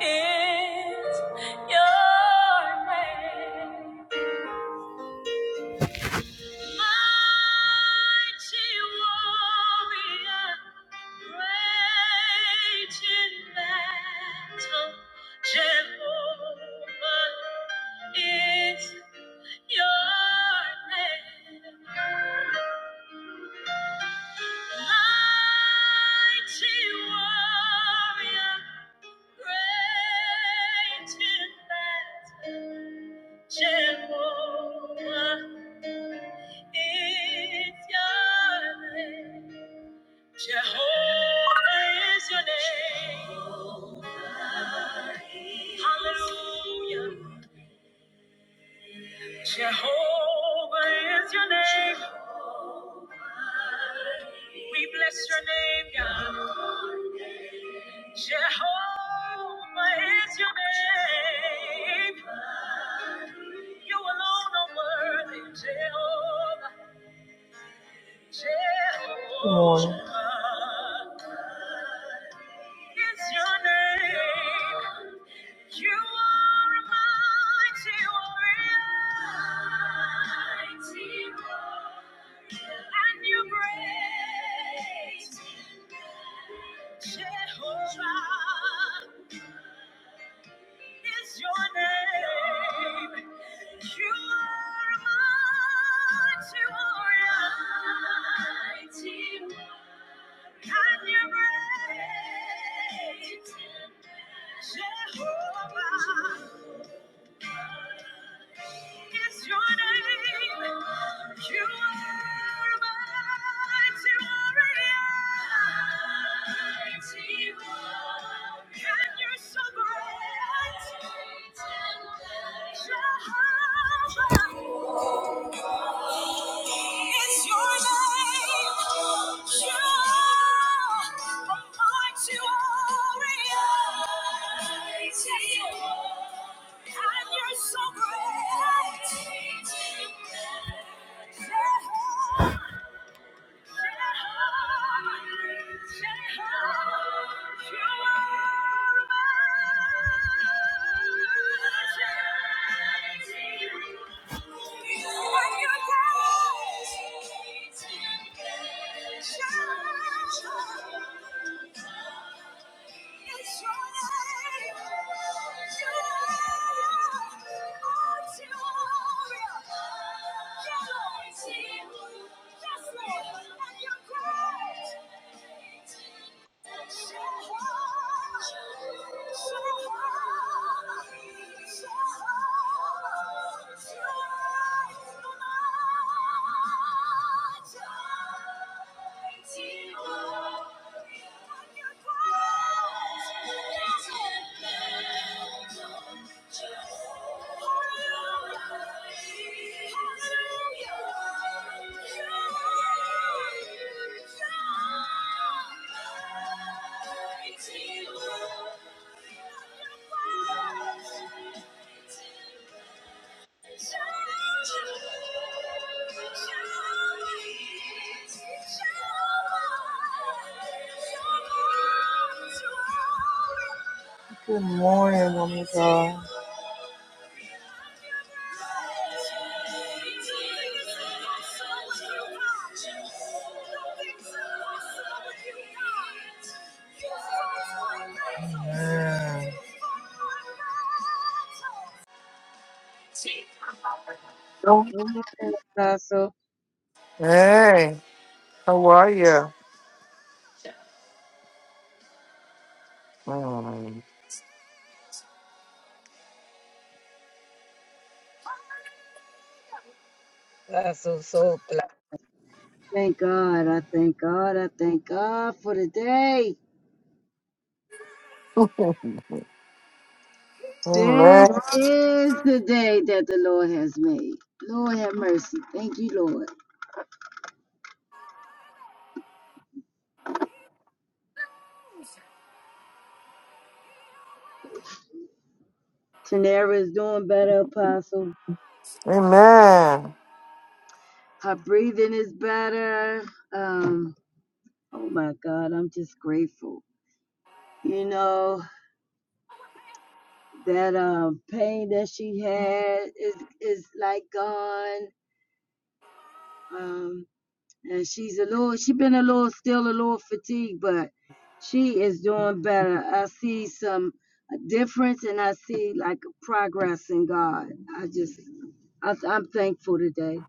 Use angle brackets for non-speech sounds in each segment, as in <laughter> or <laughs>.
is your name. Mighty warrior, great in battle, Jehovah is your name. Mighty warrior, great in battle. Jehovah is your name. Jehovah is your name. Hallelujah. Jehovah is your name. We bless your name, God. Jehovah is your name. You alone are worthy, Jehovah. Jehovah. is your name. You are a mighty warrior. And you're great. Jehovah is your name. You are a mighty warrior. Mighty warrior. Jehovah is your name. You are mighty warrior. Mighty warrior. And you're so great. Jehovah is your name. You are a mighty warrior. Mighty warrior. And you're so great. Jehovah, Jehovah, Jehovah, you are Thank you. are your God. Jehovah, It's your are. Shine, Hallelujah. Good morning, woman of God. Amen. Don't Go ahead, Apostle. Hey, how are you? Mm. Apostle so blessed. Thank God. I thank God. I thank God for the day. This Amen. is the day that the Lord has made. Lord have mercy. Thank you, Lord. Tanera is doing better, Apostle. Amen. Her breathing is better. Um, oh my God, I'm just grateful. You know, that um pain that she had is is like gone. Um and she's a little she been a little still a little fatigued but she is doing better i see some difference and i see like progress in god i just I, i'm thankful today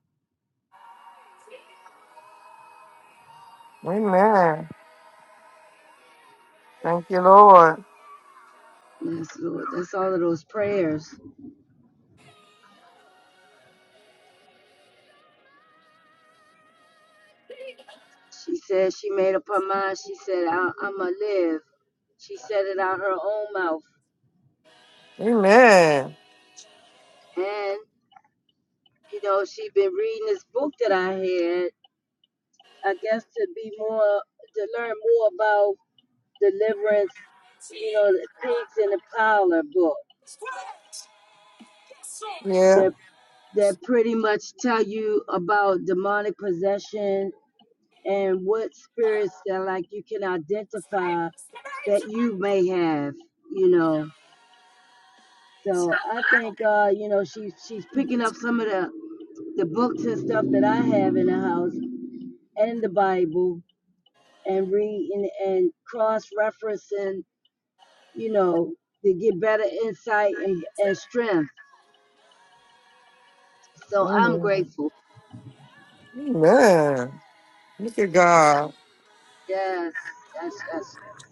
Amen. Thank you, Lord. yes lord that's all of those prayers she said she made up her mind she said I, i'm gonna live she said it out her own mouth Amen. and you know she been reading this book that i had i guess to be more to learn more about. deliverance, you know, the pigs in the parlor book Yeah. that that pretty much tell you about demonic possession and what spirits that like you can identify that you may have, you know. So I think uh, you know, she's she's picking up some of the, the books and stuff that I have in the house and the Bible and reading and cross referencing, you know, to get better insight and, and strength. So I'm Amen. grateful. Amen. Look at God. Yes, yes, yes, yes.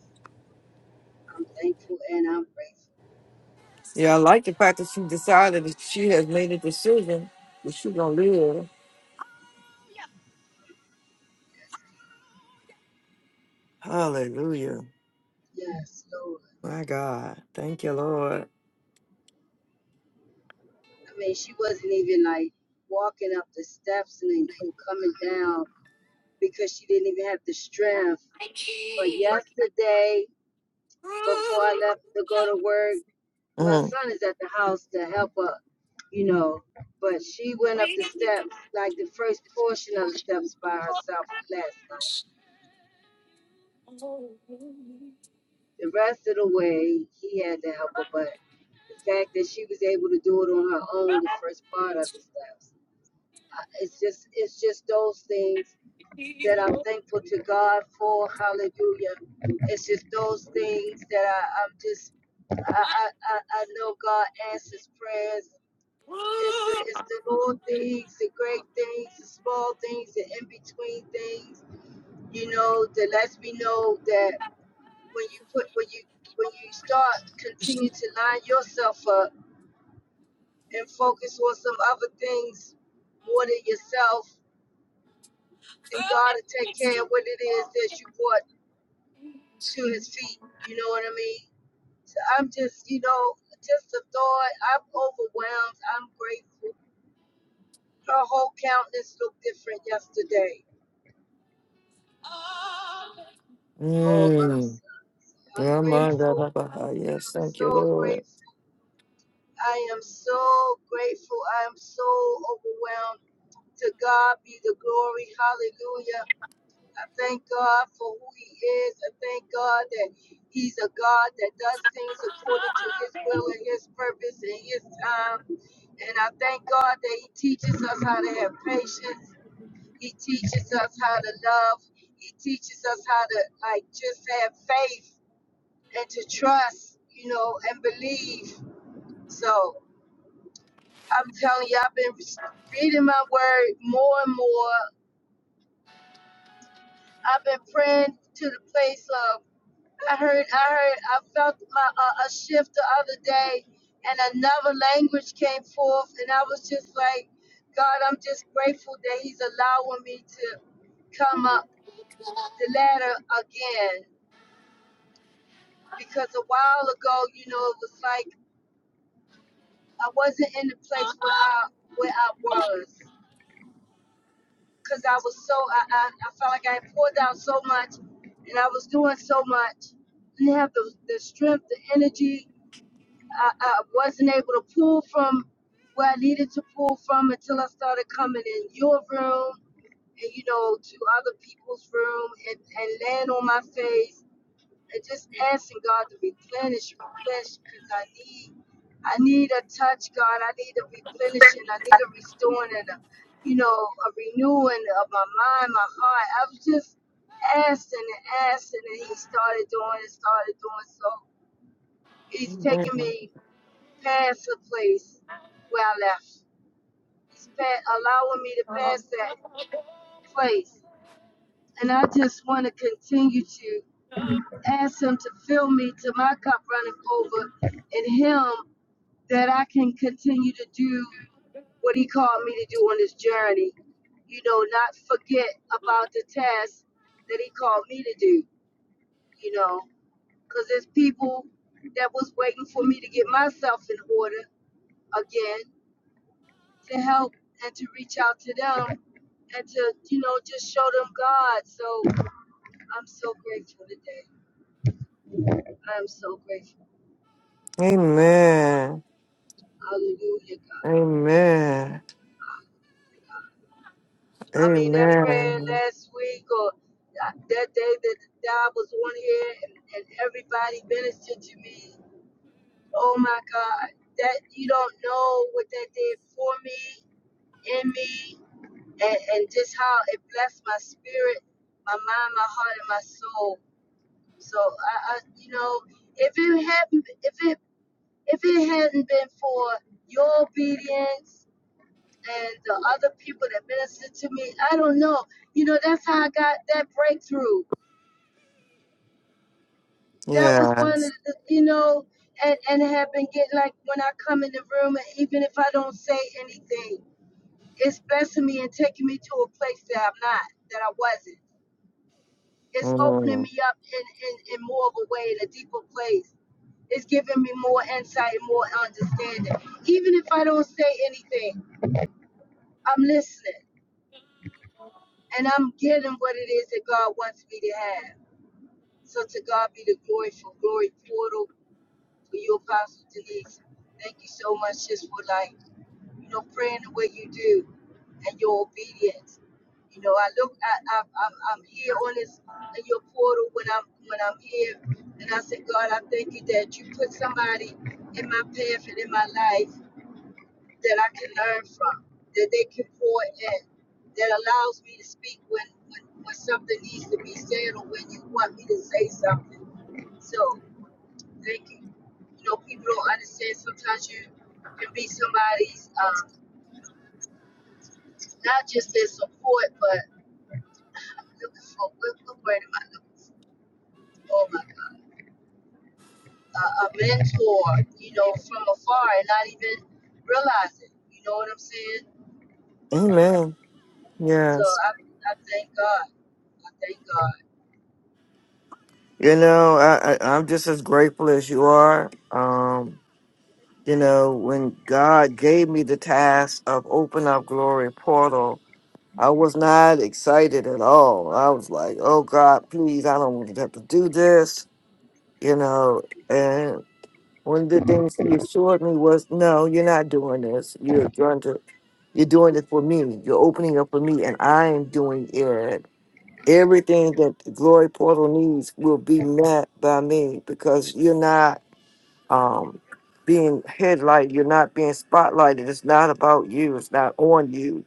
I'm thankful and I'm Yeah, I like the fact that she decided that she has made a decision that she's going to live. grateful. Hallelujah. Yes, Lord. My God. Thank you, Lord. I mean, she wasn't even like walking up the steps and then go coming down because she didn't even have the strength. But yesterday, before I left to go to work, my Mm. son is at the house to help her, you know. But she went up Mm. the steps, like the first portion of the steps by herself last night. The rest of the way, he had to help her, but. the fact that she was able to do it on her own the first part of the steps it's just it's just those things that i'm thankful to god for hallelujah it's just those things that i i'm just i i i, I know god answers prayers it's, it's the little things, the great things, the small things, the in between things, you know, that lets me know that when you put, when you, when you start, continue to line yourself up and focus on some other things more than yourself, and God will take care of what it is that you brought to His feet. You know what I mean? So I'm just, you know, just a thought. I'm overwhelmed. I'm grateful. Her whole countenance looked different yesterday. Oh my son. I'm Yeah, my God, grateful. my God. Yes, I'm thank so you, Lord. grateful. I am so grateful. I am so overwhelmed. To God be the glory. Hallelujah. I thank God for who He is. I thank God that He's a God that does things according to His will and His purpose and His time. And I thank God that He teaches us how to have patience. He teaches us how to love. He teaches us how to, like, just have faith and to trust, you know, and believe. So I'm telling you, I've been reading my word more and more. I've been praying to the place of I heard, I heard, I felt my, uh, a shift the other day, and another language came forth, and I was just like, God, I'm just grateful that He's allowing me to come up the ladder again, because a while ago, you know, it was like I wasn't in the place where I where I was, because I was so I, I I felt like I had poured out so much, and I was doing so much, didn't have the the strength, the energy I, I wasn't able to pull from where I needed to pull from until I started coming in your room and you know to other people's room and, and laying on my face and just asking God to replenish, replenish because I need I need a touch, God. I need a replenishing. I need a restoring and a you know a renewing of my mind, my heart. I was just asking and asking and He started doing and started doing so. He's taking Mhm. me Pass the place where I left. He's pa- allowing me to pass that place. And I just want to continue to ask Him to fill me to my cup running over in Him that I can continue to do what He called me to do on this journey. You know, not forget about the task that He called me to do, you know, because there's people that was waiting for me to get myself in order again to help and to reach out to them and to, you know, just show them God. So I'm so grateful today. I am so grateful. Amen. Hallelujah, God. Amen. I mean, that prayer Amen. last week or that that day that God was on here and, and everybody ministered to me. Oh my God. That you don't know what that did for me, in me, and, and just how it blessed my spirit, my mind, my heart, and my soul. So I, I you know, if it hadn't, if it, if it hadn't been for your obedience and the other people that ministered to me, I don't know. You know, that's how I got that breakthrough. That was one Yes. of the, you know, and and have been getting like when I come in the room, and even if I don't say anything, it's blessing me and taking me to a place that I'm not, that I wasn't. It's opening Mhm. me up in, in, in more of a way, in a deeper place. It's giving me more insight and more understanding. Even if I don't say anything, I'm listening and I'm getting what it is that God wants me to have. So to God be the glory for glory portal for you, Apostle Denise. Thank you so much just for like, you know, praying the way you do and your obedience. You know, I look, I, I, I'm, I'm here on this, in your portal when I'm, when I'm here. And I say God, I thank you that you put somebody in my path and in my life that I can learn from, that they can pour in, that allows me to speak when, when, when something needs to be said or when you want me to say something. So. They can, you know, people don't understand sometimes you can be somebody's, um, not just their support, but I'm looking for, what, what word am I looking for? Oh my God. A, a mentor, you know, from afar and not even realize it. You know what I'm saying? Amen. So Yes. I, I thank God. I thank God. You know, I, I, I'm just as grateful as you are. Um, You know, when God gave me the task of open up glory portal, I was not excited at all. I was like, "Oh God, please, I don't want to have to do this." You know, and one of the things He assured me was, "No, you're not doing this. You're going to, you're doing it for me. You're opening up for me, and I am doing it. Everything that the glory portal needs will be met by me because you're not." um, being headlight. You're not being spotlighted. It's not about you. It's not on you.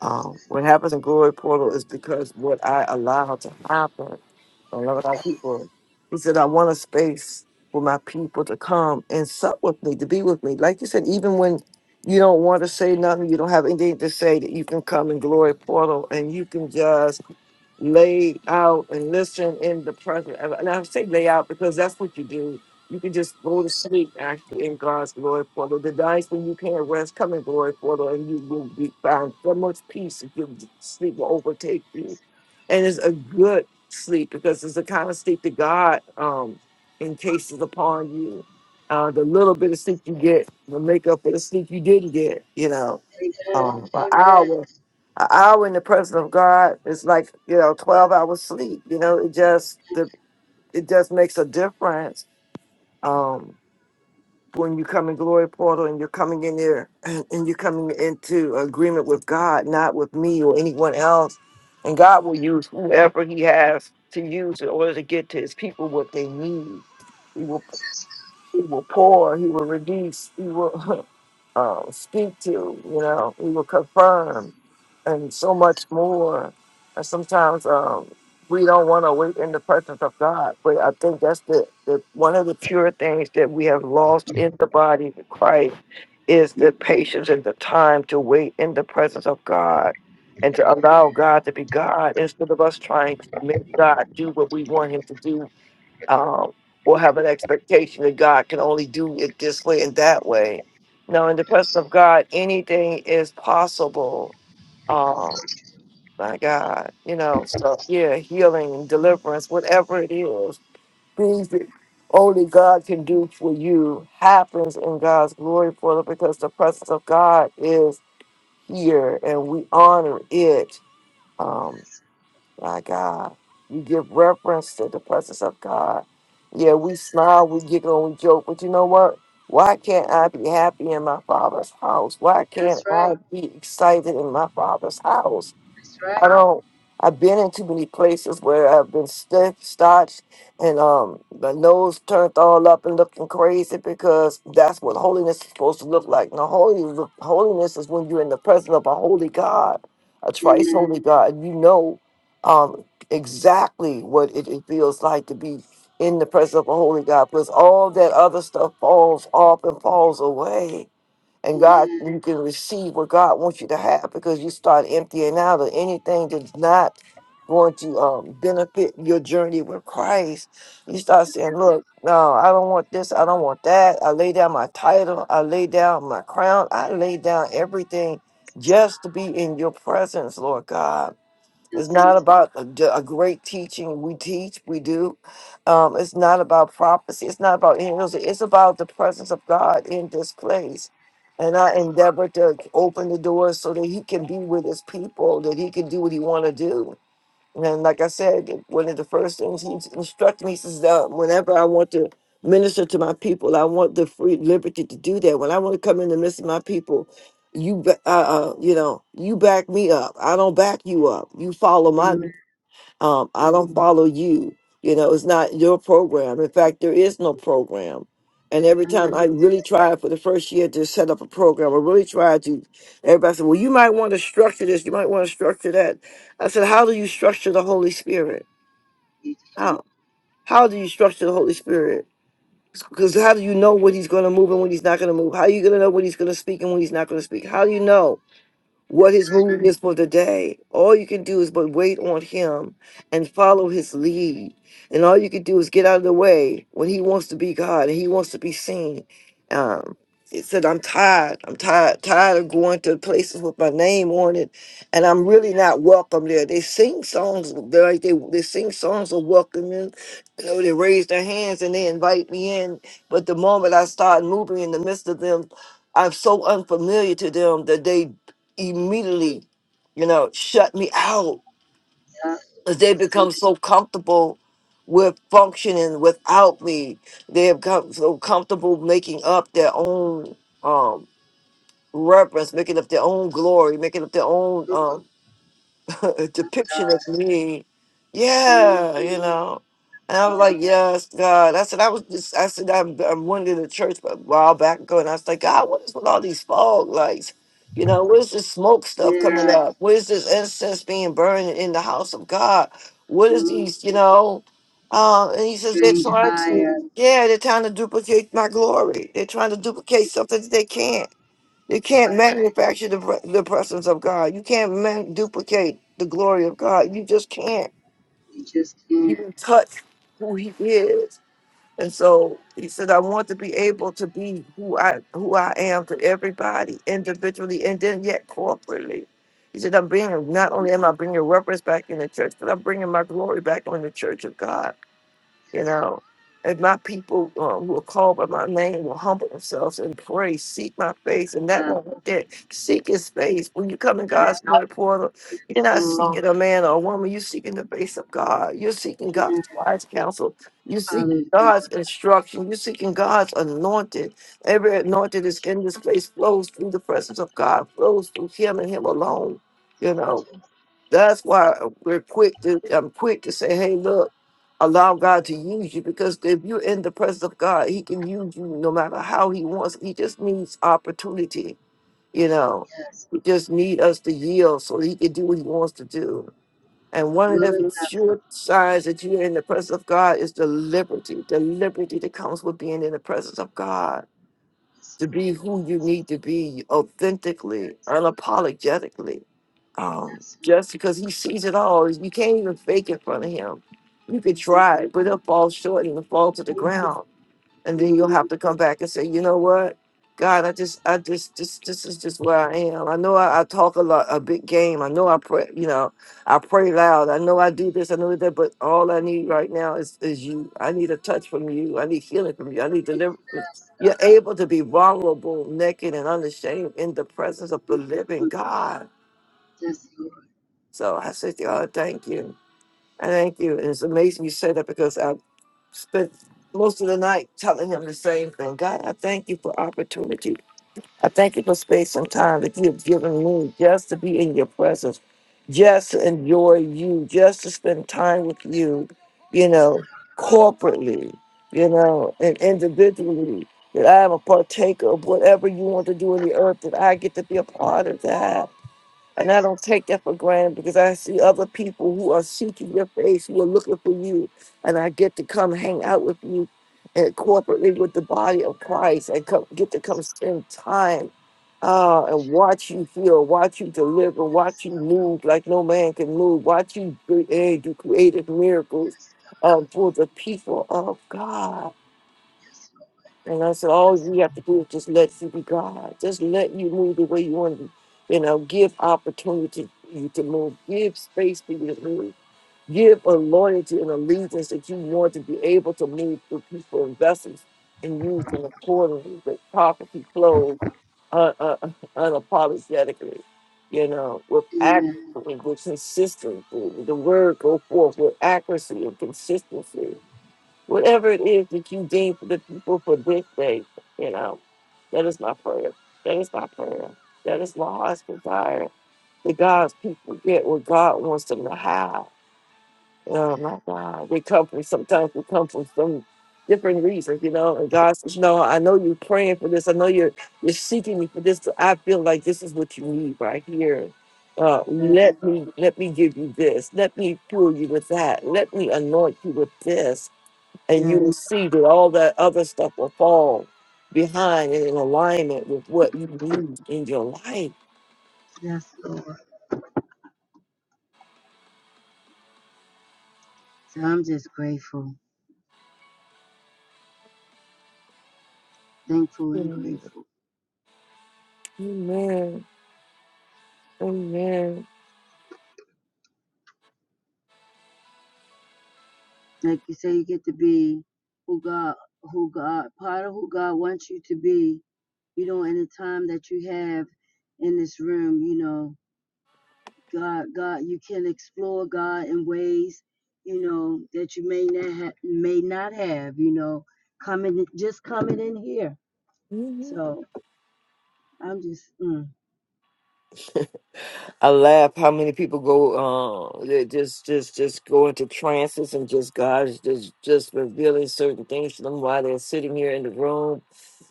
Um, what happens in Glory Portal is because what I allow to happen. I love our people. He said, I want a space for my people to come and sup with me, to be with me. Like you said, even when you don't want to say nothing, you don't have anything to say, that you can come in Glory Portal and you can just laid out and listen in the presence. And and I say lay out because that's what you do. You can just go to sleep actually in God's glory portal. The nights when you can't rest, come in glory portal and you will be found so much peace if your sleep will overtake you. And it's a good sleep because it's the kind of sleep that God um, encases upon you. Uh, the little bit of sleep you get will make up for the sleep you didn't get, you know Amen. um, an Amen. hour, an hour in the presence of God is like you know twelve hours sleep. You know, it just the it just makes a difference. Um, when you come in glory portal and you're coming in there <clears throat> and, and you're coming into agreement with God, not with me or anyone else, and God will use whoever He has to use in order to get to His people what they need. He will, he will pour, He will release, He will <laughs> um, speak to, you know, He will confirm and so much more. And sometimes um, we don't want to wait in the presence of God. But I think that's the, the one of the pure things that we have lost in the body of Christ is the patience and the time to wait in the presence of God and to allow God to be God instead of us trying to make God do what we want Him to do um, or have an expectation that God can only do it this way and that way. No, in the presence of God, anything is possible um, my God, you know, so yeah, healing and deliverance, whatever it is, things that only God can do for you happens in God's glory for it because the presence of God is here and we honor it. Um, That's, my God, you give reference to the presence of God. Yeah, we smile, we giggle, and we joke, but you know what? Why can't I be happy in my father's house? Why that's can't I right. be excited in my father's house? That's I right. don't. I've been in too many places where I've been stiff, starched, and um, the nose turned all up and looking crazy because that's what holiness is supposed to look like. Now, holy, holiness is when you're in the presence of a holy God, a thrice Amen. holy God. You know um, exactly what it, it feels like to be in the presence of a holy God because all that other stuff falls off and falls away and God, Amen. you can receive what God wants you to have because you start emptying out of anything that's not going to um, benefit your journey with Christ. You start Yes, saying, Lord. "Look, no, I don't want this. I don't want that. I lay down my title. I lay down my crown. I lay down everything just to be in your presence, Lord God." It's Yes, not Lord. about a, d- a great teaching. We teach, we do. Um, it's not about prophecy. It's not about angels. It's about the presence of God in this place. And Yes, I Lord. endeavor to open the doors so that He can be with His people, that He can do what He want to do. And like I said, one of the first things he instructed me, he says, uh, whenever I want to minister to my people, I want the free liberty to do that. When I want to come in the midst of my people, you, ba- uh, uh, you know, you back me up. I don't back you up. You follow my lead. Amen. Um, I Amen. don't follow you. You know, it's not your program. In fact, there is no program. And every I know time I that's really tried for the first year to set up a program, I really tried to. Everybody said, "Well, you might want to structure this. You might want to structure that." I said, "How do you structure the Holy Spirit? what you do. How? How do you structure the Holy Spirit? Because how do you know when He's going to move and when He's not going to move? How are you going to know when He's going to speak and when He's not going to speak? How do you know?" what That's his right. move is for the day. All you can do is but wait on him and follow his lead. And all you can do is get out of the way when he wants to be God and he wants to be seen. Um, it said, I'm tired. I'm tired, tired of going to places with my name on it, and I'm really not welcome there. They sing songs, they like they, they sing songs of welcoming. You know, they raise their hands and they invite me in. But the moment I start moving in the midst of them, I'm so unfamiliar to them that they immediately, you know, shut me out Yeah. because they That's they do become so comfortable with functioning without me. They have become so comfortable making up their own um reference, making up their own glory, making up their own um, <laughs> a my God. depiction of me. Yeah, Mm-hmm. you know. And I was God. like, yes, God. I said, I was just, I said, I'm, I'm one to the church a while back ago. And I was like, God, what is with all these fog lights? You know, where's this smoke stuff coming Yeah. up? Where's this incense being burned in the house of God? What is Mm. these, you know? Uh, and he says, they're Strange trying fire. to, yeah, they're trying to duplicate my glory. They're trying to duplicate something that they can't. You can't Right. manufacture the, pre- the presence of God. You can't man- duplicate the glory of God. You just can't You just can't. even touch who He is. And so He said, "I want to be able to be who I who I am to everybody individually, and then yet corporately." He said, "I'm bringing not only am I bringing reverence back in the church, but I'm bringing my glory back on the church of God." You know, if my people uh, who are called by my name will humble themselves and pray, seek my face, and that Um, one right there, seek his face. When you come in yeah. God's word portal, And you're not so seeking a man or a woman, you're seeking the face of God. You're seeking God's amen. wise counsel. You seek Hallelujah. God's instruction. You're seeking God's anointed. Every anointed is in this place, flows through the presence of God, flows through him and him alone. You know, that's why we're quick to I'm quick to say, hey, look, allow God to use you because if you're in the presence of God, He can use you no matter how He wants. He just needs opportunity, you know. Yes. He just need us to yield so He can do what He wants to do. And A one of willing the vessel. sure signs that you're in the presence of God is the liberty, the liberty that comes with being in the presence of God Yes. to be who you Yes. need to be authentically, Yes. unapologetically. Um, Yes. just because he sees it all, you can't even fake in front of him. You could Yep. try, but it'll fall short and it'll fall to the ground and then you'll Mm-hmm. have to come back and say, you know what, God, I just, I just, just, this is just where I am. I know I, I talk a lot, a big game. I know I pray, you know, I pray loud. I know I do this, I know that, but all I need right now is is you. I need a touch from you. I need healing from you. I need deliverance. Yes, You're God. able to be vulnerable, naked, and unashamed in the presence of the living Mhm. God. Yes, Lord. So I said, God, thank you. I thank you. And it's amazing you say that because I spent most of the night telling him the same thing. God, I thank you for opportunity. I thank you for space and time that you have given me just to be in your presence, just to Yes, enjoy you, just to spend time with you, you Yes, know, God. corporately, you know, and individually. That I am a partaker of whatever you want to do in the earth, that I get to be a part of that. And I Yes, don't Lord. take that for granted because I see other people who are seeking your face, who are looking for you. And I get to come hang out with you and corporately with the body of Christ and come, get to come spend time uh, and watch you heal, watch you deliver, watch you move like no man can move, watch you create, you created miracles Yes, God. um, for the people of God. Yes, Lord. And I said, all Yes. you have to do is just let you be God. Just let you move the way you want to. You know, give opportunity for you to move. Give space for you to move. Give a loyalty and allegiance that you want to be able to move through people and vessels and use them accordingly with property clothes uh, uh, <laughs> unapologetically, you know, with Amen. accuracy, with consistency. The word go forth with accuracy and consistency Whatever it is that you deem for the people for this day, you know, that is my prayer. That is my prayer. That is my heart's desire. That God's people get what God wants them to have. Oh my God. We come from sometimes we come from some different reasons, you know, and God says, No, I know you're praying for this. I know you're you're seeking me for this. I feel like this is what you need right here. Uh, Yes, let Lord. me let me give you this. Let me fuel you with that. Let me anoint you with this and you will Yes, see that all that other stuff will fall behind and in alignment with what you need in your life. yes, Lord. So I'm just grateful, thankful and Mhm. grateful. Amen. Amen. Like you say, you get to be who God, who God, part of who God wants you to be. You know, in the time that you have in this room, you know, God, God, you can explore God in ways, you know, that you may not have, may not have, you know, coming, just coming in here. Mhm. So I'm just, mm, I laugh how many people go uh they just just just go into trances and just God's just just revealing certain things to them while they're sitting here in the room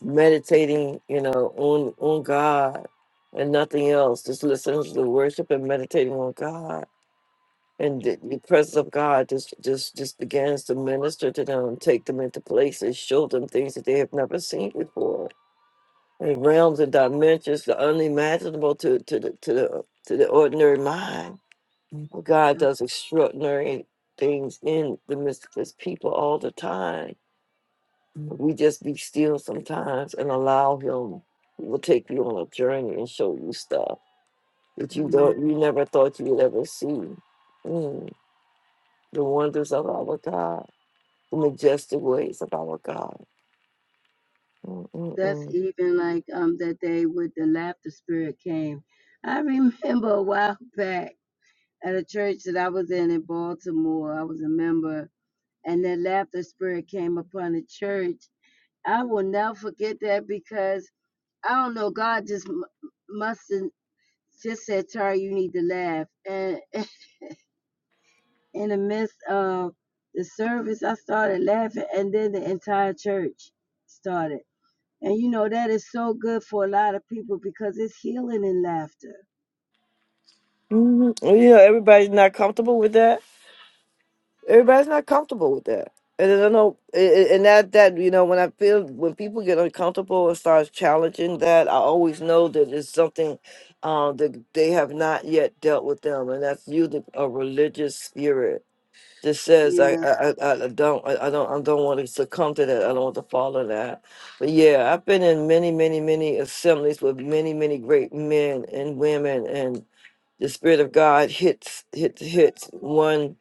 meditating, you know, on on God and nothing else. Just listening to the worship and meditating on God and the, the presence of God just just just begins to minister to them, take them into places, show them things that they have never seen before, and realms and dimensions the unimaginable to to the to the to the ordinary mind. But God yeah, does extraordinary things in the midst of His people all the time. Mhm. We just be still sometimes and allow Him. He will take you on a journey and show you stuff that you amen. don't you never thought you would ever see. Mm. the wonders of our God, the majestic ways of our God. that's Mm-mm-mm. even like um that day with the laughter spirit came. I remember a while back at a church that I was in in Baltimore. I was a member, and that laughter spirit came upon the church. I will never forget that because I don't know. God just m- must have just said, "Tara, you need to laugh." And <laughs> in the midst of the service, I started laughing, and then the entire church started. And you know that is so good for a lot of people because it's healing in laughter. hmm Yeah, everybody's not comfortable with that. Everybody's not comfortable with that. And I don't know, a- a- and that that you know, when I feel when people get uncomfortable and starts challenging that, I always know that it's something um, that they have not yet dealt with them, and that's usually a religious spirit just says I Yeah. I, I I don't I, I don't I don't want to succumb to that. I don't want to follow that. But yeah, I've been in many, many, many assemblies with many, many great men and women and the Spirit of God hits hits hits one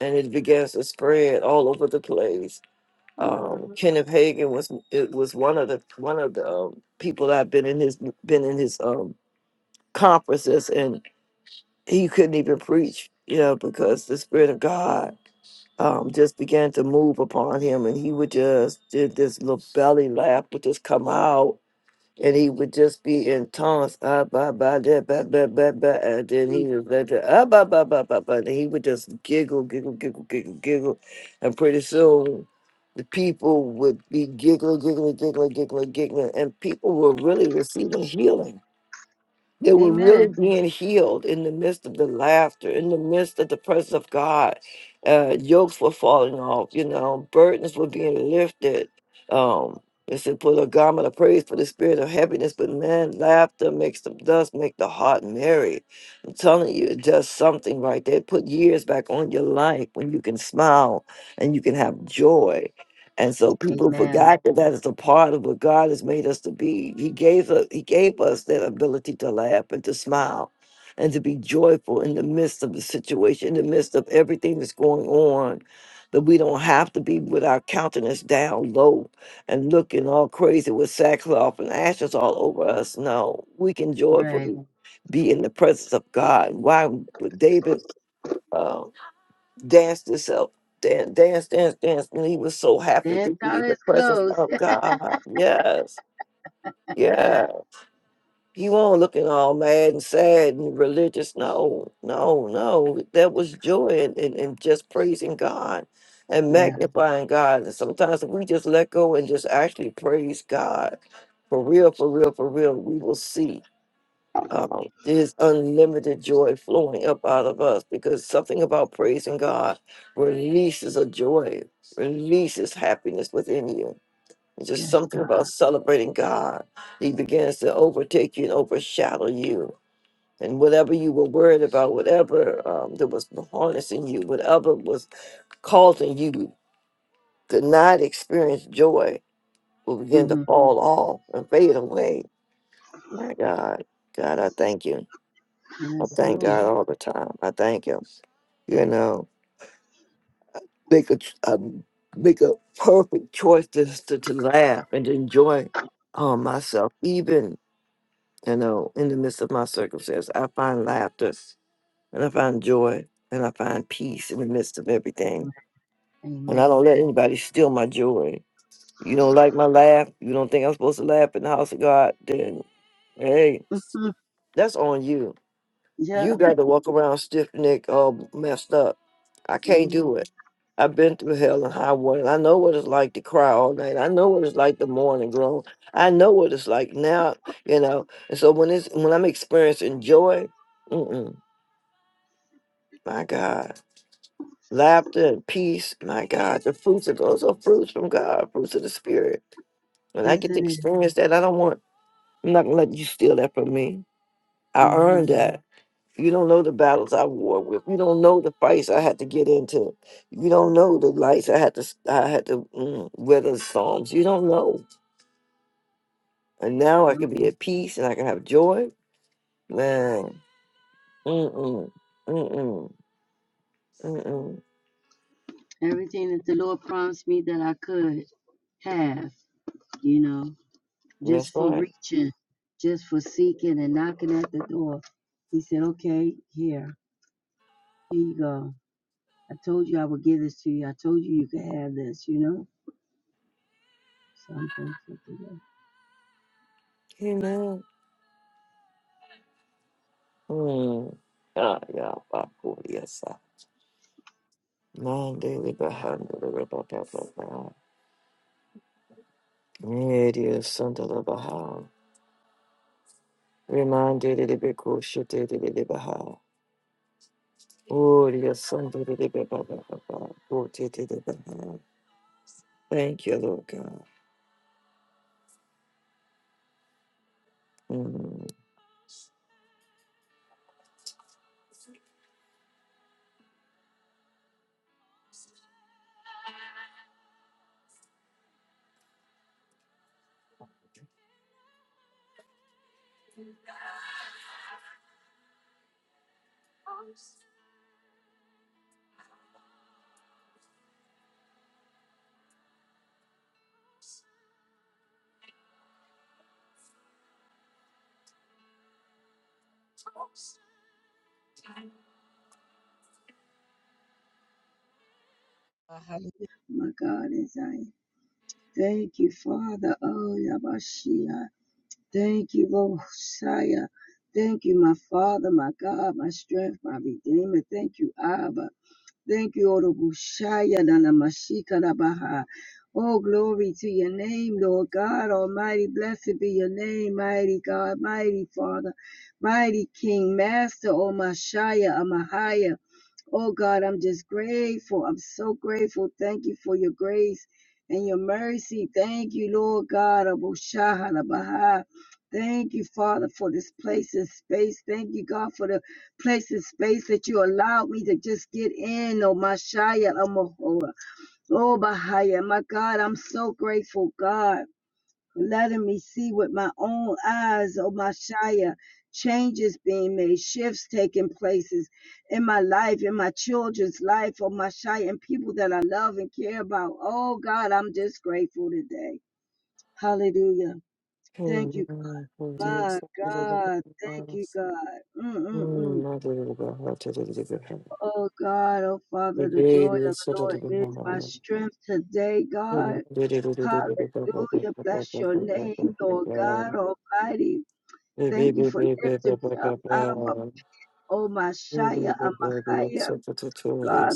and it begins to spread all over the place. hmm Um, Kenneth Hagin was it was one of the one of the um, people that I've been in his been in his um conferences and he couldn't even preach, you know, because the Spirit of God um, just began to move upon him, and he would just did this little belly laugh would just come out, and he would just be in taunts, ah, bah, bah, da, bah, bah, bah, bah, and then he would let the, ah, bah, bah, bah, bah, bah, and he would just giggle, giggle, giggle, giggle, giggle, and pretty soon the people would be giggling, giggling, giggling, giggling, giggling, and people were really receiving healing they were really Amen. being healed in the midst of the laughter, in the midst of the presence of God. Uh, yokes were falling off, you know, burdens were being lifted. Um, it said, put a garment of praise for the spirit of happiness, but man, laughter makes the dust make the heart merry. I'm telling you, it does something right there. Put years back on your life when you can smile and you can have joy and so people Amen. forgot that that is a part of what God has made us to be. He gave us, He gave us that ability to laugh and to smile and to be joyful in the midst of the situation, in the midst of everything that's going on. That we don't have to be with our countenance down low and looking all crazy with sackcloth and ashes all over us. No, we can Right. joyfully be in the presence of God. Why would David? danced this up, dan- dance, dance, dance, and he was so happy That to be thought in the is presence close. <laughs> of God. Yes, Ah, yeah. He wasn't looking all mad and sad and religious. No, no, no. That was joy and, and, and just praising God and yeah. magnifying God. And sometimes if we just let go and just actually praise God for real, for real, for real, we will see um, there's unlimited joy flowing up out of us because something about praising God releases a joy, releases happiness within you. It's just Yes, something God. about celebrating God. He begins to overtake you and overshadow you. And whatever you were worried about, whatever um, that was harnessing you, whatever was causing you to not experience joy will begin to hmm fall off and fade away. My God, God, I thank you. I Yes, thank Lord. God all the time. I thank Him. You know, make a ch- um, make a perfect choice to, to to laugh and to enjoy um, myself, even you know, in the midst of my circumstance. I find laughter, and I find joy, and I find peace in the midst of everything. And I Amen. don't let anybody steal my joy. You don't like my laugh. You don't think I'm supposed to laugh in the house of God? Then, hey, Mm, that's on you. Yeah. You got to walk around stiff necked all messed up. I can't hmm do it. I've been through hell and high water. I know what it's like to cry all night. I know what it's like the morning groan. I know what it's like now, you know. And so when it's when I'm experiencing joy, mm-mm, my God, laughter and peace, my God, the fruits of those are fruits from God, fruits of the Spirit. When I Yes, it get to is. experience that, I don't want. I'm not gonna let you steal that from me. I Mm-hmm. earned that. You don't know the battles I war with. You don't know the fights I had to get into. You don't know the lights I had to s- I had to mm, weather the storms. You don't know. And now I Yep. can be at peace and I can have joy. Man, mm mm mm mm mm. mm. Everything that the Lord promised me that I could have, you know, That's just for right. reaching, just for seeking and knocking at the door. He said, okay, here, here you go. I told you I would give this to you. I told you you could have this, you know? So I'm thankful today. Amen. Mm. Ah, yeah, bah, cool, yes, ah. Man, daily behind the river, blah, blah, blah. Yeah, dear son, the river, how. Reminded it a bit cool shit, did it, Oh, yes, son, da- da- da- da- da- da- da- da. Oh, da- da- da- da- da. Thank you, Lord God. Mm. Uh, hallelujah. My God is I. Thank you, Father. Oh, Yabashia. Thank you, Mosiah. Thank you, my Father, my God, my strength, my Redeemer. Thank you, Abba. Thank you, Orobushaya Nanamashika Rabaha. Oh, glory to your name, Lord God Almighty. Blessed be your name, mighty God, mighty Father, mighty King, Master, O Mashaya, Amahaya. Oh God, I'm just grateful. I'm so grateful. Thank you for your grace and your mercy. Thank you, Lord God. Abu Shah Ala Baha. Thank you, Father, for this place and space. Thank you, God, for the place and space that you allowed me to just get in. Oh, Mashaya, Oh, Bahaya. My God, I'm so grateful, God letting me see with my own eyes, oh Messiah, changes being made, shifts taking places in my life, in my children's life, oh Messiah, and people that I love and care about. Oh God, I'm just grateful today. Hallelujah. Thank you. Amen. Oh, dear, My son, da- da- da- God, da- da. thank da. you, God. Mm, Mm-mm-mm. my dear God, da- da- da- da- da. da. Oh God, oh The Father, the joy of baby, the son, da- Lord da- da- da- is da. my Amen. strength today, God. Da- da- da- da- da- da- da- da- da- da- da- da- Hallelujah. da- Bless your da- name, da- da- Lord da- da. God Almighty. The Thank you baby, for baby, da- lifting da- da- me up da- out of a da. oh my The shaya baby, baby, amahaya son, da- da- da- da- God.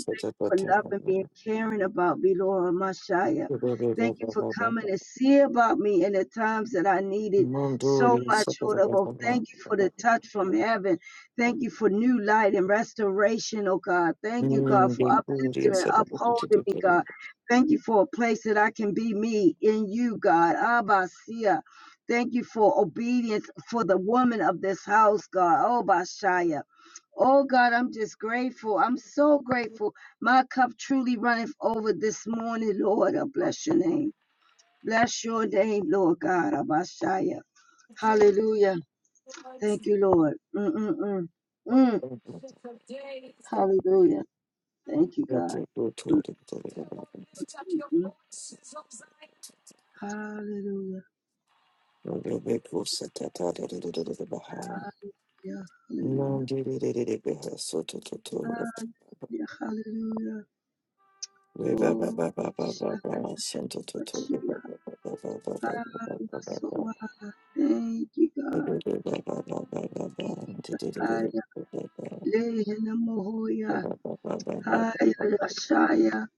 Thank you for loving me and caring about me, Lord Messiah. da- Thank da- you for da- da. da. coming to see about me in the times that I needed so Monduri much, sokora Lord. Oh, thank baba. you for the touch from heaven. Thank you for new light and restoration, oh God. Thank you, God, Mm, for de kuri uplifting and sokora kuti upholding me, kuti. God. Thank you for a place that I can be me in you, God. Abba, Sia. Thank you for obedience for the woman of this house, God. Oh, Bashaya. Oh God, I'm just grateful. I'm so grateful. My cup truly runneth over this morning, Lord. I bless your name. Bless your name, Lord God. Abashaya. Hallelujah. Thank you, Lord. Mm-mm-mm. Mm. Hallelujah. Thank you, Kuti God. kuti kuti. Mm-mm. Hallelujah. Ode be kusa tata de de de de de baha. Yeah, hallelujah. Mondi de de de de beha soto to to. Ah, yeah, hallelujah. Re ba ba Oh, ba ba ba ba ba. Santo to to. Shakachia. Re ba ba ba ba ba ba ba ba ba Hallelujah. ba So, ba. ah, Thank you, Re de God. de ba ba ba ba ba ba. De de Hallelujah. Haya Yashaya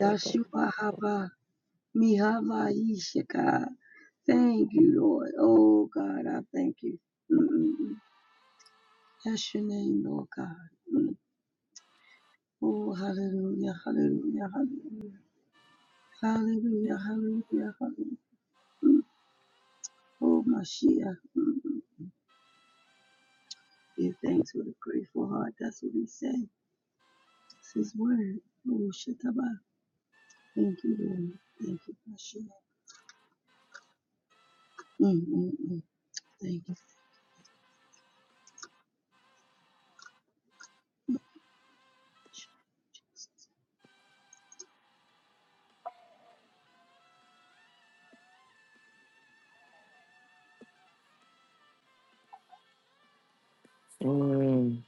Yashua Haba Mihava Yishika. Thank you, Lord. Oh God, I thank you. mm mm That's your name, Lord God. Mm. Oh hallelujah, hallelujah, hallelujah, hallelujah, hallelujah, hallelujah. Mm. Oh Mashiach. Mm-mm. Give thanks with a grateful heart. That's what he said. It's his word. Oh Shataba. Thank you, Lord. Thank you, Mashiach. Mm-mm-mm. Thank you. Mm.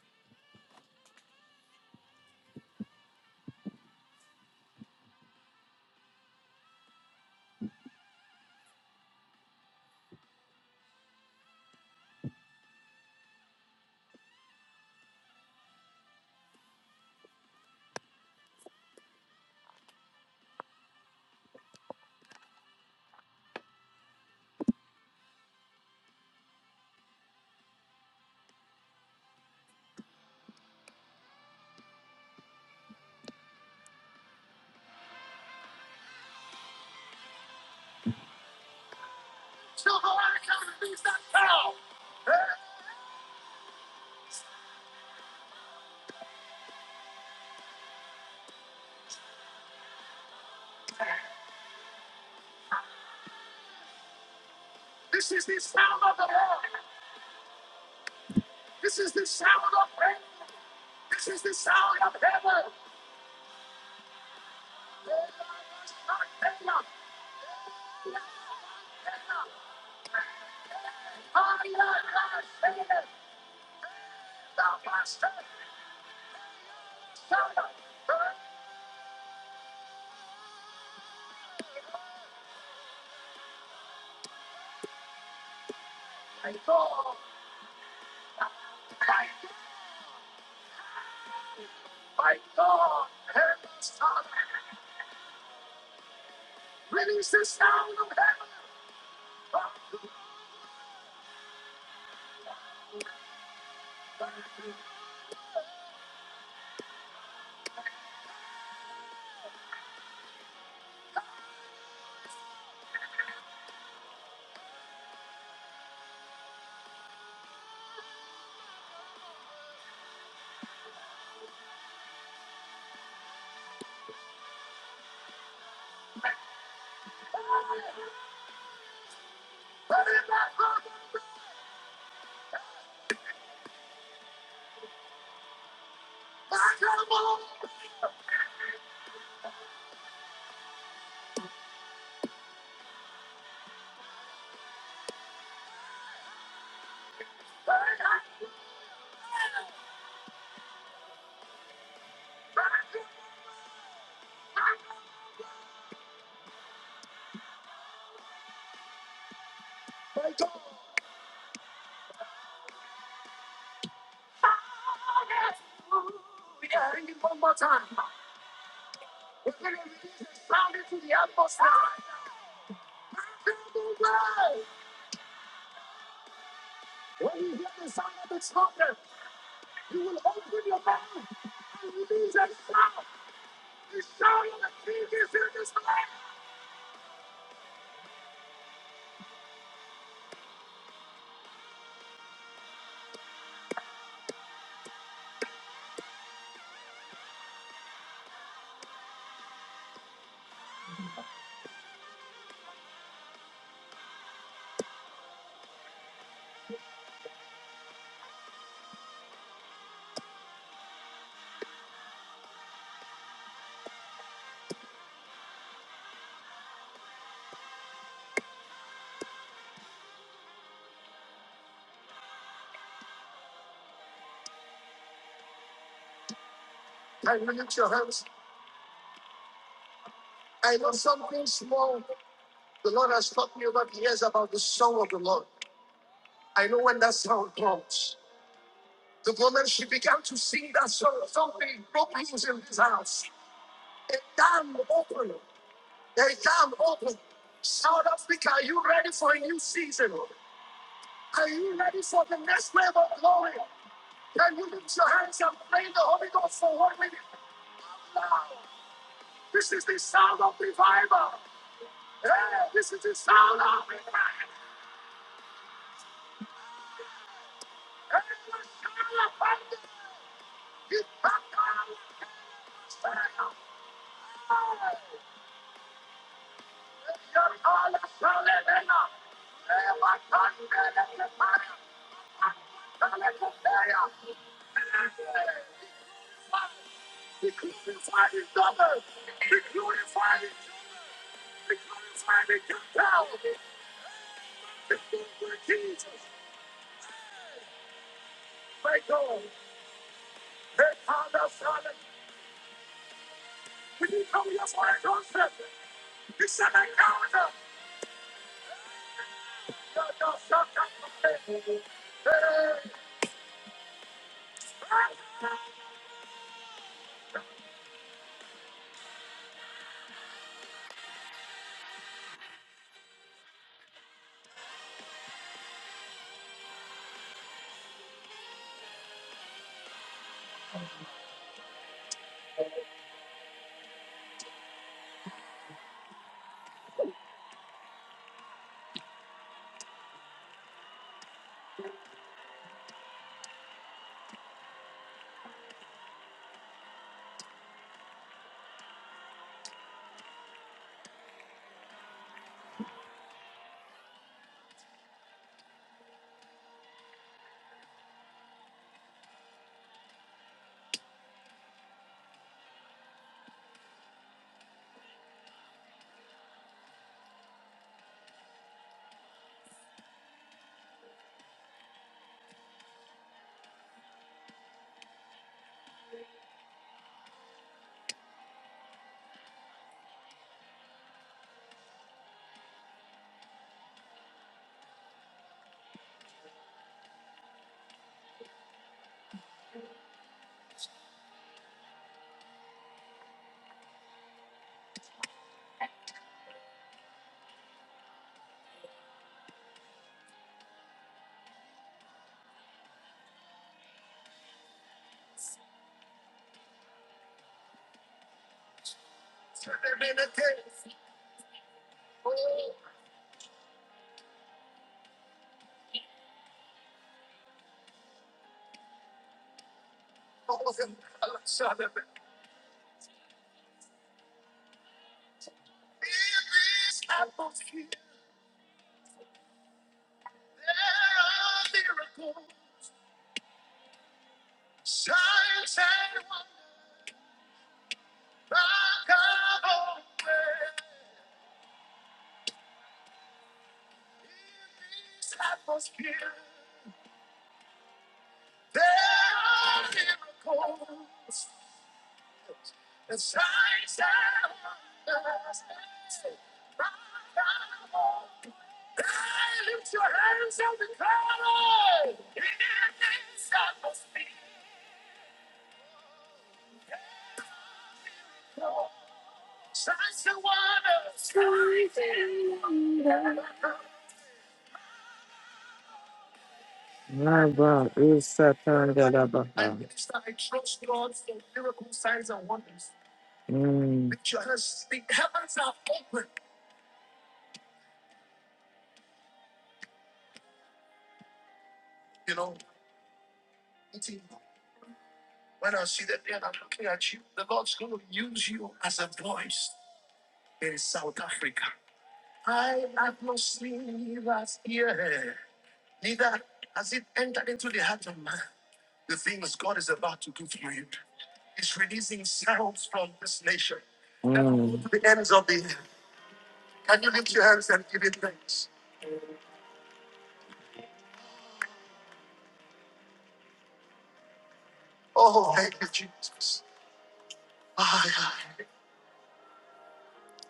Rabba Isatandalabaha. Mm,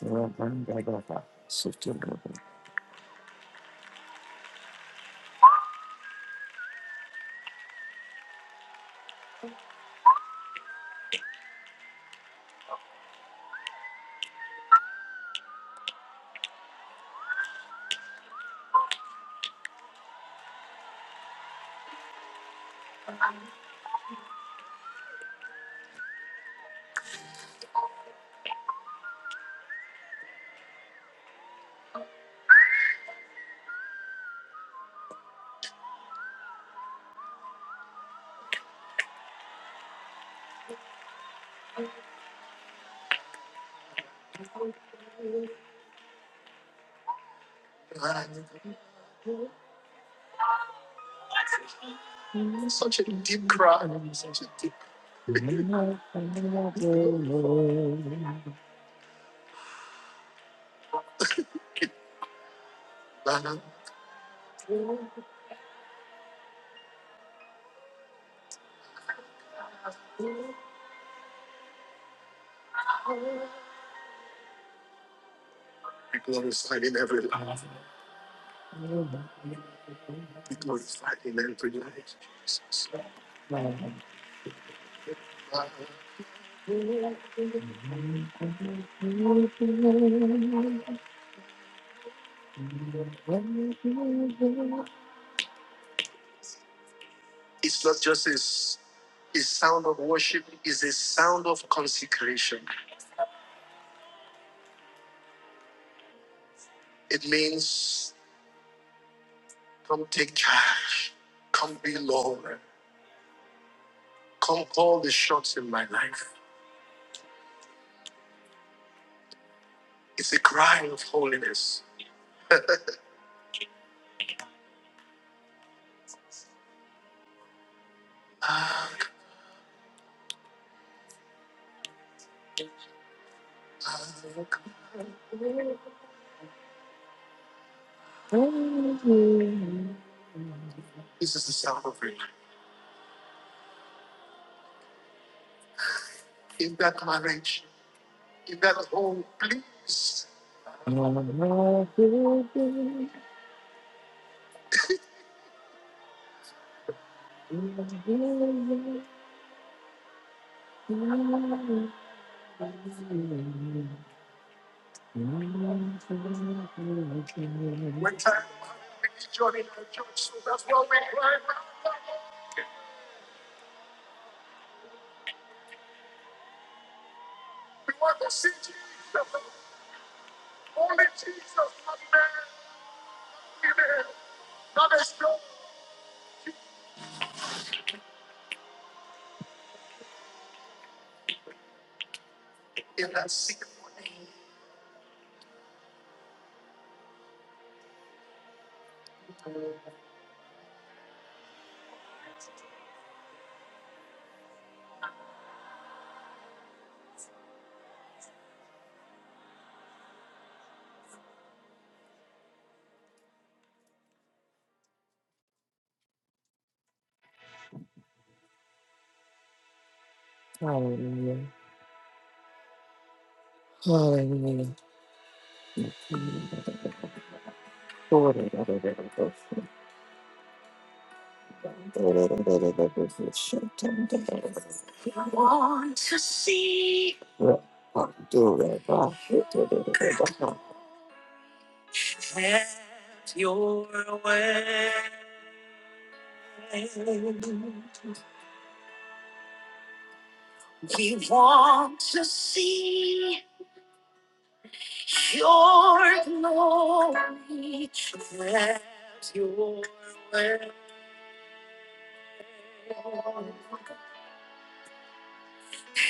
mm. Rabandalabaha. Sutulabaha. <laughs> When time Hallelujah. Hallelujah. Want to see your glory. Let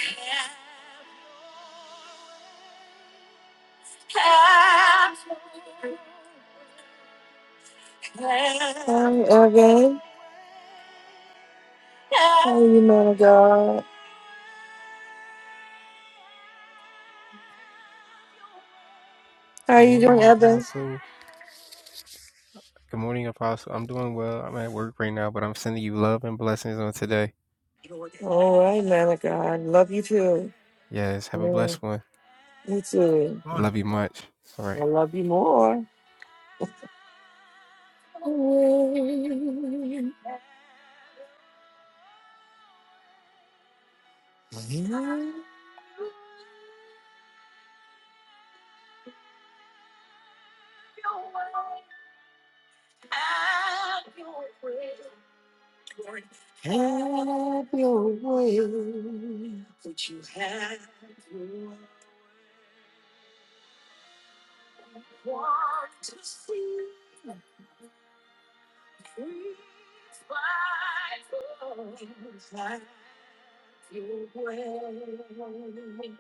your Hi, Evan. How are you, man of God? How Good are you morning, doing, Evan? Apostle. Good morning, Apostle. I'm doing well. I'm at work right now, but I'm sending you love and blessings on today. All right, man of God. Love you too. Yes, have a Man, blessed one. me too. Love you much. All right. I love you more. Yeah. Have your way. Would you have your way? Please fight for us like you will. We want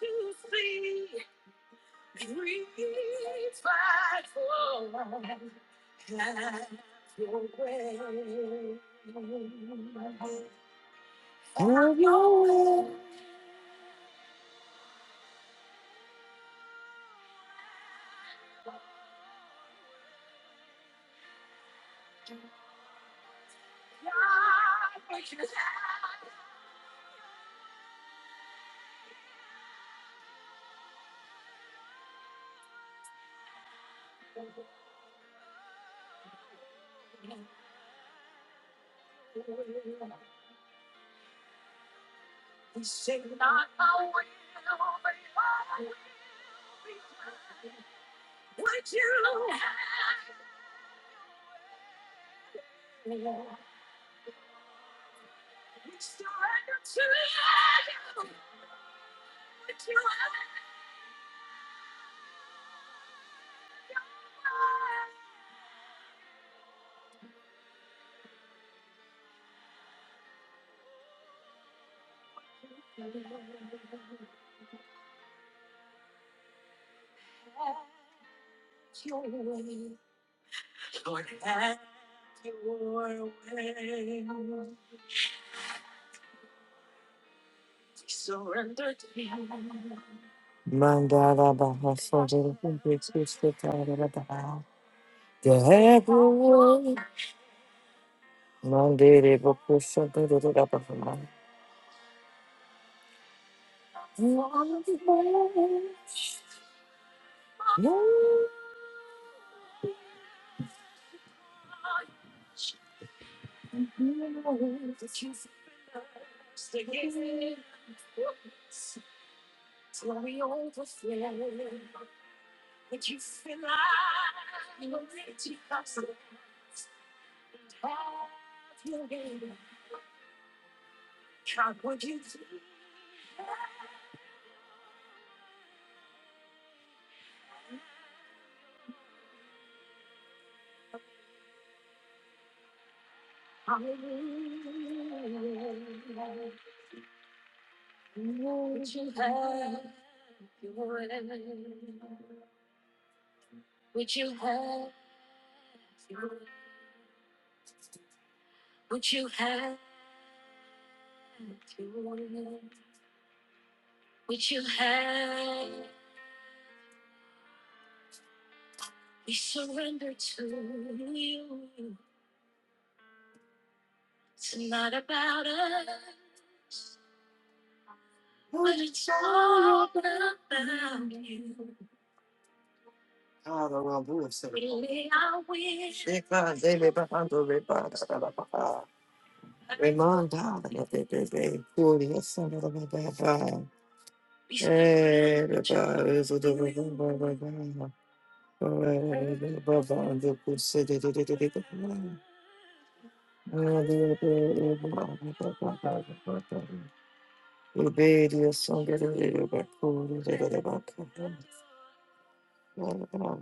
to see dreams fight for us like you will. God, we just Mandara Baha Sodara Kumbikiske Tara Baha Mandere Bakusha Dara Baha Remanda, We want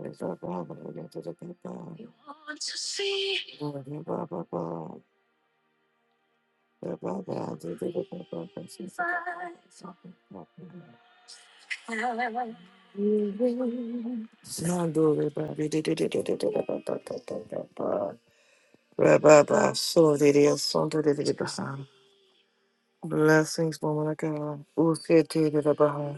Blessings, woman of God. Usiete de la Baja.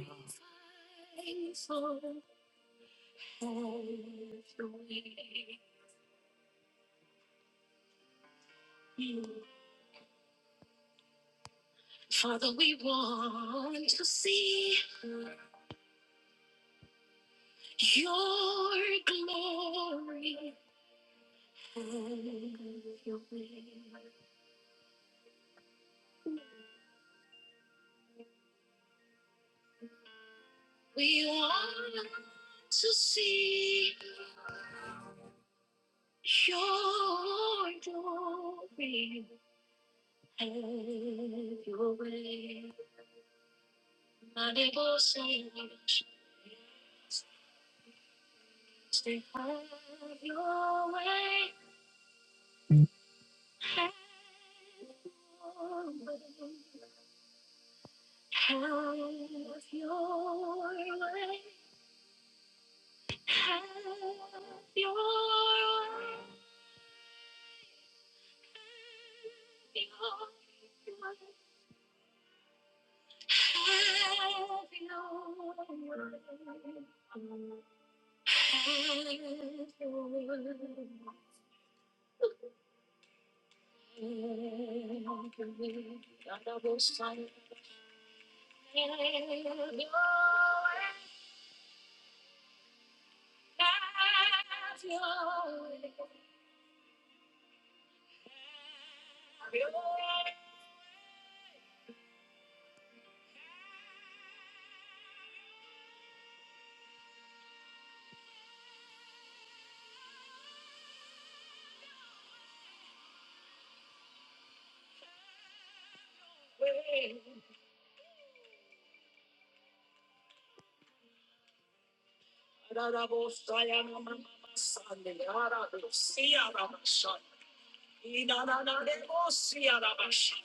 Inananaremosiarabashi.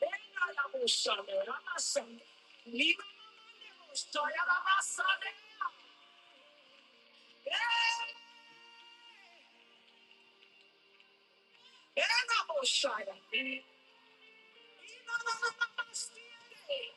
Enarabosanerabasa. Nimananemosoyarabasane. Eh, enabosaya. Inananarabasiere.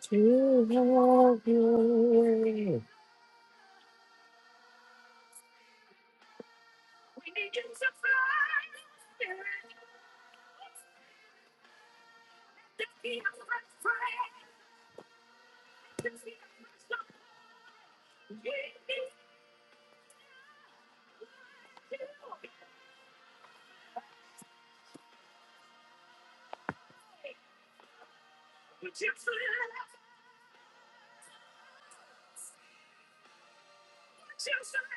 To have your way. We need you to fly. Just be a fresh breath. Just be a fresh start. We need you. Would you fly? Would you fly?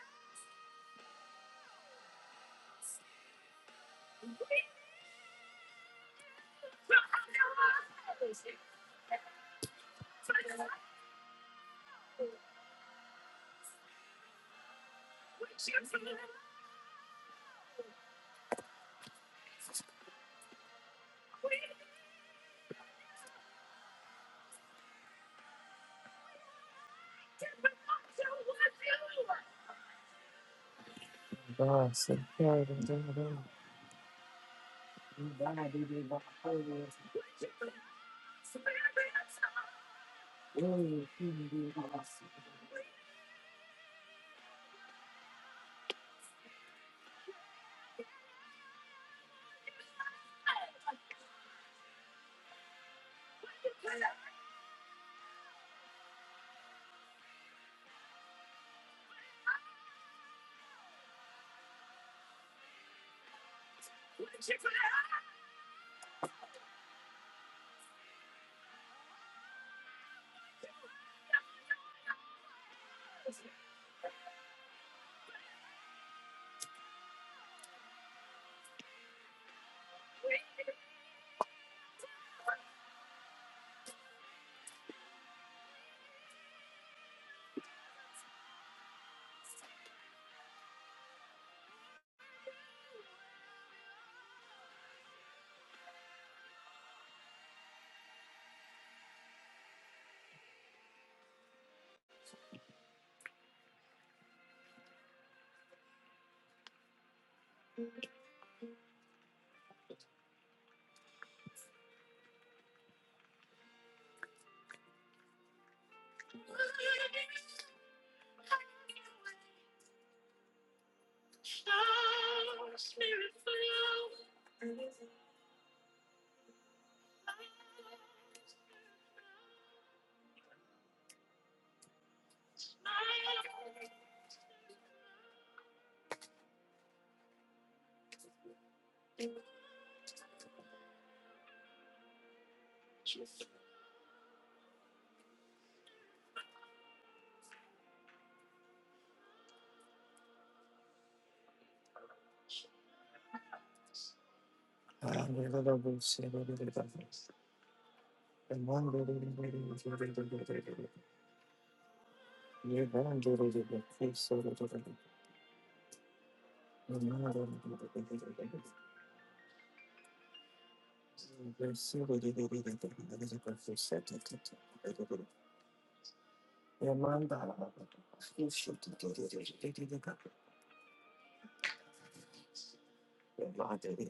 Hallelujah.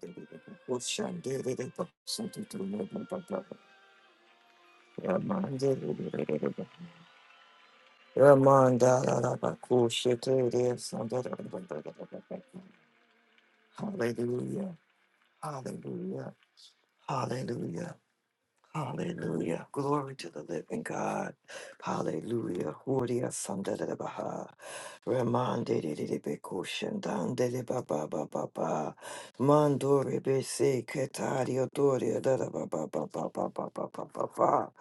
Hallelujah. Hallelujah. Hallelujah. Glory to the living God. Hallelujah. Horia Sandere Baha. Remande de de Becushion Dandele Baba Baba Baba. Mandore Bese Ketario Doria da da Baba Baba Baba Baba Baba.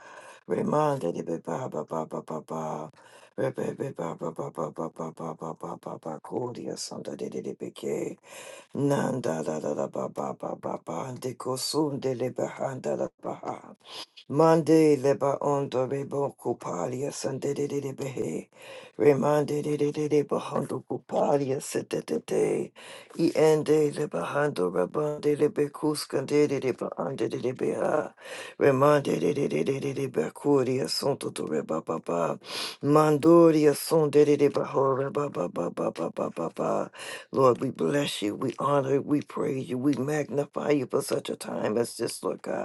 Remande de Baba Baba Baba Baba. Rebebe Baba Baba Baba Baba Baba Baba. Horia Sandere de de be ke Nanda da da da baba baba ba ba ba le bahanda da baha. Monday leba ondo rebo kupalia sandedede behe. Remande de de de de bahando kupalia setetete. I ende leba hando rabande lebe kuskandede de de bahande de de beha. Remande de de de de de bakuria sonto to reba baba. Mandoria son de de de baho reba ba ba ba ba, ba ba ba. Lord, we bless you, we honor, you, we praise you, we magnify you for such a time as this, Lord God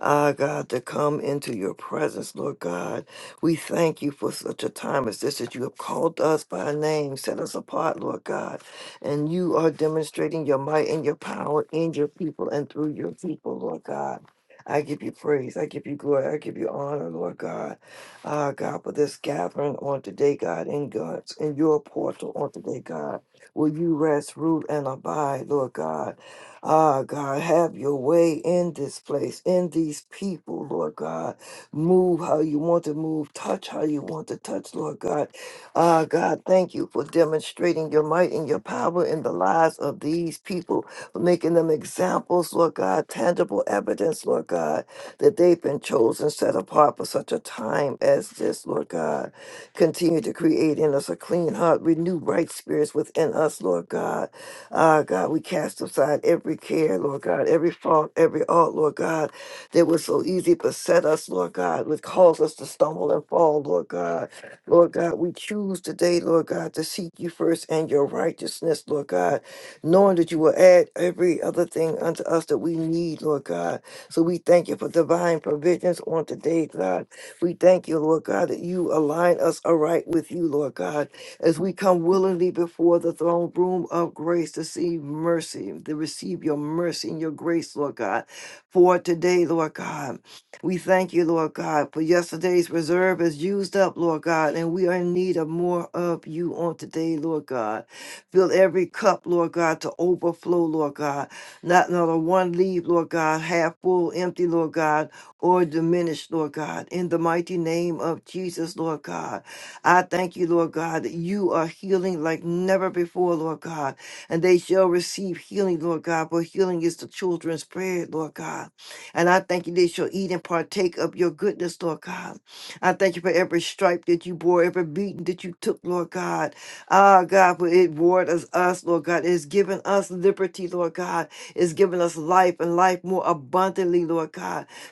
ah, God, to come into your presence, Lord God. We thank you for such a time as this that you have called us by name, set us apart, Lord God. And you are demonstrating your might and your power in your people and through your people, Lord God. I give you praise. I give you glory. I give you honor, Lord God. Ah, God, for this gathering on today, God, in God's in your portal on today, God. Will you rest, rule, and abide, Lord God? Ah, God, have your way in this place, in these people, Lord God. Move how you want to move, touch how you want to touch, Lord God. Ah, God, thank you for demonstrating your might and your power in the lives of these people, for making them examples, Lord God, tangible evidence, Lord God, that they've been chosen, set apart for such a time as this, Lord God. Continue to create in us a clean heart, renew right spirits within us, Lord God. Uh, God, we cast aside every care, Lord God, every fault, every ought, Lord God, that was so easy beset us, Lord God, would cause us to stumble and fall, Lord God. Lord God, we choose today, Lord God, to seek you first and your righteousness, Lord God, knowing that you will add every other thing unto us that we need, Lord God. So we thank you for divine provisions on today, God. We thank you, Lord God, that you align us aright with you, Lord God as we come willingly before the throne room of grace to see mercy, to receive your mercy and your grace, Lord God. For today, Lord God, we thank you, Lord God, for yesterday's reserve is used up, Lord God, and we are in need of more of you on today, Lord God. Fill every cup, Lord God, to overflow, Lord God. Not another one leave, Lord God, half full, empty, Lord God, or diminished, Lord God. In the mighty name of Jesus, Lord God. I thank you, Lord God, that you are healing like never before, Lord God, and they shall receive healing, Lord God, for healing is the children's bread, Lord God. And I thank you they shall eat and partake of your goodness, Lord God. I thank you for every stripe that you bore, every beating that you took, Lord God. Ah, God, for it warred us, us, Lord God. It has given us liberty, Lord God. It's given us life and life more abundantly, Lord God.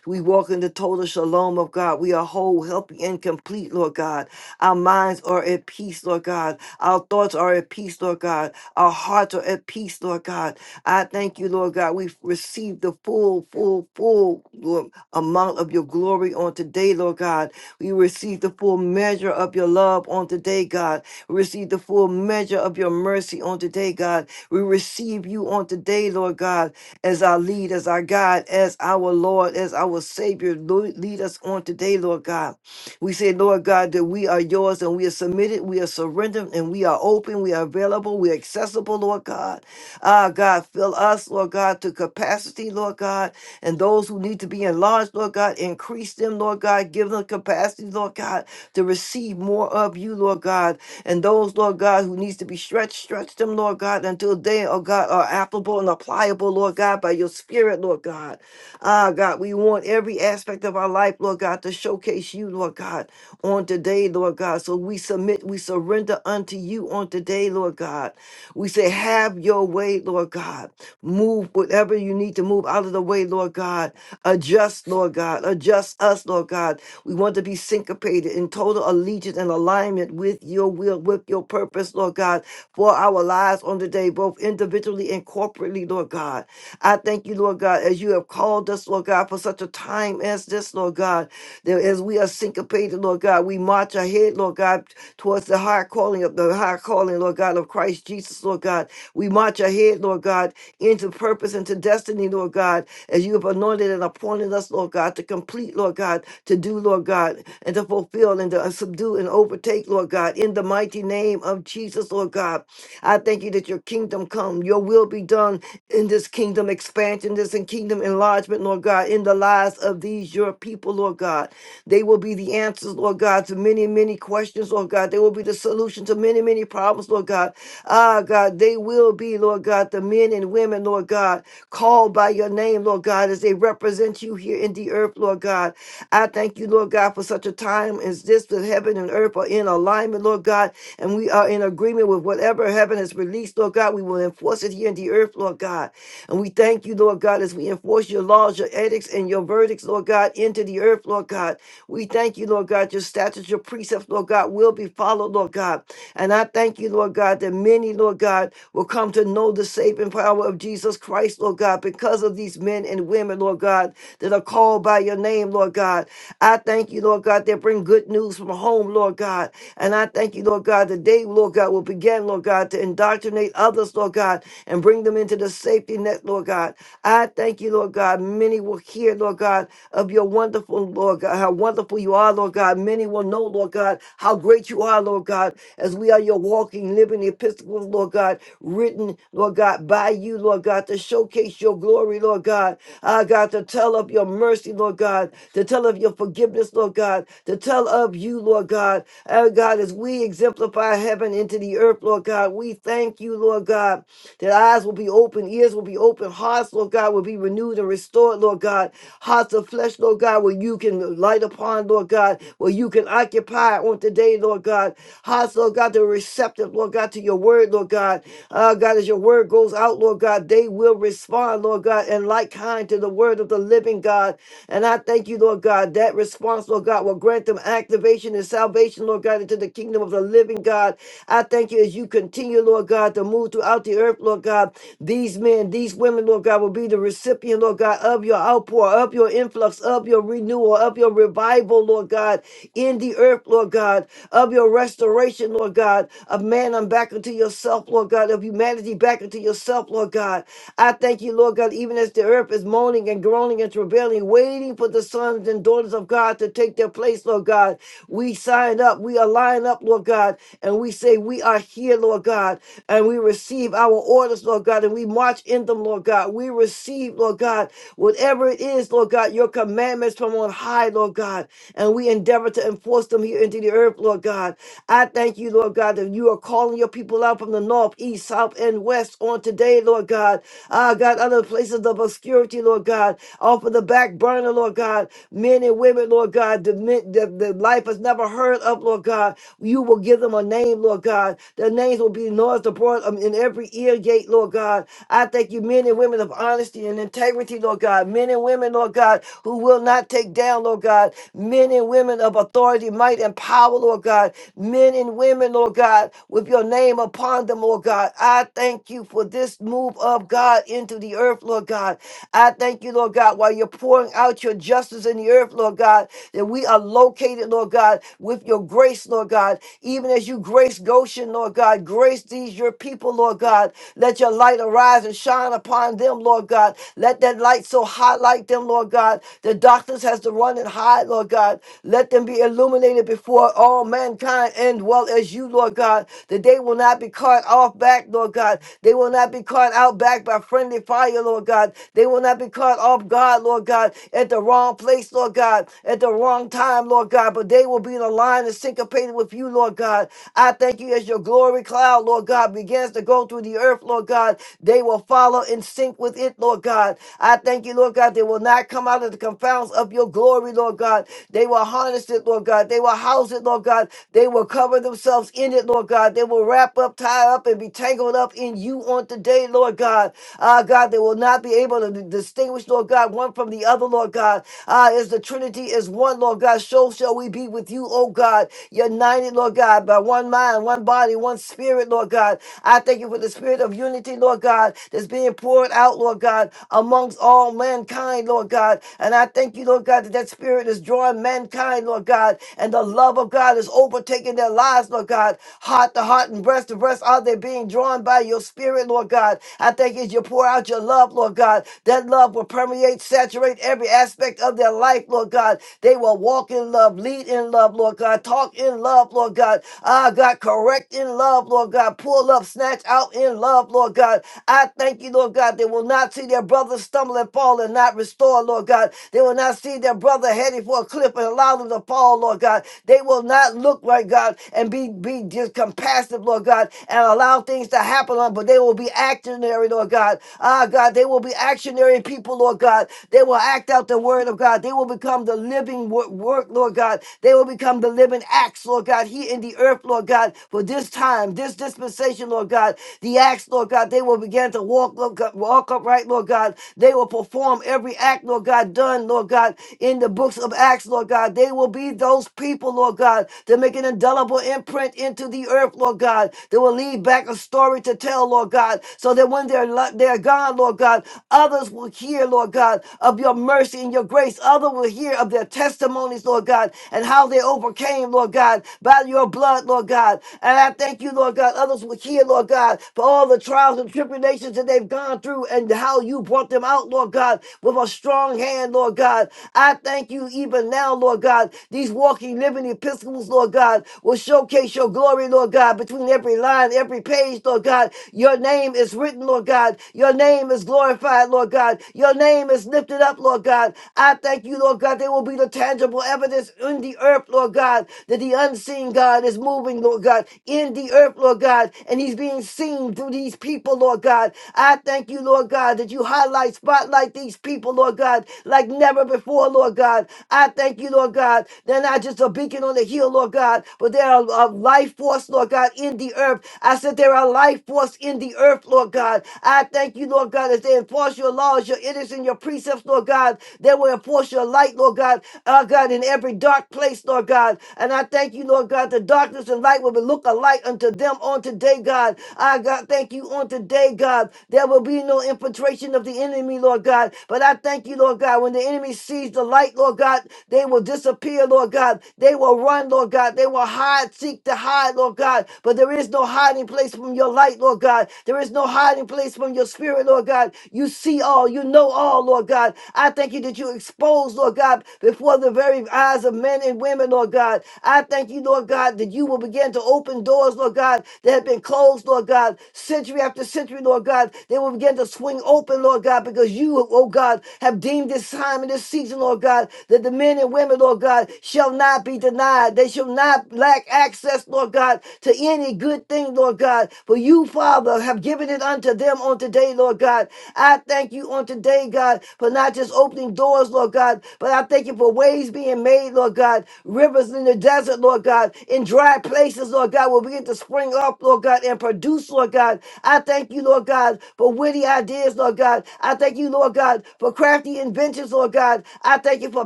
We walk in the total shalom of God. We are whole, healthy, and complete, Lord God. Our minds are at peace, Lord God. Our thoughts are at peace, Lord God. Our hearts are at peace, Lord God. I thank you, Lord God. We've received the full, full, full Lord, amount of your glory on today, Lord God. We receive the full measure of your love on today, God. We receive the full measure of your mercy on today, God. We receive you on today, Lord God as our lead, as our God, as our Lord, as our Savior. Lord, lead us on today, Lord God. We say, Lord God, that we are yours and we are submitted, we are surrendered, and we are open, we are available, we are accessible, Lord God. Ah, God, fill us, Lord God, to capacity, Lord God, and those who need to be enlarged, Lord God, increase them, Lord God, give them capacity, Lord God, to receive more of you, Lord God, and those, Lord God, who needs to be stretched, stretch them, Lord God, until they, oh God, are applicable and applicable, Lord God, by your spirit, Lord God. Ah, God, we want every aspect of our life, Lord God, to showcase you, Lord God, on today, Lord God. So we submit, we surrender unto you on today, Lord God. We say, have your way, Lord God. Move whatever you need to move out of the way, Lord God. Adjust, Lord God. Adjust us, Lord God. We want to be syncopated in total allegiance and alignment with your will, with your purpose, Lord God, for our lives on today, both individually and corporately, Lord God. I thank you, Lord God, as you have called us, Lord God, for such a time as this, yes, Lord God, that as we are syncopated, Lord God, we march ahead, Lord God, towards the high calling of the high calling, Lord God, of Christ Jesus, Lord God. We march ahead, Lord God, into purpose, into destiny, Lord God, as you have anointed and appointed us, Lord God, to complete, Lord God, to do, Lord God, and to fulfill and to subdue and overtake, Lord God, in the mighty name of Jesus, Lord God. I thank you that your kingdom come, your will be done in this kingdom expansion, this and kingdom enlargement, Lord God, in the lives of these your people, Lord God. They will be the answers, Lord God, to many, many questions, Lord God. They will be the solution to many, many problems, Lord God. Ah, God, they will be, Lord. Lord God, the men and women, Lord God, called by your name, Lord God, as they represent you here in the earth, Lord God. I thank you, Lord God, for such a time as this that heaven and earth are in alignment, Lord God, and we are in agreement with whatever heaven has released, Lord God. We will enforce it here in the earth, Lord God. And we thank you, Lord God, as we enforce your laws, your edicts, and your verdicts, Lord God, into the earth, Lord God. We thank you, Lord God, your statutes, your precepts, Lord God, will be followed, Lord God. And I thank you, Lord God, that many, Lord God, will come to know the saving power of Jesus Christ, Lord God, because of these men and women, Lord God, that are called by your name, Lord God. I thank you, Lord God, that bring good news from home, Lord God. And I thank you, Lord God, that they, Lord God, will begin, Lord God, to indoctrinate others, Lord God, and bring them into the saving safety net, Lord God. I thank you, Lord God. Many will hear, Lord God, of your wonderful, Lord God, how wonderful you are, Lord God. Many will know, Lord God, how great you are, Lord God, as we are your walking, living epistles, Lord God, written, Lord God, by you, Lord God, to showcase your glory, Lord God. Ah, God, to tell of your mercy, Lord God, to tell of your forgiveness, Lord God, to tell of you, Lord God. Ah, God, as we exemplify heaven into the earth, Lord God, we thank you, Lord God, that eyes will be be open, ears will be open, hearts, Lord God, will be renewed and restored, Lord God. Hearts of flesh, Lord God, where you can light upon, Lord God, where you can occupy on today, Lord God. Hearts, Lord God, that are receptive, Lord God, to your word, Lord God. Uh, God, as your word goes out, Lord God, they will respond, Lord God, and like kind to the word of the living God. And I thank you, Lord God, that response, Lord God, will grant them activation and salvation, Lord God, into the kingdom of the living God. I thank you as you continue, Lord God, to move throughout the earth, Lord God. God. These men, these women, Lord God, will be the recipient, Lord God, of your outpour, of your influx, of your renewal, of your revival, Lord God, in the earth, Lord God, of your restoration, Lord God, of man I'm back unto yourself, Lord God, of humanity back unto yourself, Lord God. I thank you, Lord God, even as the earth is moaning and groaning and travailing, waiting for the sons and daughters of God to take their place, Lord God. We sign up, we align up, Lord God, and we say, We are here, Lord God, and we receive our orders, Lord God, and we march in them, Lord God. We receive, Lord God, whatever it is, Lord God, your commandments from on high, Lord God, and we endeavor to enforce them here into the earth, Lord God. I thank you, Lord God, that you are calling your people out from the north, east, south, and west on today, Lord God. Ah, God, other places of obscurity, Lord God, off of the back burner, Lord God. Men and women, Lord God, the, men- the, the life has never heard of, Lord God. You will give them a name, Lord God. Their names will be noised abroad um, in every every ear gate, Lord God. I thank you, men and women of honesty and integrity, Lord God. Men and women, Lord God, who will not take down, Lord God. Men and women of authority, might, and power, Lord God. Men and women, Lord God, with your name upon them, Lord God. I thank you for this move of God into the earth, Lord God. I thank you, Lord God, while you're pouring out your justice in the earth, Lord God, that we are located, Lord God, with your grace, Lord God. Even as you grace Goshen, Lord God, grace these your people people, Lord God. Let your light arise and shine upon them, Lord God. Let that light so highlight them, Lord God. The darkness has to run and hide, Lord God. Let them be illuminated before all mankind and well as you, Lord God. That they will not be caught off back, Lord God. They will not be caught out back by friendly fire, Lord God. They will not be caught off guard, Lord God, at the wrong place, Lord God, at the wrong time, Lord God. But they will be in a line and syncopated with you, Lord God. I thank you as your glory cloud, Lord God. God, begins to go through the earth, Lord God, they will follow in sync with it, Lord God. I thank you, Lord God, they will not come out of the confounds of your glory, Lord God. They will harness it, Lord God. They will house it, Lord God. They will cover themselves in it, Lord God. They will wrap up, tie up, and be tangled up in you on today, Lord God. Ah, God, they will not be able to distinguish, Lord God, one from the other, Lord God. Ah, as the Trinity is one, Lord God, so shall we be with you, oh God. United, Lord God, by one mind, one body, one spirit. Spirit, Lord God. I thank you for the spirit of unity, Lord God, that's being poured out, Lord God, amongst all mankind, Lord God. And I thank you, Lord God, that that spirit is drawing mankind, Lord God, and the love of God is overtaking their lives, Lord God. Heart to heart and breast to breast are they being drawn by your spirit, Lord God. I thank you as you pour out your love, Lord God. That love will permeate, saturate every aspect of their life, Lord God. They will walk in love, lead in love, Lord God, talk in love, Lord God. Ah, God, correct in love love, Lord God. Pull up, snatch out in love, Lord God. I thank you, Lord God. They will not see their brother stumble and fall and not restore, Lord God. They will not see their brother headed for a cliff and allow them to fall, Lord God. They will not look, Lord God, and be, be just compassionate, Lord God, and allow things to happen, Lord, but they will be actionary, Lord God. Ah, God, they will be actionary people, Lord God. They will act out the word of God. They will become the living wo- work, Lord God. They will become the living acts, Lord God, here in the earth, Lord God. For for this time, this dispensation, Lord God, the acts, Lord God, they will begin to walk, Lord God, walk upright, Lord God. They will perform every act, Lord God, done, Lord God, in the books of Acts, Lord God. They will be those people, Lord God, to make an indelible imprint into the earth, Lord God. They will leave back a story to tell, Lord God, so that when they're lo- they're gone, Lord God, others will hear, Lord God, of your mercy and your grace. Others will hear of their testimonies, Lord God, and how they overcame, Lord God, by your blood, Lord God. God. And I thank you, Lord God. Others will hear, Lord God, for all the trials and tribulations that they've gone through and how you brought them out, Lord God, with a strong hand, Lord God. I thank you even now, Lord God. These walking, living epistles, Lord God, will showcase your glory, Lord God, between every line, every page, Lord God. Your name is written, Lord God. Your name is glorified, Lord God. Your name is lifted up, Lord God. I thank you, Lord God. There will be the tangible evidence in the earth, Lord God, that the unseen God is moving moving, Lord God, in the earth, Lord God, and he's being seen through these people, Lord God. I thank you, Lord God, that you highlight, spotlight these people, Lord God, like never before, Lord God. I thank you, Lord God. They're not just a beacon on the hill, Lord God, but they're a, a life force, Lord God, in the earth. I said they're a life force in the earth, Lord God. I thank you, Lord God, as they enforce your laws, your edicts, and your precepts, Lord God. They will enforce your light, Lord God, our God, in every dark place, Lord God. And I thank you, Lord God, that the darkness and light will look alike unto them on today, God. I God, thank you on today, God. There will be no infiltration of the enemy, Lord God. But I thank you, Lord God. When the enemy sees the light, Lord God, they will disappear, Lord God. They will run, Lord God. They will hide, seek to hide, Lord God. But there is no hiding place from your light, Lord God. There is no hiding place from your spirit, Lord God. You see all, you know all, Lord God. I thank you that you expose, Lord God, before the very eyes of men and women, Lord God. I thank you you, Lord God, that you will begin to open doors, Lord God, that have been closed, Lord God, century after century, Lord God. They will begin to swing open, Lord God, because you, oh God, have deemed this time and this season, Lord God, that the men and women, Lord God, shall not be denied. They shall not lack access, Lord God, to any good thing, Lord God. For you, Father, have given it unto them on today, Lord God. I thank you on today, God, for not just opening doors, Lord God, but I thank you for ways being made, Lord God, rivers in the desert deposit, Lord God, in dry places, Lord God, will begin to spring up, Lord God, and produce, Lord God. I thank you, Lord God, for witty ideas, Lord God. I thank you, Lord God, for crafty inventions, Lord God. I thank you for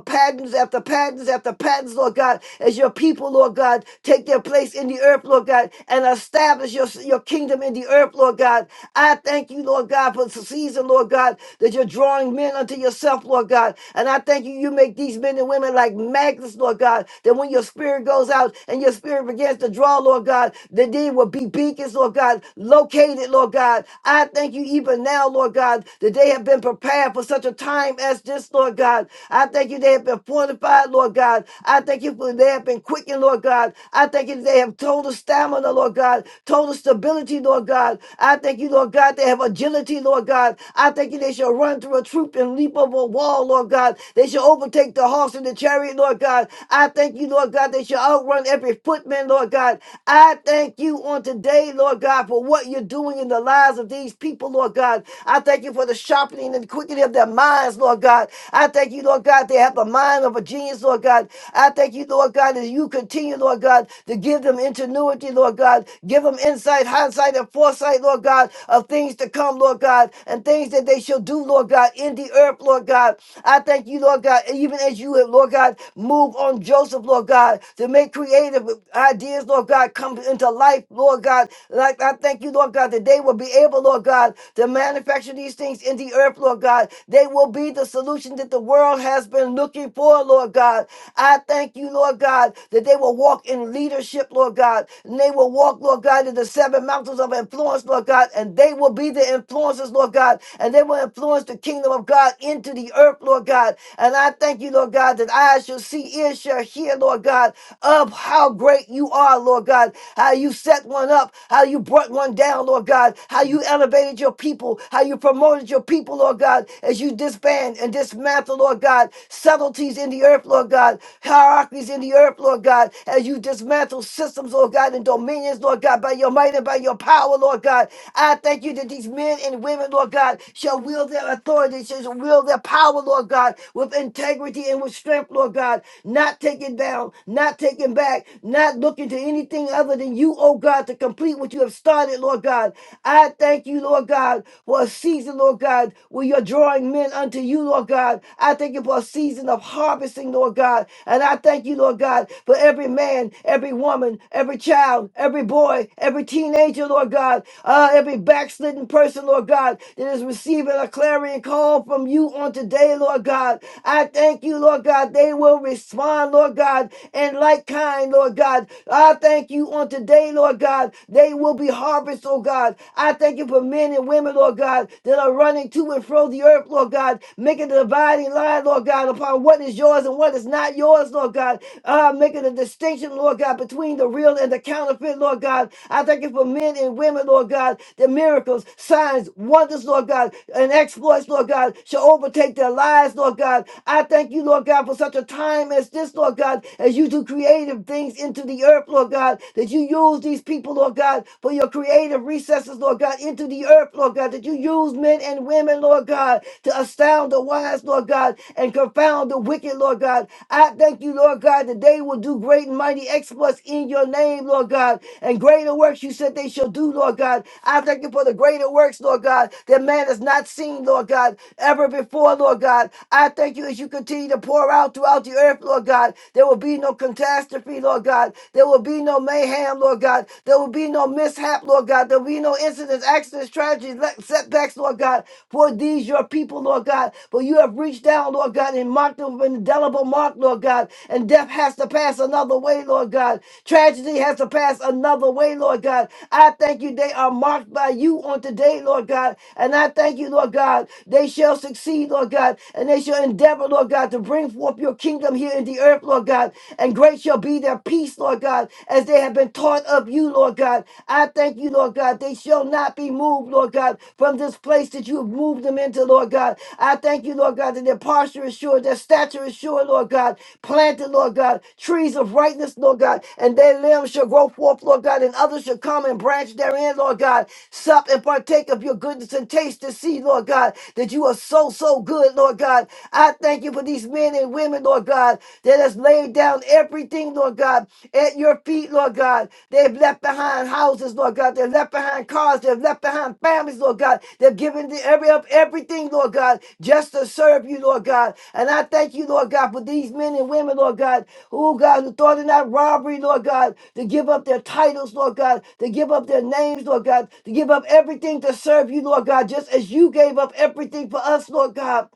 patents after patents after patents, Lord God, as your people, Lord God, take their place in the earth, Lord God, and establish your, your kingdom in the earth, Lord God. I thank you, Lord God, for the season, Lord God, that you're drawing men unto yourself, Lord God. And I thank you, you make these men and women like magnets, Lord God, that when you're spirit goes out and your spirit begins to draw, Lord God, that they will be beacons, Lord God, located, Lord God. I thank you even now, Lord God, that they have been prepared for such a time as this, Lord God. I thank you they have been fortified, Lord God. I thank you for they have been quickened, Lord God. I thank you they have total stamina, Lord God, total stability, Lord God. I thank you, Lord God, they have agility, Lord God. I thank you they shall run through a troop and leap over a wall, Lord God. They shall overtake the horse and the chariot, Lord God. I thank you thank you, Lord God, that you outrun every footman, Lord God. I thank you on today, Lord God, for what you're doing in the lives of these people, Lord God. I thank you for the sharpening and quickening of their minds, Lord God. I thank you, Lord God, they have the mind of a genius, Lord God. I thank you, Lord God, as you continue, Lord God, to give them ingenuity, Lord God. Give them insight, hindsight, and foresight, Lord God, of things to come, Lord God, and things that they shall do, Lord God, in the earth, Lord God. I thank you, Lord God, even as you have, Lord God, moved on from Joseph, Lord God, to make creative ideas, Lord God, come into life, Lord God. Like I thank you, Lord God, that they will be able, Lord God, to manufacture these things in the earth, Lord God. They will be the solution that the world has been looking for, Lord God. I thank you, Lord God, that they will walk in leadership, Lord God, and they will walk, Lord God, in the seven mountains of influence, Lord God, and they will be the influencers, Lord God, and they will influence the kingdom of God into the earth, Lord God. And I thank you, Lord God, that I shall see she is shall hear, Lord God, of how great you are, Lord God, how you set one up, how you brought one down, Lord God, how you elevated your people, how you promoted your people, Lord God, as you disband and dismantle, Lord God, subtleties in the earth, Lord God, hierarchies in the earth, Lord God, as you dismantle systems, Lord God, and dominions, Lord God, by your might and by your power, Lord God. I thank you that these men and women, Lord God, shall wield their authority, shall wield their power, Lord God, with integrity and with strength, Lord. Lord God, not taken down, not taken back, not looking to anything other than you, oh God, to complete what you have started, Lord God. I thank you, Lord God, for a season, Lord God, where you're drawing men unto you, Lord God. I thank you for a season of harvesting, Lord God. And I thank you, Lord God, for every man, every woman, every child, every boy, every teenager, Lord God, uh, every backslidden person, Lord God, that is receiving a clarion call from you on today, Lord God. I thank you, Lord God. God, they will respond, Lord God, and like kind, Lord God. I thank you on today, Lord God. They will be harvest, oh God. I thank you for men and women, Lord God, that are running to and fro the earth, Lord God, making the dividing line, Lord God, upon what is yours and what is not yours, Lord God. Uh, making a distinction, Lord God, between the real and the counterfeit, Lord God. I thank you for men and women, Lord God, the miracles, signs, wonders, Lord God, and exploits, Lord God, shall overtake their lives, Lord God. I thank you thank you, Lord God, for such a time as this, Lord God, as you do creative things into the earth, Lord God, that you use these people, Lord God, for your creative recesses, Lord God, into the earth, Lord God, that you use men and women, Lord God, to astound the wise, Lord God, and confound the wicked, Lord God. I thank you, Lord God, that they will do great and mighty exploits in your name, Lord God, and greater works you said they shall do, Lord God. I thank you for the greater works, Lord God, that man has not seen, Lord God, ever before, Lord God. I thank you as as you continue to pour out throughout the earth, Lord God. There will be no catastrophe, Lord God. There will be no mayhem, Lord God. There will be no mishap, Lord God. There will be no incidents, accidents, tragedies, setbacks, Lord God. For these your people, Lord God. For you have reached down, Lord God, and marked them with an indelible mark, Lord God. And death has to pass another way, Lord God. Tragedy has to pass another way, Lord God. I thank you they are marked by you on today, Lord God. And I thank you, Lord God. They shall succeed, Lord God. And they shall your endeavor, Lord God, to bring forth your kingdom here in the earth, Lord God. And great shall be their peace, Lord God, as they have been taught of you, Lord God. I thank you, Lord God. They shall not be moved, Lord God, from this place that you have moved them into, Lord God. I thank you, Lord God, that their posture is sure, their stature is sure, Lord God. Planted, Lord God, trees of rightness, Lord God, and their limbs shall grow forth, Lord God, and others shall come and branch therein, Lord God. Sup and partake of your goodness and taste to see, Lord God, that you are so, so good, Lord God. God. I thank you for these men and women, Lord God, that has laid down everything, Lord God, at your feet, Lord God. They've left behind houses, Lord God. They've left behind cars. They've left behind families, Lord God. They've given the every up everything, Lord God, just to serve you, Lord God. And I thank you, Lord God, for these men and women, Lord God, who, oh God, who thought in that robbery, Lord God, to give up their titles, Lord God, to give up their names, Lord God, to give up everything to serve you, Lord God, just as you gave up everything for us, Lord God.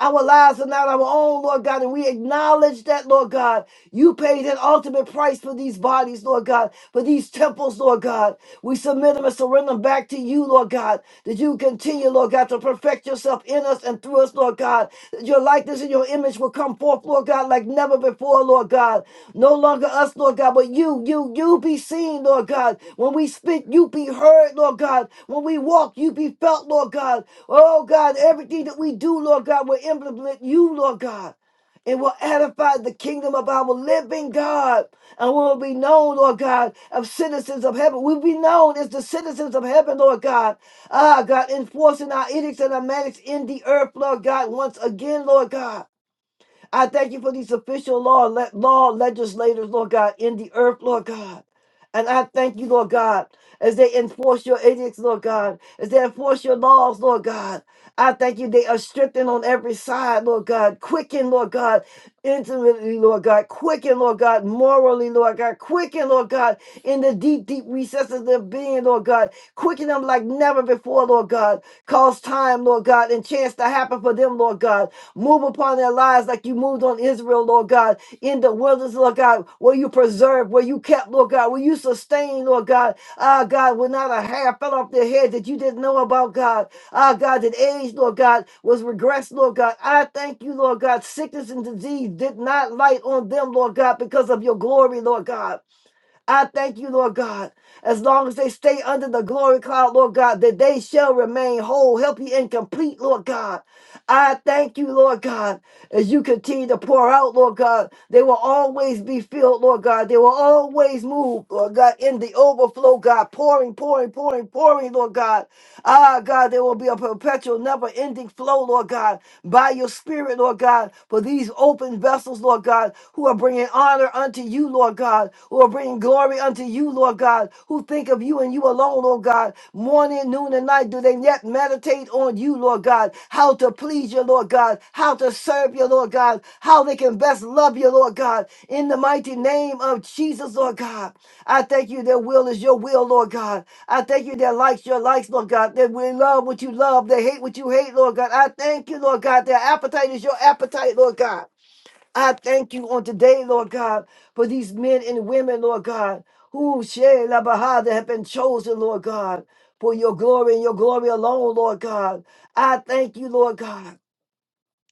Our lives are not our own, Lord God, and we acknowledge that, Lord God. You paid an ultimate price for these bodies, Lord God, for these temples, Lord God. We submit them and surrender them back to you, Lord God, that you continue, Lord God, to perfect yourself in us and through us, Lord God. That your likeness likeness and your image will come forth, Lord God, like never before, Lord God. No longer us, Lord God, but you, you, you be seen, Lord God. When we speak, you be heard, Lord God. When we walk, you be felt, Lord God. Oh God, everything that we do, Lord God, will implement you, Lord God. It will edify the kingdom of our living God. And we will be known, Lord God, of citizens of heaven. We'll be known as the citizens of heaven, Lord God. Ah, God, enforcing our edicts and our mandates in the earth, Lord God, once again, Lord God. I thank you for these official law, le- law legislators, Lord God, in the earth, Lord God. And I thank you, Lord God, as they enforce your edicts, Lord God, as they enforce your laws, Lord God. I thank you, they are strengthened on every side, Lord God. Quicken, Lord God, intimately, Lord God. Quicken, Lord God, morally, Lord God. Quicken, Lord God, in the deep, deep recesses of their being, Lord God. Quicken them like never before, Lord God. Cause time, Lord God, and chance to happen for them, Lord God. Move upon their lives like you moved on Israel, Lord God, in the wilderness, Lord God, where you preserved, where you kept, Lord God, where you sustained, Lord God. Ah, God, when not a hair fell off their head that you didn't know about, God. Ah, God, that age, Lord God, was regressed, Lord God. I thank you, Lord God. Sickness and disease did not light on them, Lord God, because of your glory, Lord God. I thank you, Lord God. As long as they stay under the glory cloud, Lord God, that they shall remain whole, healthy, and complete, Lord God. I thank you, Lord God. As you continue to pour out, Lord God, they will always be filled, Lord God. They will always move, Lord God, in the overflow, God, pouring, pouring, pouring, pouring, Lord God. Ah, God, there will be a perpetual, never ending flow, Lord God, by your spirit, Lord God, for these open vessels, Lord God, who are bringing honor honor unto you, Lord God, who are bringing glory unto you, Lord God, who think of you and you alone, Lord God. Morning, noon, and night, do they yet meditate on you, Lord God? How to please you, Lord God, how to serve you, Lord God, how they can best love you, Lord God, in the mighty name of Jesus, Lord God. I thank you, their will is your will, Lord God. I thank you, their likes, your likes, Lord God. They will love what you love, they hate what you hate, Lord God. I thank you, Lord God. Their appetite is your appetite, Lord God. I thank you on today, Lord God, for these men and women, Lord God, who share La Baha that have been chosen, Lord God, for your glory and your glory alone, Lord God. I thank you, Lord God.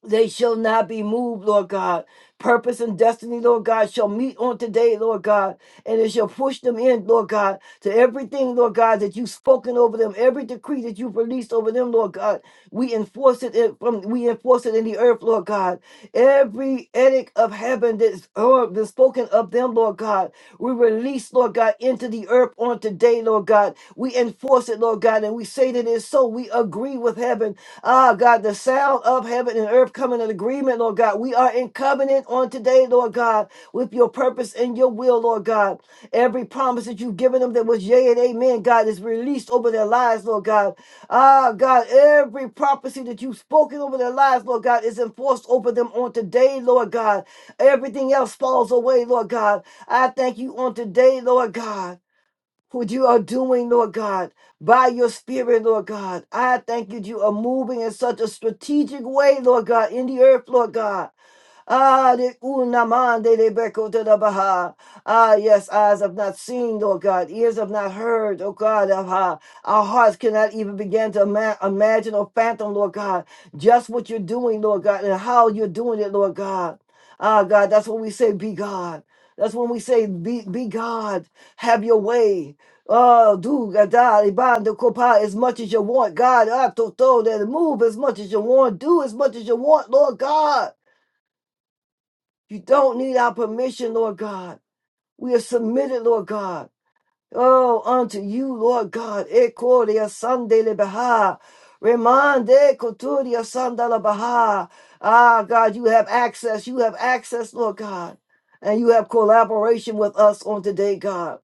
They shall not be moved, Lord God. Purpose and destiny, Lord God, shall meet on today, Lord God, and it shall push them in, Lord God, to everything, Lord God, that you've spoken over them, every decree that you've released over them, Lord God. We enforce it in, from we enforce it in the earth, Lord God. Every edict of heaven that's, or been spoken of them, Lord God, we release, Lord God, into the earth on today, Lord God. We enforce it, Lord God, and we say that it is so. We agree with heaven. Ah, God, the sound of heaven and earth coming in agreement, Lord God. We are in covenant on today, Lord God, with your purpose and your will, Lord God. Every promise that you've given them that was yea and amen, God, is released over their lives, Lord God. Ah, God, every prophecy that you've spoken over their lives, Lord God, is enforced over them on today, Lord God. Everything else falls away, Lord God. I thank you on today, Lord God what you are doing, Lord God, by your spirit, Lord God. I thank you that you are moving in such a strategic way, Lord God, in the earth, Lord God. Ah, de unamande de beko de la baha. Ah, yes, eyes have not seen, Lord God, ears have not heard, oh God, of how our hearts cannot even begin to ima- imagine or phantom, Lord God, just what you're doing, Lord God, and how you're doing it, Lord God. Ah, God, that's when we say, be God. That's when we say, be, be God, have your way. Oh, do gada ibanda kopa as much as you want, God. Ah, to to, that move as much as you want, do as much as you want, Lord God. You don't need our permission, Lord God. We are submitted, Lord God. Oh, unto you, Lord God. Ekoria sandele baha. Remande koturia sandala baha. Ah, God, you have access. You have access, Lord God. And you have collaboration with us on today, God.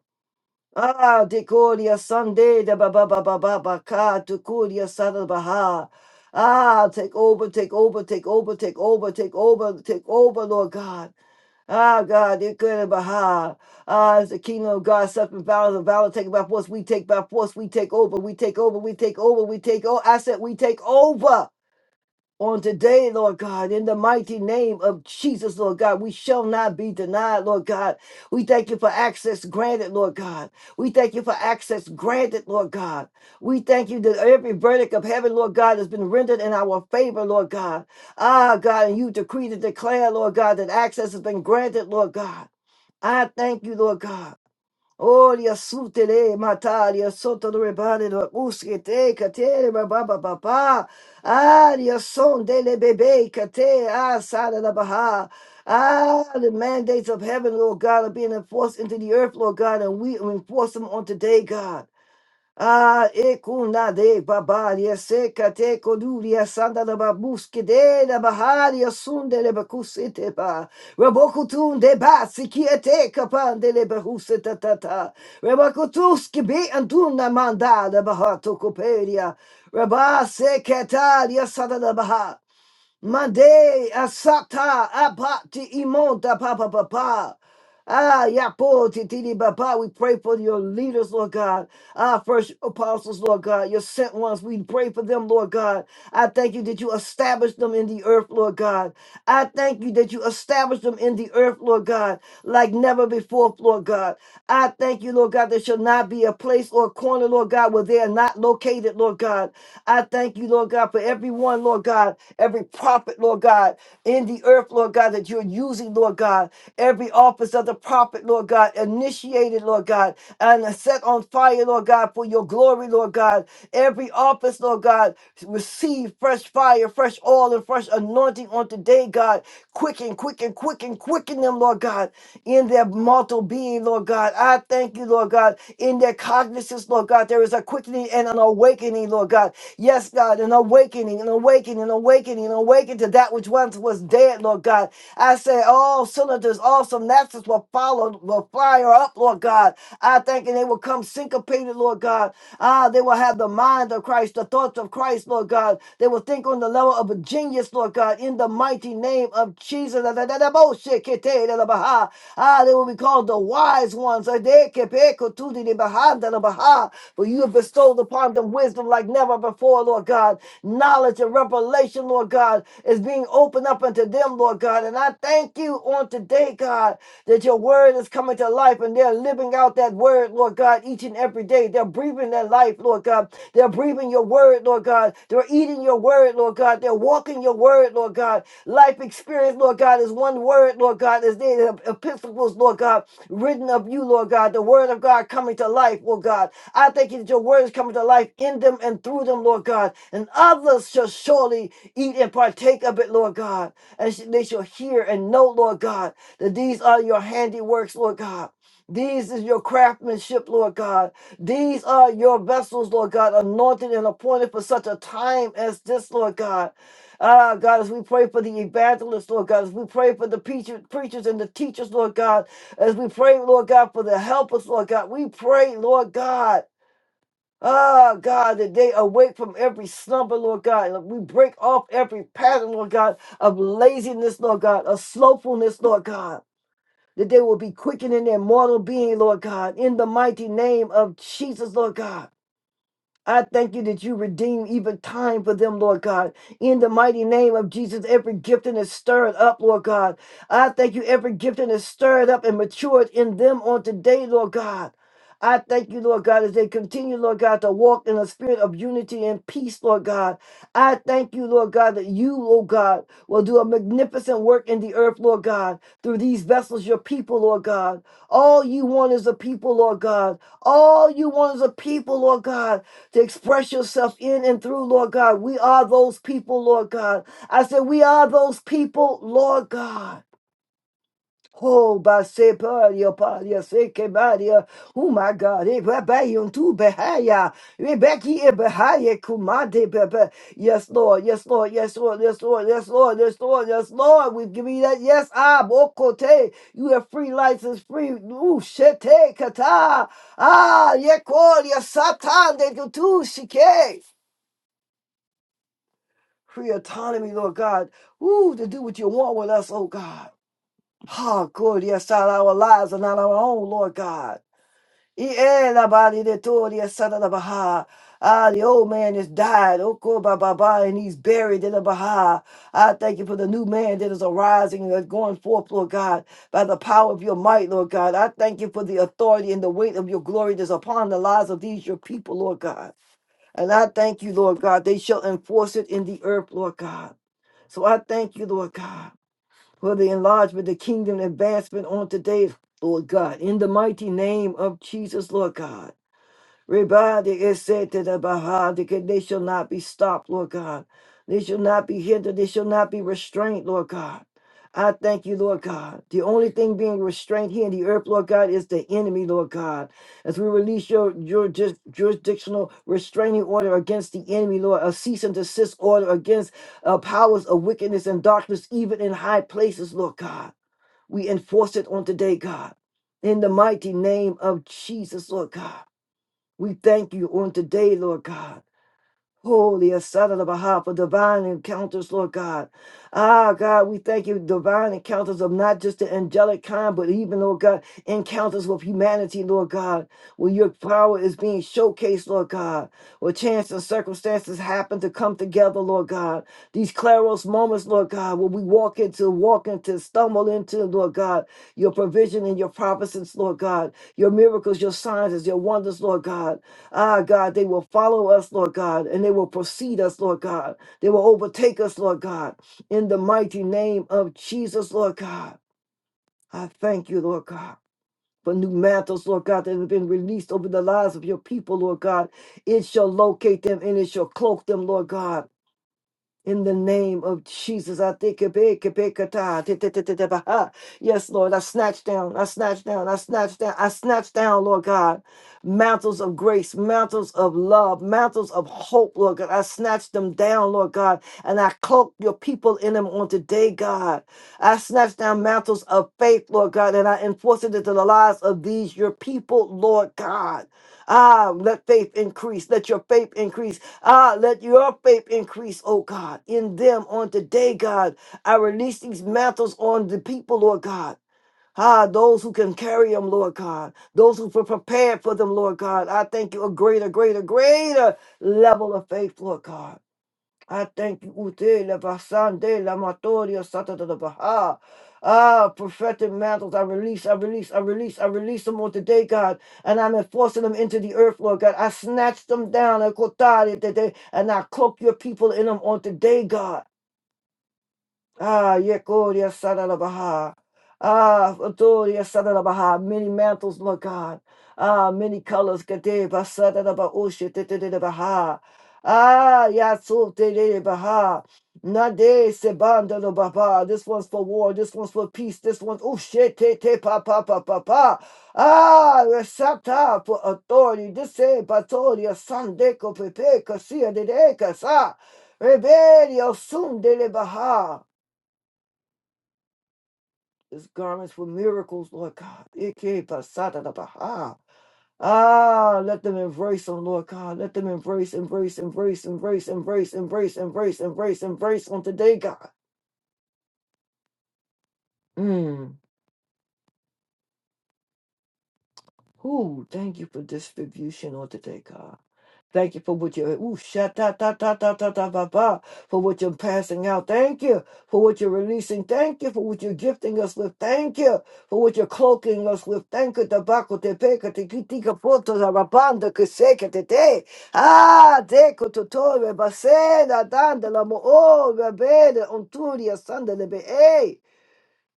Ah, dekoria sande de ba ba ba ba ba ba ka tukuria sandala baha. Ah, take over, take over, take over, take over, take over, take over, Lord God. Ah, God, they're good about how. Ah, it's the kingdom of God, suffering violence, and violence taken by force. We take by force. We take over. We take over. We take over. We take over. I said, we take over on today, Lord God, in the mighty name of Jesus, Lord God, we shall not be denied, Lord God. We thank you for access granted, Lord God. We thank you for access granted, Lord God. We thank you that every verdict of heaven, Lord God, has been rendered in our favor, Lord God. Ah, God, and you decree to declare, Lord God, that access has been granted, Lord God. I thank you, Lord God. Olia sutele mataria soto do rebane do uskete kate baba papa aria son dele bebe kate asada da baha ah the mandates of heaven Lord God are being enforced into the earth Lord God and we enforce them on today God Ah, ekuna de babaria seca te coduria sanda da babuske de la baharia sunde le bacusete ba rabokutun de basi kiete capan de le bahuseta tata rabakutuski be antuna mandada bahato coperia rabase cataria sanda da baha mande asata abati imonta papa papa Ah, Yapo, Titini Baba, we pray for your leaders, Lord God. Our first apostles, Lord God, your sent ones, we pray for them, Lord God. I thank you that you established them in the earth, Lord God. I thank you that you established them in the earth, Lord God, like never before, Lord God. I thank you, Lord God, there shall not be a place or a corner, Lord God, where they are not located, Lord God. I thank you, Lord God, for everyone, Lord God, every prophet, Lord God, in the earth, Lord God, that you're using, Lord God. God. Every office of the prophet, Lord God, initiated, Lord God, and set on fire, Lord God, for your glory, Lord God. Every office, Lord God, receive fresh fire, fresh oil, and fresh anointing on today, God. Quicken, quicken, quicken, quicken them, Lord God, in their mortal being, Lord God. I thank you, Lord God, in their cognizance, Lord God. There is a quickening and an awakening, Lord God. Yes, God, an awakening, an awakening, an awakening, an awakening to that which once was dead, Lord God. God. I say all cylinders, all synapses will follow, will fire up, Lord God. I thank you they will come syncopated, Lord God. Ah, they will have the mind of Christ, the thoughts of Christ, Lord God. They will think on the level of a genius, Lord God, in the mighty name of Jesus. Ah, they will be called the wise ones. For you have bestowed upon them wisdom like never before, Lord God. Knowledge and revelation, Lord God, is being everything open up unto them, Lord God. And I thank you on today, God, that your word is coming to life and they're living out that word, Lord God, each and every day. They're breathing their life, Lord God. They're breathing your word, Lord God. They're eating your word, Lord God. They're walking your word, Lord God. Life experience, Lord God, is one word, Lord God, as they the epistles, Lord God, written of you, Lord God, the word of God coming to life, Lord God. I thank you that your word is coming to life in them and through them, Lord God. And others shall surely eat and partake of it, Lord God, and they shall hear and know, Lord God, that these are your handiworks, Lord God. These is your craftsmanship, Lord God. These are your vessels, Lord God, anointed and appointed for such a time as this, Lord God. Ah, God, as we pray for the evangelists, Lord God, as we pray for the preacher, preachers and the teachers, Lord God, as we pray, Lord God, for the helpers, Lord God, we pray, Lord God. Ah, God, that they awake from every slumber, Lord God. And we break off every pattern, Lord God, of laziness, Lord God, of slothfulness, Lord God. That they will be quickened in their mortal being, Lord God, in the mighty name of Jesus, Lord God. I thank you that you redeem even time for them, Lord God. In the mighty name of Jesus, every gifting is stirred up, Lord God. I thank you, every gifting is stirred up and matured in them on today, Lord God. I thank you, Lord God, as they continue, Lord God, to walk in a spirit of unity and peace, Lord God. I thank you, Lord God, that you, Lord God, will do a magnificent work in the earth, Lord God, through these vessels, your people, Lord God. All you want is a people, Lord God. All you want is a people, Lord God to express yourself in and through, Lord God. We are those people, Lord God. I said, We are those people, Lord God. Oh, by se paria paria se quemaria. Oh my God, eh, babayun tu behaya, rebeki e behaya kumade bebe. Yes, Lord, yes, Lord, yes, Lord, yes, Lord, yes, Lord, yes, Lord, yes, Lord. We've given you that. Yes, ah, bokote. You have free license, free. Ooh, shete kata. Ah, yekoria satan de tutu shike. free autonomy, Lord God, ooh, to do what you want with us, oh God. Ah, good, yes, God, our lives are not our own, Lord God. Eh, la ba di de to, yes, son of the Baha. Ah, the old man has died, oh, go ba ba ba, and he's buried in the Baha. I thank you for the new man that is arising and going forth, Lord God, by the power of your might, Lord God. I thank you for the authority and the weight of your glory that's upon the lives of these your people, Lord God. And I thank you, Lord God, they shall enforce it in the earth, Lord God. So I thank you, Lord God, for the enlargement, the kingdom advancement on today, Lord God. In the mighty name of Jesus, Lord God. Rebadi is said to the Baha, the they shall not be stopped, Lord God. They shall not be hindered. They shall not be restrained, Lord God. I thank you, Lord God. The only thing being restrained here in the earth, Lord God, is the enemy, Lord God. As we release your, your ju- jurisdictional restraining order against the enemy, Lord, a cease and desist order against uh, powers of wickedness and darkness, even in high places, Lord God. We enforce it on today, God. In the mighty name of Jesus, Lord God. We thank you on today, Lord God. Holy a son of the Baha for divine encounters, Lord God. Ah, God, we thank you, divine encounters of not just the angelic kind, but even, Lord God, encounters with humanity, Lord God, where your power is being showcased, Lord God, where chance and circumstances happen to come together, Lord God. These claros moments, Lord God, where we walk into, walk into, stumble into, Lord God, your provision and your providence, Lord God, your miracles, your signs, and your wonders, Lord God. Ah, God, they will follow us, Lord God, and they will precede us, Lord God. They will overtake us, Lord God, in the mighty name of Jesus, Lord God. I thank you, Lord God. For new mantles, Lord God, that have been released over the lives of your people, Lord God. It shall locate them and it shall cloak them, Lord God. In the name of Jesus, I think it big, it big, it ah, ti- ti- ti- ti- ti- bah, ah. Yes, Lord, I snatch down, I snatch down, I snatch down, I snatch down, Lord God, mantles of grace, mantles of love, mantles of hope, Lord God. I snatch them down, Lord God, and I cloak your people in them on today, God. I snatch down mantles of faith, Lord God, and I enforce it into the lives of these your people, Lord God. Ah, let faith increase, let your faith increase. Ah, let your faith increase, oh God, in them on today, God. I release these mantles on the people, Lord God. Ah, those who can carry them, Lord God. Those who are prepared for them, Lord God. I thank you a greater, greater, greater level of faith, Lord God. I thank you, Ute, la basande, la matoria, sata da da baha. Ah, prophetic mantles, I release, I release, I release, I release them on today, God. And I'm enforcing them into the earth, Lord God. I snatch them down, I kotari, today, and I cloak your people in them on today, God. Ah, Yekoria Sadarabaha. Ah, Adoria Sadarabaha. Many mantles, Lord God. Ah, many colors. Gadeba Sadarabaosha Baha. Ah, Yatsu Baha. Nade Sebanda no Baba. This one's for war. This one's for peace. This one's oh shit te te pa pa pa pa pa. Ah, Resata for authority. This eh Batoria Sandeko Pepe Kasia de Dekasa. Rebellion soon de Baha. His garments were miracles, Lord God. Ike pasada da baha. Ah, let them embrace them, Lord God. Let them embrace, embrace, embrace, embrace, embrace, embrace, embrace, embrace, embrace on today, God. Mm. Ooh, thank you for distribution on today, God. Thank you for what you're ooh, sha ta ta ta ta ta ta ba ba for what you're passing out. Thank you for what you're releasing. Thank you for what you're gifting us with. Thank you for what you're cloaking us with. Thank you tobacco te peka te kitika poto da rabanda que te te. Ah, deco totore basena dandela mo oh rebele onturia sandele be Hey,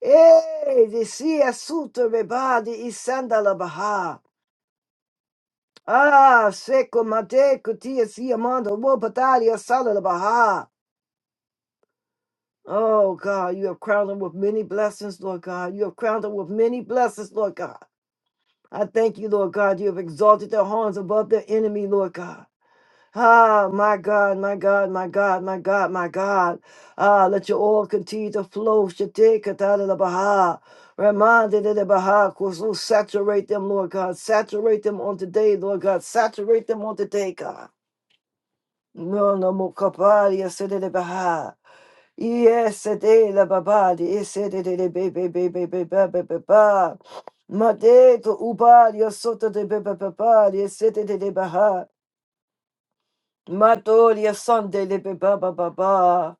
hey, de si assuto rebadi isandala baha. Ah, Sheko Mate Kutia Siamanda Wopatadia Baha. Oh God, you have crowned them with many blessings, Lord God. You have crowned them with many blessings, Lord God. I thank you, Lord God. You have exalted their horns above their enemy, Lord God. Ah, my God, my God, my God, my God, my God. Ah, let your oil continue to flow. Shate Katala Baha. Reminded of the Baha, Kusu, saturate them, Lord God. Saturate them on today, Lord God. Saturate them on today, God. No, no, Mokapari, Asede Baha. Yes, de la babadi, esede de bebe bebe bebe bebe ba. Mateto ubari, soto de bebe babadi, esede de baha. Matoria son de beba baba.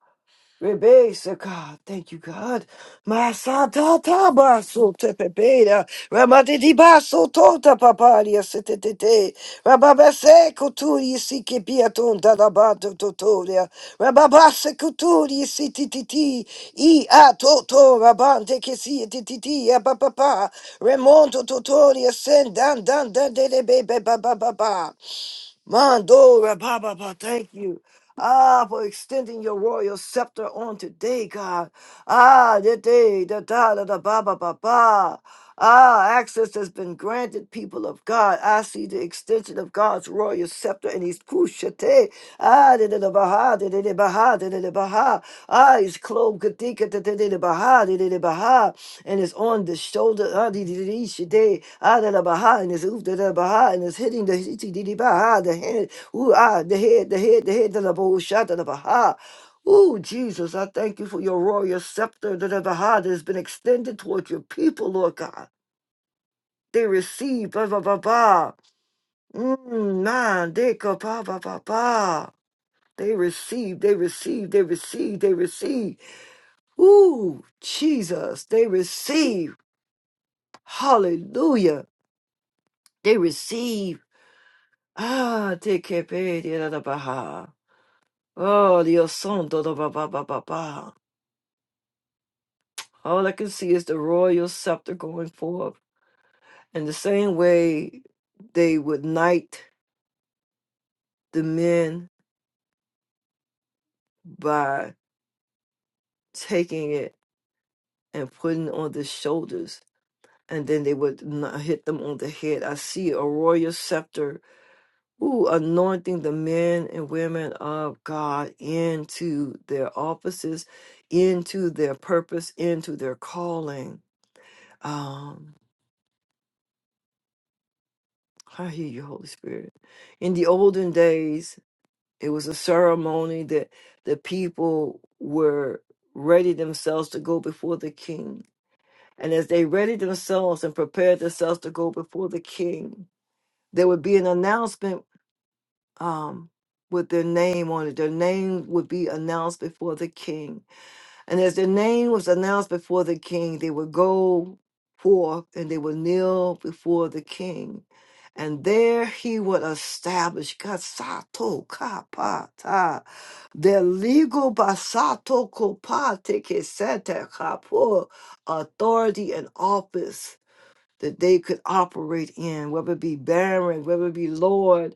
Rebesa, God, thank you, God. Masata tabaso tepepeda, ramate di baso tota paparia setete, rababase kuturi sike piaton dalabato totoria, rababase kuturi sitititi, i a toto rabante che si tititi, a papà, remonto totoria sen dan dan dan dele bebe ba ba ba ba. Mando Rababa, thank you. Ah, for extending your royal scepter on today, God. Ah, the day, the da da da ba ba ba ba. Ah, access has been granted, people of God. I see the extension of God's royal scepter and he's pushate. Ah, da da da baha, da da da baha, da da da baha. Ah, he's clothed kadika, da da da da baha, da da da baha and it's on the shoulder ah, dee, dee, dee, dee, shi, dee, ah, da, da, ba, ha, and it's oof, da, da, ba, ha, and it's hitting the hee, tee, dee, dee, ba, ha, the head, ooh, ah, the head, the head, the head, da, da, ba, ooh, sha, da, da, ba, ha. Ooh, Jesus, I thank you for your royal scepter, da, da, ba, ha, that has been extended toward your people, Lord God. They receive, ba, ba, ba, ba. Mm, man, they go, ba, ba, ba, ba. They receive, they receive, they receive, they receive. Ooh, Jesus, they receive. Hallelujah. They receive. Ah, te que pede da da baha. Oh, Dios santo da ba ba ba ba ba. All I can see is the royal scepter going forth. In the same way they would knight the men by taking it and putting it on the shoulders, and then they would kn- hit them on the head. I see a royal scepter Ooh, anointing the men and women of God into their offices, into their purpose, into their calling. Um, I hear you, Holy Spirit. In the olden days, it was a ceremony that the people were ready themselves to go before the king. And as they readied themselves and prepared themselves to go before the king, there would be an announcement um, with their name on it. Their name would be announced before the king. And as their name was announced before the king, they would go forth and they would kneel before the king. And there he would establish Kasato Kapata, their legal Basato Kopate Kesete Kapo authority and office that they could operate in, whether it be Baron, whether it be Lord,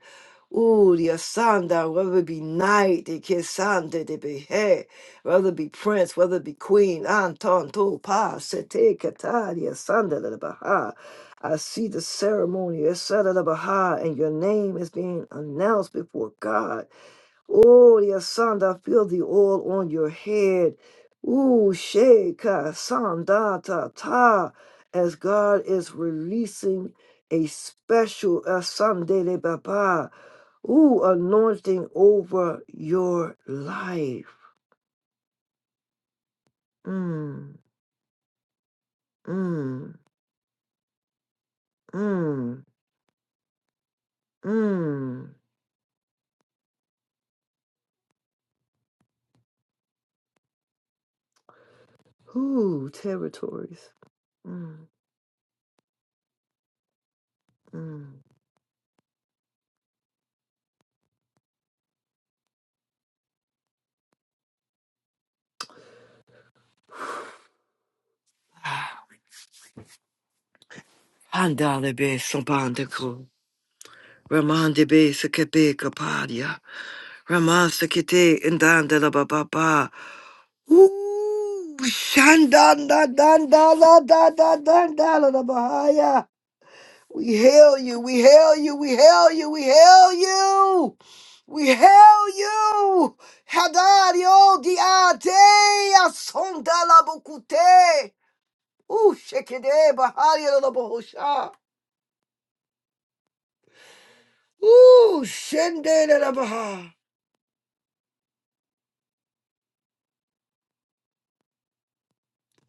ooh, the Asanda, whether it be knight, the Kisanda, the Behe, whether it be prince, whether it be queen, Anton, Topa, Sete, Kata, the Asanda, the Baha. I see the ceremony, Asanda, the Baha, and your name is being announced before God. Oh, Sanda, feel the oil on your head. Ooh, Sheka, Sanda, ta, ta, as God is releasing a special Asande de Baba, ooh, anointing over your life. Mm, mm, mm, mm. Ooh, territories. Mm, mm. Handale be sabandako, ramande be sakabe kapadia. Ramasekete indanda la ba ba ba. Ooh, shandanda danda la da da danda la da bahaya. We hail you, we hail you, we hail you, we hail you. We hail you. Hadario diate asonda la bukute. Ooh, shekede bahaya la bahosha. Ooh, shende la baha.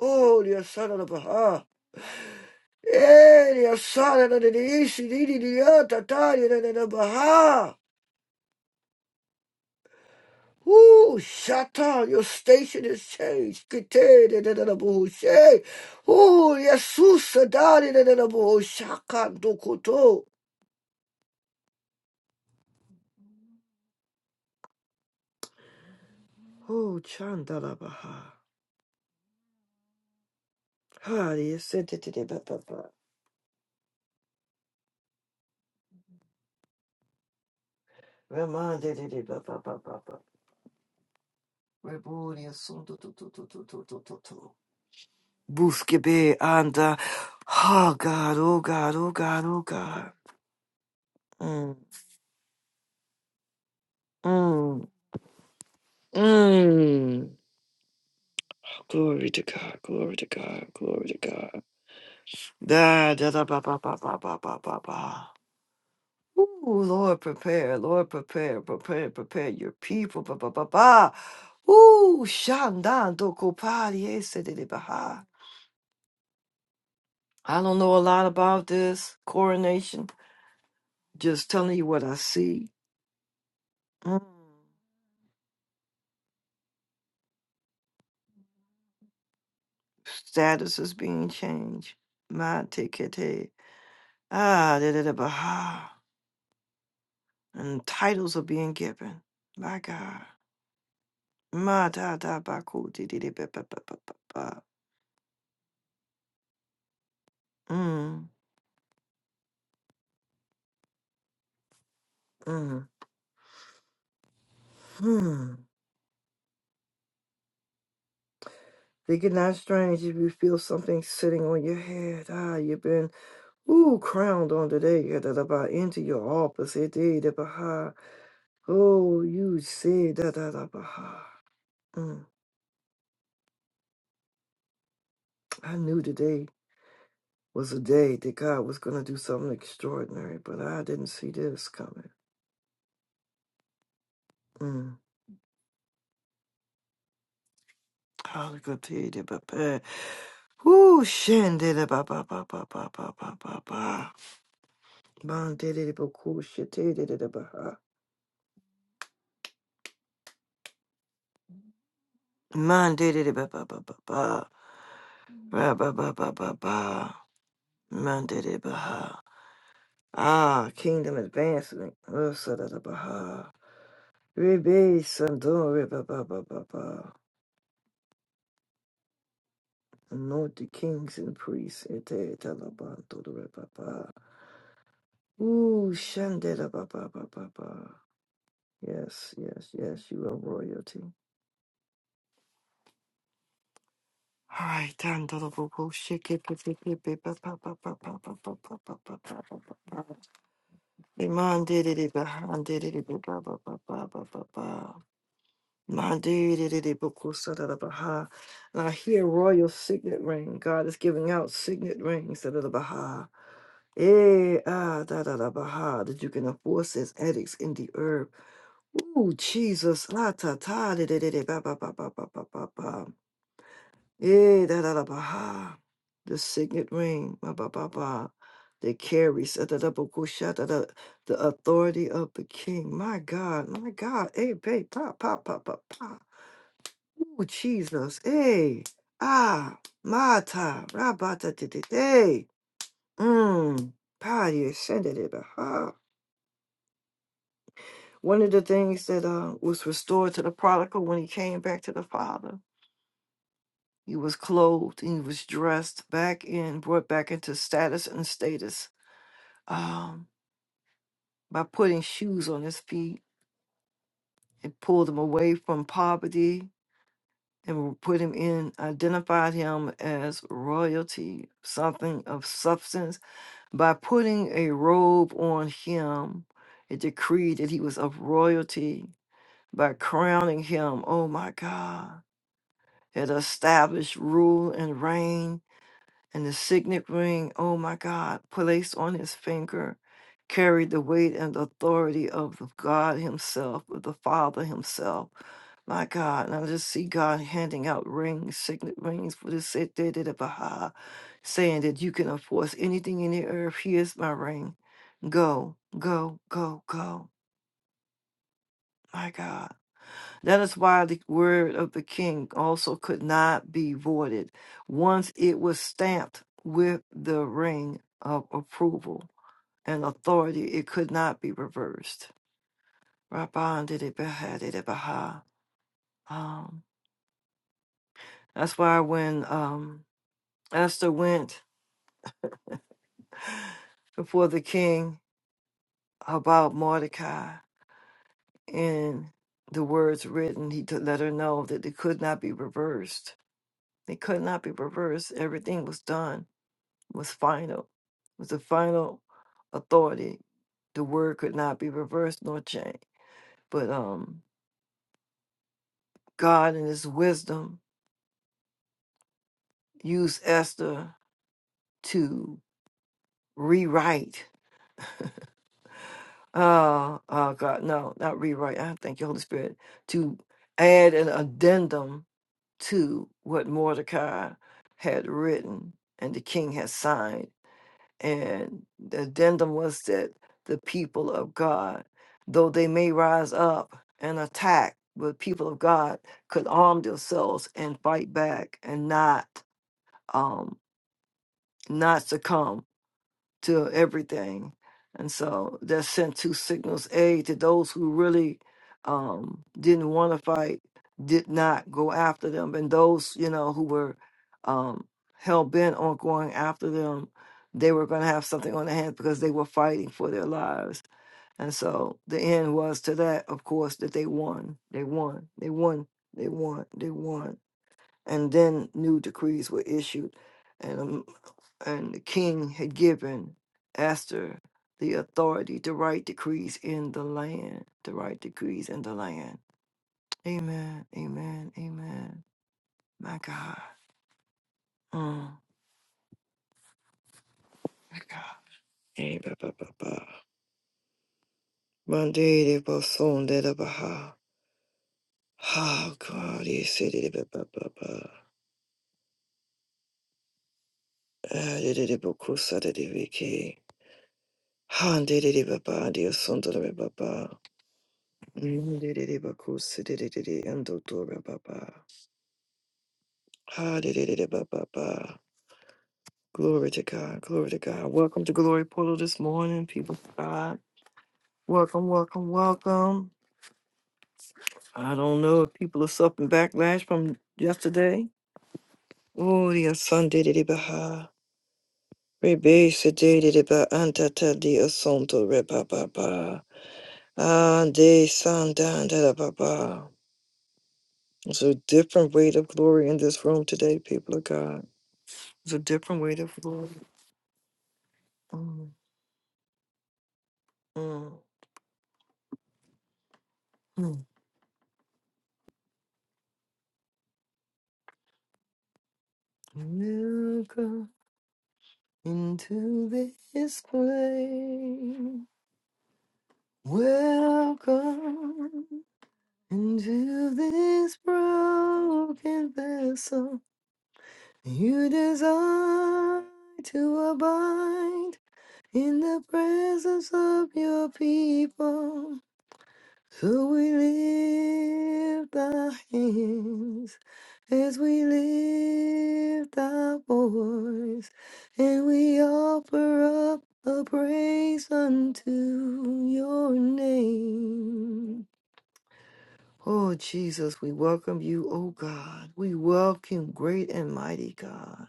Oh, dear son of the Baha. Ele é sara da delice, lili dianta, tari da da baha. Ooh, Shatan, your station is changed. Kite da da da da buhushe. Ooh, Jesus, sadari da da da buhushakan do koto. Ooh, chanda da baha. Hari, sente te de ba ba ba. Remande de de ba ba ba ba ba. Rebuni assunto tu tu tu tu tu tu tu tu. Busque be anda. Oh God, oh God, oh God, oh God. Mm, mm. Glory to God, glory to God, glory to God. Da, da, da, ba, ba, ba, ba, ba, ba, ba, ba. Ooh, Lord, prepare, Lord, prepare, prepare, prepare your people. Ba, ba, ba, ba. Ooh, shandan, doko, pa, die, de, de, ba, I don't know a lot about this. Caution, just mm, status is being changed. My day. Ah, and then given. My God. My ba, cool, ba, ba, ba, ba, ba, ba. Mm. Mm. Hmm. Think it not strange if you feel something sitting on your head. Ah, you've been ooh crowned on today. Yeah, da da ba into your office. eh, dee, da ba ha. Oh, you said da da da ba ha. Mm. I knew today was a day that God was gonna do something extraordinary, but I didn't see this coming. Mm. Hallelujah, da ba ba. Ooh, shin da da ba ba ba ba ba ba ba ba ba. Man, da da da ba cool shit, da da da da ba ha. Man did ba ba ba ba ba ba ba ba ba ba ba. Man did ba Ah, kingdom advancement. Oh, sa da da ba ha. Rebe sandon re ba ba ba ba ba. Anoint the kings and priests. Ete talabanto ba do re ba ba. Ooh, shande da ba ba ba ba ba. Yes, yes, yes. You are royalty. All right, done. Da da ba ba. Shake it, it, it, it, it, ba ba ba ba ba ba ba ba ba ba ba ba. Iman did it, Bahan did it, Baba, Baba, Baba, Baba. Man did it, Baba, Baha. And I hear royal signet ring. God is giving out signet rings, da da da Baha. Eh, ah, da da da Baha, that you can enforce as edicts in the earth. Ooh, Jesus, la ta ta, da da da da, ba ba ba ba ba ba ba. ba. Eh, da da da baha. The signet ring, ba ba ba ba, that carries ah, da, da, ba, goo, sha, da, da, the authority of the king. My God, my God. eh, babe, pa pa pa pa pa. Oh, Jesus. eh, ah, mata, rabata, di, di, hey. Mmm, party ascended it. baha. One of the things that uh, was restored to the prodigal when he came back to the father He was clothed, he was dressed back in, brought back into status and status um, by putting shoes on his feet. It pulled him away from poverty and put him in, identified him as royalty, something of substance. By putting a robe on him, it decreed that he was of royalty. By crowning him, oh my God, it established rule and reign and the signet ring, oh my God, placed on his finger, carried the weight and authority of the God Himself, of the Father Himself. My God, and I just see God handing out rings, signet rings for the Sete Baha, saying that you can enforce anything in the earth. Here's my ring. Go, go, go, go. My God. That is why the word of the king also could not be voided once it was stamped with the ring of approval and authority. It could not be reversed. Rabban did it, Baha did it, Baha. Um, that's why when um, Esther went before the king about Mordecai and the words written, he to let her know that it could not be reversed. It could not be reversed. Everything was done was final, was the final authority. The word could not be reversed nor changed. But um, God, in His wisdom, used Esther to rewrite. Uh, oh God, no, not rewrite. I thank you, Holy Spirit, to add an addendum to what Mordecai had written and the king had signed And the addendum was that the people of God, though they may rise up and attack, but people of God could arm themselves and fight back and not um not succumb to everything. And so that sent two signals A, to those who really um, didn't want to fight, did not go after them. And those, you know, who were um, hell bent on going after them, they were going to have something on their hands because they were fighting for their lives. And so the end was to that, of course, that they won. They won. They won. They won. They won and then new decrees were issued, and um, and the king had given Esther the authority to write decrees in the land, to write decrees in the land. Amen. Amen. Amen. My God. Mm, my God. Eh, ba, ba, ba, ba. Monday de Boson de la Baha. Oh God, you said it. ba, ba, ba, ba. Ah, de de de Bokusa de de Viki. Han de de de Baba, de Osun de la Baba. Ndididi bakusi dididi endotora Baba. Ha dididi baba. Glory to God. Glory to God. Welcome to Glory Portal this morning, people of God. Welcome, welcome, welcome. I don't know if people are suffering backlash from yesterday. Oh, the Sunday de Baha. Rebe sedede de ba antata di asonto reba baba. Ande sandan da da baba. It's a different weight of glory in this room today, people of God. It's a different way to flow. Mm, mm, mm. Welcome into this place. Welcome into this broken vessel. You desire to abide in the presence of your people. So we lift our hands as we lift our voice, and we offer up a praise unto your name. Oh Jesus, we welcome you, oh God. We welcome great and mighty God.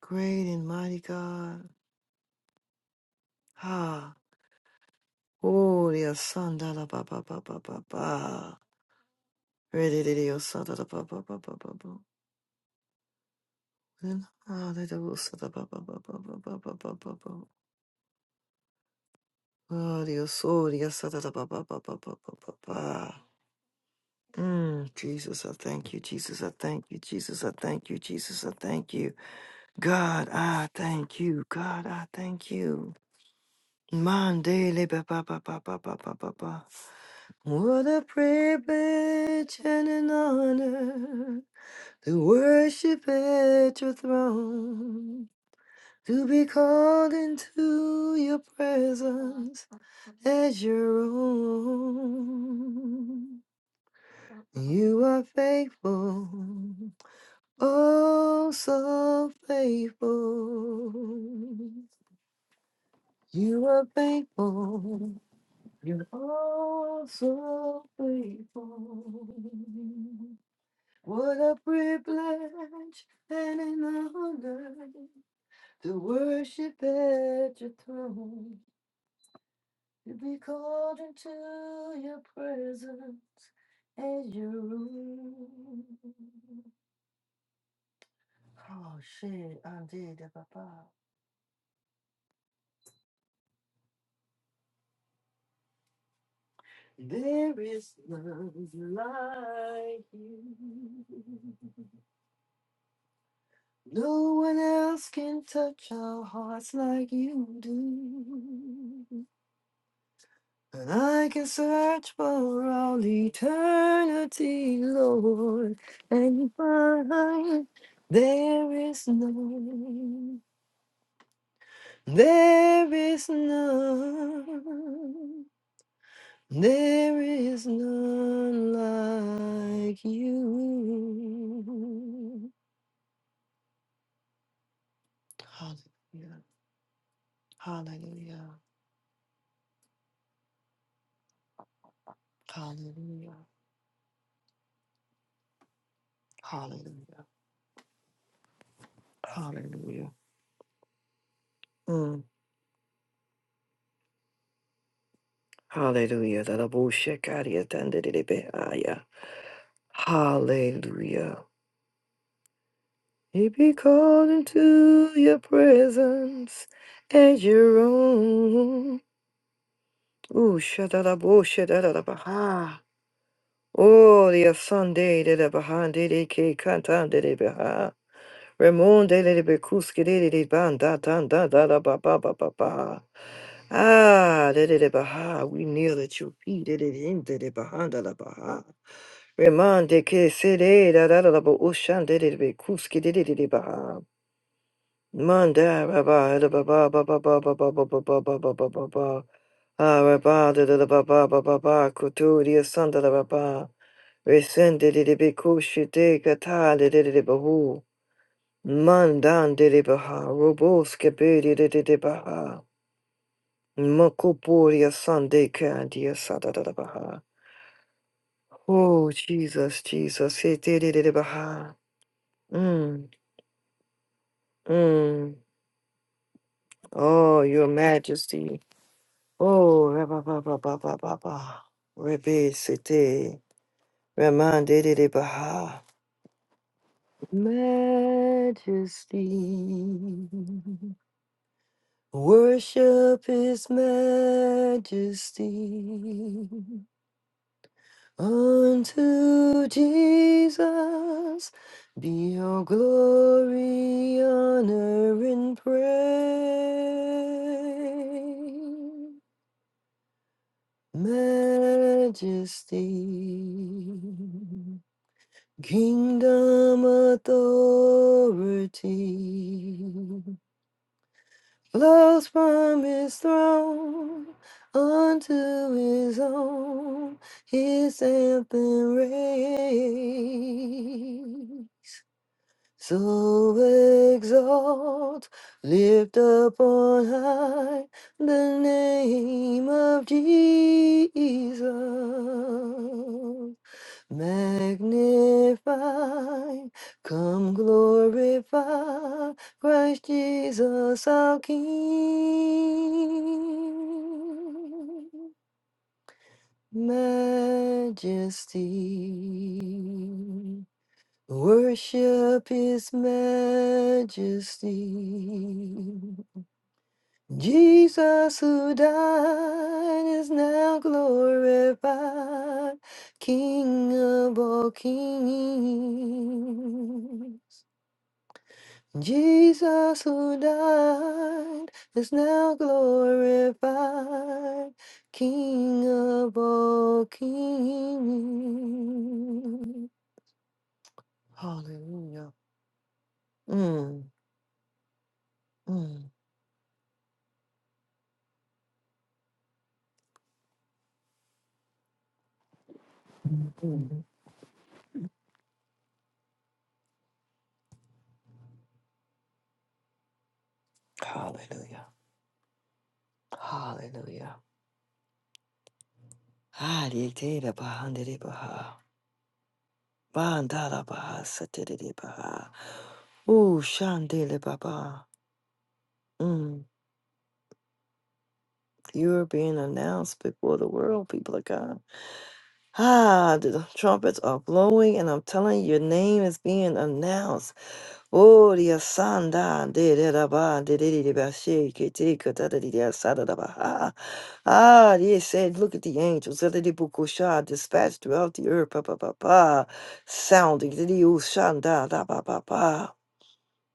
Great and mighty God. Ha. Oh, the Asanda la ba ba ba ba ba ba. Ready, the Asanda la ba ba ba ba ba ba. Mm, Jesus, I thank you. Jesus, I thank you. Jesus, I thank you. Jesus, I thank you. God, I thank you. God, I thank you. Mandele ba ba ba ba ba ba ba ba ba. What a privilege and an honor to worship at your throne. to be called into your presence as your own. You are faithful, oh, so faithful. You are faithful, you're oh, so faithful. What a privilege and an honor to worship at your throne. to be called into your presence and your room. Oh shit, I did that, papa. There is none like you. No one else can touch our hearts like you do. And I can search for all eternity, Lord, and find there is none. There is none, there is none like you. Hallelujah, hallelujah, hallelujah, hallelujah, hallelujah. Mm. Hallelujah. That Abu Shekari attended it. Behaya. Hallelujah. He be called into your presence and your own. Ooh, shadada bo shadada Oh, the Sunday de la Bahande de de K Cantande de de Baha. Ramon de la Becuske de de Banda Dan Da Da Da Ba Ba Ba Ba Ba. Ah, de de Baha, we kneel at your feet, de de him de de Bahanda la Baha. Ramon de K Sede da Da Da Da Ba Ushan de de Becuske de de Baha. Manda Rabba da ba ba ba ba ba ba ba ba ba ba ba ba ba ba ba Ah Rabba da da da ba ba ba ba ba Kuturia Sanda da Rabba Resende de de Bikushi de Gata de de de Bahu Mandan de de Baha Roboske Bedi de de de Baha Makupuria Sande Kandia Sada da da Baha Oh Jesus Jesus He de de de de Baha Mm mm Oh your majesty Oh, rabba, ba, ba, ba, ba, Sete, Ramande de de Baha. Majesty, worship His Majesty. Unto Jesus be all glory, honor, and praise. Majesty, kingdom authority flows from his throne unto his own, his anthem reigns. So exalt, lift up on high the name of Jesus. Magnify, come glorify Christ Jesus our King. Majesty. Worship His majesty. Jesus, who died, is now glorified, King of all kings. Jesus, who died, is now glorified, King of all kings. Hallelujah. Mm, mm. mm. Hallelujah. Hallelujah. Hallelujah. Bahandiribaha. Bandarabaha. Satiribaha. Ooh, Shandele Baba. Mm, you're being announced before the world, people of God. Ah, the trumpets are blowing, and I'm telling you, your name is being announced. Oria sanda de de da ba de de de de ba she ke te ka da da de de sa da da ba ha. Ah, they said, look at the angels da da bukusha dispatched throughout the earth pa pa pa pa, sounding de de u shanda da ba ba ba.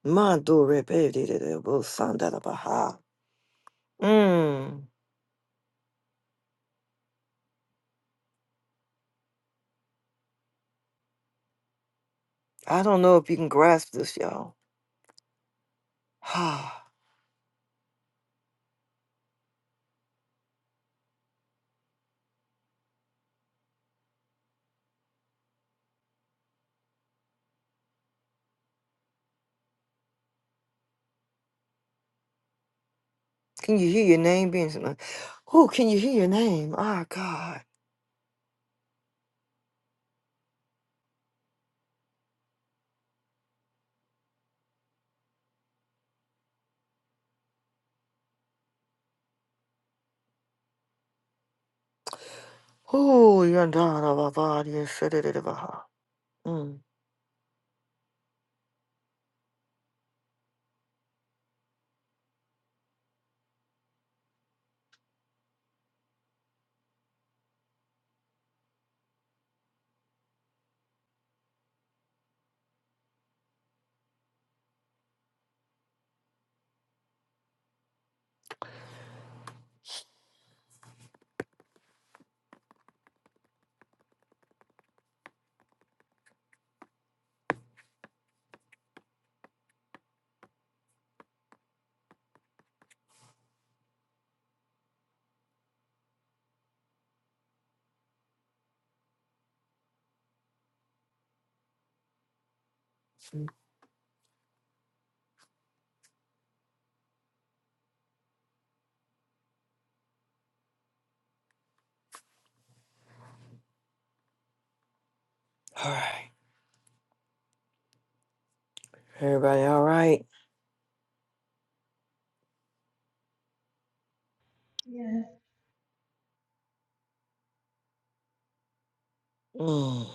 Mando re pe de de de bu sanda da ba ha. Mm, I don't know if you can grasp this, y'all. <sighs> Ah, can you hear your name being? Oh, can you hear your name? Ah, God. Oh, yanda da ba ba de de sa da da ba ha. Mm, Yes, mm.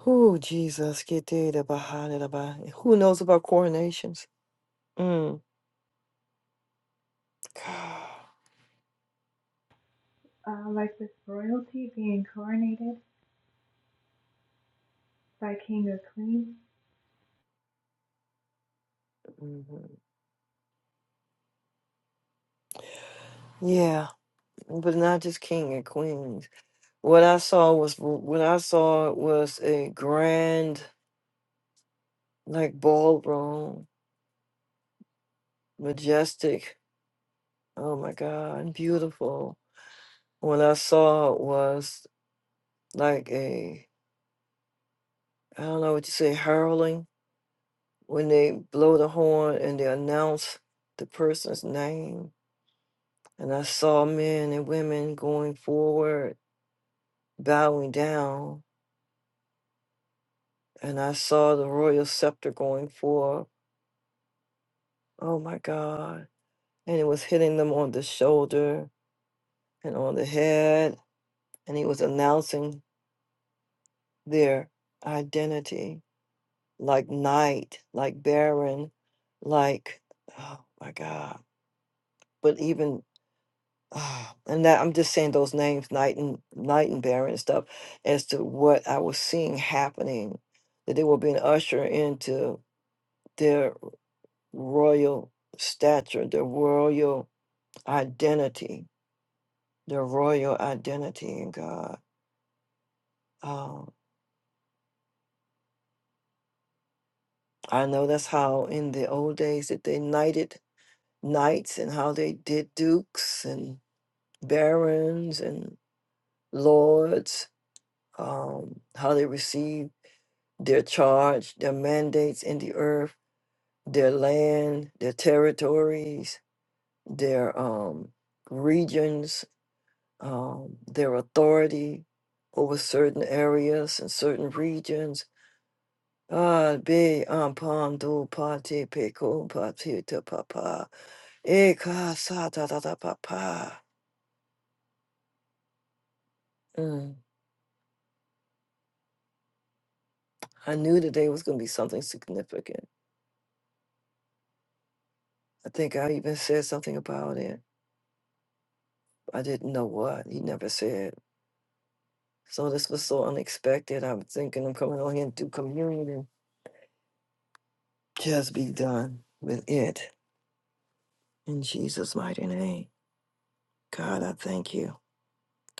Who Jesus get there the behind it about who knows about coronations? Mm. <sighs> uh, like with royalty being coronated by king or queen. Mhm. Yeah, but not just king and queens. What I saw was what I saw was a grand like ballroom, majestic. Oh my God, beautiful. What I saw was like a I don't know what you say hurling when they blow the horn and they announce the person's name And I saw men and women going forward, bowing down. And I saw the royal scepter going forth. Oh my God. And it was hitting them on the shoulder and on the head. And he was announcing their identity like knight, like baron, like, oh my God. But even <sighs> Ah, and that I'm just saying those names, Knight and Knight and Baron and stuff, as to what I was seeing happening, that they were being ushered into their royal stature, their royal identity, their royal identity in God. Um, I know that's how in the old days that they knighted knights and how they did dukes and barons and lords, um, how they received their charge, their mandates in the earth, their land, their territories, their um, regions, um, their authority over certain areas and certain regions. Ah, be ampando pate peko pate te papa. Eka sa ta ta ta papa. Mm. I knew today was going to be something significant. I think I even said something about it. I didn't know what. He never said. So this was so unexpected. i was thinking I'm coming on here and do communion and just be done with it. In Jesus' mighty name. God, I thank you.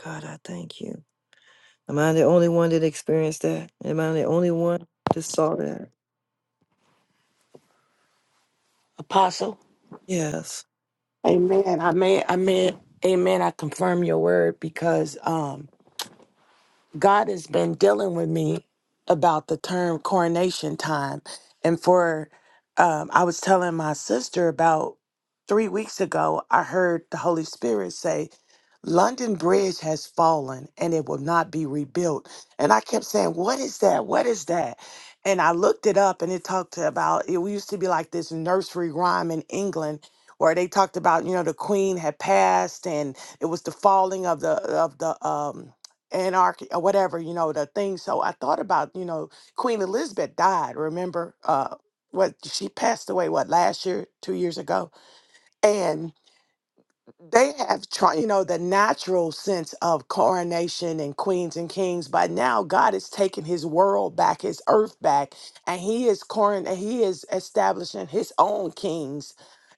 God, I thank you. Am I the only one that experienced that? Am I the only one that saw that? Apostle. Yes. Amen. I may I may amen. I confirm your word because um God has been dealing with me about the term coronation time. And for, um, I was telling my sister about three weeks ago, I heard the Holy Spirit say, London Bridge has fallen and it will not be rebuilt. And I kept saying, What is that? What is that? And I looked it up and it talked about it used to be like this nursery rhyme in England where they talked about, you know, the queen had passed and it was the falling of the of the um anarchy or whatever you know the thing so i thought about you know queen elizabeth died remember uh what she passed away what last year two years ago and they have tried you know the natural sense of coronation and queens and kings but now god is taking his world back his earth back and he is coron and he is establishing his own kings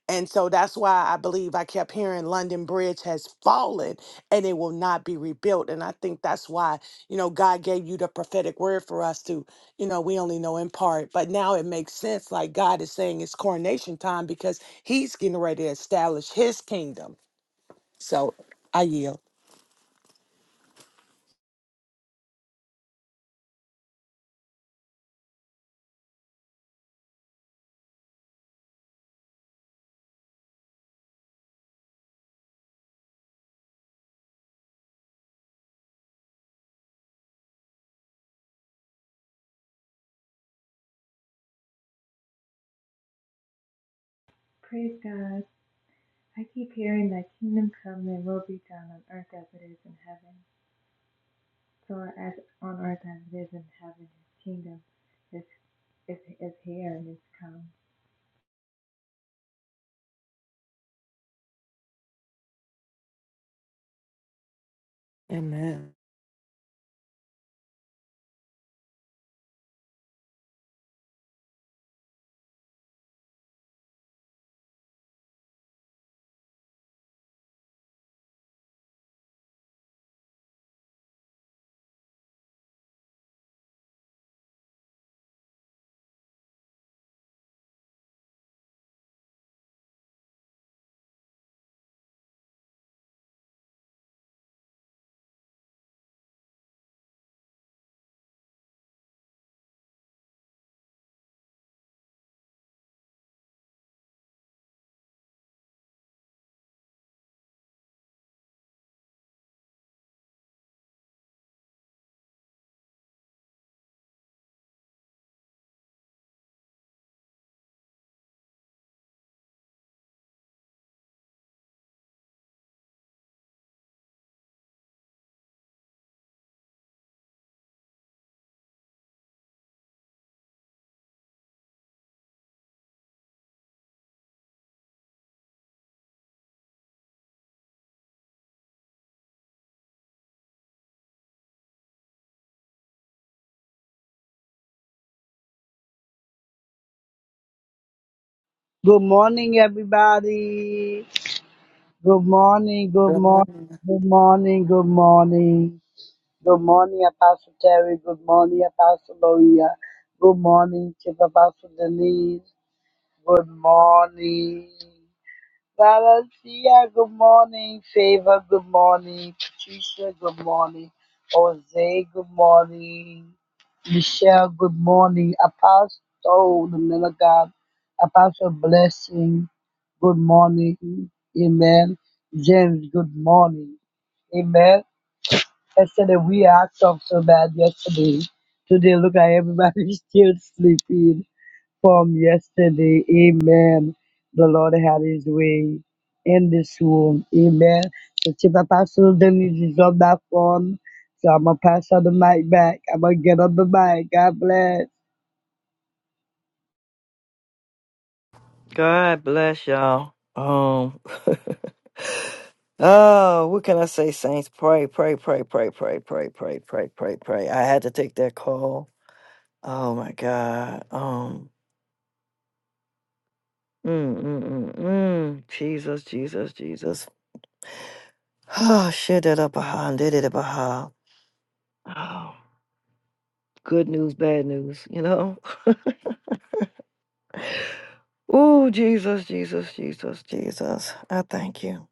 and so that's why I believe I kept hearing London Bridge has fallen and it will not be rebuilt. And I think that's why, you know, God gave you the prophetic word for us to, you know, we only know in part. But now it makes sense. Like God is saying it's coronation time because he's getting ready to establish his kingdom. So I yield. Praise God. I keep hearing that kingdom come and will be done on earth as it is in heaven. So as on earth as it is in heaven, his kingdom is, is, is here and it's come. Amen. Good morning, everybody. Good morning, good Good morning, morning. good morning, good morning. Good morning, Apostle Terry. Good morning, Apostle Maria. Good morning, Chief Apostle Denise. Good morning. Valencia, good morning. Favor, good morning. Patricia, good morning. Jose, good morning. Michelle, good morning. Apostle, the man of God. Apostle Blessing, good morning. Amen. James, good morning. Amen. Yesterday we act up so bad yesterday. Today look at everybody <laughs> still sleeping from yesterday. Amen. The Lord had his way in this room. Amen. So Chief Apostle Dennis is on that phone. So I'm gonna pass on the mic back. I'm gonna get on the mic. God bless. God bless y'all. Um <laughs> Oh, what can I say, Saints? Pray, pray, pray, pray, pray, pray, pray, pray, pray, pray. I had to take that call. Oh my God. Um. Mm, mm, mm, mm. Jesus, Jesus, Jesus. Ah, shit that up behind, did it behind. Oh, good news, bad news, you know? <laughs> oh, Jesus, Jesus, Jesus, Jesus. I thank you.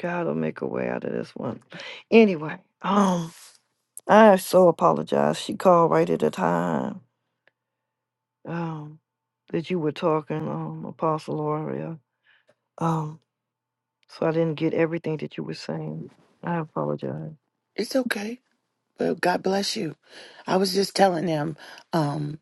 God will make a way out of this one. Anyway, um, I so apologize. She called right at the time. Um, that you were talking, um, Apostle Loria. Um, so I didn't get everything that you were saying. I apologize. It's okay. Well, God bless you. I was just telling him. Um,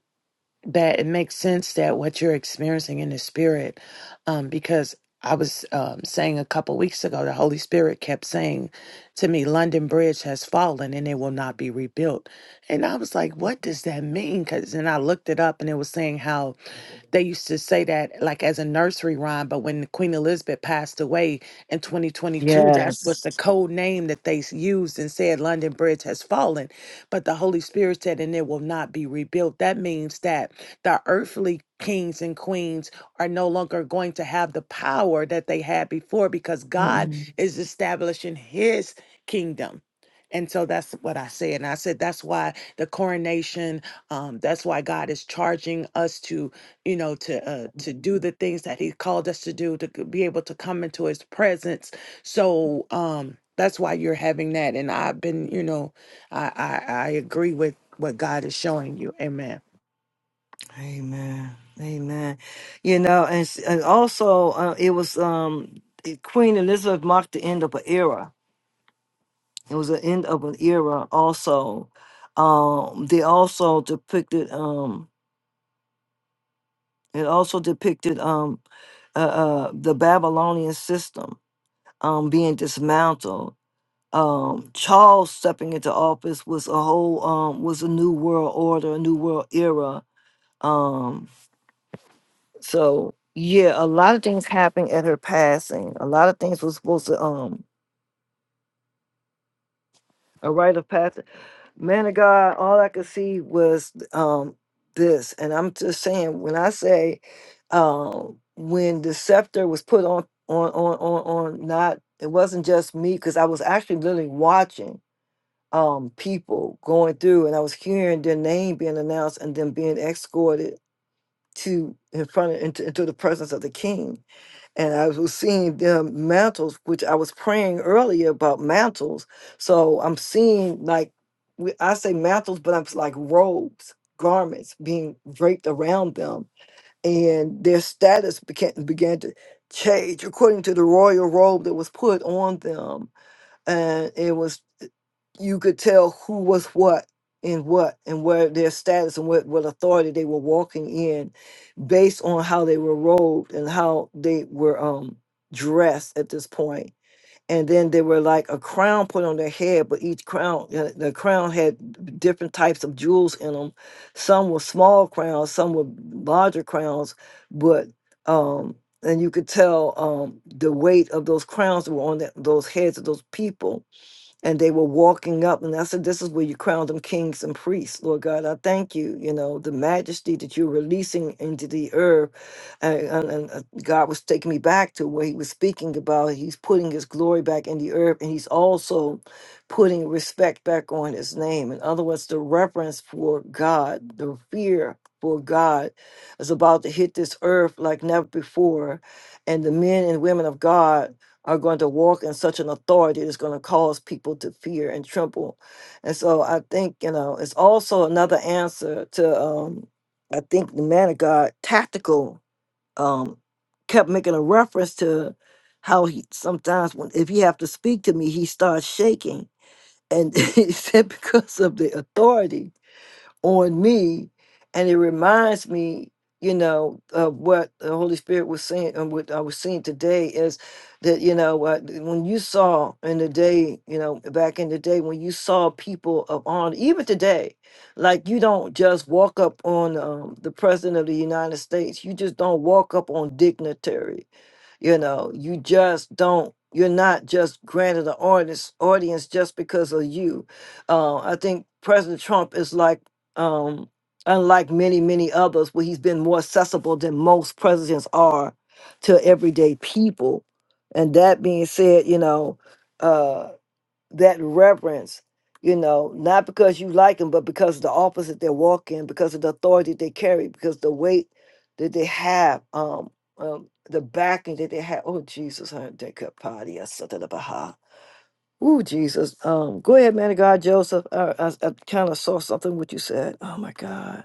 that it makes sense that what you're experiencing in the spirit, um, because I was um, saying a couple weeks ago, the Holy Spirit kept saying to me, London Bridge has fallen and it will not be rebuilt. And I was like, what does that mean? Because, and I looked it up and it was saying how they used to say that like as a nursery rhyme, but when Queen Elizabeth passed away in 2022, that was the code name that they s- used and said London Bridge has fallen. But the Holy Spirit said, and it will not be rebuilt. That means that the earthly kings and queens are no longer going to have the power that they had before because God is establishing his kingdom. And so that's what I said. And I said, that's why the coronation, um, that's why God is charging us to, you know, to uh, to do the things that he called us to do, to c- be able to come into his presence. So um, that's why you're having that. And I've been, you know, I, I I agree with what God is showing you. Amen. Amen. Amen. You know, and, s- and also uh, it was um it- Queen Elizabeth marked the end of an era. It was the end of an era. Also, um, they also depicted um it also depicted um uh, uh the Babylonian system um being dismantled. Um, Charles stepping into office was a whole um was a new world order, a new world era. Um, So yeah, a lot of things happened at her passing. A lot of things was supposed to um a rite of passage. Man of God, all I could see was um this, and I'm just saying when I say um when the scepter was put on on on on on not it wasn't just me because I was actually literally watching um people going through and I was hearing their name being announced and then being escorted to in front of into, into the presence of the king and I was seeing them mantles, which I was praying earlier about mantles. So I'm seeing like we- I say mantles, but I'm s- like robes, garments being draped around them, and their status began began to change according to the royal robe that was put on them, and it was you could tell who was what and what and where their status and what, what authority they were walking in based on how they were robed and how they were um dressed at this point point. and then they were like a crown put on their head but each crown uh, the crown had different types of jewels in them some were small crowns some were larger crowns but um and you could tell um the weight of those crowns that were on that, those heads of those people and they were walking up. And I said, This is where you crown them kings and priests, Lord God. I thank you, you know, the majesty that you're releasing into the earth. And, and, and uh, God was taking me back to where He was speaking about. He's putting His glory back in the earth, and He's also putting respect back on His name. In other words, the reverence for God, the fear for God is about to hit this earth like never before. And the men and women of God are going to walk in such an authority that's going to cause people to fear and tremble. And so I think, you know, it's also another answer to, um, I think the man of God, tactical, um, kept making a reference to how he sometimes, when if he have to speak to me, he starts shaking. And <laughs> he said, because of the authority on me and it reminds me you know of what the holy spirit was saying and what i was seeing today is that you know uh, when you saw in the day you know back in the day when you saw people of honor even today like you don't just walk up on um, the president of the united states you just don't walk up on dignitary you know you just don't you're not just granted an audience audience just because of you uh, i think president trump is like um, unlike many, many others, where he's been more accessible than most presidents are to everyday people. And that being said, you know, uh, that reverence, you know, not because you like them, but because of the office that they walk in, because of the authority they carry, because the weight that they have, um, um, the backing that they have. Oh, Jesus, I that could party. I said that about her. Ooh, Jesus. Um, go ahead, man of God, Joseph. I, I, I kind of saw something what you said. Oh my God.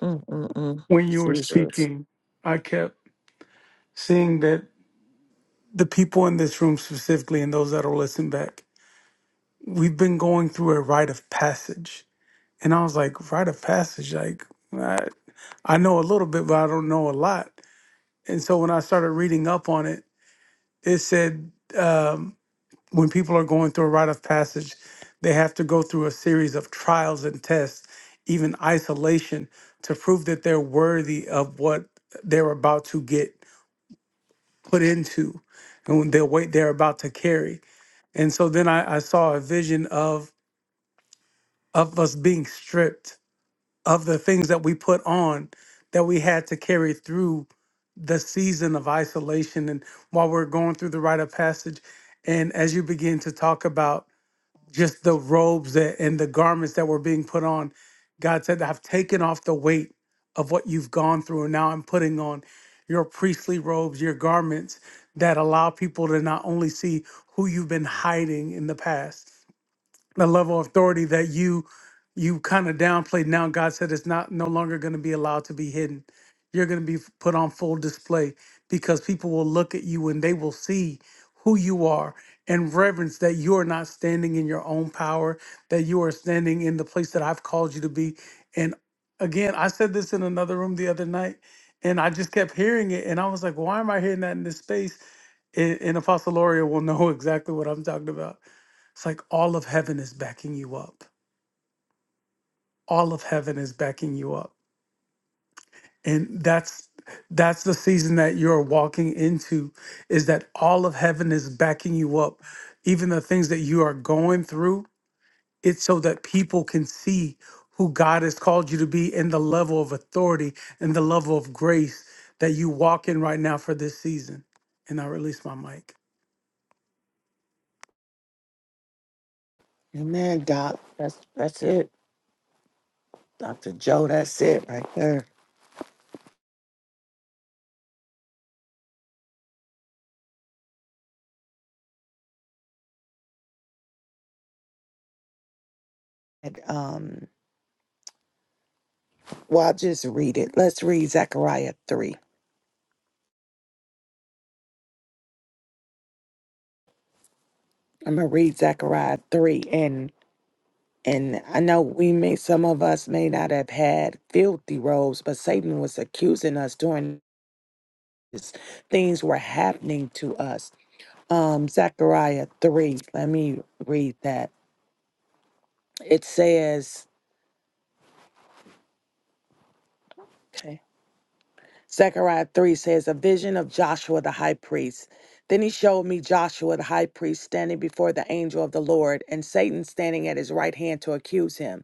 Mm-mm-mm. when you were Jesus. speaking, I kept seeing that the people in this room specifically and those that'll listen back, we've been going through a rite of passage. And I was like, rite of passage? Like, I, I know a little bit, but I don't know a lot. And so when I started reading up on it, it said um, when people are going through a rite of passage, they have to go through a series of trials and tests, even isolation, to prove that they're worthy of what they're about to get put into and the weight they're about to carry. And so then I, I saw a vision of of us being stripped of the things that we put on that we had to carry through the season of isolation and while we're going through the rite of passage. And as you begin to talk about just the robes that, and the garments that were being put on. God said, I've taken off the weight of what you've gone through, and now I'm putting on your priestly robes, your garments that allow people to not only see who you've been hiding in the past, the level of authority that you you kind of downplayed now god said it's not no longer going to be allowed to be hidden you're going to be f- put on full display because people will look at you and they will see who you are and reverence that you are not standing in your own power that you are standing in the place that i've called you to be and again i said this in another room the other night and i just kept hearing it and i was like why am i hearing that in this space and, and apostle loria will know <laughs> exactly what i'm talking about it's like all of heaven is backing you up. All of heaven is backing you up. And that's that's the season that you're walking into is that all of heaven is backing you up. Even the things that you are going through, it's so that people can see who God has called you to be and the level of authority and the level of grace that you walk in right now for this season. And I release my mic. Amen, Doc. That's that's it. Dr. Joe, that's it right there. And, um, well, I'll just read it. Let's read Zechariah three. I'm gonna read Zechariah three and and I know we may some of us may not have had filthy robes, but Satan was accusing us during this things were happening to us. Um Zechariah three, let me read that. It says, Zechariah 3 says, A vision of Joshua the high priest. Then he showed me Joshua the high priest standing before the angel of the Lord, and Satan standing at his right hand to accuse him.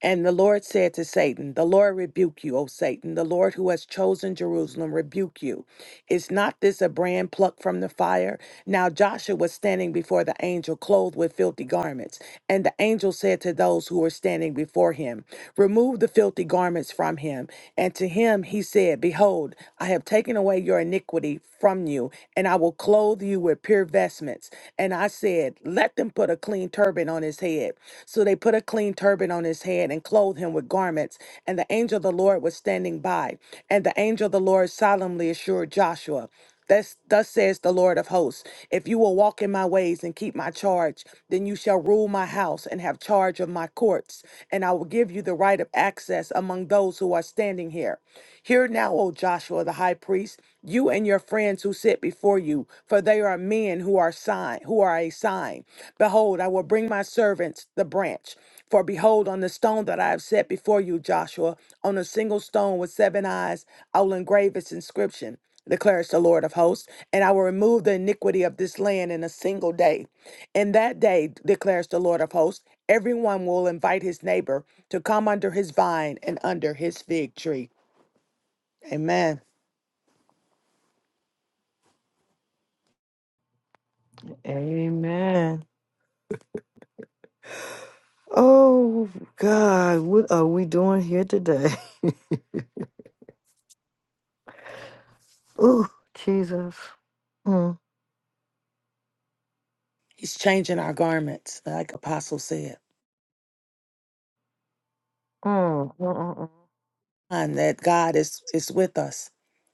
And the Lord said to Satan, The Lord rebuke you, O Satan. The Lord who has chosen Jerusalem rebuke you. Is not this a brand plucked from the fire? Now Joshua was standing before the angel, clothed with filthy garments. And the angel said to those who were standing before him, Remove the filthy garments from him. And to him he said, Behold, I have taken away your iniquity from you, and I will clothe you with pure vestments. And I said, Let let them put a clean turban on his head. So they put a clean turban on his head and clothed him with garments. And the angel of the Lord was standing by. And the angel of the Lord solemnly assured Joshua, Thus, thus says the Lord of hosts If you will walk in my ways and keep my charge, then you shall rule my house and have charge of my courts, and I will give you the right of access among those who are standing here. Hear now, O Joshua the high priest, you and your friends who set before you, for they are men who are sign, who are a sign. Behold, I will bring my servants the branch. For behold, on the stone that I have set before you, Joshua, on a single stone with seven eyes, I will engrave its inscription, declares the Lord of hosts, and I will remove the iniquity of this land in a single day. In that day, declares the Lord of hosts, everyone will invite his neighbor to come under his vine and under his fig tree. Amen. Amen. Oh God, what are we doing here today? <laughs> Ooh, Jesus. Mm, He's changing our garments, like Apostle said. mm, mm, mm, And that God is is with us.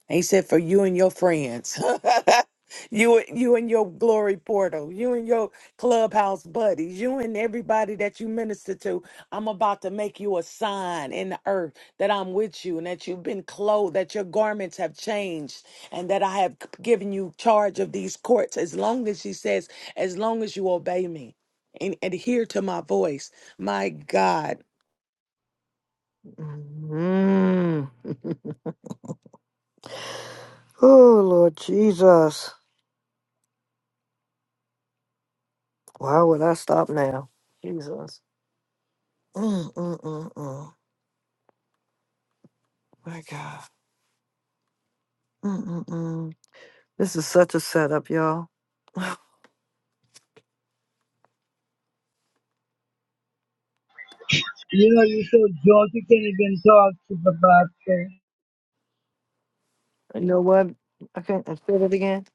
And he said, for you and your friends, <laughs> you you and your glory portal, you and your clubhouse buddies, you and everybody that you minister to, I'm about to make you a sign in the earth that I'm with you and that you've been clothed, that your garments have changed, and that I have given you charge of these courts. As long as he says, as long as you obey me and adhere to my voice, my God, mm. Mm. Oh Lord Jesus. Why would I stop now? Jesus. Mm, mm, mm, mm. My God. Mm, mm, mm. This is such a setup, y'all. You know you're so drunk you can't even talk, Chief Apostle. You know what? I can't I said it again.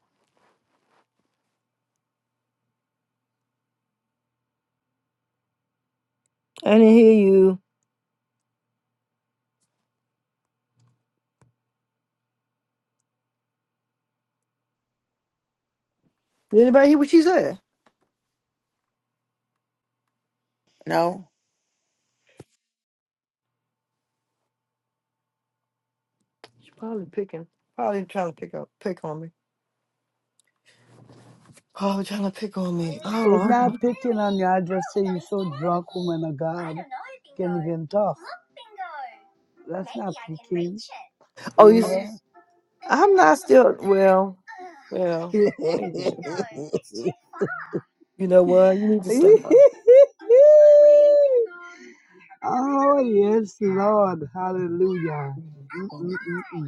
I didn't hear you. Did anybody hear what she said? no, She's probably picking. Probably trying to pick up pick on me. Probably trying to pick on me. It's Oh, not okay. picking on you. I just say you're so drunk, woman of God. Can't even talk. That's not picking. <laughs> oh, you. s- Amen. I'm not still. Well, well. Amen. You know what? You need to stop. <laughs> Oh, yes, Lord. Hallelujah. Mm. Mm-mm-mm-mm.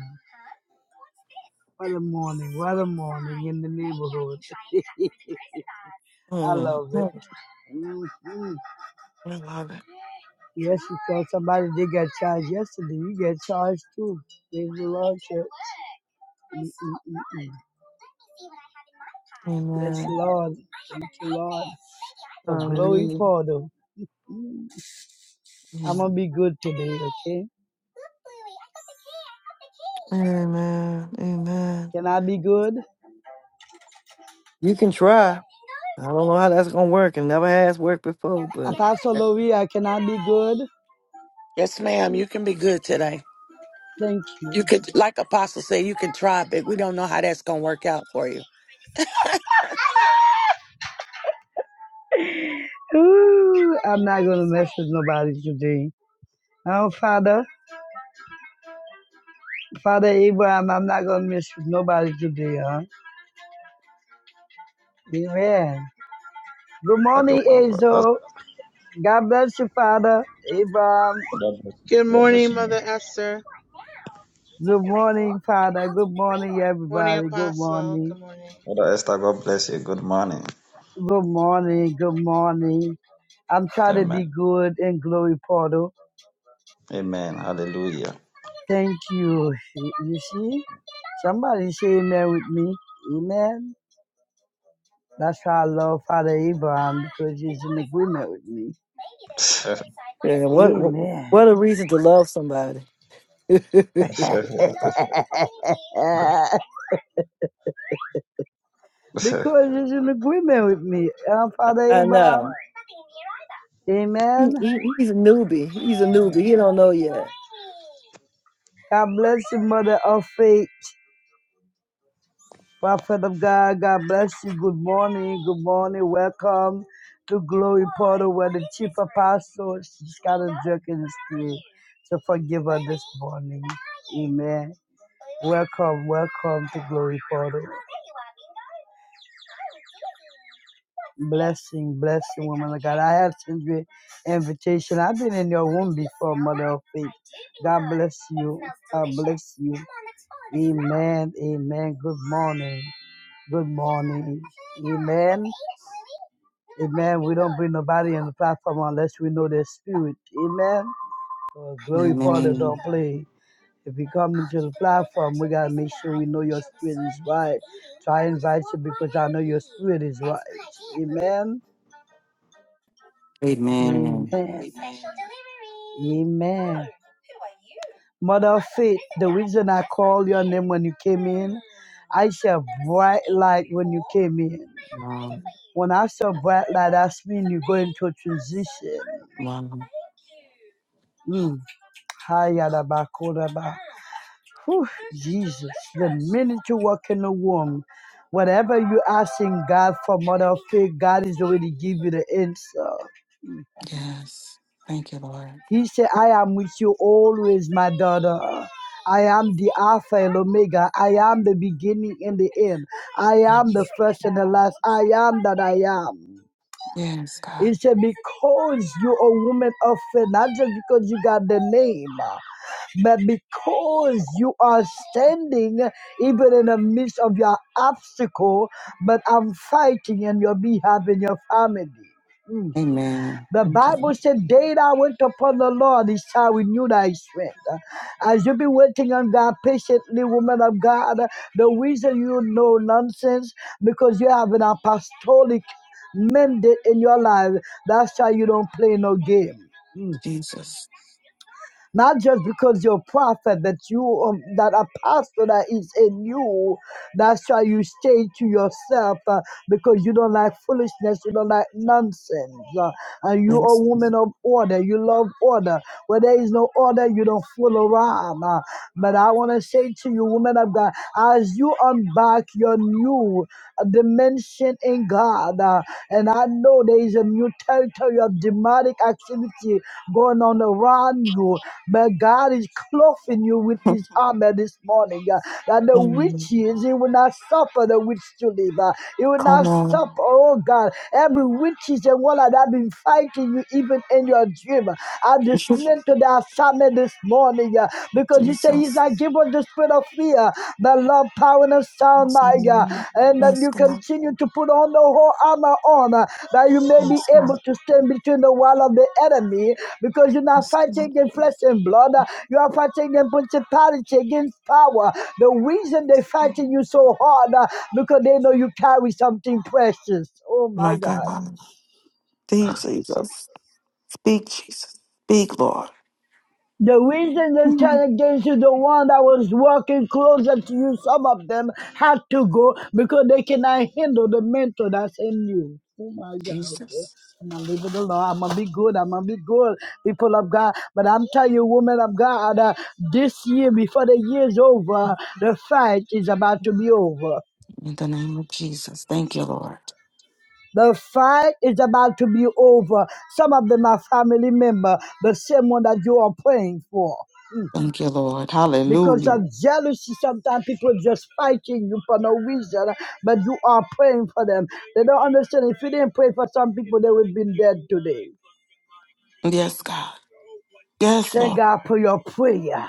What a morning. What a morning in the neighborhood. <laughs> I mm, love it. I Mm-hmm. love it. Yes, because somebody did get charged yesterday. You get charged too. Praise the Lord, church. Mm-mm-mm-mm. Yes, Amen. Lord. Thank you, Lord. For glory, Hallelujah. Porter. I'm Mm. going to be good today, okay? Amen. Amen. Can I be good? You can try. I don't know how that's gonna work. It never has worked before, but. Apostle Louis, I cannot be good. yes, ma'am, you can be good today. Thank you. You could, like Apostle said, you can try, but we don't know how that's going to work out for you. Ooh, I'm not gonna mess with nobody today. Oh, Father, Father Abraham, I'm not gonna mess with nobody today, huh? Amen. Good Okay, morning, man of God. That's Azo. God bless you, Father Abraham. God bless you. Good God bless morning, you, Mother man. Esther. Good morning, Father. Good morning, Morning, everybody. Good Apostle. morning. Good morning. Brother Esther, God bless you. Good morning. Good morning. Good morning. I'm trying to Amen. be good in Glory Portal. Amen. Hallelujah. Thank you. You see, somebody say amen with me. Amen. That's why I love Father Abraham because he's in agreement with me. <laughs> Yeah, what what Amen. a reason to love somebody. <laughs> <laughs> Amen. because he's in agreement with me. And Father I Abraham. know. He, Amen. he, he's a newbie. He's a newbie. He don't know yet. God bless you, Mother of Faith. Prophet of God, God bless you. Good morning. Good morning. Welcome to Glory Portal, where the chief apostle, she's got a jerk in the spirit. So forgive her this morning. Amen. Welcome, welcome to Glory Portal. Blessing, blessing, woman of God. I have sent you an invitation. I've been in your womb before, Mother of Faith. God bless you. God bless you. Amen, amen. Good morning. Good morning. Amen. Amen. We don't bring nobody on the platform unless we know their spirit. Amen. So glory Father Amen. don't play. If you come into the platform, we gotta make sure we know your spirit is right. So I invite you because I know your spirit is right. Amen. Amen. Amen. Amen. Mother of faith, the reason I called your name when you came in, I said bright light when you came in. Wow. When I saw bright light, that's mean you go into a transition. Wow. Mm. Hayarabakoraba. Whew, Jesus, the minute you walk in the womb, whatever you're asking God for, mother of faith, God is already give you the answer. Yes. Thank you, Lord. He said, I am with you always, my daughter. I am the Alpha and Omega. I am the beginning and the end. I am the Yes. first and the last. I am that I am. Yes, God. It said, because you're a woman of faith, not just because you got the name, but because you are standing even in the midst of your obstacle, but I'm fighting on your behalf and your family. Mm. Amen. The Thank you, Bible Lord. said, Day I went upon the Lord, he shall renew thy strength. Uh, As you be waiting on God patiently, woman of God, uh, the reason you know nonsense, because you have an apostolic mandate in your life. That's why you don't play no game. Mm. Jesus. Not just because you're a prophet, but you um, that apostle that is in you. That's why you stay to yourself uh, because you don't like foolishness, you don't like nonsense. uh, and you are a Yes. woman of order. You love order. Where there is no order, you don't fool around. uh, but I want to say to you, woman of God, as you unback your new uh, dimension in God, uh, and I know there is a new territory of dimension demonic activity going on around you. But God is clothing you with <laughs> his armor this morning. uh, That the Amen. witches, he will not suffer the witch to live. uh, He will Come not on. suffer, oh God. Every witches and one that have been fighting you even in your dream. uh, I <laughs> dismantle the assignment this morning uh, because you say he's Jesus. not given the spirit of spirit of fear, but love, power, and a sound Yes, mind. uh, Amen. And that Yes, you God. continue to put on the whole armor on uh, that you may be Yes, able God. to stand between the wall of the enemy because you're not Yes, fighting God. against flesh and blood. uh, You are fighting against principality, against power. The reason they're fighting you so hard uh, because they know you carry something precious. Oh my My God. God. Speak, Jesus. Speak, Jesus. Speak, Lord. The reason they Mm. turned against you, the one that was walking closer to you, some of them had to go because they cannot handle the mentor that's in you. Oh my God. okay. Jesus. I'm gonna leave it alone. I'm gonna be good. I'm gonna be good, people of God. But I'm telling you, women of God, uh, this year, before the year's over, the fight is about to be over. In the name of Jesus. Thank you, Lord. The fight is about to be over. Some of them are family member, the same one that you are praying for. Mm. Thank you, Lord. because Hallelujah. of jealousy. Sometimes people just fighting you for no reason, but you are praying for them. They don't understand. If you didn't pray for some people, they would have been dead today. Yes, God. Yes, Thank Lord. God for your prayer.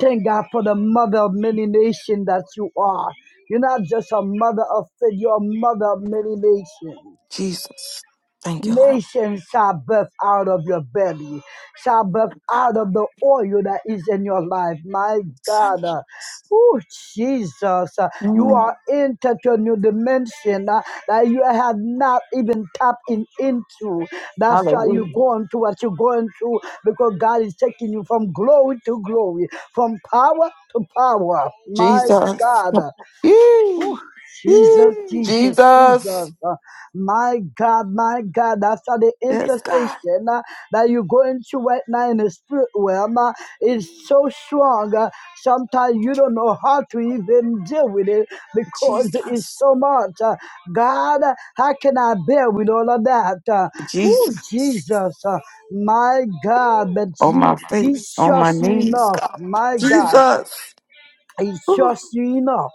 Thank God for the mother of many nations that you are. You're not just a mother of faith, you're a mother of many nations. Jesus. Thank you, Lord. Nations shall birth out of your belly, shall birth God. out of the oil that is in your life. My God. uh, Oh, Jesus. uh, You Mm. are into a new dimension uh, that you have not even tapped in, into. That's why Hallelujah. you're going through what you're going through because God is taking you from glory to glory, from power to power. My Jesus. God. Whew, Yee. Jesus, Yee. Jesus, Jesus. Jesus. Uh, my God, my God. After the Yes, God. intercession uh, that you go into right now in the spirit realm uh, is so strong. Uh, sometimes you don't know how to even deal with it because it's Jesus. so much. Uh, God, uh, how can I bear with all of that? Uh, oh, Jesus. Jesus. Uh, my God. Ooh. But On my he, he face, on my trusts you knees, enough. God. My God. Jesus. He Ooh. trusts you enough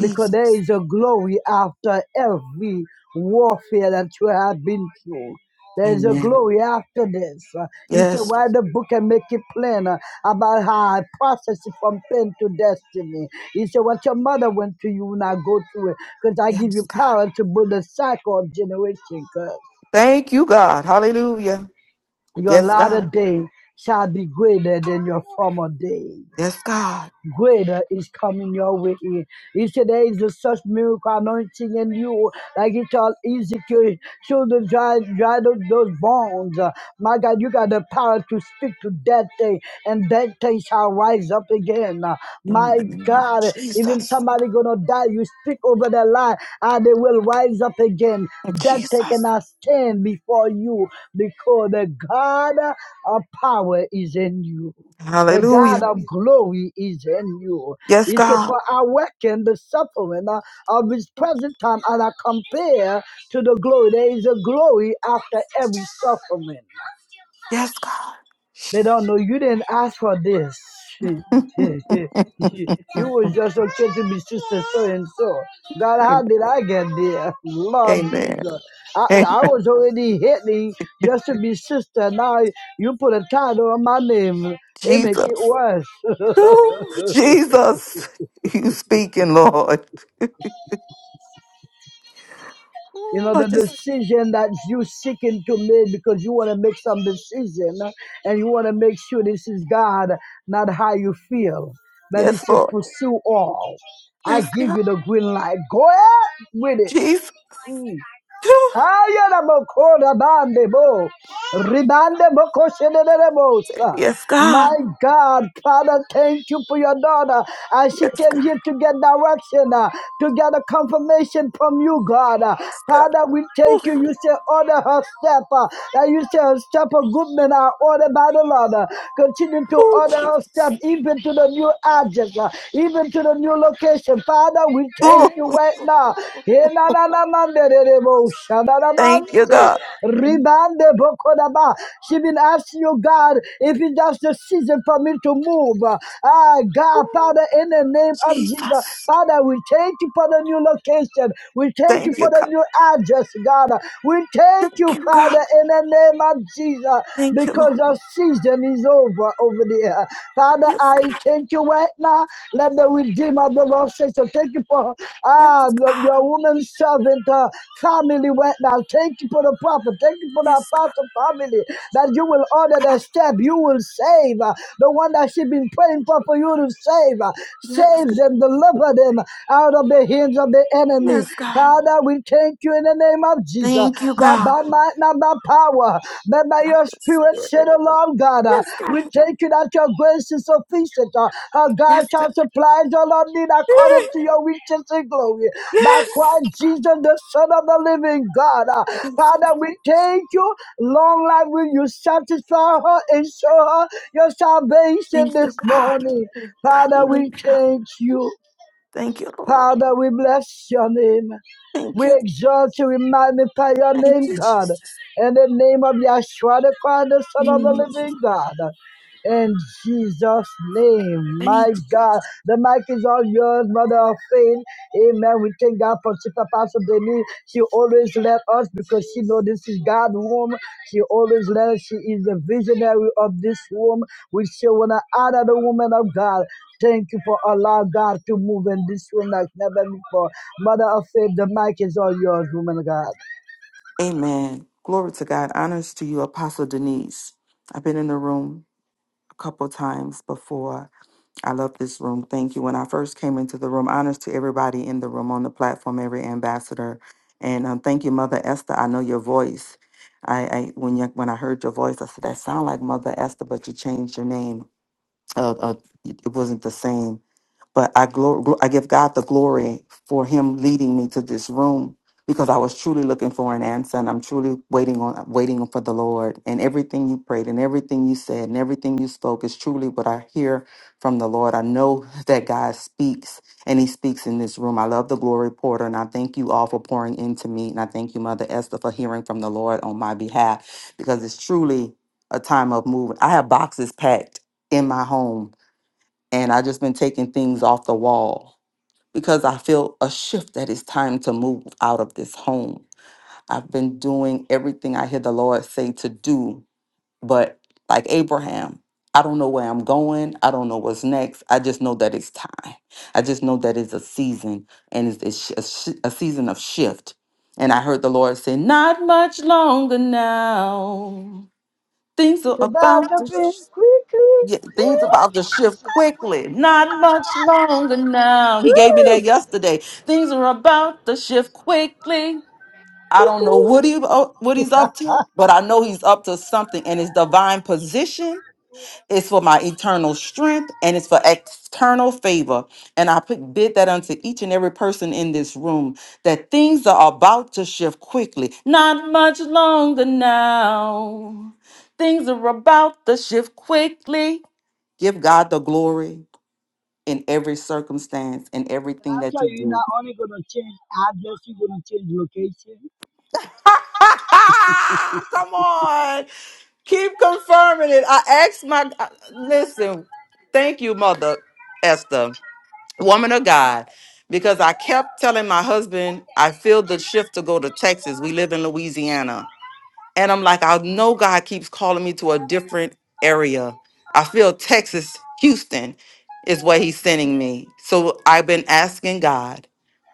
because there is a glory after every warfare that you have been through. There is a Amen. glory after this. Uh, He said, Yes. Write the book and make it plain uh, about how I process it from pain to destiny. He said, What your mother went to you will not go through it because I give Yes, you God. power to build a cycle of generation. Cause Thank you, God. Hallelujah. your Yes, latter God. day shall be greater than your former day. Yes, God. greater is coming your way. He said there is a such miracle anointing in you, like he told Ezekiel, show the dry, dry tho- those bones. Uh, My God, you got the power to speak to that thing, and that thing shall rise up again. Uh, In My the name of God, even Jesus. somebody gonna die, you speak over their life, and they will rise up again. That thing Jesus. cannot stand before you because the God of power is in you. The God Hallelujah. of glory is in you. Yes, He said, God. For I reckon the suffering uh, of his present time and I compare to the glory. There is a glory after every suffering. Yes, God. They don't know you didn't ask for this. <laughs> you was just okay to be sister so and so. God, how did I get there? <laughs> Lord Amen. Jesus. I, Amen. I was already hitting just to be sister. Now you put a title on my name. It make it Jesus. worse. Ooh, Jesus. You speaking, Lord. You Ooh, know, I the just, decision that you seeking to make because you want to make some decision and you want to make sure this is God, not how you feel. That is yes, to Lord. pursue all. I Yes, give God. you the green light. Go ahead with it. Jesus. Mm. Ooh, Haya na bokora bande bo. Ribande boko shenere bosa. Yes, God. My God, Father, thank you for your daughter. As she Yes, came God. here to get direction, uh, to get a confirmation from you, God. Uh, Yes, God. Father, we Ooh, thank you. You say order her step. Uh, that you say her step of good men are ordered by the Lord. Uh, continue to ooh, order her step Jesus. even to the new address, uh, even them to the new location. Father, we Ooh. thank you right now. Enananamanderebo, Thank you, shadadamansi, God. ribandebokodaba. She been asking you, God, if it's just a season for me to move. Ah, God, Ooh, Father, in the name of Jesus, Jesus. Father, we thank you for the new location. We thank you Thank you, for the God. new address, God. We thank Thank you, you, God. Father, in the name of Thank Jesus you, Lord. because our season is over over there. Father, Yes, God. I thank you right now. Let the Redeemer of the Lord say so. Thank you for Yes, ah, your God. woman servant uh, family right now. Thank you for the prophet. Thank you for the Yes, apostle family that you will order God. their step. You will save uh, the one that she's been praying for for you to save. uh, Yes, Save them, deliver them out of the hands of the enemy. yes, God. Father, Father, we thank you in the name of Jesus. Thank you, Not God. by might, not by power, but by God, your your spirit, said Spirit. the God. Uh, Yes, We God. thank you that your grace is sufficient. Uh, uh, God Yes, God. shall supply the Lord need Eh, according to your riches and glory. By Yes. Christ Jesus, the Son of the living God. Uh, Jesus. Father, we thank you. Long life will you satisfy her and show her your salvation Thank you, this God. morning. Father, we Hallelujah. thank you. Thank you, Lord. Father, we bless your name. Thank We you. exalt you, we magnify your Thank name, you, God. Jesus. In the name of Yahshua the Christ, the Son of the Mm, living God. In Jesus' name, Thank you. my God. The mic is all yours, Mother of Faith. Amen. We thank God for Sister Pastor Denise. She always led us because she knows this is God's womb. She always led us. She is the visionary of this womb. We still want to honor the woman of God. Thank you for allowing God to move in this room like never before. Mother of faith, the mic is all yours, woman of God. Amen. Glory to God. Honors to you, Apostle Denise. I've been in the room a couple times before. I love this room. Thank you. When I first came into the room, honors to everybody in the room, on the platform, every ambassador. And um, thank you, Mother Esther. I know your voice. I, I when you, when I heard your voice, I said that sound like Mother Esther, but you changed your name. Uh, uh, it it wasn't the same. But I glor- gl- I give God the glory for Him leading me to this room because I was truly looking for an answer, and I'm truly waiting on waiting for the Lord. And everything you prayed, and everything you said, and everything you spoke is truly what I hear from the Lord. I know that God speaks, and He speaks in this room. I love the glory porter, and I thank you all for pouring into me, and I thank you, Mother Esther, for hearing from the Lord on my behalf because it's truly a time of moving. I have boxes packed in my home and I just been taking things off the wall because I feel a shift that it's time to move out of this home. I've been doing everything I hear the Lord say to do, but like Abraham, I don't know where I'm going. I don't know what's next. I just know that it's time. I just know that it's a season and it's it's sh- a, sh- a season of shift. And I heard the Lord say, Not much longer now. Things are The about bathroom, to. quickly, Yeah, things about to shift quickly. Not much longer now. He gave me that yesterday. Things are about to shift quickly. I don't know what quickly. he uh, what he's <laughs> up to, but I know he's up to something. And his divine position is for my eternal strength, and it's for external favor. And I put, bid that unto each and every person in this room that things are about to shift quickly. Not much longer now. Things are about to shift quickly. Give God the glory in every circumstance and And everything I that you tell you, you're not do. only gonna change address, you're gonna change location. <laughs> Come on. Keep confirming it. I asked my uh, listen. Thank you, mother Esther, woman of God, because I kept telling my husband, I feel the shift to go to Texas. We live in Louisiana. And I'm like, I know God keeps calling me to a different area. I feel Texas, Houston is where he's sending me. So I've been asking God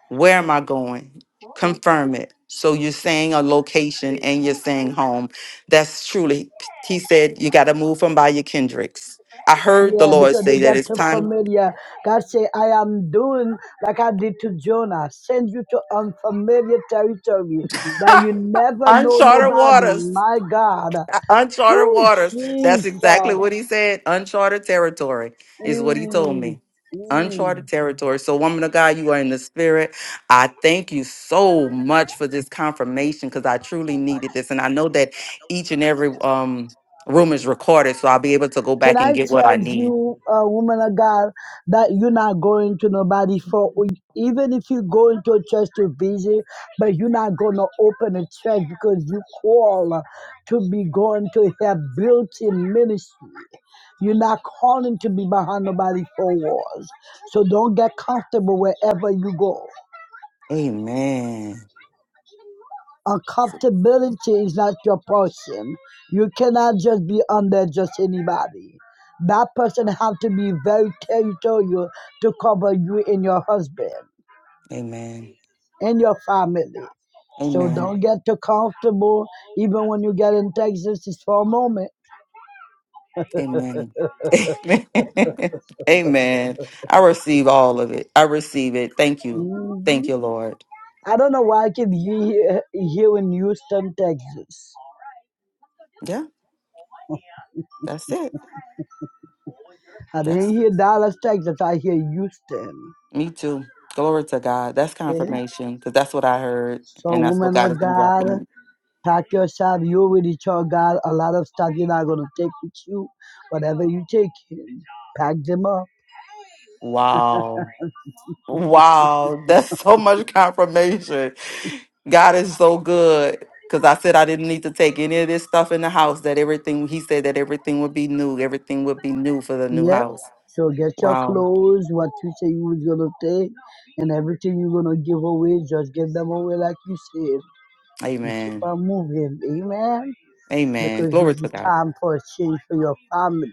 Where am I going? Confirm it. So you're saying a location and you're saying home. That's truly, he said, you got to move from by your Kendricks. I heard the Yeah, Lord because they say that get it's too time, familiar. God say, I am doing like I did to Jonah. Send you to unfamiliar territory that you <laughs> never know uncharted nobody. waters. My God. Uncharted Oh, waters. That's exactly Jesus. what he said. Uncharted territory is what he told Mm, me. mm. Uncharted territory. So, woman of God, you are in the spirit. I thank you so much for this confirmation because I truly needed this. And I know that each and every um, room is recorded, so I'll be able to go Can back and I get what I tell need. you, uh, woman of God, that you're not going to nobody for, even if you go into a church to visit, but you're not going to open a church because you call to be going to have built in ministry. You're not calling to be behind nobody four walls. So don't get comfortable wherever you go. Amen. Uncomfortability is not your person. You cannot just be under just anybody. That person have to be very territorial to cover you and your husband Amen. and your family. So Amen. don't get too comfortable, even when you get in Texas, it's for a moment. Amen. Amen. <laughs> Amen. I receive all of it. I receive it. Thank you. hmm Thank you, Lord. I don't know why I keep hear, hearing Houston, Texas. Yeah, that's it. I didn't That's hear Dallas, Texas. I hear Houston. me too. Glory to God. That's Okay. confirmation because that's what I heard So, and that's what woman God of has been God. dropping. me. Pack yourself. You're with each God. A lot of stuff you're not going to take with you. Whatever you take, pack them up. Wow. Wow. That's so much confirmation. God is so good because I said I didn't need to take any of this stuff in the house, that everything, He said that everything would be new. Everything would be new for the new Yep. house. So get your Wow. clothes, what you say you was going to take, and everything you're going to give away, just give them away like you said. And keep Amen. on moving. Amen. Amen. Because Glory it's to the God. time for a change for your family.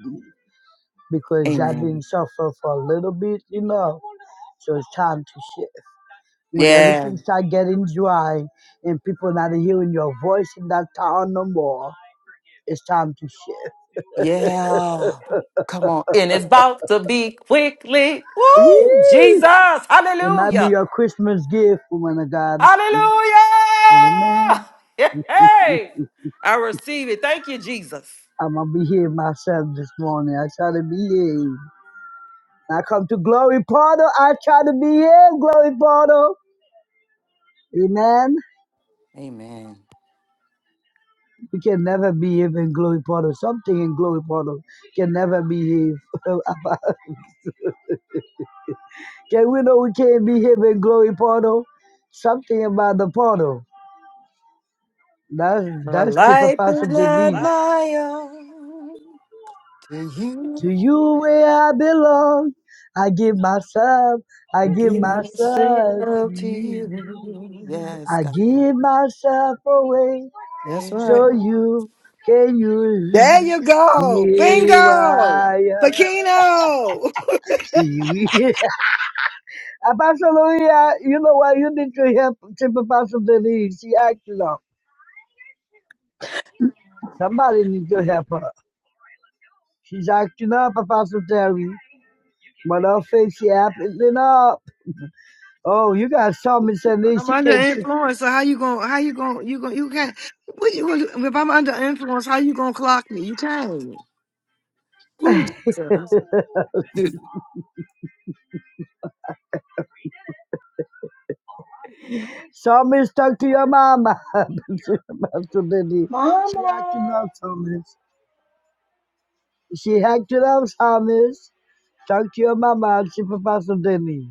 Because I've been Amen. suffering for a little bit, you know. So it's time to shift. When Yeah. everything start getting dry and people not hearing your voice in that town no more, it's time to shift. Yeah. Come on. And it's about to be quickly. Woo! Yee! Jesus. It might be Hallelujah. your Christmas gift, woman of God. Hallelujah. Amen. <laughs> Hey. I receive it. Thank you, Jesus. I'm gonna behave myself this morning. I try to behave. I come to Glory Portal. I try to behave, Glory Portal. Amen. Amen. We can never behave in Glory Portal. Something in Glory Portal can never behave. <laughs> Okay, we know we can't be here in glory portal. Something about the portal. That's My that's life typifies is something not needs. my own. To you, To you where I belong, I give myself, I I give give myself to myself to you. you. Yes, I God. give myself away, That's Yeah. right. so you can use me. There you go. Yes. Here Bingo. I Bikino. <laughs> am. <laughs> Apostle Maria, you know what? You need to help Tip Apostle Denise. She acting up. Somebody need to help her. She's acting up, Apostle Terry. My her face, she acting up. Oh, you got Psalmist and me. I'm She under can't see. influence. So how you gonna? How you gonna? You gonna? You can't. What you gonna? If I'm under influence, how you gonna clock me? You can't. Ooh, <laughs> Jesus. Psalmist, talk to your mama. <laughs> Apostle Denny. She acting Mama, up, Psalmist. She acting up, Psalmist. Talk to your mama, Chief Apostle Denny.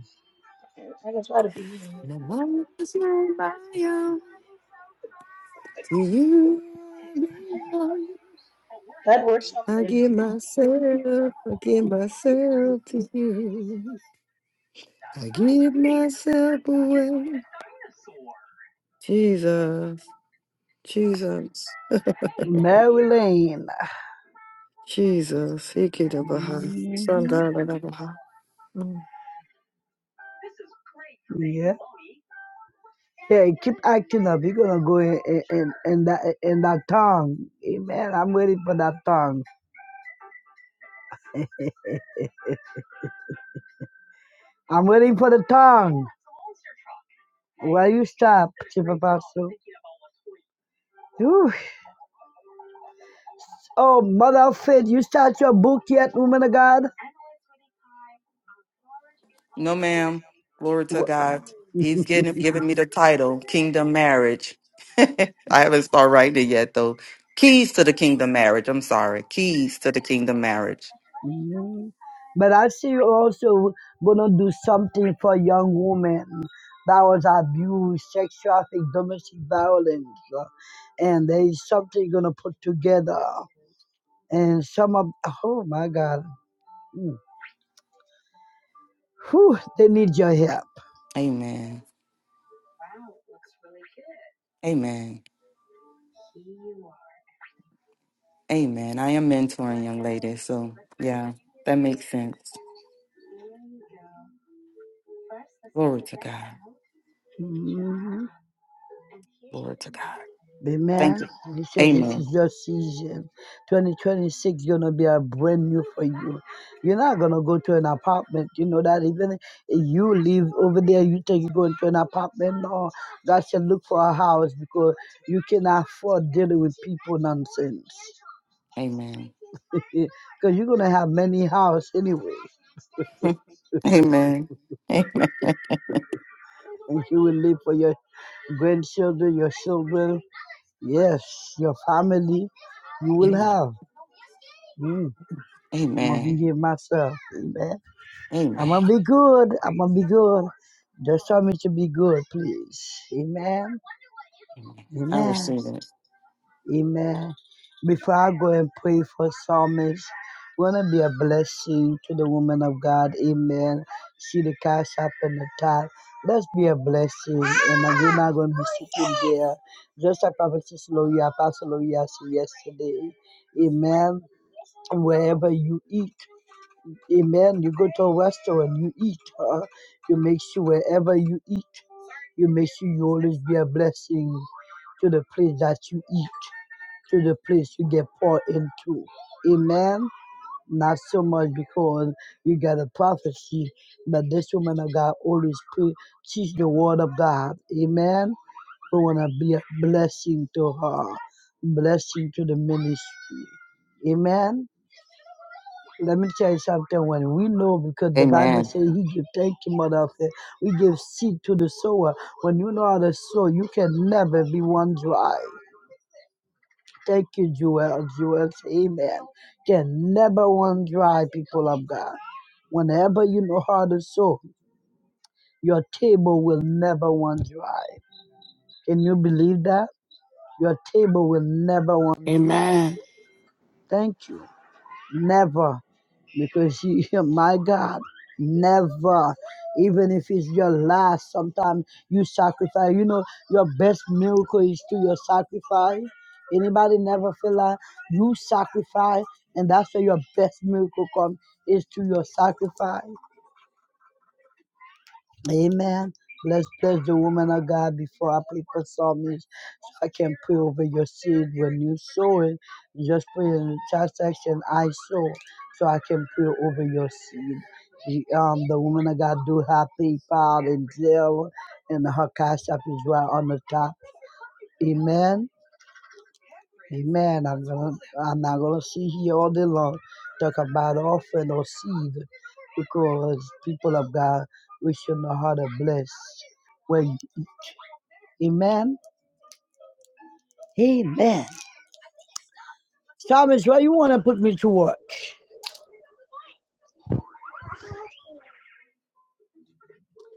I, can try to be here. No one is not my own to you. I belong. That works I something. give myself, I give myself to you. I give myself away. Jesus, Jesus, Mary Lane. Jesus. He get up behind. Son, hmm God, right up behind. Mm. Yeah. Yeah, keep acting up. You're gonna go in, in, in, in that in that tongue. Amen. I'm waiting for that tongue. I'm waiting for the tongue. Why you stop, Chief Apostle? Whew. Oh, mother of faith, you start your book yet, woman of God? No, ma'am. Glory to Wh- God. He's getting giving me the title, Kingdom Marriage. <laughs> I haven't started writing it yet though. Keys to the Kingdom Marriage. I'm sorry. Keys to the Kingdom Marriage. Mm. But I see you also gonna do something for young women that was abused, sex trafficking, domestic violence, uh, and there is something you're gonna put together. And some of oh my God. Whew, they need your help. Amen. Amen. Amen. I am mentoring young ladies, so yeah, that makes sense. Glory to God. Mhm. Glory to God. Thank Amen. you. He says this Amen. is your season. 2026 is gonna be a brand new for you. You're not gonna go to an apartment. You know that even if you live over there, you think you're going to an apartment. No, God said look for a house because you cannot afford dealing with people nonsense. Amen. <laughs> Because you're gonna have many houses anyway. <laughs> Amen. Amen. And you will live for your grandchildren, your children, Yes, your family you will Amen. have. Mm, I'm gonna be Amen. here myself. Amen. I'm gonna Amen. be good. I'm gonna be good. Just tell me to be good, please. Amen. I Amen. receive it. Amen. Before I go and pray for psalmists, wanna be a blessing to the woman of God. Amen. See the cash up in the top. Let's be a blessing. And I'm we're not gonna be sitting there. Just like Prophet Loya, Pastor Loya said yesterday. Amen. Wherever you eat, amen. You go to a restaurant, you eat. huh? You make sure wherever you eat, you make sure you always be a blessing to the place that you eat to the place you get poured into. Amen. Not so much because you got a prophecy, but this woman of God always pre- teach the word of God. Amen. We want to be a blessing to her, blessing to the ministry. Amen. Let me tell you something. When we know, because the Bible Amen. says He give thank you, mother. We give seed to the sower. When you know how to sow, you can never be one dry. Thank you, Joel. Joel, say amen. Can never run dry, people of God. Whenever you know how to sow, your table will never run dry. Can you believe that? Your table will never run dry. Amen. Thank you. Never. Because you, <laughs> my God, never. Even if it's your last, sometimes you sacrifice. You know, your best miracle is to your sacrifice. Anybody never feel like you sacrifice, and that's where your best miracle comes is to your sacrifice. Amen. Let's bless the woman of God before I play for Psalms. I can pray over your seed when you sow it. Just pray in the chat section, I sow, so I can pray over your seed. She, um, the woman of God do have PayPal and Zelle, and her cash app is right on the top. Amen. Amen. I'm gonna, I'm not gonna sit here all day long talk about offering or seed because people of God, we should know how to bless. Well, amen. Amen. Thomas, why you wanna put me to work?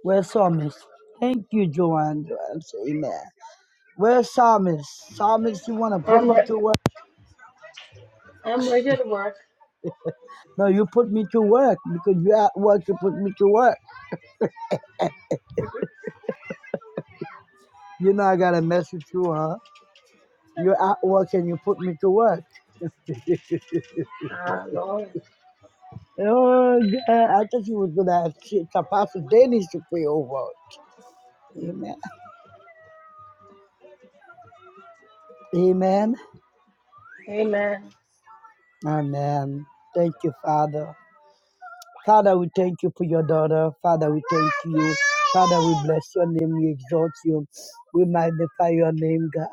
Where's Psalmist? Thank you, Joanne. Joanne say amen. Where's Psalmist? Psalmist, you want to put I'm me re- to work? I'm ready to work. No, you put me to work because you're at work, you put me to work. <laughs> You know, I got a message to mess with you, huh? You're at work and you put me to work. <laughs> oh, ah, Lord. God. I thought you was going to have shit. Apostle Dennis to pray over. us. Amen. Amen. Amen. Amen. Thank you, Father. Father, we thank you for your daughter. Father, we thank you. Father, we bless your name. We exalt you. We magnify your name, God.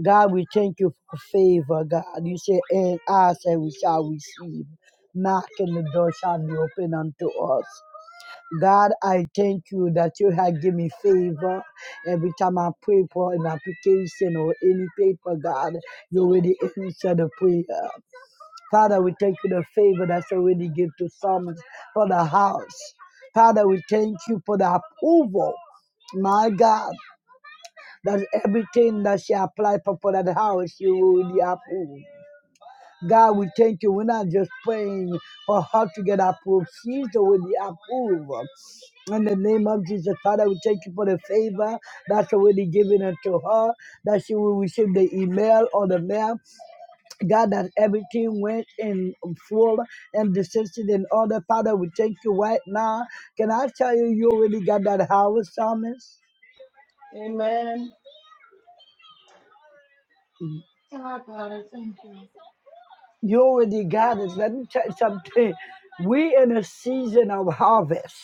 God, we thank you for favor, God. You say, and I say, we shall receive. Knock and the door shall be open unto us. God, I thank you that you have given me favor. Every time I pray for an application or any paper, God, you already answer the prayer. Father, we thank you the favor that's already given to Psalms for the house. Father, we thank you for the approval. My God, that everything that she applied for for that house, you will be approved. God, we thank you. We're not just praying for her to get approved. She's already approved. In the name of Jesus, Father, we thank you for the favor that's already given unto her, that she will receive the email or the mail God, that everything went in full and decision in order. Father, we thank you right now. Can I tell you, you already got that house, Thomas? Amen. Ah, God, I thank you. You already got it. Let me tell you something. We in a season of harvest.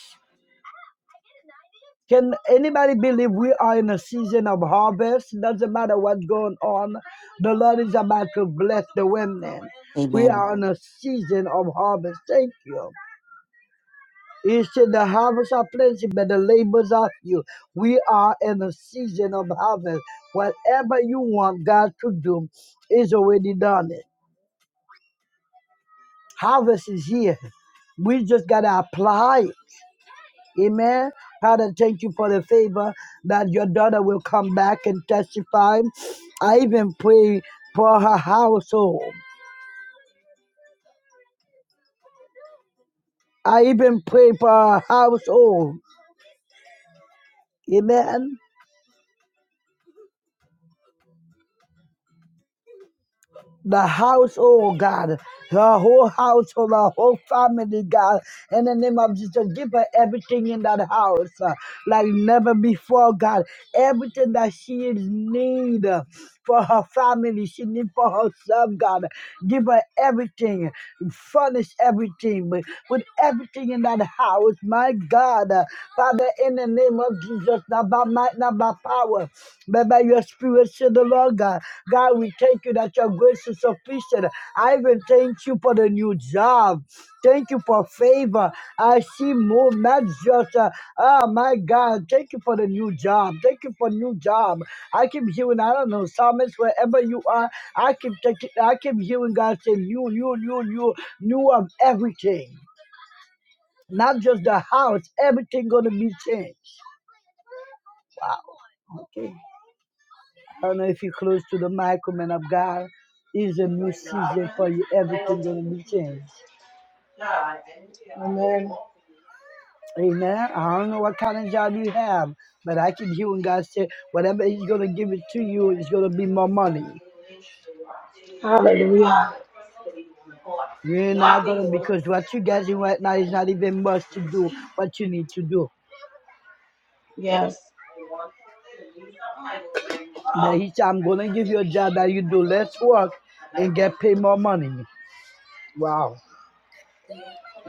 Can anybody believe we are in a season of harvest? Doesn't matter what's going on. The Lord is about to bless the women. We Amen. are in a season of harvest. Thank you. It's in the harvest are plenty, but the labors are few. We are in a season of harvest. Whatever you want God to do is already done. It. Harvest is here. We just gotta apply it. Amen. Father, thank you for the favor that your daughter will come back and testify. I even pray for her household. I even pray for her household. Amen. the household, God, the whole household, the whole family, God, in the name of Jesus, give her everything in that house uh, like never before, God. Everything that she is need uh, for her family, she need for herself, God. Give her everything, furnish everything with, with everything in that house, my God. Uh, Father, in the name of Jesus, not by might, not by power, but by your spirit, said the Lord God. God, we thank you that your grace is sufficient. I even thank you for the new job. Thank you for favor. I see more not just, uh, oh my God, thank you for the new job. Thank you for new job. I keep hearing, I don't know, psalmist, wherever you are, I keep taking, I keep hearing God say, new, new, new, new, new of everything. Not just the house, everything gonna be changed. Okay. I don't know if you're close to the mic, man of God. It's a new season for you. Everything gonna be changed. Amen. Amen. I don't know what kind of job you have, but I keep hearing God say, whatever He's gonna give it to you, it's gonna be more money. Hallelujah. You're not gonna because what you're getting right now is not even much to do what you need to do. Yes. But He said, I'm gonna give you a job that you do less work and get paid more money. Wow.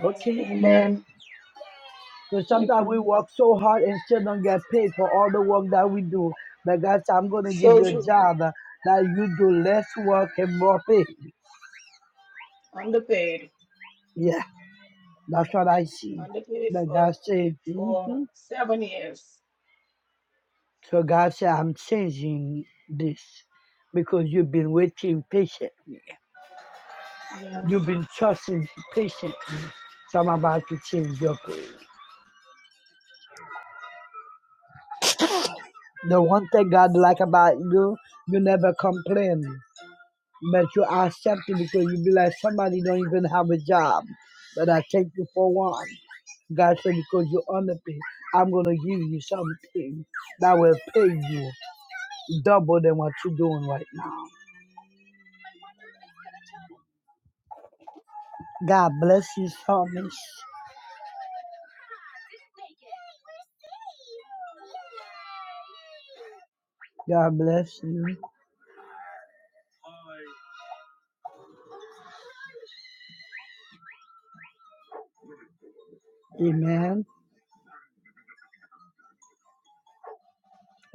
Okay. Amen. Because Thank sometimes you. we work so hard and still don't get paid for all the work that we do. But God said, I'm going to give So you a true. job uh, that you do less work and more pay. Underpaid. Yeah, that's what I see. Underpaid But for God said, for hmm seven years. so God said, I'm changing this because you've been waiting patiently. Yes. You've been trusting patiently. So I'm about to change your prayer. The one thing God like about you, you never complain. But you are accepted because you be like somebody don't even have a job. But I take you for one. God said, because you are me, I'm gonna give you something that will pay you double than what you're doing right now. God bless you, Thomas. God bless you. Amen.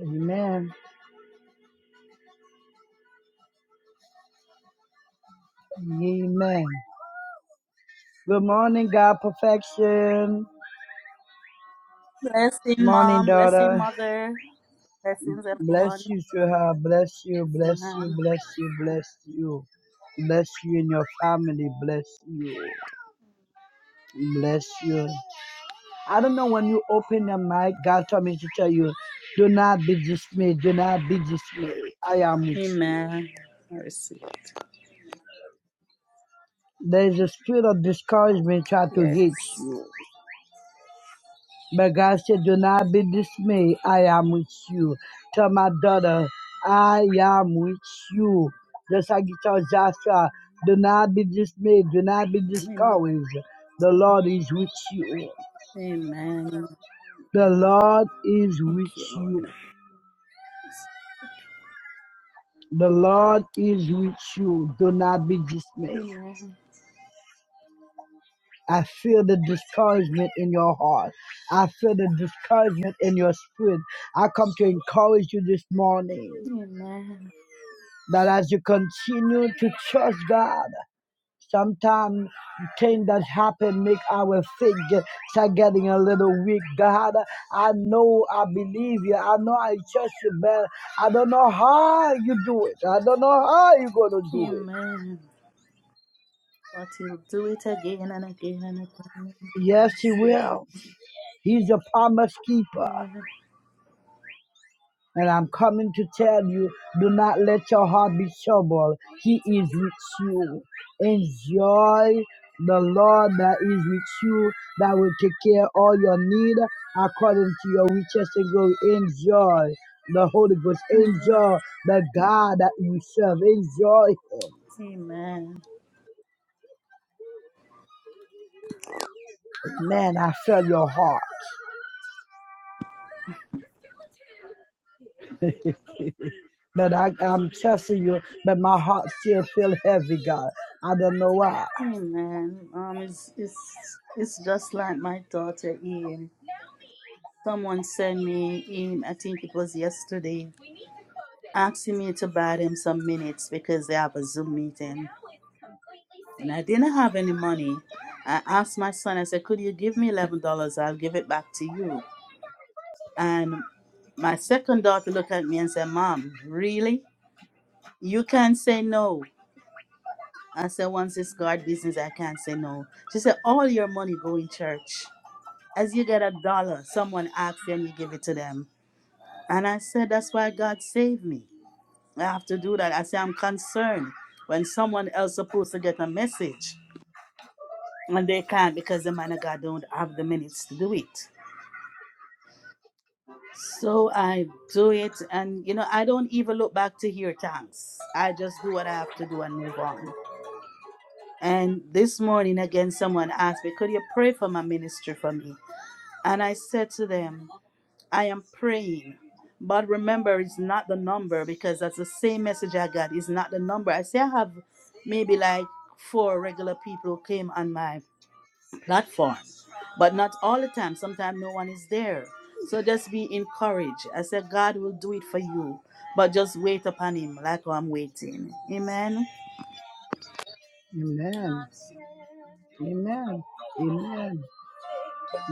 Amen. Amen. Good morning, God perfection. Blessing, Morning, Mom. Blessing, daughter. Mother. Blessings, everyone. Bless you, sweetheart. Bless you, bless you, Amen. bless you, bless you. Bless you and your family. Bless you. Bless you. I don't know when you open the mic, God told me to tell you, do not be dismayed. Do not be dismayed. I am with you. Amen. I receive it. There is a spirit of discouragement trying to hit Yes. you. But God said, Do not be dismayed. I am with you. Tell my daughter, I am with you. Just like he told Joshua, do not be dismayed. Do not be Amen. discouraged. The Lord is with you. Amen. The Lord is Thank with you, Lord. you. The Lord is with you. Do not be dismayed. Amen. I feel the discouragement in your heart. I feel the discouragement in your spirit. I come to encourage you this morning. Amen. That as you continue to trust God, sometimes things that happen make our faith get, start getting a little weak. God, I know I believe you. I know I trust you, man. I don't know how you do it. I don't know how you're going to do it. Amen. But He'll do it again and again and again. Yes, He Yes, thank will. He's a promise keeper. you. Amen. And I'm coming to tell you, do not let your heart be troubled. He is with you. Enjoy the Lord that is with you, that will take care of all your need according to your riches and glory. Enjoy the Holy Ghost. Amen. Enjoy the God that you serve. Enjoy Him. Amen. Man, I feel your heart. But I, I'm trusting you, but my heart still feels heavy, God. I don't know why. Amen. Um, it's it's it's just like my daughter Ian. Someone sent me him. I think it was yesterday. asking me to buy them some minutes because they have a Zoom meeting. And I didn't have any money. I asked my son, I said, Could you give me $11? I'll give it back to you. And my second daughter looked at me and said, Mom, really? You can't say no. I said, Once it's God business, I can't say no. She said, All your money go in church. As you get a dollar, someone asks you and you give it to them. And I said, That's why God saved me. I have to do that. I say I'm concerned when someone else supposed to get a message and they can't because the man of God don't have the minutes to do it. So I do it, and you know I don't even look back to hear thanks. I just do what I have to do and move on. And this morning again, someone asked me, "Could you pray for my ministry for me?" And I said to them. I am praying. But remember, it's not the number because that's the same message I got. It's not the number. I say I have maybe like four regular people who came on my platform, but not all the time. Sometimes no one is there. So just be encouraged. I said, God will do it for you, but just wait upon Him like I'm waiting. Amen. Amen. Amen. Amen.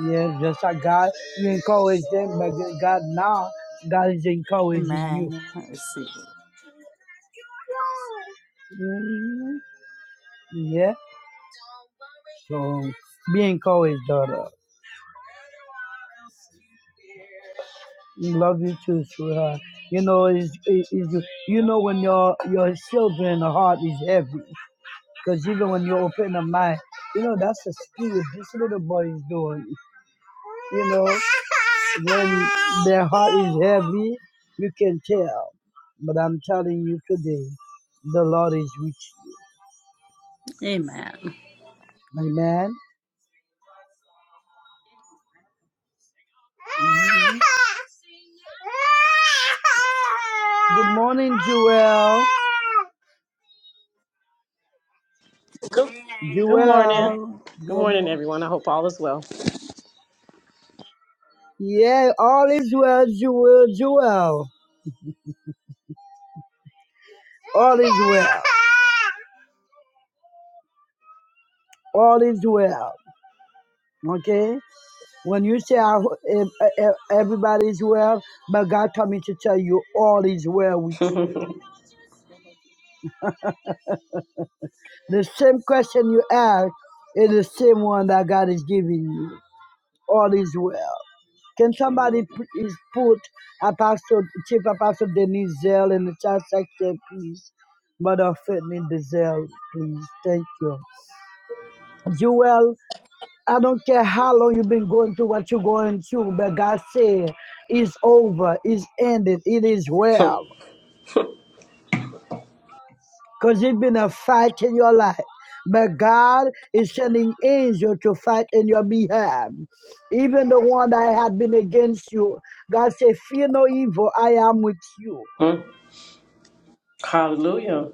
Yeah, just like God, you encourage them, but then God now, God is encouraging you. Amen. I receive it. Mhm. Yeah. So be encouraged, daughter. Love you too, sweetheart. You know, is is you, know when your your children heart is heavy, because even when you open the mind, you know that's the spirit this little boy is doing. You know, when their heart is heavy, you can tell. But I'm telling you today, the Lord is with you. Amen. Amen. Mhm. Good morning, Joel. Good, good morning. Joel. Good Good morning, morning. everyone. I hope all is well. Yeah, all is well, Joel, Joel. All is well. All is well. Okay? When you say I, e- e- everybody is well, but God told me to tell you all is well with <laughs> you. The same question you ask is the same one that God is giving you. All is well. Can somebody p- is put Apostle, Chief Apostle Denise Zell in the chat section, please? Mother Whitney Zell, please. Thank you. Joel, I don't care how long you've been going through what you're going through, but God said it's over, it's ended, it is well. because it's been a fight in your life. But God is sending angels to fight in your behalf. Even the one that had been against you, God said, Fear no evil, I am with you. Mm. Hallelujah.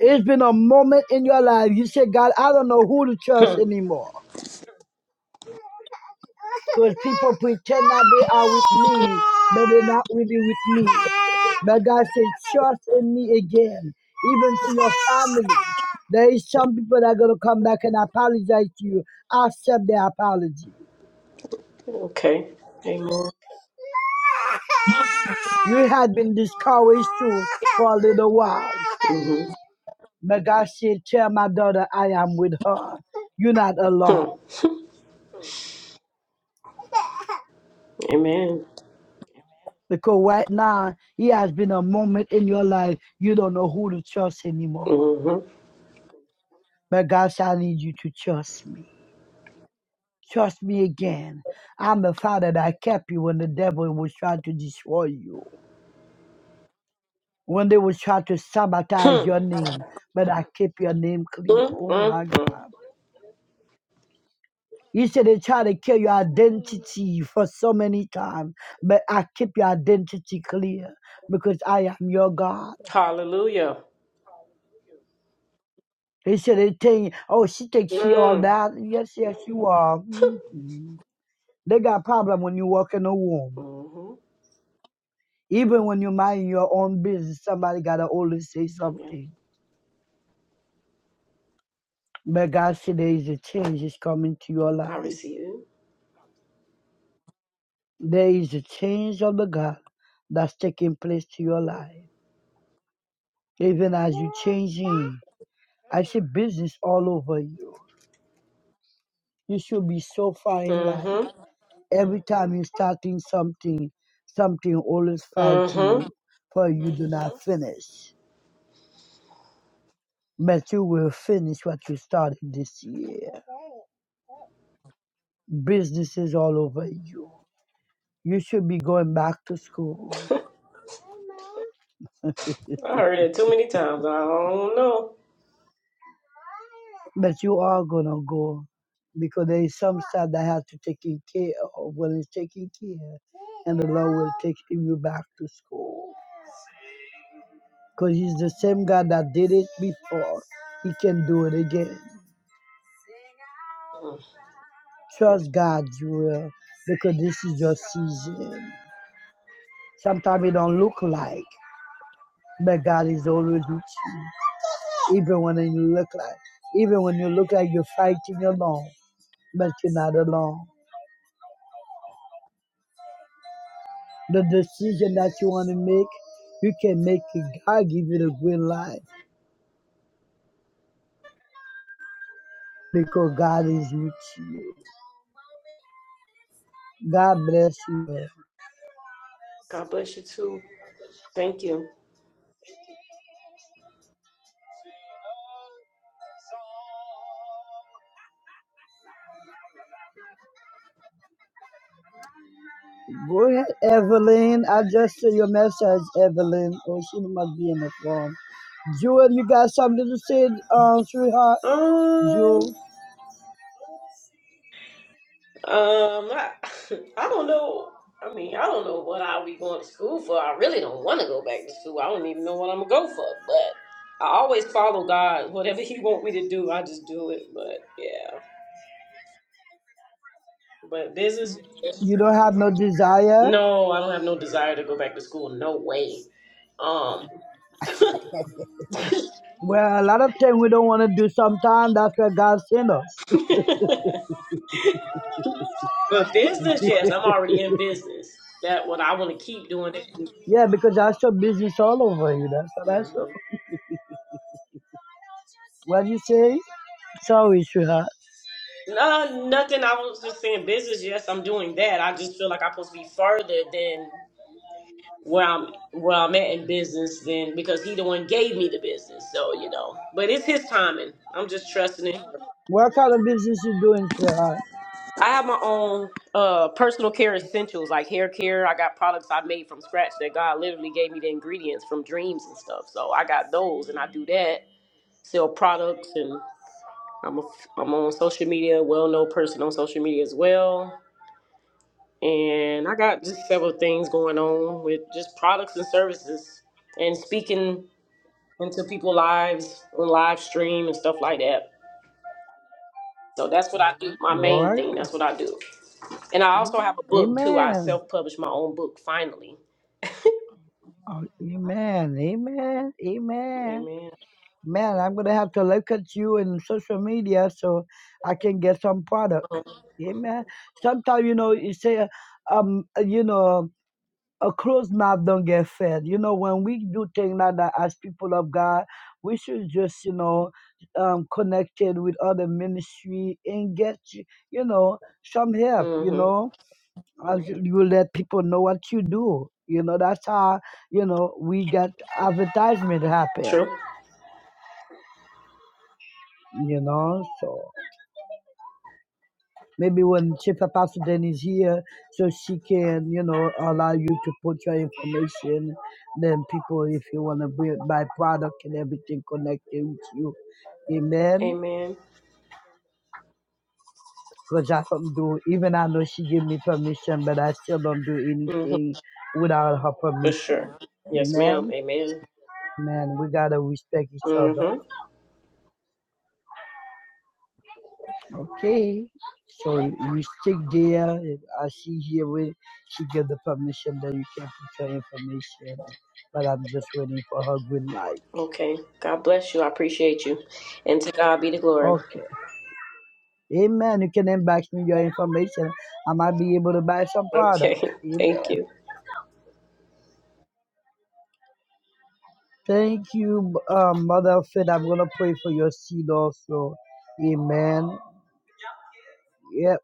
It's been a moment in your life. You say, God, I don't know who to Hmm. trust anymore. Because people pretend that they are with me, but they're not really with me. But God said, trust in me again, even to your family. There is some people that are going to come back and apologize to you. Accept their apology. okay. Amen. You had been discouraged too for a little while. hmm But God said, tell my daughter I am with her. You're not Hmm. alone. <laughs> Amen. Because right now, it has been a moment in your life you don't know who to trust anymore. Mm-hmm. But God said, I need you to trust me. Trust me again. I'm the Father that kept you when the devil was trying to destroy you. When they was trying to sabotage your name, but I keep your name clear. Oh my Mm-hmm. God. You said they try to kill your identity for so many times, but I keep your identity clear because I am your God. Hallelujah. He said they think, oh, she thinks she all Mm-hmm. that. Yes, yes, you are. Mhm. They got problem when you work in a womb. Even when you mind your own business, somebody gotta always say Yeah, something. But God said there is a change is coming to your I life. receive There is a change of the God that's taking place to your life. Even as you changing, I see business all over you. You should be so far in it. life. hmm Every time you're starting something, something always fighting hmm you for you do not Mhm. finish. But you will finish what you started this year. Businesses all over you. You should be going back to school, I heard it too many times. I don't know. but you are gonna go because there is some stuff that has to taken care of. When it's taken care, and the Lord will take you back to school because He's the same God that did it before. He can do it again. Trust God's will because this is your season. Sometimes it don't look like, but God is always with you. Even when you look like, even when you look like you're fighting alone, but you're not alone. The decision that you want to make, you can make it. God give you the green light because God is with you. God bless you. God bless you too. Thank you. Go ahead, Evelyn. I just see your message, Evelyn. Oh, she must be in the phone. Jewel, you got something to say, uh, sweetheart? Um. Jewel, Um, I, <laughs> I don't know. I mean, I don't know what I'll be going to school for. I really don't want to go back to school. I don't even know what I'm gonna go for. But I always follow God. Whatever He want me to do, I just do it. But yeah, but business. you don't have no desire? No, I don't have no desire to go back to school. No way. Um, Well, a lot of things we don't want to do sometimes. That's where God sent us. <laughs> <laughs> but business, yes, I'm already in business. That what I want to keep doing. It. yeah, because that's your business all over you. That's that's Mm-hmm. your, what you say? Sorry, sweetheart. No, nothing. I was just saying business. Yes, I'm doing that. I just feel like I'm supposed to be further than where I'm where I'm at in business than because he the one gave me the business. So, you know. But it's his timing. I'm just trusting it. What kind of business you doing, sweetheart? I have my own uh personal care essentials like hair care. I got products I made from scratch that God literally gave me the ingredients from dreams and stuff. So I got those and I do that. Sell products and I'm a, I'm on social media, well known person on social media as well and I got just several things going on with just products and services and speaking into people's lives on live stream and stuff like that. So that's what I do. My All main right. thing. That's what I do. And I also have a book too. I Amen. self published my own book finally. Oh, Amen. Amen. Amen. Amen. Man, I'm gonna have to look at you in social media so I can get some product. Amen. Sometimes you know you say, um, you know, a closed mouth don't get fed. You know, when we do things like that as people of God, we should just you know um, connected with other ministry and get you know some help. You Mm-hmm. know, as you let people know what you do. You know, that's how you know we get advertisement happen. True. You know, so. Maybe when Chief Apostle is here, so she can, you know, allow you to put your information. Then people, if you want to buy product and everything connected with you. Amen. Amen. Because I don't do, even I know she gave me permission, but I still don't do Mm-hmm. anything without her For permission. sure. Yes, ma'am. Amen. Amen. Man, we got to respect each other. Mm-hmm. Okay. So you stick there. If I see here where she give the permission that you can put your information. But I'm just waiting for her green light. Okay. God bless you. I appreciate you. And to God be the glory. Okay. Amen. You can inbox me your information. I might be able to buy some product. Okay. <laughs> Thank Amen. you. Thank you, um, Mother Fit. I'm gonna pray for your seed also. Amen. Yep.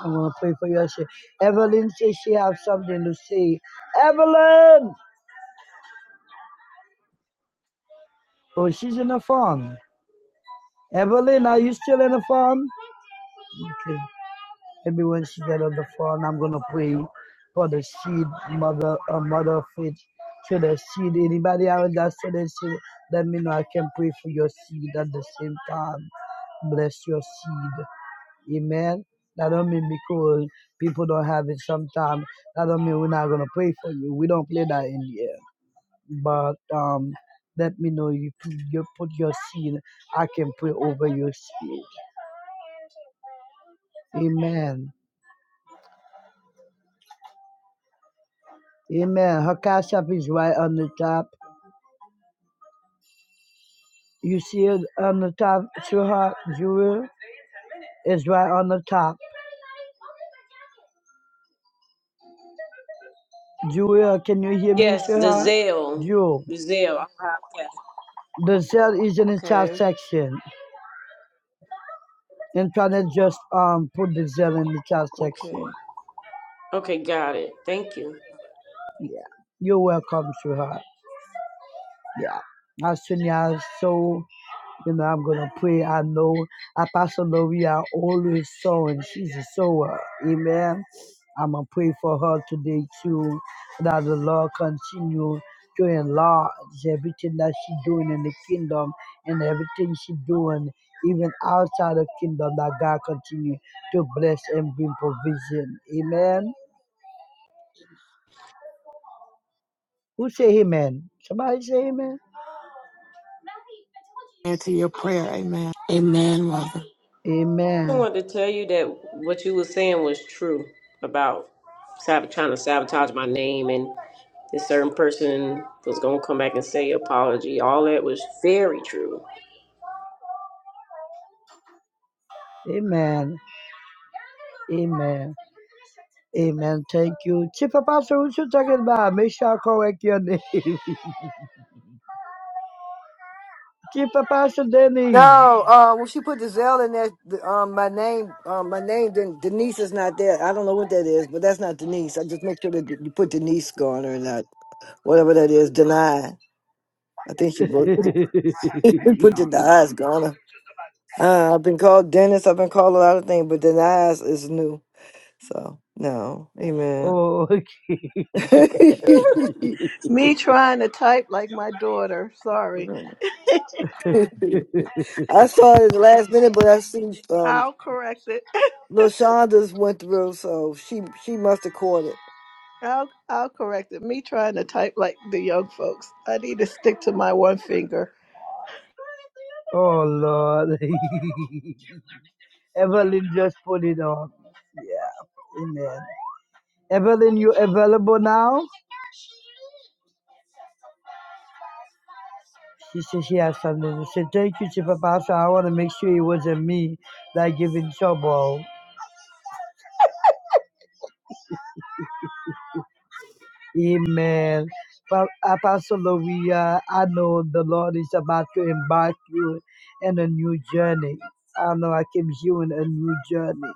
I'm gonna pray for your seed. Evelyn says she have something to say. Evelyn. Oh, she's in the phone. Evelyn, are you still in the phone? Okay. Maybe when she get on the phone, I'm gonna pray for the seed, mother, uh, mother of faith. So the seed, anybody out that so the seed, let me know. I can pray for your seed at the same time. Bless your seed. Amen. That don't mean because people don't have it sometimes. That don't mean we're not gonna pray for you. We don't play that in here. But um, let me know if you put your seed. I can pray over your seed. Amen. Amen. Her cash app is right on the top. You see it on the top, sweetheart? Jewel is right on the top. Jewel, can you hear me, Yes, the sweetheart? Zelle. Jewel. The Zelle. i have that. The Zell is in the chat Okay. section. And trying to just um put the Zell in the chat section. Okay. Okay, got it. Thank you. Yeah. You're welcome, sweetheart. Yeah. As soon as so You know, I'm gonna pray. I know Apostle Maria always sowing. She's a sower. Amen. I'm gonna pray for her today too. That the Lord continue to enlarge everything that she doing in the kingdom and everything she doing even outside the kingdom. That God continue to bless and bring provision. Amen. Who say Amen? Somebody say Amen. Answer your prayer. Amen. Amen, Mother. I Amen. wanted to tell you that what you were saying was true about sab- trying to sabotage my name and this certain person was going to come back and say apology. All that was very true. Amen. Amen. Amen. Thank you. Chief Apostle, what you talking about? Make sure I correct your name. <laughs> Chief Apostle Denise. No, uh, when she put the Zell in there, the, um, my name, um, my name, Den- Denise is not there. I don't know what that is, but that's not Denise. I just make sure that you put Denise on or not, whatever that is, denied. I think she <laughs> broke. <laughs> put your eyes, Ghana. Uh, I've been called Dennis. I've been called a lot of things, but the eyes is new. So no, amen. oh, okay. <laughs> Me trying to type like my daughter. Sorry. I <laughs> saw it at the last minute, but I see um, I'll correct it. <laughs> Lil Shonda's went through, so she she must have caught it. I'll I'll correct it. Me trying to type like the young folks. I need to stick to my one finger. Oh, Lord. <laughs> Evelyn just put it on. Yeah. Amen. Evelyn, you available now? She said she has something to say. Thank you, Chief Apostle. I want to make sure it wasn't me that giving trouble. Amen. Pa- Apostle Loria, I know the Lord is about to embark you in a new journey. I know I keep hearing a new journey.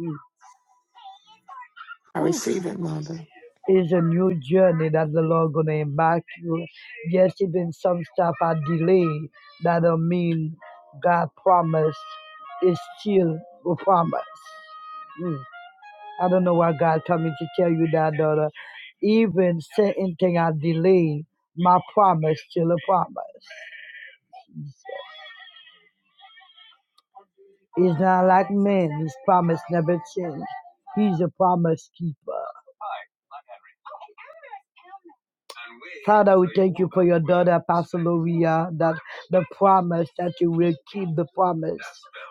Mm. I receive it, Mother. It's a new journey that the Lord gonna embark you. Yes, even some stuff are delayed. That don't mean God promised is still a promise. Mm. I don't know why God told me to tell you that, daughter. Even certain thing I delay, my promise still a promise. He's not like men. His promise never change. He's a promise keeper. Father, we thank you for your daughter, Pastor Loria, that the promise that you will keep the promise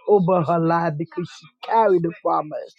over her life because she carried the promise.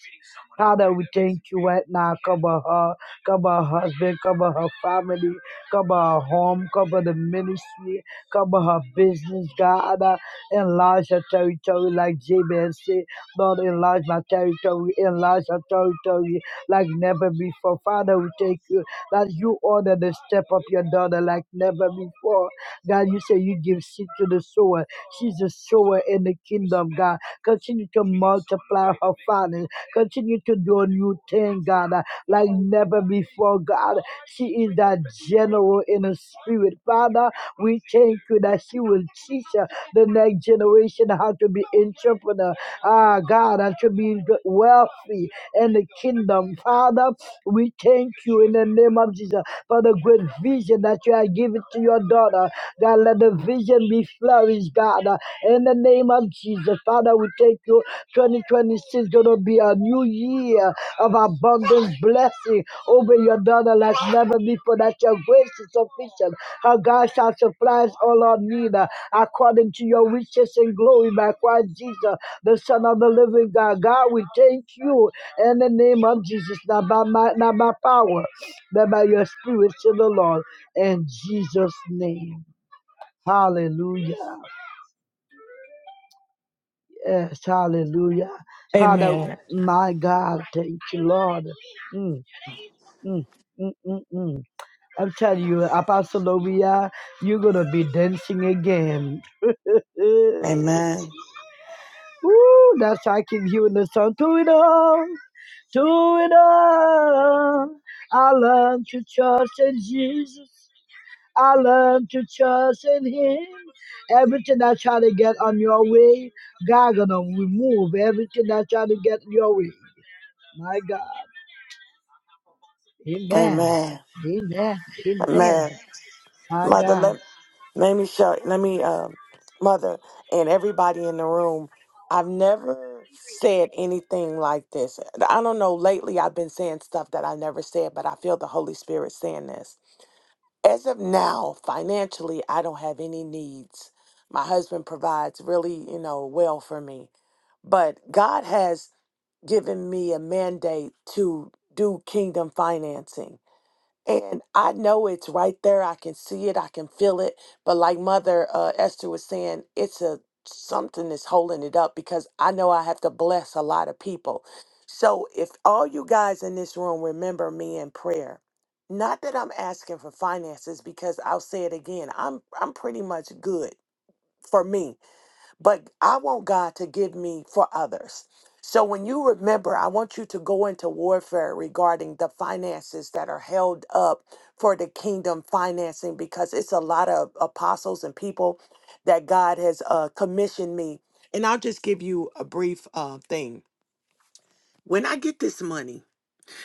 Father, we thank you right now. Cover her, cover her husband, cover her family, cover her home, cover the ministry, cover her business, God. Uh, Enlarge her territory like Jabez said. Lord, enlarge my territory, enlarge her territory like never before. Father, we thank you that you order the step of your daughter like never before. God, you say you give seed to the sower. She's a sower in the kingdom, God. Continue to multiply her finances. Continue to do a new thing, God, uh, like never before, God. She is that general in the spirit. Father, we thank you that she will teach uh, the next generation how to be entrepreneur. Ah, God, and to be wealthy in the kingdom. Father, we thank you in the name of Jesus for the great vision that you have given to your daughter. God, let the vision be flourished, God. In the name of Jesus, Father, we thank you. 2026 going to be a new year of abundance blessing over your daughter like never before. That your grace is sufficient. Her God shall supply all our need uh, according to your riches and glory by Christ Jesus, the Son of the living God. God, we thank you in the name of Jesus, not by, my, not by power, but by your spirit to the Lord. In Jesus' name. Hallelujah. Yes, hallelujah. Father, Amen. my God, thank you, Lord. Mm, mm, mm, mm, mm. I'm telling you, Apostle Obia, you're going to be dancing again. <laughs> Woo, Amen. that's why I keep hearing the song. Do it all, do it all. I learned to trust in Jesus. I learned to trust in Him. Everything I try to get on your way, God gonna remove everything I try to get your way. My God. Amen. Amen. Amen. Amen. Amen. My Mother, God. let, let me show, let me, um, Mother, and everybody in the room, I've never said anything like this. I don't know, lately I've been saying stuff that I never said, but I feel the Holy Spirit saying this. As of now, financially, I don't have any needs. My husband provides really, you know, well for me. But God has given me a mandate to do kingdom financing. And I know it's right there. I can see it. I can feel it. But like Mother uh, Esther was saying, it's a something that's holding it up because I know I have to bless a lot of people. So if all you guys in this room remember me in prayer, not that I'm asking for finances because I'll say it again. I'm I'm pretty much good for me but I want God to give me for others. So when you remember, I want you to go into warfare regarding the finances that are held up for the kingdom financing because it's a lot of apostles and people that God has uh, commissioned me. And I'll just give you a brief uh, thing. When I get this money,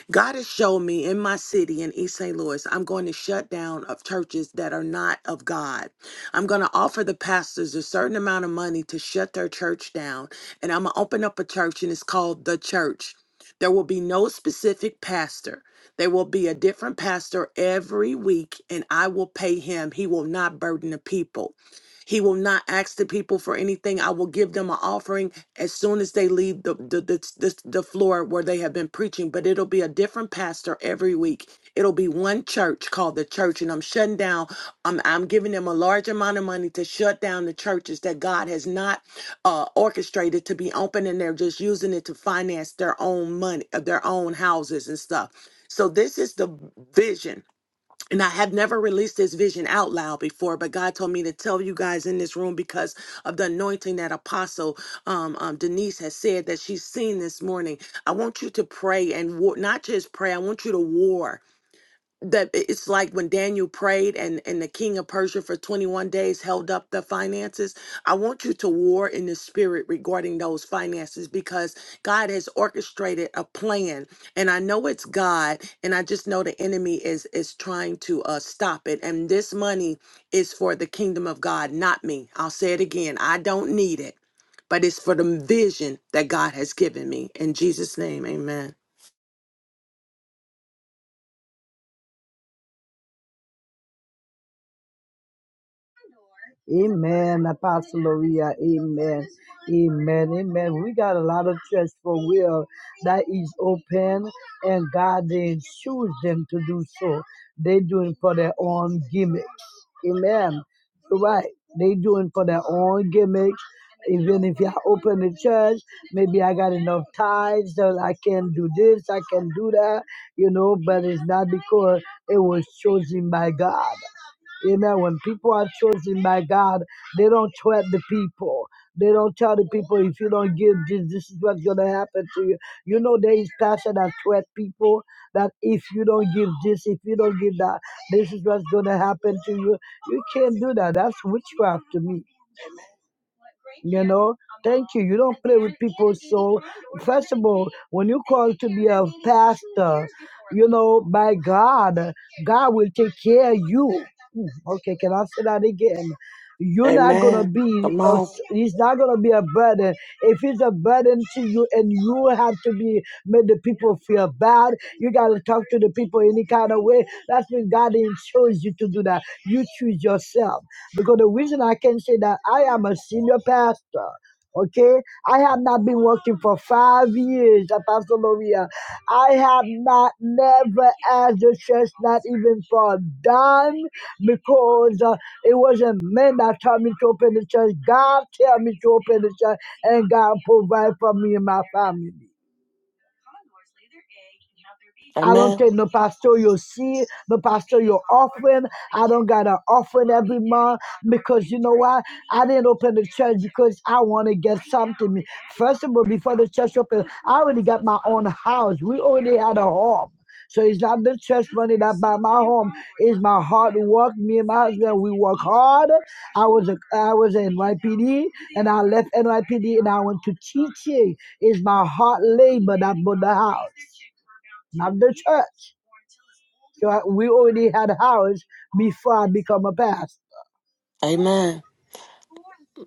God has shown me in my city in East St. Louis, I'm going to shut down of churches that are not of God. I'm going to offer the pastors a certain amount of money to shut their church down. And I'm going to open up a church and it's called The Church. There will be no specific pastor. There will be a different pastor every week, and I will pay him. He will not burden the people. He will not ask the people for anything. I will give them an offering as soon as they leave the the, the the the floor where they have been preaching but it'll be a different pastor every week it'll be one church called the church and i'm shutting down i'm, I'm giving them a large amount of money to shut down the churches that god has not uh, orchestrated to be open and they're just using it to finance their own money uh, their own houses and stuff so this is the vision and I have never released this vision out loud before, but God told me to tell you guys in this room because of the anointing that Apostle um, um, Denise has said that she's seen this morning. I want you to pray and war, not just pray. I want you to war that i- it's like when Daniel prayed and, and the king of Persia for 21 days held up the finances. I want you to war in the spirit regarding those finances because God has orchestrated a plan. And I know it's God, and I just know the enemy is is trying to uh, stop it. And this money is for the kingdom of God, not me. I'll say it again. I don't need it, but it's for the vision that God has given me. In Jesus' name, amen. Amen, Apostle Maria. Amen. Amen. Amen. We got a lot of church for will that is open, and God didn't choose them to do so. They doing for their own gimmicks. Amen. You're right. They doing for their own gimmicks. Even if I open the church, maybe I got enough tithes that I can do this, I can do that, you know, but it's not because it was chosen by God. Amen. When people are chosen by God, they don't threat the people. They don't tell the people if you don't give this, this is what's gonna happen to you. You know there is pastor that threat people that if you don't give this, if you don't give that, this is what's gonna happen to you. You can't do that. That's witchcraft to me. You know, thank you. You don't play with people. So, first of all, when you call to be a pastor, you know, by God, God will take care of you. Mm, Okay, can I say that again? You're not gonna Amen. be. Come A, on. he's not gonna be a burden. If he's a burden to you, and you have to be make the people feel bad, you gotta talk to the people any kind of way. That's when God Nobody chose you to do that. You choose yourself. Because the reason I can say that I am a senior pastor. Okay, I have not been working for five years, Apostle Maria. I have not never asked the church, not even for a dime, because uh, it wasn't men that told me to open the church. God tell me to open the church, and God provide for me and my family. I Amen. don't take no pastoral seed, no pastoral offering. I don't got an offering every month because you know why? I didn't open the church because I want to get something. First of all, before the church opened, I already got my own house. We already had a home. So it's not the church money that buy my home. It's my hard work. Me and my husband, we work hard. I was a, I was in NYPD and I left NYPD and I went to teaching. It's my hard labor that bought the house, not the church. So I, we already had a house before I become a pastor. Amen.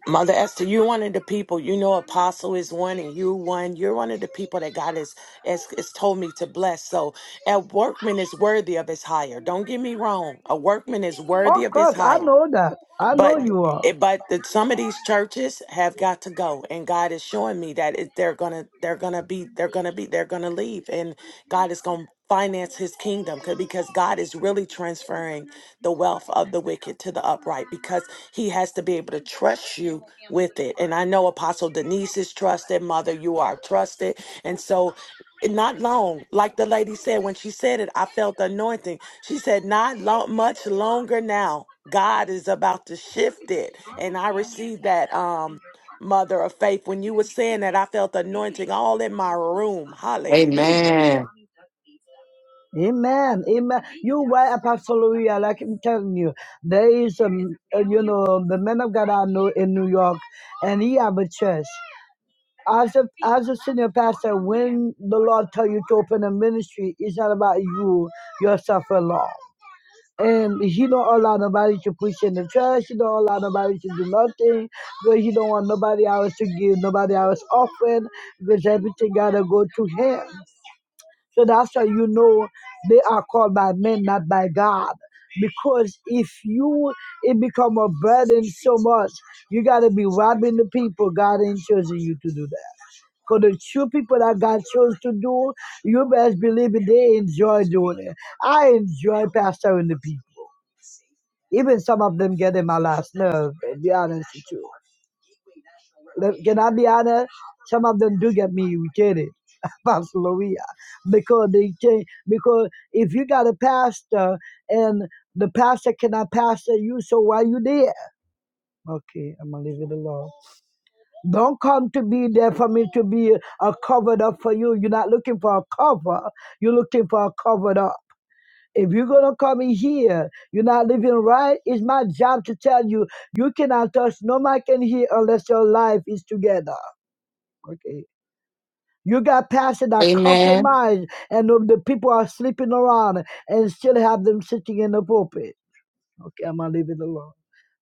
Mother Esther, you're one of the people, you know, Apostle is one and you one. You're one of the people that God has, has, has told me to bless. So a workman is worthy of his hire. Don't get me wrong. A workman is worthy Of of his course, I hire know that. I know but you are. it, but that some of these churches have got to go and god is showing me that it, they're gonna they're gonna be they're gonna be they're gonna leave and god is gonna finance his kingdom 'cause- because god is really transferring the wealth of the wicked to the upright because he has to be able to trust you with it and i know apostle denise is trusted mother you are trusted and so eh, not long like the lady said when she said it i felt the anointing she said, Not lo- much longer now. God is about to shift it. And I received that, um, Mother of Faith. When you were saying that, I felt anointing all in my room. Hallelujah. Amen. Amen. Amen. You right, Apostle Louis, like I'm telling you. There is um, uh, you know, the man of God I know in New York, and he have a church. As a as a senior pastor, when the Lord tell you to open a ministry, it's not about you yourself alone. And he don't allow nobody to push in the trash. He don't allow nobody to do nothing. Because he don't want nobody else to give, nobody else offering. Because everything gotta go to him. So that's how you know they are called by men, not by God. Because if you it become a burden so much, you gotta be robbing the people. God ain't chosen you to do that. Because the true people that God chose to do, you best believe it, they enjoy doing it. I enjoy pastoring the people. Even some of them get in my last nerve, to be honest with you. Let- Can I be honest? Some of them do get me irritated, <laughs> Pastor Maria, because they change. Because if you got a pastor and the pastor cannot pastor you, so why you there? Okay, I'm gonna leave it alone. Don't come to be there for me to be a covered up for you. You're not looking for a cover. You're looking for a covered up. If you're gonna come in here, you're not living right. It's my job to tell you you cannot touch no man can hear unless your life is together. Okay. You got passion that Amen. compromise and of the people are sleeping around and still have them sitting in the pulpit. Okay, I'm gonna leave it alone.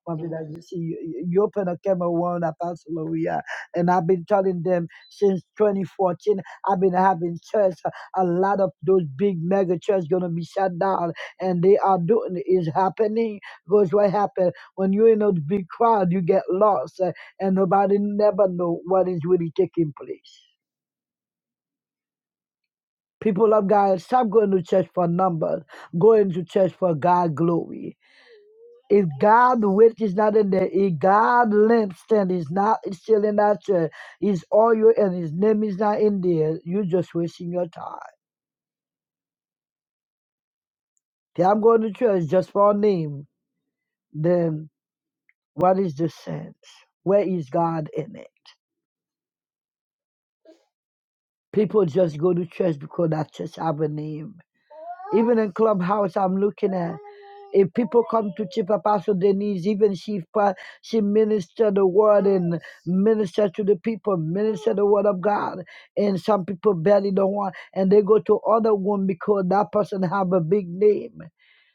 Mommy, that you see, you, you you open a Cameroon, Apostle Maria, and I've been telling them since 2014. I've been having church. A lot of those big mega churches gonna be shut down, and they are doing is happening. Because what happened when you're in a big crowd, you get lost, uh, and nobody never know what is really taking place. People of God, stop going to church for numbers. Go into church for God glory. If God, which is not in there, if God lampstand is not still in that chair, his oil and his name is not in there, you're just wasting your time. If I'm going to church just for a name, then what is the sense? Where is God in it? People just go to church because that church have a name. Even in clubhouse, I'm looking at. If people come to Chief Apostle Denise, even she pro- she minister the word and minister to the people, minister the word of God. And some people barely don't want, and they go to other one because that person have a big name.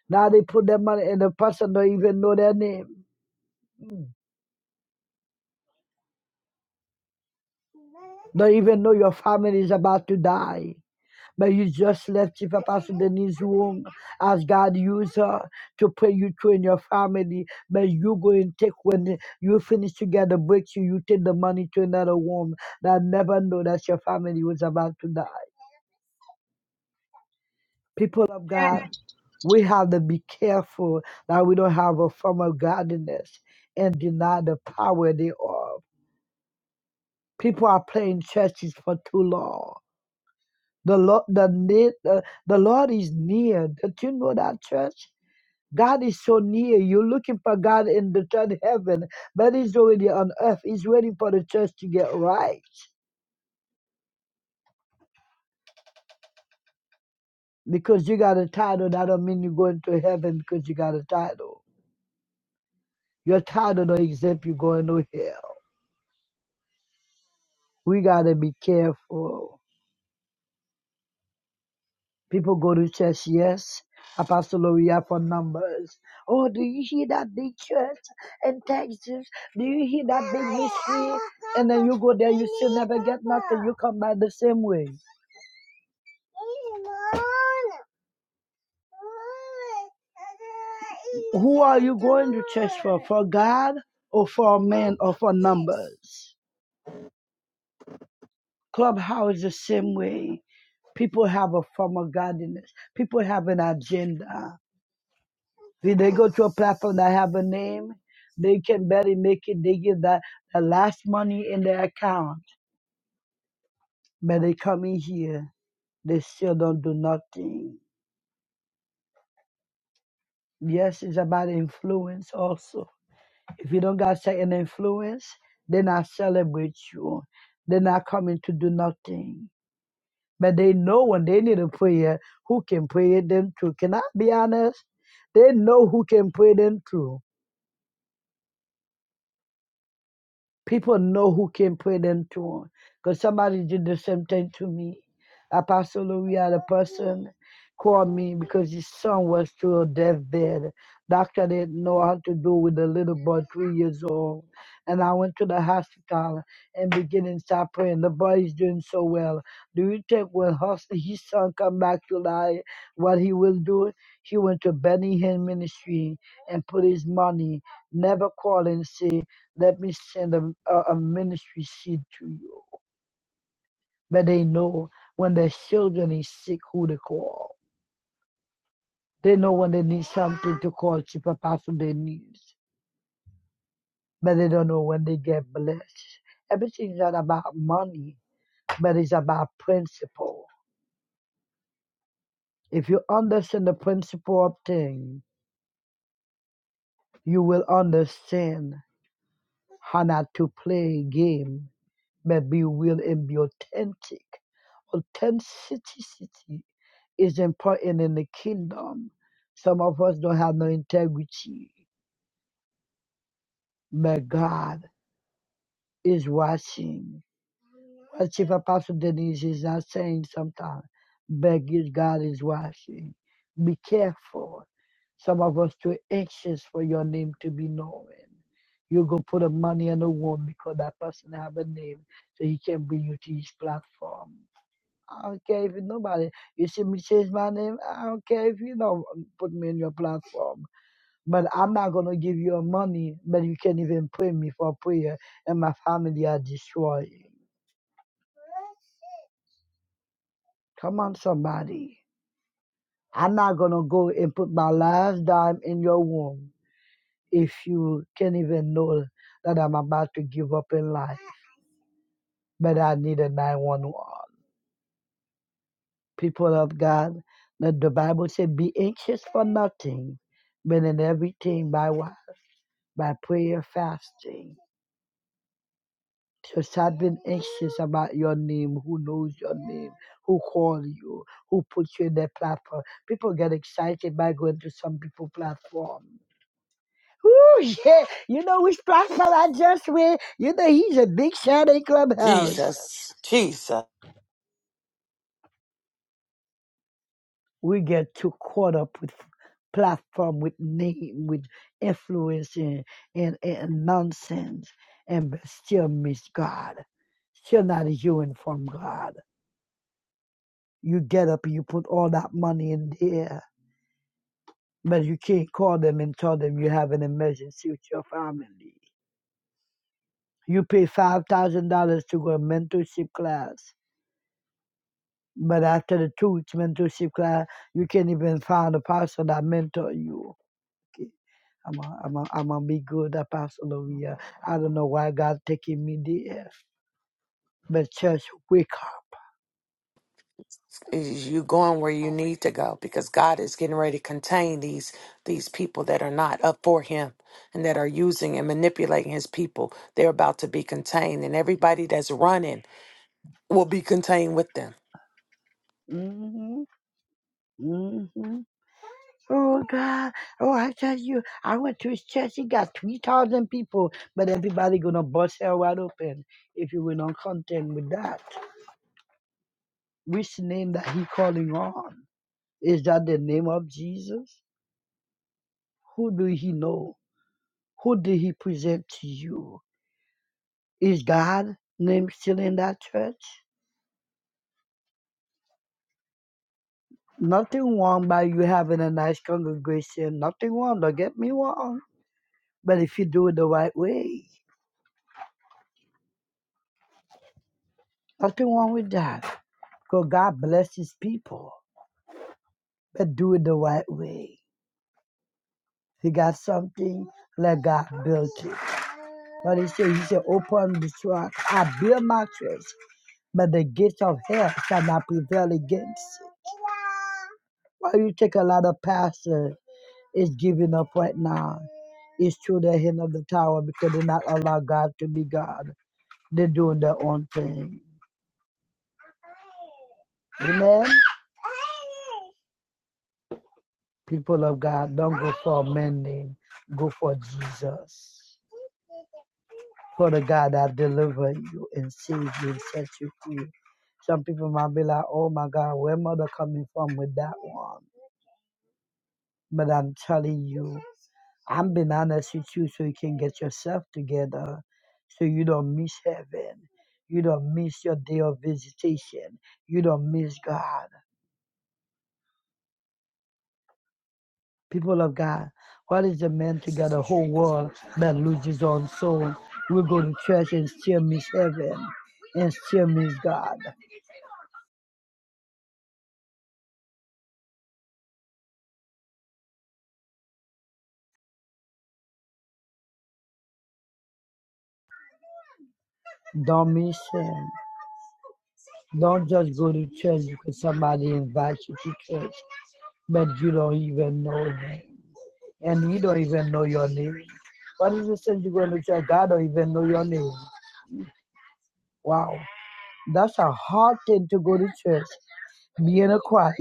Now they put their money, and the person don't even know their name, don't even know your family is about to die. But you just left Chief Apostle Denise's room as God used her to pray you through in your family. But you go and take when you finish together, break you, you take the money to another room that never know that your family was about to die. People of ask God, we have to be careful that we don't have a form of godliness and deny the power thereof. People are playing churches for too long. The Lord, the, ne- the, the Lord is near. Don't you know that church? God is so near. You're looking for God in the third heaven, but He's already on earth. He's waiting for the church to get right. Because you got a title, that don't mean you're going to heaven because you got a title. Your title don't exempt you going to hell. We gotta be careful. People go to church, yes. Apostle Loria for numbers. Oh, do you hear that big church in Texas? Do you hear that big mystery? And then you go there, you still never get nothing. You come back the same way. Who are you going to church for? For God or for men or for numbers? Clubhouse is the same way. People have a form of godliness. People have an agenda. When they go to a platform that have a name, they can barely make it. They give that the last money in their account. But they come in here, they still don't do nothing. Yes, it's about influence also. If you don't got certain influence, they not celebrate you. They're not coming to do nothing. But they know when they need a prayer, who can pray them through. Can I be honest? They know who can pray them through. People know who can put them through. Because somebody did the same thing to me. Apostle Louis had a person called me because his son was to a deathbed. Doctor didn't know how to do with a little boy three years old. And I went to the hospital and beginning to start praying. The boy is doing so well. Do you think when hus- his son come back to life, what he will do? He went to Benny Hinn Ministry and put his money, never calling sick. Let me send a, a, ministry seed to you. But they know when their children is sick who they call. They know when they need something to call to Chief Apostle their needs. But they don't know when they get blessed. Everything's not about money, but it's about principle. If you understand the principle of thing, you will understand how not to play a game but be real and be authentic. Authenticity is important in the kingdom. Some of us don't have no integrity, but God is watching. As Chief Apostle Denise is not saying sometimes, but yes, God is watching. Be careful. Some of us too anxious for your name to be known. You go put the money in the womb because that person have a name so he can bring you to his platform. I don't care if you nobody. You see me change my name. I don't care if you don't put me in your platform. But I'm not gonna give you money. But you can't even pray me for prayer, and my family are destroyed. Come on, somebody. I'm not gonna go and put my last dime in your womb if you can't even know that I'm about to give up in life. But I need a 911. People of God, let the Bible say, be anxious for nothing, but in everything by what? by prayer fasting. Just I've been anxious about your name, who knows your name, who call you, who put you in their platform. People get excited by going to some people platform. Ooh, yeah. You know which platform I just went? You know he's a big Saturday clubhouse. Jesus, Jesus, We get too caught up with platform, with name, with influence and, and, and nonsense and still miss God. Still not hearing from God you get up and you put all that money in there, but you can't call them and tell them you have an emergency with your family. You pay five thousand dollars to go to a mentorship class, but after the two weeks mentorship class, you can't even find a pastor that mentor you. Okay, I'm a, I'm a, I'm gonna be good at Pastor Loria. I don't know why God taking me there, but church, wake up. is you going where you need to go because God is getting ready to contain these these people that are not up for Him and that are using and manipulating His people. They're about to be contained, and everybody that's running will be contained with them. hmm hmm Oh God! Oh, I tell you, I went to his church. He got three thousand people, but everybody gonna bust hell wide open if you will not contend with that. Which name that he calling on? Is that the name of Jesus? Who do he know? Who did he present to you? Is God name still in that church? Nothing wrong by you having a nice congregation. Nothing wrong. Don't get me wrong. But if you do it the right way, nothing wrong with that. Because God bless his people. but do it the right way. If you got something, let God build it. But he said, he said, open the trunk. I build my church, but the gates of hell shall not prevail against it. Why you take a lot of pastors is giving up right now. It's through the hand of the tower because they not allow God to be God. They're doing their own thing. Amen. People of God, don't go for a man name. Go for Jesus. Father God, that deliver you and save you and set you free. Some people might be like, oh my God, where mother coming from with that one? But I'm telling you, I'm being honest with you so you can get yourself together so you don't miss heaven. You don't miss your day of visitation. You don't miss God. People of God, what is the man to get a whole world that loses his own soul? We go to church and still miss heaven and still miss God. Don't miss ashamed. Don't just go to church because somebody invites you to church, but you don't even know them. And you don't even know your name. What is the sense you going to church? God don't even know your name. Wow. That's a hard thing to go to church, be in a choir,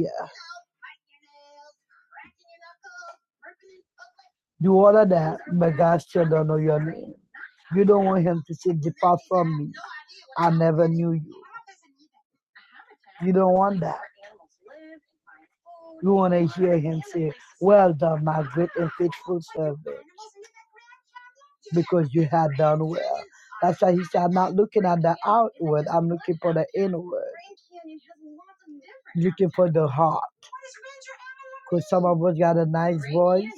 do all of that, but God still don't know your name. You don't want him to say, Depart from me. I never knew you. You don't want that. You want to hear him say, Well done, my good and faithful servant because you have done well. That's why he said, I'm not looking at the outward, I'm looking for the inward. Looking for the heart. Because some of us got a nice voice.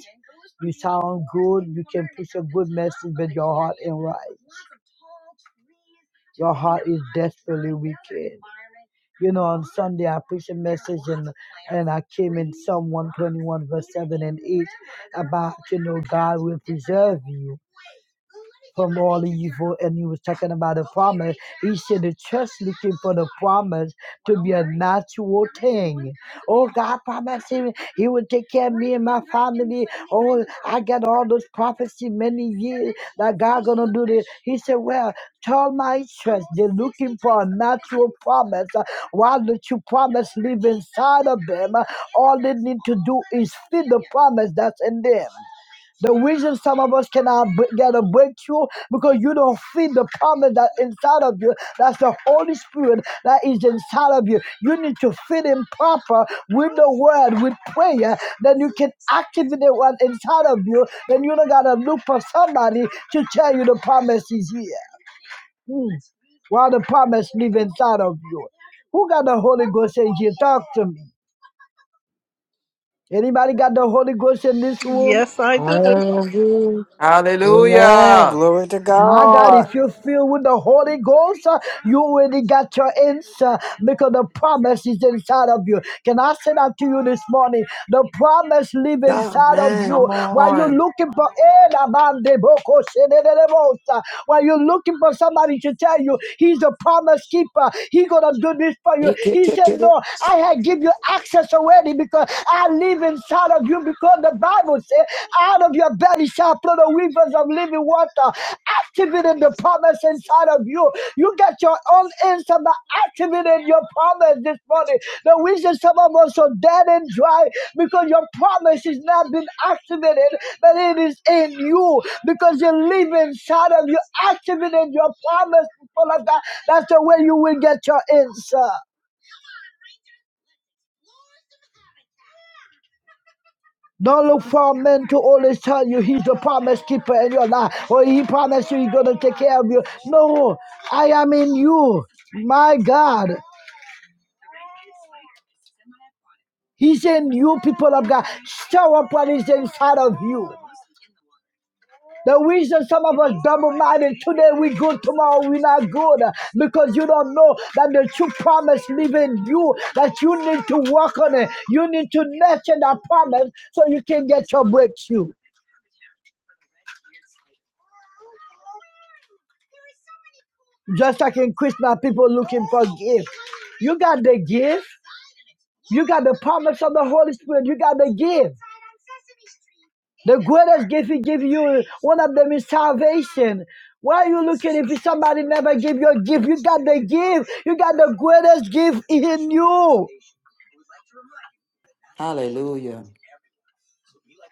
You sound good. You can push a good message, but your heart ain't right. Your heart is desperately wicked. You know, on Sunday I preached a message and and I came in Psalm 121 verse 7 and 8 about you know God will preserve you from all evil. And he was talking about a promise. He said the church looking for the promise to be a natural thing. Oh, God promised him he would take care of me and my family. Oh, I got all those prophecy many years that God gonna do this. He said, Well, tell my church they're looking for a natural promise. Uh, Why don't you promise live inside of them? Uh, All they need to do is feed the promise that's in them. The reason some of us cannot b- get a breakthrough because you don't feed the promise that inside of you. That's the Holy Spirit that is inside of you. You need to feed Him proper with the Word, with prayer. Then you can activate the one inside of you. Then you don't gotta look for somebody to tell you the promise is here. Mm. While the promise live inside of you. Who got the Holy Ghost in here? Talk to me. Anybody got the Holy Ghost in this room? Yes, I do. Hallelujah. Amen. Hallelujah. Glory to My God, God. if you fill with the Holy Ghost, uh, you already got your answer because the promise is inside of you. Can I say that to you this morning? The promise live inside of you. Amen. Come While you're on. looking for Eh, la bande boko se de de de bosa. while you're looking for somebody to tell you he's a promise keeper, he gonna do this for you. He said, No, I had give you access already because I live inside of you you because the Bible says, out of your belly shall flow the rivers of living water, activating the promise inside of you. You get your own answer by activating your promise this morning. The reason some of us are dead and dry because your promise is not been activated, but it is in you because you live inside of you, activating your promise. people of God. That's the way you will get your answer. Don't look for men to always tell you he's the promise keeper in your life or he promised you he's going to take care of you. No, I am in you. My God. He's in you, people of God. Stir up what is inside of you. The reason some of us double-minded today we good, tomorrow we not good, because you don't know that the true promise live in you, that you need to work on it. You need to nurture that promise so you can get your breakthrough. Just like in Christmas, people looking for gifts. You got the gift. You got the promise of the Holy Spirit. You got the gift. The greatest gift He give you, one of them is salvation. Why are you looking if somebody never give you a gift? You got the gift. You got the greatest gift in you. Hallelujah.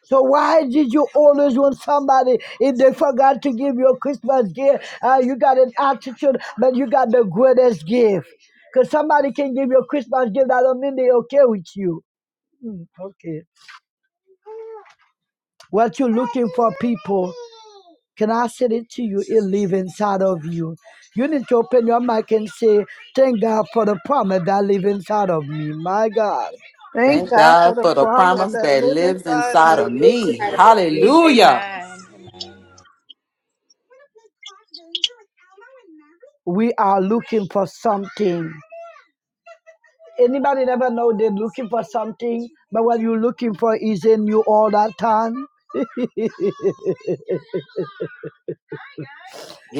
So why did you always want somebody if they forgot to give you a Christmas gift? Uh, you got an attitude, but you got the greatest gift. Because somebody can give you a Christmas gift, that don't mean they okay with you. Mm, Okay. What you're looking for, people, can I say it to you? It live inside of you. You need to open your mouth and say, Thank God for the promise that live inside of me. My God. Thank Thank God for God the for the promise Father, promise that that live lives inside of inside me. for of live this and me. inside of me. Hallelujah. Amen. We are looking for something. Anybody never know they're looking for something, but what you're looking for is in you all that time.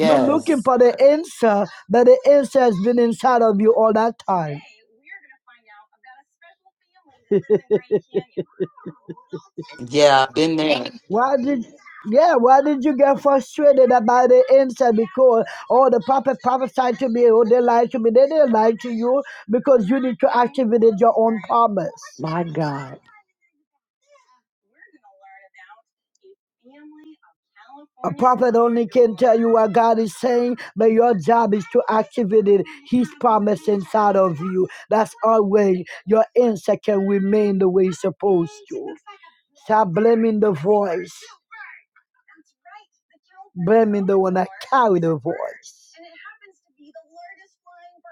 You're looking for the answer, but the answer has been inside of you all that time. <laughs> Yeah, I've been there. Why did yeah, why did you get frustrated about the answer? Because oh the prophet prophesied to me, oh they lied to me, they didn't lie to you because you need to activate your own promise. My God. A prophet only can tell you what God is saying, but your job is to activate it. His promise inside of you. That's always your answer can remain the way it's supposed to. Stop blaming the voice. Blaming the one that carried the voice.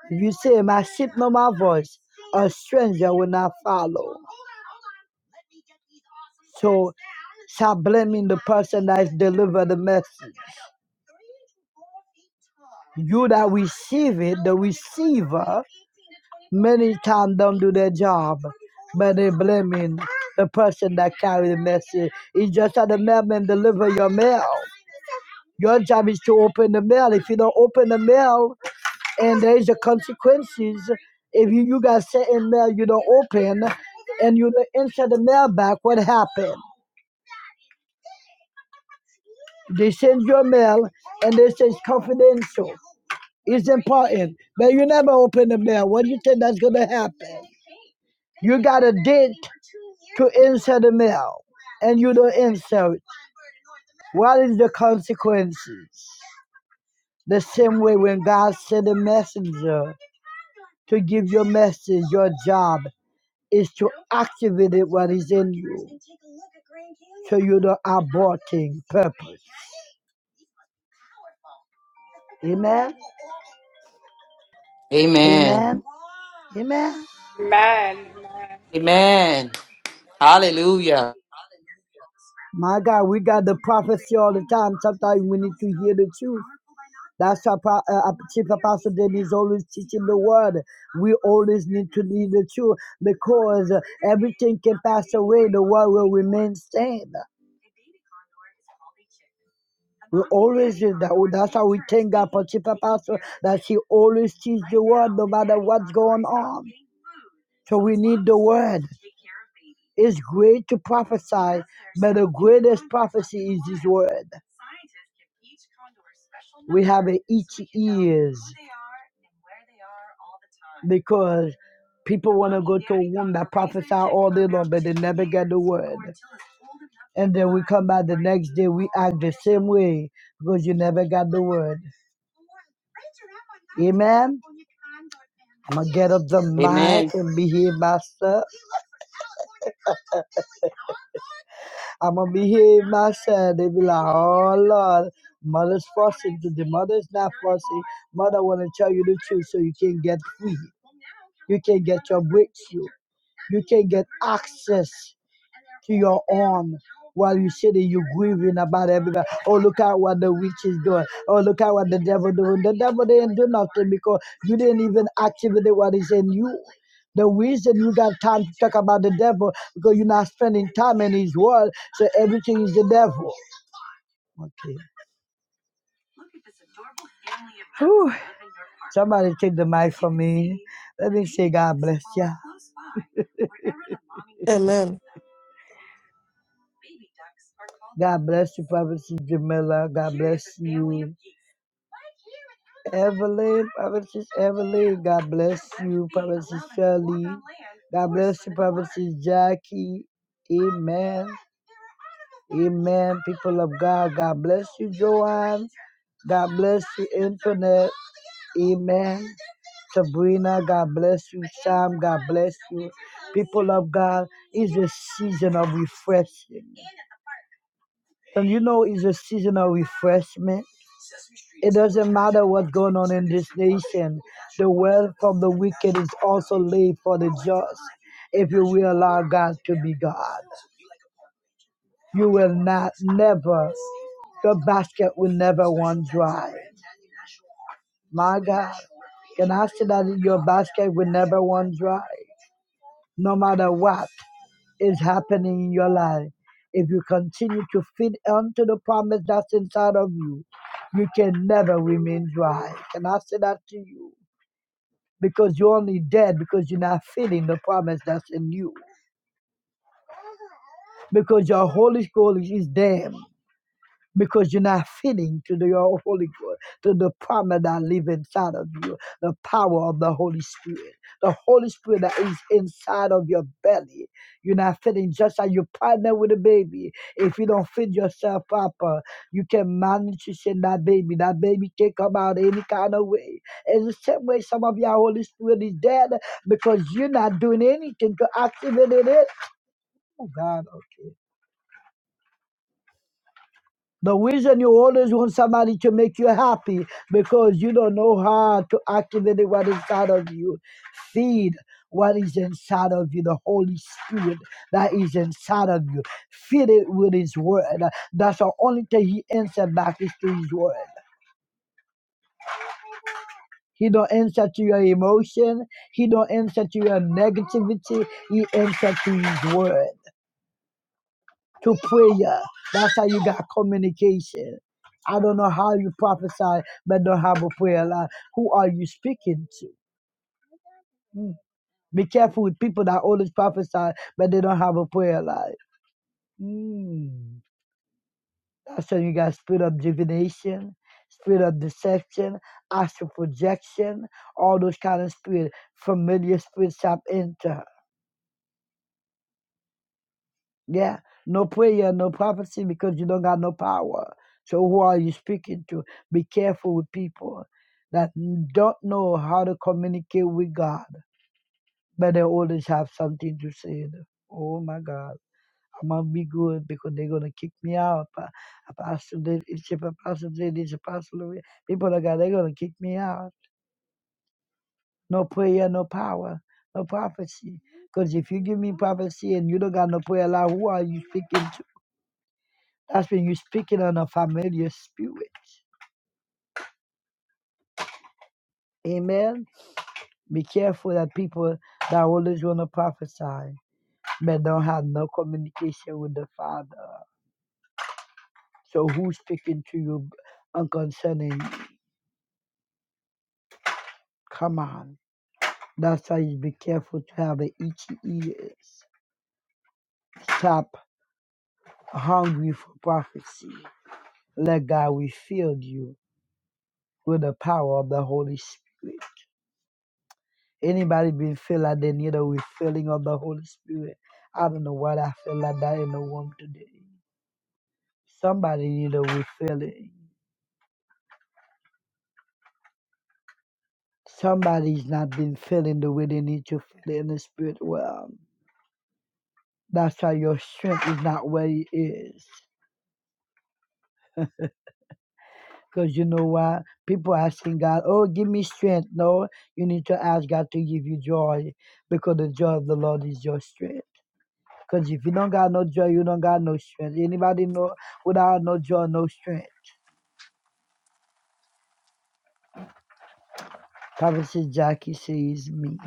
If you say, My sheep know my voice, a stranger will not follow. So, stop blaming the person that has delivered the message. You that receive it, the receiver, many times don't do their job, but they blaming the person that carry the message. It's just how the mailman deliver your mail. Your job is to open the mail. If you don't open the mail, and there's the consequences if you, you got certain mail you don't open and you don't enter the mail back what happened they send your mail and they say it's confidential it's important but you never open the mail what do you think that's going to happen you got a date to answer the mail and you don't answer it what is the consequences the same way when god sent a messenger to give your message your job is to activate it what is in you so you do not aborting purpose. Amen. Amen. Amen. Amen. Amen. Hallelujah. My God, we got the prophecy all the time. Sometimes we need to hear the truth. That's why Pro- uh, uh, Chief Apostle Dennis is always teaching the word. We always need to need the truth because uh, everything can pass away. The word will remain same. We always do that. Oh, That's how we thank God for Chief pastor. that she always teaches the word no matter what's going on. So we need the word. It's great to prophesy, but the greatest prophecy is His word. We have it each ears because people want to go to a womb that prophesy all day long, but they never get the word. And then we come back the next day, we act the same way because you never got the word. Amen. I'm gonna get up the Amen. mic and behave myself. I'm gonna behave myself. They be like, oh Lord, mother's fussing. The mother's not fussing. Mother wanna tell you the truth so you can get free. You can get your breakthrough. You can get access. to your arms while you sitting, you grieving about everybody. Oh, look at what the witch is doing. Oh, look at what the devil doing. The devil didn't do nothing because you didn't even activate what is in you. The reason you got time to talk about the devil because you're not spending time in his world. so everything is the devil. Okay. Whew. Somebody take the mic from me. Let me say God bless ya. Amen. God bless you, Prophetess Jamila. God bless you. Evelyn, Prophetess Evelyn. God bless you, Prophetess Shirley. God bless you, Prophetess Jackie. Amen. Amen. People of God, God bless you, Joanne. God bless you, Internet. Amen. Sabrina, God bless you. Sam, God bless you. People of God, it's a season of refreshing. And you know, it's a seasonal refreshment. It doesn't matter what's going on in this nation. The wealth of the wicked is also laid for the just. If you will allow God to be God, you will not, never, your basket will never run dry. My God, can I say that your basket will never run dry? no matter what is happening in your life. If you continue to feed onto the promise that's inside of you, you can never remain dry. Can I say that to you? Because you're only dead because you're not feeding the promise that's in you. Because your Holy Spirit is dead. because you're not fitting to the Holy Ghost, to the power that live inside of you, the power of the Holy Spirit, the Holy Spirit that is inside of your belly. You're not fitting just like you partner with a baby. If you don't feed yourself proper, you can malnutrition that baby. That baby can come out any kind of way. It's the same way some of your Holy Spirit is dead because you're not doing anything to activate it. Oh God, okay. The reason you always want somebody to make you happy because you don't know how to activate what is inside of you. Feed what is inside of you, the Holy Spirit that is inside of you. Feed it with His Word. That's the only thing He answers back is to His Word. He don't answer to your emotion. He don't answer to your negativity. He answers to His Word. to prayer. That's how you got communication. I don't know how you prophesy but don't have a prayer life. Who are you speaking to? Mm. Be careful with people that always prophesy but they don't have a prayer life. Mm. That's how you got spirit of divination, spirit of deception, astral projection, all those kind of spirit, familiar spirits tap into. Yeah, no prayer, no prophecy because you don't got no power. So who are you speaking to? Be careful with people that don't know how to communicate with God, but they always have something to say. Oh my God, I'm gonna be good because they're gonna kick me out. Pa- Apostle, did- it's a apostle, did- it's apostle. of it. People like that, they're gonna kick me out. No prayer, no power, no prophecy. Because if you give me prophecy and you don't got no prayer, like who are you speaking to? That's when you're speaking on a familiar spirit. Amen. Be careful that people that always want to prophesy but don't have no communication with the Father. So who's speaking to you and concerning? Come on. That's why you be careful to have the itchy ears. Stop hungry for prophecy. Let God refill you with the power of the Holy Spirit. Anybody been feel like they need a refilling of the Holy Spirit? I don't know why I feel like that in the room today. Somebody need a refilling. Somebody's not been feeling the way they need to feel in the spirit realm. That's why your strength is not where it is. Because you know why People asking God, oh, give me strength. No, you need to ask God to give you joy because the joy of the Lord is your strength. Because if you don't got no joy, you don't got no strength. Anybody know without no joy, no strength? Prophetess Jackie says me.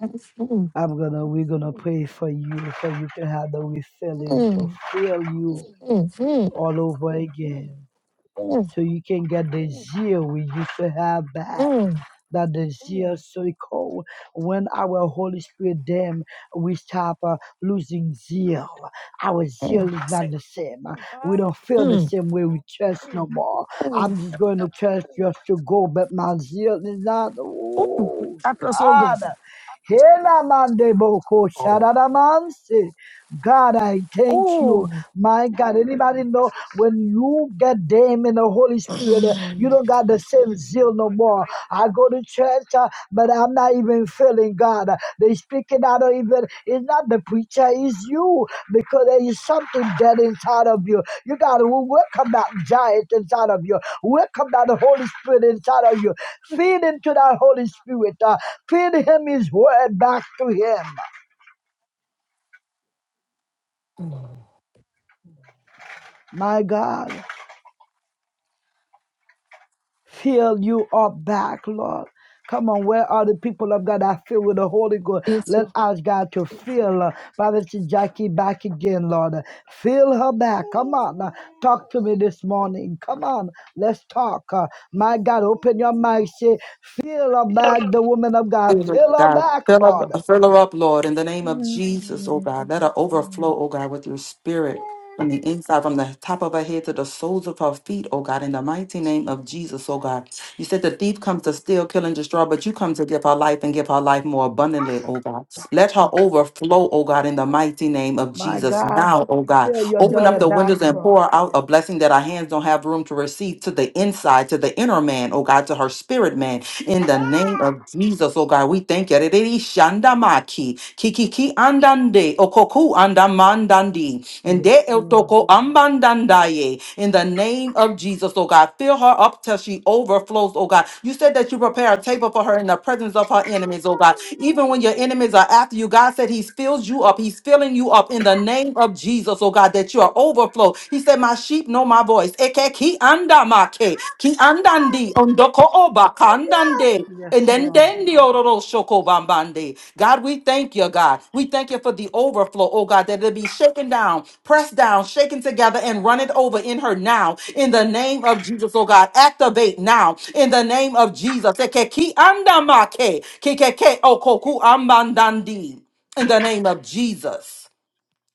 Mm, I'm gonna we're gonna pray for you so you can have the refilling to mm, fill you mm, mm, all over again. mm, mm, So you can get the zeal we used to have back. mm, That the zeal so cold when our Holy Spirit them we stop uh, losing zeal. Our zeal is not the same. We don't feel the mm, same way we church no more. mm. I'm just going to church just to go, but my zeal is not. Ooh, Oh I feel so good. God. Helamandeboko Oh, shadadamanse. God, I thank you. oh, My God, anybody know when you get them in the Holy Spirit, uh, you don't got the same zeal no more. I go to church, uh, but I'm not even feeling God. Uh, They speaking out of even, it's not the preacher, it's you, because there is something dead inside of you. You got to welcome that giant inside of you. Welcome that Holy Spirit inside of you. Feed into that Holy Spirit. Uh, Feed him his word back to him. My God, fill you up back, Lord. Come on, where are the people of God that filled with the Holy Ghost? it's Let so us, God, to fill uh, Pastor Jackie back again, Lord. Fill her back. Come on, uh, talk to me this morning. Come on, let's talk. Uh, my God, open your mouth. Say, fill her back, the woman of God. Spirit, Fill her God, back, fill up, Lord. fill her up, Lord, in the name of Hello, Jesus, Lord, oh in God. Let her Jesus' name. overflow, oh God, with your spirit from the inside, from the top of her head to the soles of her feet, oh God, in the mighty name of Jesus, oh God. You said the thief comes to steal, kill, and destroy, but you come to give her life and give her life more abundantly, oh God. Let her overflow, oh God, in the mighty name of My Jesus. God, Now, oh God, fill your open up daughter the back, windows and Lord. pour out a blessing that our hands don't have room to receive to the inside, to the inner man, oh God, to her spirit man in the name of Jesus, oh God, we thank you. Rereri shandamaki, kikiki andande, okoku andamandandi, and de Yes, Lord. eltoko ambandandaye. In the name of Jesus, oh God, fill her up till she overflows, oh God. You said that you prepare a table for her in the presence of her enemies, oh God. Even when your enemies are after you, God said He fills you up. He's filling you up in the name of Jesus, oh God, that you are overflow. He said, my sheep know my voice. Eke ki anda make, ki andandi, ondoko oba, kandande. And Yes, then, Lord. then the ororo shoko bambande. God, we thank you, God. We thank you for the overflow, oh God, that it'll be shaken down, pressed down, shaken together, and run it over in her now. In the name of Jesus, oh God, activate now. In the name of Jesus. Eke ki anda make, ki ke ke okoku ambandandi. In the name of Jesus.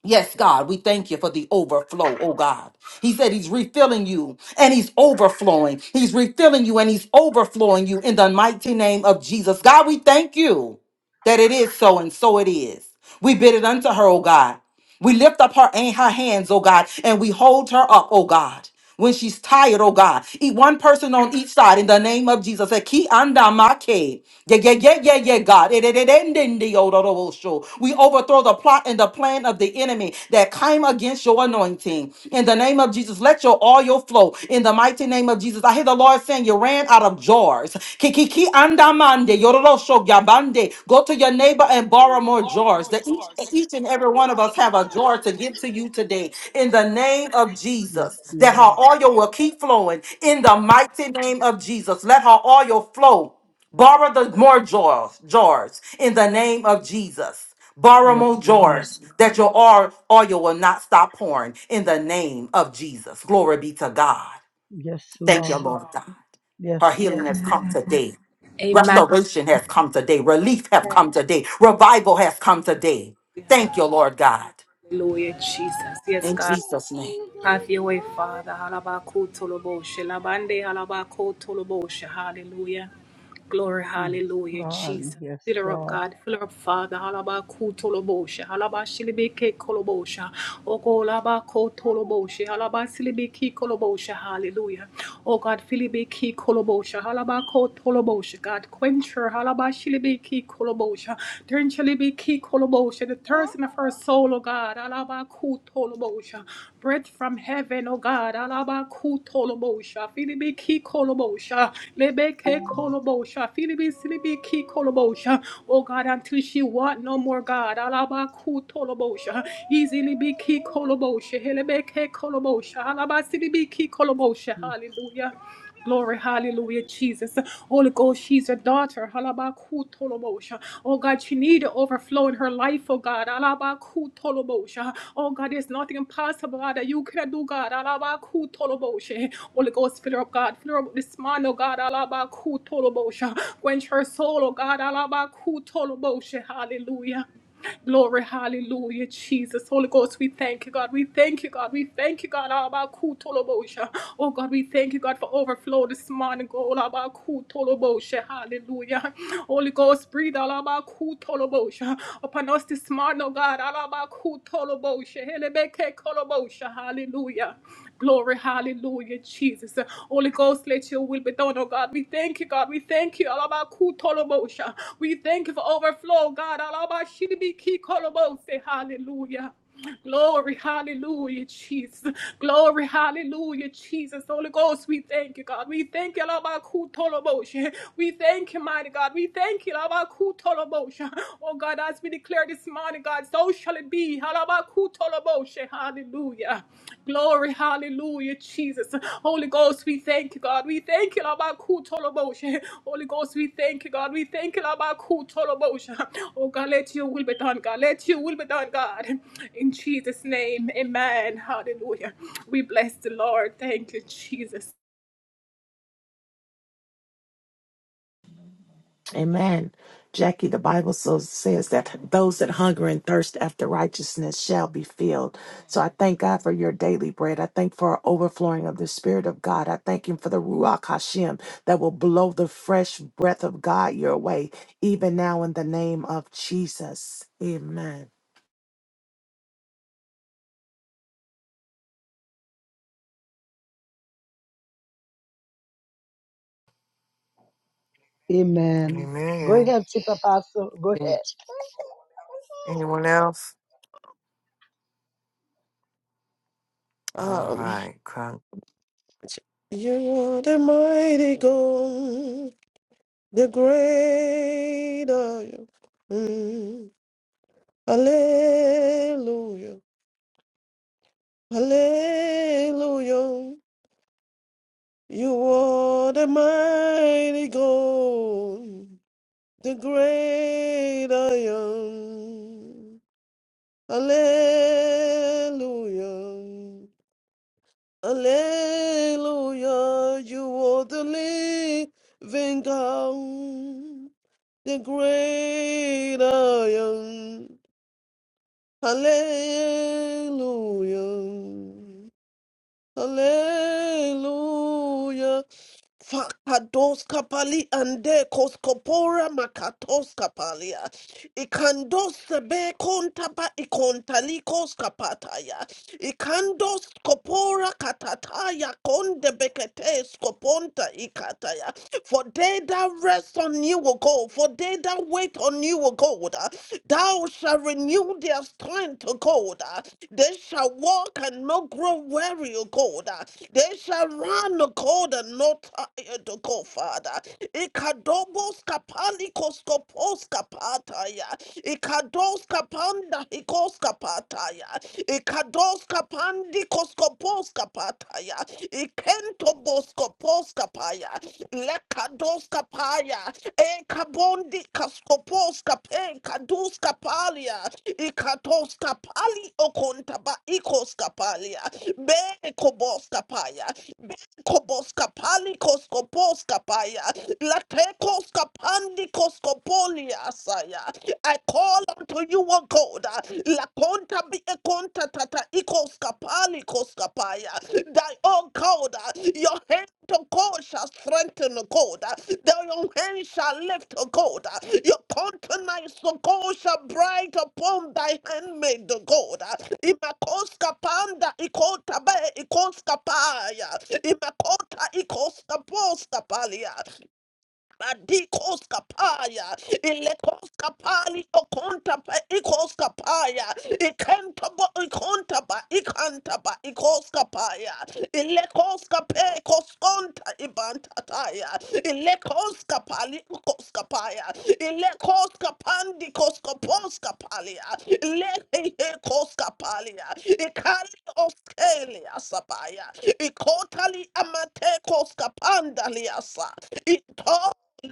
Yes, God, we thank you for the overflow, oh God. He said he's refilling you and he's overflowing. He's refilling you and he's overflowing you in the mighty name of Jesus. God, we thank you that it is so and so it is. We bid it unto her, oh God. We lift up her and her hands, oh God, and we hold her up, oh God. When she's tired, oh God, eat one person on each side in the name of Jesus. Eh, ki anda ma ke. Yeah, yeah, yeah, yeah, yeah, God. Eh, de, de, de, de, de, oh, do, do, oh, sho. We overthrow the plot and the plan of the enemy that came against your anointing. In the name of Jesus, let your oil flow overflow in the mighty name of Jesus. I hear the Lord saying, You ran out of jars. Kikiki andamande, yororosho gabande. Go to your neighbor and borrow more jars. That each, each and every one of us have a jar to give to you today in the name of Yes, Jesus. That Lord. her oil will keep flowing in the mighty name of Jesus. Let her oil flow. Borrow the more jars, jars in the name of Jesus. Borrow more Yes, Lord. jars that your or- oil will not stop pouring in the name of Jesus. Glory be to God. Yes, Thank you, Yes, Lord. Lord God. Her Yes, healing Lord. has come today. Amen. Amen. Restoration has come today. Relief has come today. Revival has come today. Thank you, Lord God. Hallelujah, Jesus. Yes, In God. Jesus' name. Have your way, Father. Halabaku toloboshe. Labande halabaku toloboshe. Hallelujah. Glory, Yes, hallelujah, Lord. Jesus. Yes, Fill her up, Lord. God. Fill her up, Father. Halabaku toloboshe. Halabashilibeke kolobosha. Oko labako toloboshe. Halabasilibiki kolobosha. Hallelujah. Oh God, filibiki koloboshe, Halabako toloboshe. God, quench her. Halabashilibiki koloboshe, Turn shilibiki koloboshe, The thirst in of her soul, oh God. Halabaku tolobosha. Bread from heaven, oh God. Alaba kutolobosha. Filibi ki kolobosha. Lebeke kolobosha. Filibi silibi ki kolobosha. Oh God, until she want no more God. Alaba kutolobosha. Easily be ki kolobosha. Helebeke kolobosha. Alaba silibi ki kolobosha. Hallelujah. Glory, hallelujah, Jesus. Holy Ghost, she's a daughter. Halabakutolobosha. Oh God, she needs to overflow in her life, oh God. Halabakutolobosha. Oh God, there's nothing impossible God, that you cannot do, God. Halabakutolobosha. Holy Ghost, fill her up, God. Fill her up with this man, oh God. Halabakutolobosha. Quench her soul, oh God. Halabakutolobosha. Hallelujah. Glory, hallelujah, Jesus. Holy Ghost, we thank you, God. We thank you, God. We thank you, God. Abba, kutolobosha. Oh, God, we thank you, God, for overflow this morning. God, Abba, kutolobosha. Hallelujah. Holy Ghost, breathe all about kutolobosha upon us this morning, oh God. Alaba kutolobosha. Helebeke kolobosha. Hallelujah. Glory, hallelujah, Jesus. Holy Ghost, let your will be done, oh God. We thank you, God. We thank you. Alabakutolobosha. We thank you for overflow, God. Alabashidibikikolobose. Hallelujah. Glory, hallelujah, Jesus. Glory, hallelujah, Jesus. Holy Ghost, we thank you, God. We thank you, Labakutolobosha. We thank you, mighty God. We thank you, Labakutolobosha. Oh God, as we declare this morning, God, so shall it be. Halabakutolobosha. Hallelujah. Glory, hallelujah, Jesus. Holy Ghost, we thank you, God. We thank you, Lord, about Kutolobosha. Holy Ghost, we thank you, God. We thank you, Lord, about Kutolobosha. Oh, God, let your will be done, God. Let your will be done, God. In Jesus' name, amen. Hallelujah. We bless the Lord. Thank you, Jesus. Amen. Jackie, the Bible so says that those that hunger and thirst after righteousness shall be filled. So I thank God for your daily bread. I thank for our overflowing of the Spirit of God. I thank Him for the Ruach Hashem that will blow the fresh breath of God your way, even now in the name of Jesus. Amen. Amen. Go Amen. ahead, Chief Apostle. Go ahead. Anyone else? All Um, right. Come. you are the mighty God, the great I am. Mm. Hallelujah. Hallelujah. You are the mighty God, the great I am. Hallelujah. Hallelujah! you are the living God, the great I am. Hallelujah. Hallelujah. Fakados kapali ande koskopora makatos kapalia. Ikandos sebe kontapa ikontalikos kapataya. Ikandos kopora katataya konde bekete skoponta ikataya. For they that rest on you will go. For they that wait on you will go. Thou shalt renew their strength, O God. Uh, They shall walk and not grow weary, O God. Uh, They shall run, O God, and not tired, O God, Father. Ikadobos kapalikos kopos kapataya. Ikados kapanda hikos kapataya. Ikados kapandi koskopos kapataya. Ikento kaposkapaya, lekadoskapaya, ekabondi kaskoposkapen, kaduskapalia, ikatoskapali okontaba ikoskapalia, be koboskapaya, be koboskapali koskoposkapaya, latekoskapandi koskopolia saya. I call unto you, O God, konta bi e konta tata ikoskapali koskapaya. Thy own God, your hand to God shall strengthen God. Thy own hand shall lift God. Your countenance to God shall bright upon thy handmaid God. Imakoskapanda ikota be ikoskapaya. Imakota ikoskaposkapalia. Adikos kapaya, ilekos kapali okonta pa ikos kapaya, ikenta ba ikonta ba ikanta ba ikos kapaya, ilekos kape koskonta ibantataya, ilekos kapali ukos kapaya, ilekos kapandi kos kapos kapalia, ilehe kos kapalia, ikali oskelia sabaya, ikotali amate kos kapanda Mandaliasa. Ito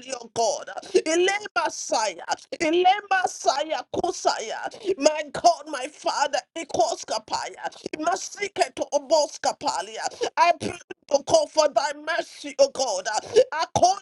your God. Ilema Saya. Ilema Saya Kusaya. My God, my Father, Ekos Kapaya. Masike to Masiketo Oboskapalia. I pray to call for thy mercy, O God.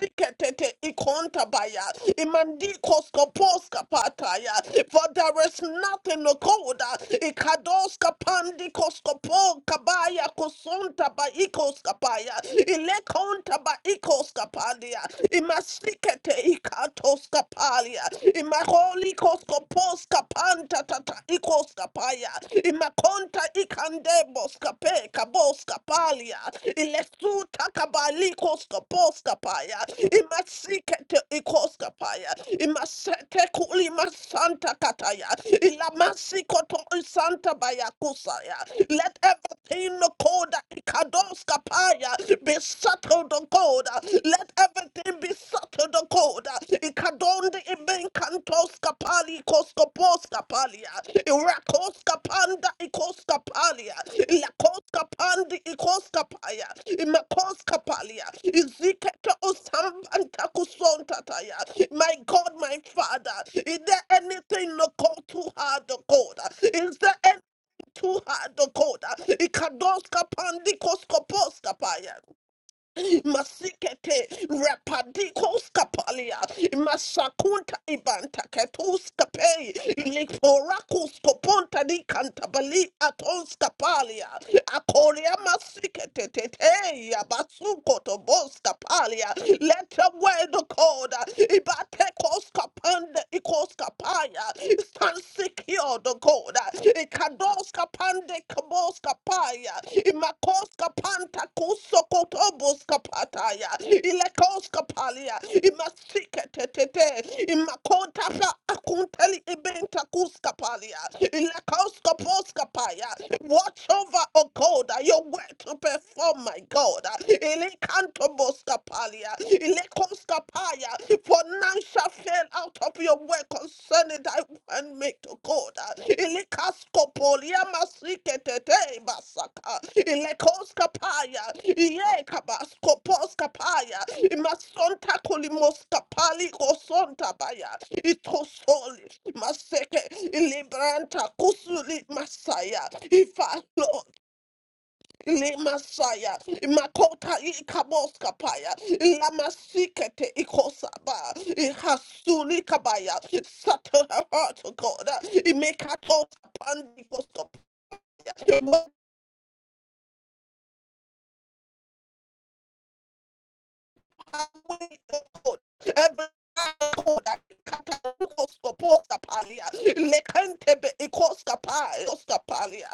Siketete ikontabaya, imandikos kopos kapataya. For there is nothing no koda. Ikados kapandikos kopo kabaya kosonta ba ikos kapaya. Ilekonta ba ikos kapalia. Imasikete ikatos kapalia. Imakoli koskopos kapanta tata ikos imakonta ikandebos kape kabos kapalia ilesuta kabalikos kapos kapaya imasikete ikos kapaya imasete kuli masanta kataya ilamasikoto isanta bayakusaya let everything no koda ikados kapaya be settled on God let everything be the code. Ikadonde ibenkantos kapali koskopos kapalia. Irakos kapanda ikos kapalia. Ilakos kapandi ikos kapaya. Imakos kapalia. Izikete osambanta kusontataya. My God, my Father, is there anything no call too hard the code? Is there anything too hard the code? Ikados kapandi koskopos kapaya masikete rapadikos kapalia masakunta ibanta ketus kapei liporakus koponta di kantabali atons kapalia akoria masikete tete abasuko tobos kapalia let the word of God ibate kos kapanda ikos kapaya stand secure the God Ikadoska pande kaboska paya. Imakoska panta kusokotoboska pataya. Ilekoska palia. Imasikete tete. Imakota pa akunteli ibenta kuska palia. Ilekoska poska paya. Watch over, O God, your word to perform, my God. Ilekantoboska palia. Ilekoska for none shall fail out of your work concerning thy one make to God. Ilikaskopolia masiketete basaka. Ilekoskapaya. Ye kabaskoposkapaya. Imasonta kolimoskapali kosonta baya. Itosoli maseke. Ilibranta kusuli masaya. Ifa Lemasaya, Makota Ikaboskapaya, Lamasikete Ikosaba, Hasuli Kabaya, Satan her heart to God, Imekatos Pandikoskopaya, Mapaway the God, every God, Katakoskoposapalia, Lekantebe Ikoskapai, Oskapalia,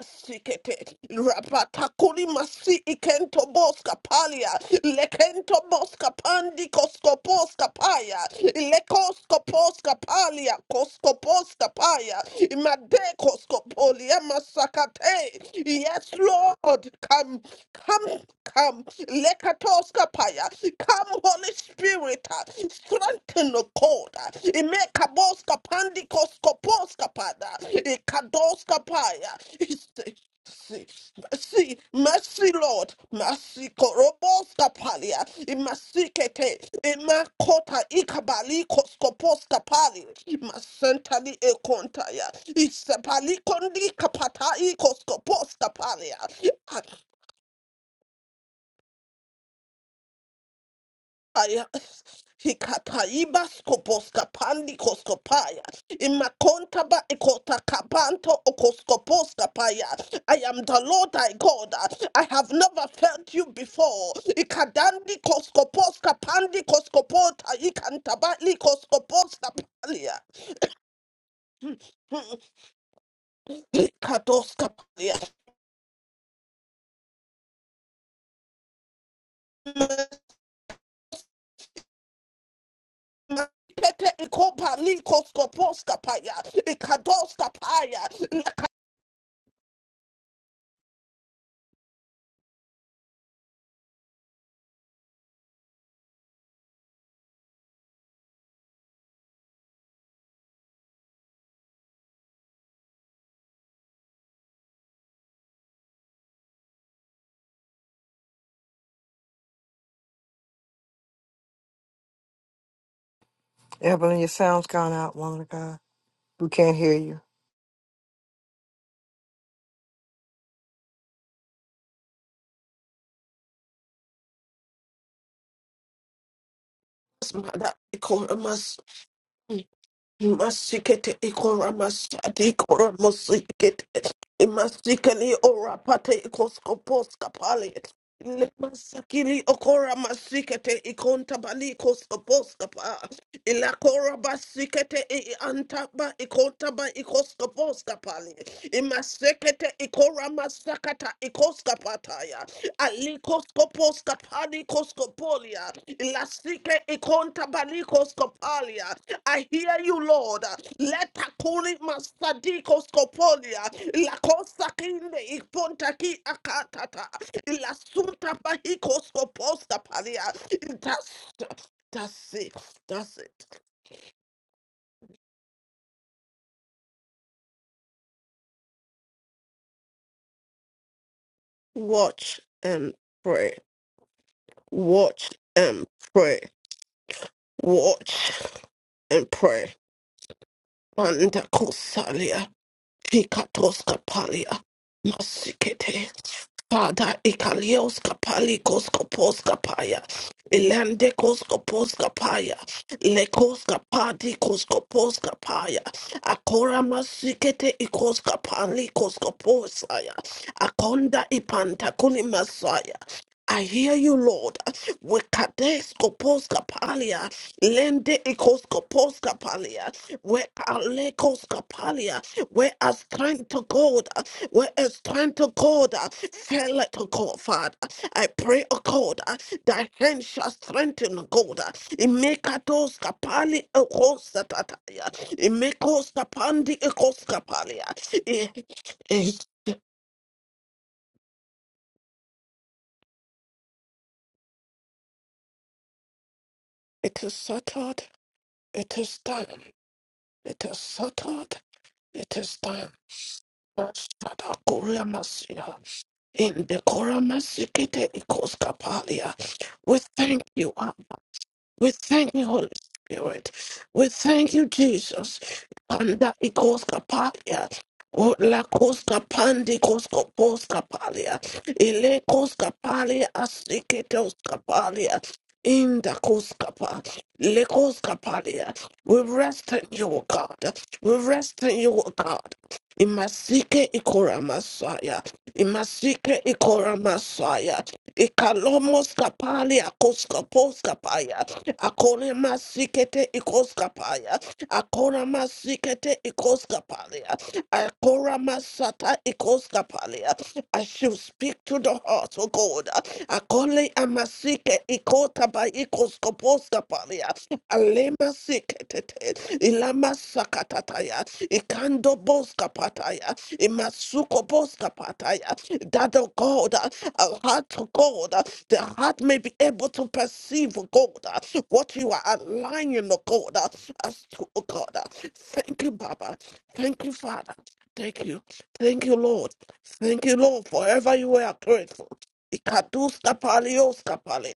Sikete, rapatakuri masi ikento boska palia, lekento boska pandi koskoposka paya, lekoskoposka palia, koskoposka paya, imade koskopolia masakate. Yes, Lord, come, come, come, lekatoska paya, come, Holy Spirit, strengthen koda. Imekaboska pandikos koposka pada. Ikadoska paya. See, mercy, mercy, Lord, mercy, koroboska palia, imasikete, imakota, ikabali, koskoposka pali, masentali, ekontaya, isepali, kondi, kapata, ikoskoposka palia. Ah, Aya. Hikapa ibas koposka pandi koskopaya. Imakonta ba ikota kapanto okoskoposka paya. <laughs> I am the Lord thy God. I have never felt you before. Ikadandi koskoposka pandi koskopota ikantabali koskoposka palia. Ikadoska palia. Pete ikopa likoskoposka paya. Ikadoska paya. Evelyn, your sound's gone out, woman of God. We can't hear you. Mother, Masikete ikora masadi ikora musikete imasikeli ora pate ikoskopos kapale le masakili okora masikete ikonta bali koskopos Ilakora basikete i i- antaba ikotaba ikoskoposka pali. Imasekete ikora masakata ikoskapataya. Alikoskoposka pali koskopolia. Ilasike ikontaba likoskopalia. I hear you, Lord. Let akuri masadikoskopolia. Ilakosa kinde ipontaki akatata. Ilasunta bahikoskoposka palia. Itas. That's it. That's it. Watch and pray. Watch and pray. Watch and pray. Manda kusalia. Hikatos kapalia. Masikete. Father ikalios kapali koskopos kapaya. Ilande koskopos kapaya. Lekos kapadi koskopos kapaya. Akora masikete ikos kapali koskoposaya. Akonda ipantakuni masaya. I hear you, Lord. Wekades kopos kapalia, lende ikos kopos kapalia, we alekos kapalia, we are strength to God, we are strength to God, fell to God, Father. I pray, O God, thy hand shall strengthen God. Imekatos kapali ikos tataya, imekos kapandi ikos kapalia. It it is settled, it is done. It is settled. It is time. Sada Korea Masia. In the Korea Masikite Ikos Kapalia. We thank you, Abba. We thank you, Holy Spirit. We thank you, Jesus. Panda ikoska palia. O la koska pandi kosko poska palia. Ile koska palia asiketoska palia. In the koskapa, le koskapalia. We rest in you, O God. We rest in you, O God. Imasike ikora masaya. Imasike ikora masaya. Ikalomos kapali akoskapos kapaya. Akone masikete ikoskapaya. Akora masikete ikoskapalia. Akora masata ikoskapalia. I should speak to the heart, oh God. Akole amasike ikoskapaya kota ba ikoskoposka palia alema siketete ilama sakatataya ikando boska pataya imasuko boska pataya that oh God uh, our heart to God uh, the heart may be able to perceive oh God uh, what you are aligning oh God uh, as to oh God uh. thank you Baba thank you Father thank you thank you Lord thank you Lord forever you are grateful Ikaduska palioska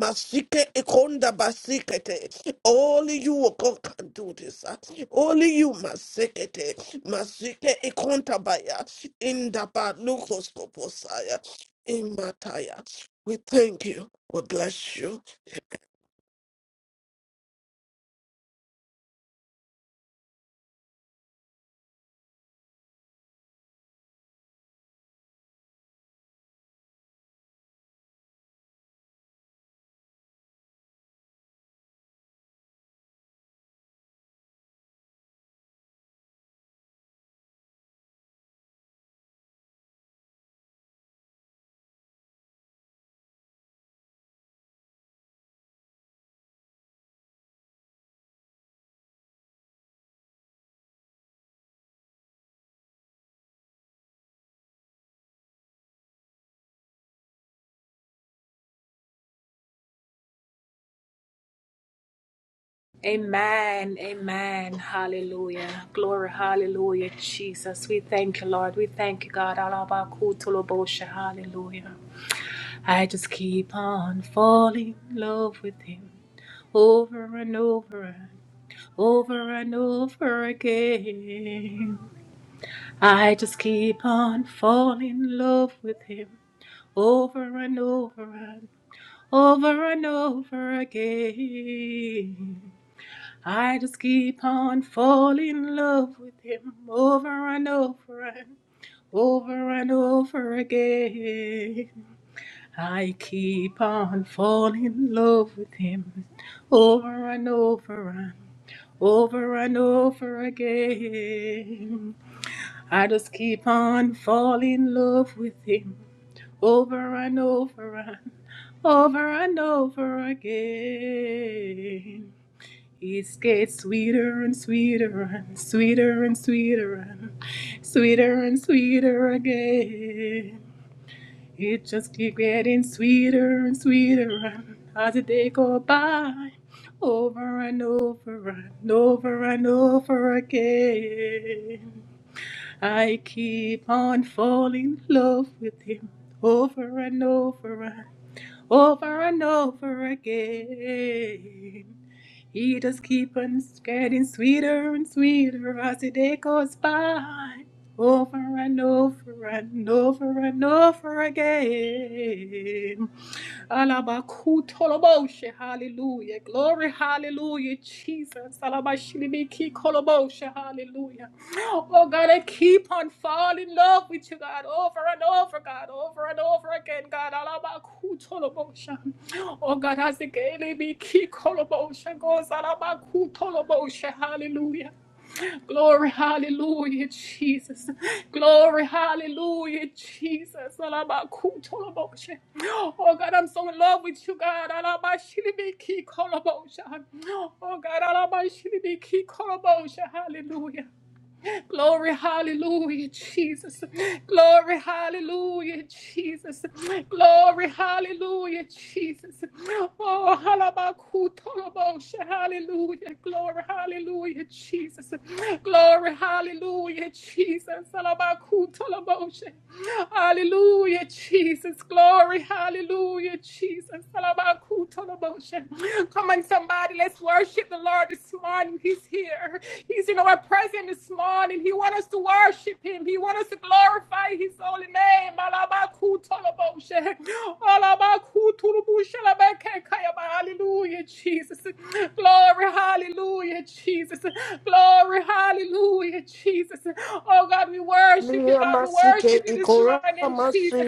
Masike ekonda basikete. Only you O God can do this. ah. Only you masikete. Masike ekonta baya. Inda ba lukos koposaya. Imataya. We thank you. We bless you. Amen. Amen. Hallelujah. Glory. Hallelujah. Jesus. We thank you, Lord. We thank you, God. Alabakutolobosha. Hallelujah. I just keep on falling in love with him over and over and over and over again. I just keep on falling in love with him over and over and over and over again. I just keep on falling in love with him over and over and over and over again. I keep on falling in love with him over and over and over and over again. I just keep on falling in love with him over and over and over and over again. It gets sweeter and sweeter and sweeter and sweeter and sweeter and sweeter again. It just keeps getting sweeter and sweeter as the day go by, over and over and over and over again. I keep on falling in love with him over and over and over and over again. He just keep on getting sweeter and sweeter as the day goes by. Over and over and over and over again. Alabakutoloboshe, Hallelujah. Glory, hallelujah, Jesus. Alabashilibiki koloboshe, Hallelujah. Oh God, I keep on falling in love with you, God, over and over, God, over and over again, God. Alabakutoloboshe. Oh God, as the Gaelic koloboshe goes, Alabakutoloboshe, Hallelujah. Glory, hallelujah, Jesus. Glory, hallelujah, Jesus. Oh God, I'm so in love with you, God. Alabashilibiki kolabosha. Oh God, alabashilibiki kolabosha. hallelujah. Glory, hallelujah, Jesus. Glory, hallelujah, Jesus. Glory, hallelujah, Jesus. Oh, halabakutolobosha, hallelujah. Glory, hallelujah, Jesus. Glory, hallelujah, Jesus. Halabakutolobosha. Hallelujah, Jesus. Glory, hallelujah, Jesus. Halabakutolobosha. Come on, somebody, let's worship the Lord this morning. He's here. He's in our presence this morning morning. He wants us to worship him. He wants us to glorify his holy name. Hallelujah, Jesus. Glory, hallelujah, Jesus. Glory, hallelujah, Jesus. Oh God, we worship you, Maria God. We worship Masike you this Ikora morning, Jesus.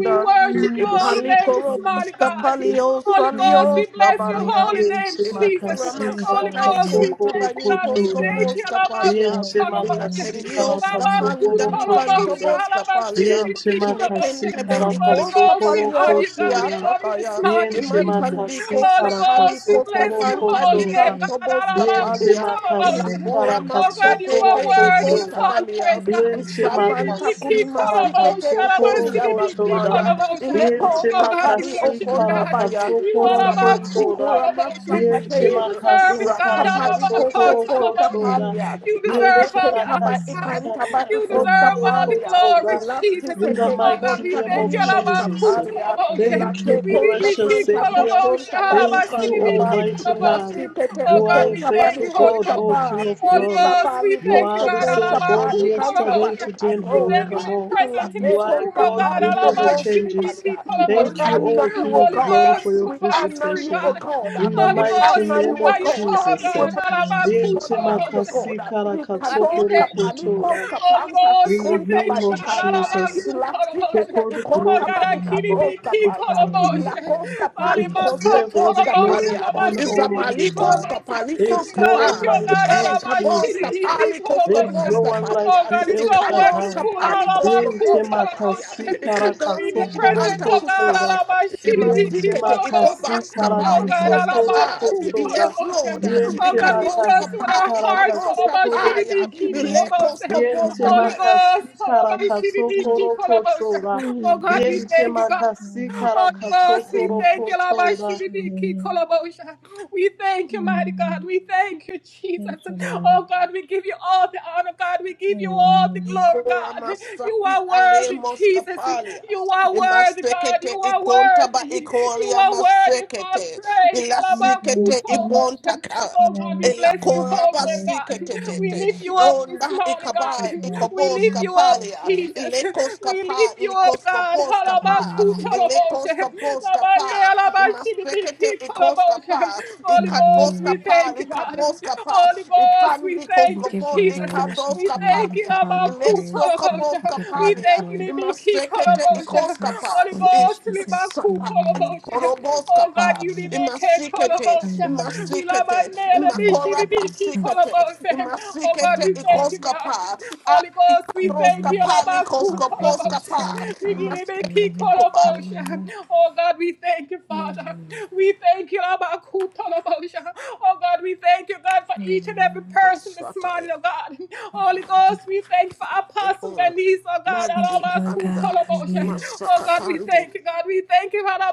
We worship Hallelujah, your holy we name worship this Ipalikoro you, we morning, Bosta praise God. you, Palio Holy we Ghost, we Salio magnify bless your your name, Sabalia holy name, Yenze Jesus. Ilakura makasi we Holy Masata exalt Ghost, we you. Ikonta karakatsokoro thank you, God. We Banikos kotora. thank Hallelujah, you. Kopos Lord. Kapalia glory Yenze to your name. makasi All Ilaterios glory and Kapanda karakatsokoro praise and honor kotora. Hikantobos Kapalia Yenze makasi Ilekentebe Holy Hallelujah. Ikos Ghost, we karakatsokoro honor Kapalios you, God. We kotora. honor you this Yatakaya morning, Yenze Jesus. Hallelujah. Imatandi makasi Holy Kosta Pali Ghost, we Kosta karakatsokoro bless You your give Panta you all holy the kotora. name, God. praise to Ikantobos you, Lord. Yenze Kapalia You're makasi worthy to Ilakura be Oh God, you praised. Masate karakatsokoro are ke Hallelujah. worthy of Ikonta kotora. all Balia praise, All God. Yenze honor and We glory need Isabanta you, to makasi keep you, so Father. kulimasikete We karakatsokoro ikoni ya lift up your kotora. masaya. name now. Yenze Ileko Oh God, we kapali makasi worship you, God. Hallelujah. okontabaya. You karakatsokoro are about Hallelujah. cool kotora. Isabandikura Lienche Hallelujah. You masakate. deserve makasi it, God. All Irakapali Hallelujah. karakatso about koro koskopo kotora. tapalia. cool Hallelujah. you deserve Lienche all Aleko the honor, taba makasi Hallelujah. God. ikantaba You karakatso deserve koro all Hallelujah. the ikoskapalia. glory, kotora. You Jesus. give In you the Ilapsikete all the Oh God, mighty praise, we ibonta name thank of you, honor, and Alaba glory. Jesus. kunimoskapalia. In the Kutoloboshe. mighty Thank you, Ilate name We of Bibiki precious koskapanta Jesus. Savior. Koloboshe, kuskontaba Alaba Thank you, ikantaba. Sidibiki Hallelujah. Almighty God. Ilasti Koloboshe. tete Oh You are God, a we Hallelujah. ikonta thank bani faithful you, Holy God, kosta Ghost. O pa. King of Hallelujah. Holy glory. Ghost, we Isabani You thank you, are kosto the God, same posta Alaba Hallelujah. God pa ikanta ba yesterday, Kutoloboshe. today, and We thank Hallelujah. you for ikatosta. your forevermore. We presence in Ilate You this are worship you, room, a kosta oh your God God, who name, pali never Alaba Hallelujah. amosta changes. We palia. Sidibiki praise We your Thank you, Koloboshe. name, honor O you, King O of Holy Hallelujah. God. glory, for Ghost, your We move by your honor spirit, you, visitation. O God. Glory to God. your In the Holy name. We mighty Ghost, honor you, name move O by of your God. power, Jesus. We eh, God, All glory and Alaba honor to Dente you, calling us Heavenly to Kutoloboshe. God. Father. makasikara God, we Thank Ikados you, katsokoro thank you. Jesus. kapalikos kotora. Holy kapanta Ghost, In the we ikonta thank name ba you, of Jesus, God. ikata. Jesus. Arabaku toroboshe. Take Ilasikete all the Oh, ikonta glory God, ba and akiri all Hallelujah. ikatos biki glory You this kapaya. afternoon. alone toroboshe. we Ilakos praise, we You kapalikos worship. Alimaka deserve all kapos the Thank glory toroboshe. you, and kapalia. honor, Jesus. Alabasiri Almighty biki Isabalikos God. Hallelujah. toroboshe. There kapalikos We is no love with one you, kapa. oh, like God. you, Eh Hallelujah. Alabashiri Jesus. biki kabos There's no koskoposta one Hallelujah. palia, like Oh you, God, it's El so ikados Shaddai. wonderful. Thank you, kapali Jesus. Diente koskoposta Halabakutalaboshe. palia, makasi To be in karakaso your ikadongi presence, ipanta Hallelujah. koroko oh God. tora. kusaya, Diente Hallelujah. imasikete makasi Alabashilibikikolabose. ikobas We Oh honor you, kapali God, karakaso we worship koskapa. koroko you, tora. Yes, we alabakutalaboshe. Lord, magnify Oh Diente God, you. we ikados trust you We with makasi kapa, our hearts. ikados karakaso koroko kapaya, lift your tora. name up. ilekos Alabashilibikikolabose. Diente koposta Holy Hallelujah. paya. Ghost. makasi karakaso Hallelujah. koroko alabashilibikikolaboshe. tora. Oh Hallelujah. God, we Diente thank you, God. makasi Hallelujah. Holy karakaso Ghost, we thank koroko you, Lord. by tora. Shilibiki Kolobosha. We thank you, mighty God. We thank you, Jesus. Thank you, Lord. Oh God, we give you all the honor, God. We give you all the Hallelujah. glory, Ikora God. You masapi are ale worthy, Jesus. moskapalia. You are worthy, God. Imasekete You are ikonta ba worthy. You ikolia are worthy for all masekete. praise. We praise Ilasikete you, Alabakutolobosha. we ibontaka. Oh God, we bless magnify you, you, Ilakora holy name, glory to God. your We name, basikete. lift Lord you up Oh, God. this na morning, We God. give ikaba, you all the We ikobos lift honor, you up, full kapalia, stop. Jesus. ilekos We kapa, lift you up, ilikos God. kopos Hallelujah. kapa, Hallelujah. ilekos kopos kapa, imaspekete ikos kapa, Holy ikapos Ghost, we Hallelujah. kapa, thank you, God. ikapos kapa, Holy Ghost, we ifandi We thank you, give koskopo, all the Jesus. worship ikados We to you. thank We you, give kapalia, all the ileso praise. We kopos Labakutolabosha. give all We the kapalia, thank you, glory. Libiki imaspekete Thank you, ikos Kolabosha. kapa, Jesus. Holy Thank you, Ghost, Jesus. Sapa, Hallelujah. Libakutolabosha. Korobo Oh God, Skapa, you Hallelujah. Libeke Imasikete, Kolabosha. Hallelujah. We Imasikete, Labanela Bishi Imakoraba Hallelujah. Libiki Sikete, Kolabosha. Oh God, Imasikete, we Hallelujah. thank you, God. Ikoskapa, Holy Ghost, we thank you. Hallelujah. Ikadroskapa, Alabaku, All praises Kolobosha. going Ikoskoposkapa, and honor to your Imaseke, Rigilibeki, Ikoba, Kolobosha. Hallelujah. Oh God, we thank you, Hallelujah. Father. We thank you, Alabaku, Kolobosha. Oh God, we thank you, God, for each and every Hallelujah. person this Masataya, morning, oh God. Holy Ghost, we thank you for Apostle Tekora, Denise, oh God. Thank Mandi, you, Lord Alabaku, Anda, God. Kolobosha. Hallelujah. Oh God, we Masakatandi, thank you, God. We thank you. Oh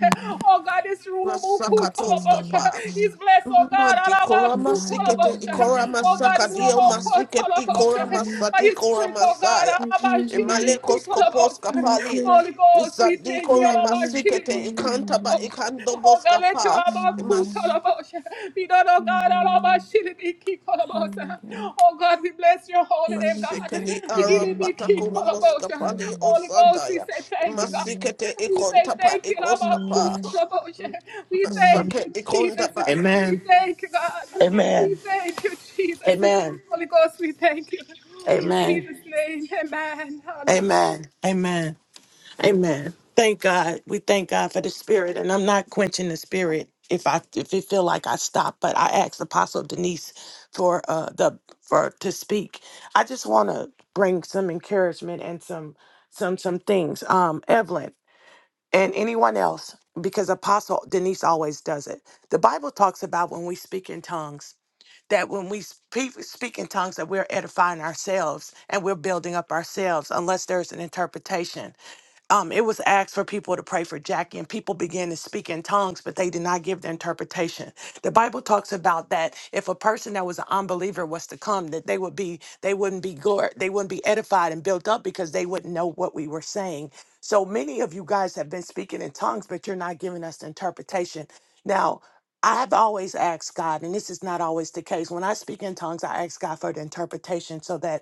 Hallelujah. God, it's rulable. Glory to your Masakatos name, kapa. Lord. He's blessed, oh God. Ikora We honor masikete, you, Alabakutolabosha. ikora magnify Oh you, God, masakadio exalt you, masiket, we ikora adore mulobokotolabosha. you, by masati, His ikora Spirit, oh God. masaya. we praise you, Imalekos kopos Alabashilibikitolabosha. we kapali. pray. Holy Ghost, we thank you. Isadikora Hallelujah. masikete, ikantaba, Hallelujah. Alabashilibikitolabosha. Oh ikandobos God, let you kapa. Hallelujah. Imas. alabakutolabosha. be done, oh God. Hallelujah. Alabashilibikitolabosha. Hallelujah. Oh God, we bless your To holy you name, we give God. all the Masikeli glory aram and honor. patakulo Igilibikitolabosha. moskapali o Hallelujah. Holy Ghost, we santaya. say thank you, Hallelujah. God. Masikete We say ikontapa thank you, Lord. our ikoskapa. Hallelujah. Kutulabosha. We Mhm. thank Masake you, Jesus. ikondaba We Amen. thank you, God. We Amen. thank you, Jesus. Amen. Holy Ghost, we thank you. In Amen. Jesus' name, amen. Hallelujah. Amen. Amen. Amen. Thank God. We thank God for the spirit. And I'm not quenching the spirit if I if it feel like I stop, but I asked Apostle Denise for uh the for to speak. I just wanna bring some encouragement and some some some things. Um Evelyn and anyone else, because Apostle Denise always does it. The Bible talks about when we speak in tongues that when we speak, speak in tongues that we're edifying ourselves and we're building up ourselves unless there's an interpretation um, it was asked for people to pray for Jackie, and people began to speak in tongues, but they did not give the interpretation. The Bible talks about that if a person that was an unbeliever was to come, that they would be they wouldn't be glor- they wouldn't be edified and built up because they wouldn't know what we were saying. So many of you guys have been speaking in tongues, but you're not giving us the interpretation. Now, I've always asked God, and this is not always the case. When I speak in tongues, I ask God for the interpretation so that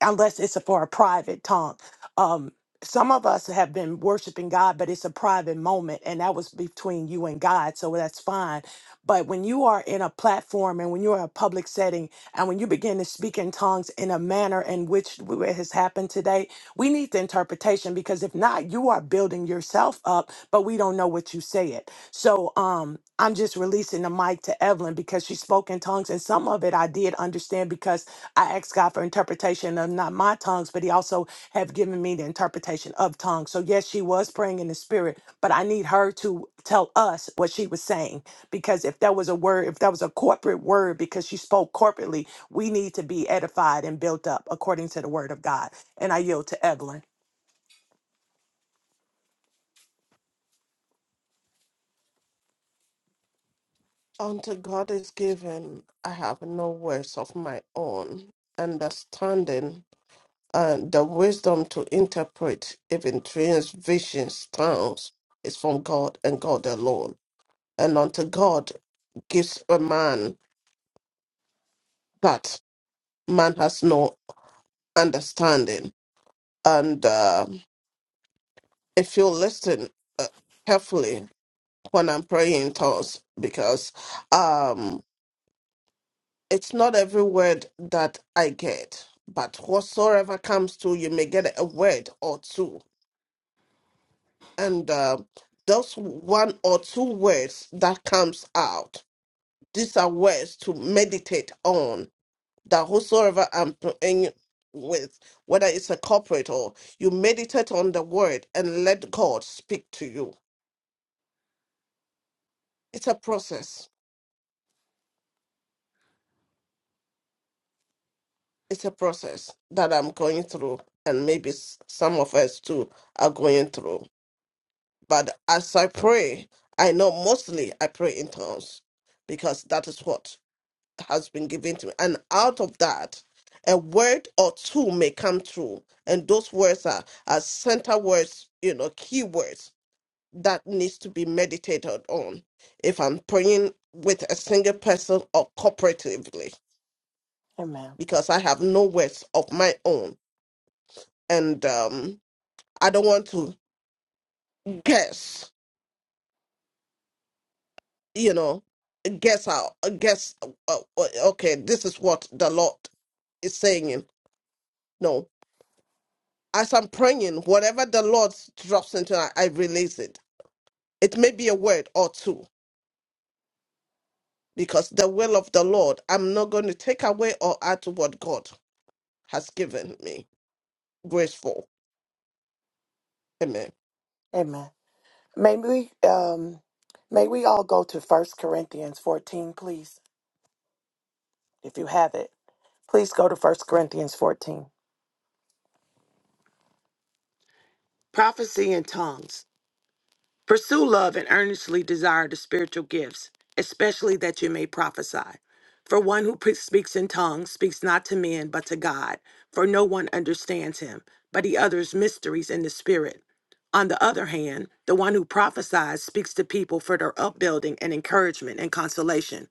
unless it's for a private time. Um, some of us have been worshiping God, but it's a private moment, and that was between you and God, so that's fine. But when you are in a platform and when you are in a public setting and when you begin to speak in tongues in a manner in which it has happened today, we need the interpretation because if not, you are building yourself up, but we don't know what you said. So um, I'm just releasing the mic to Evelyn because she spoke in tongues, and some of it I did understand because I asked God for interpretation of not my tongues, but He also have given me the interpretation of tongues. So yes, she was praying in the spirit, but I need her to tell us what she was saying because if that was a word, if that was a corporate word, because she spoke corporately, we need to be edified and built up according to the word of God. And I yield to Evelyn. Unto God is given, I have no words of my own, understanding and the wisdom to interpret even dreams, visions, tongues is from God and God alone. And unto God gives a man that man has no understanding. And uh, if you listen uh, carefully when I'm praying in tongues, because um, it's not every word that I get, but whatsoever comes to you may get a word or two. And uh, those one or two words that comes out, these are words to meditate on. That whosoever I'm praying with, whether it's a corporate or you meditate on the word and let God speak to you. It's a process. It's a process that I'm going through, and maybe s- some of us too are going through. But as I pray, I know mostly I pray in tongues because that is what has been given to me. And out of that, a word or two may come through. And those words are, are center words, you know, key words that needs to be meditated on if I'm praying with a single person or cooperatively, Amen. because I have no words of my own. And um, I don't want to guess you know, guess how, uh, guess, uh, uh, uh, okay, this is what the Lord is saying. No, as I'm praying, whatever the Lord drops into, I, I release it. It may be a word or two, because the will of the Lord, I'm not going to take away or add to what God has given me. Graceful. Amen. Amen. May we um may we all go to First Corinthians 14, please. If you have it, please go to First Corinthians 14. Prophecy and tongues. Pursue love and earnestly desire the spiritual gifts, especially that you may prophesy. For one who pre- speaks in tongues speaks not to men but to God, for no one understands him, but he utters mysteries in the spirit. On the other hand, the one who prophesies speaks to people for their upbuilding and encouragement and consolation.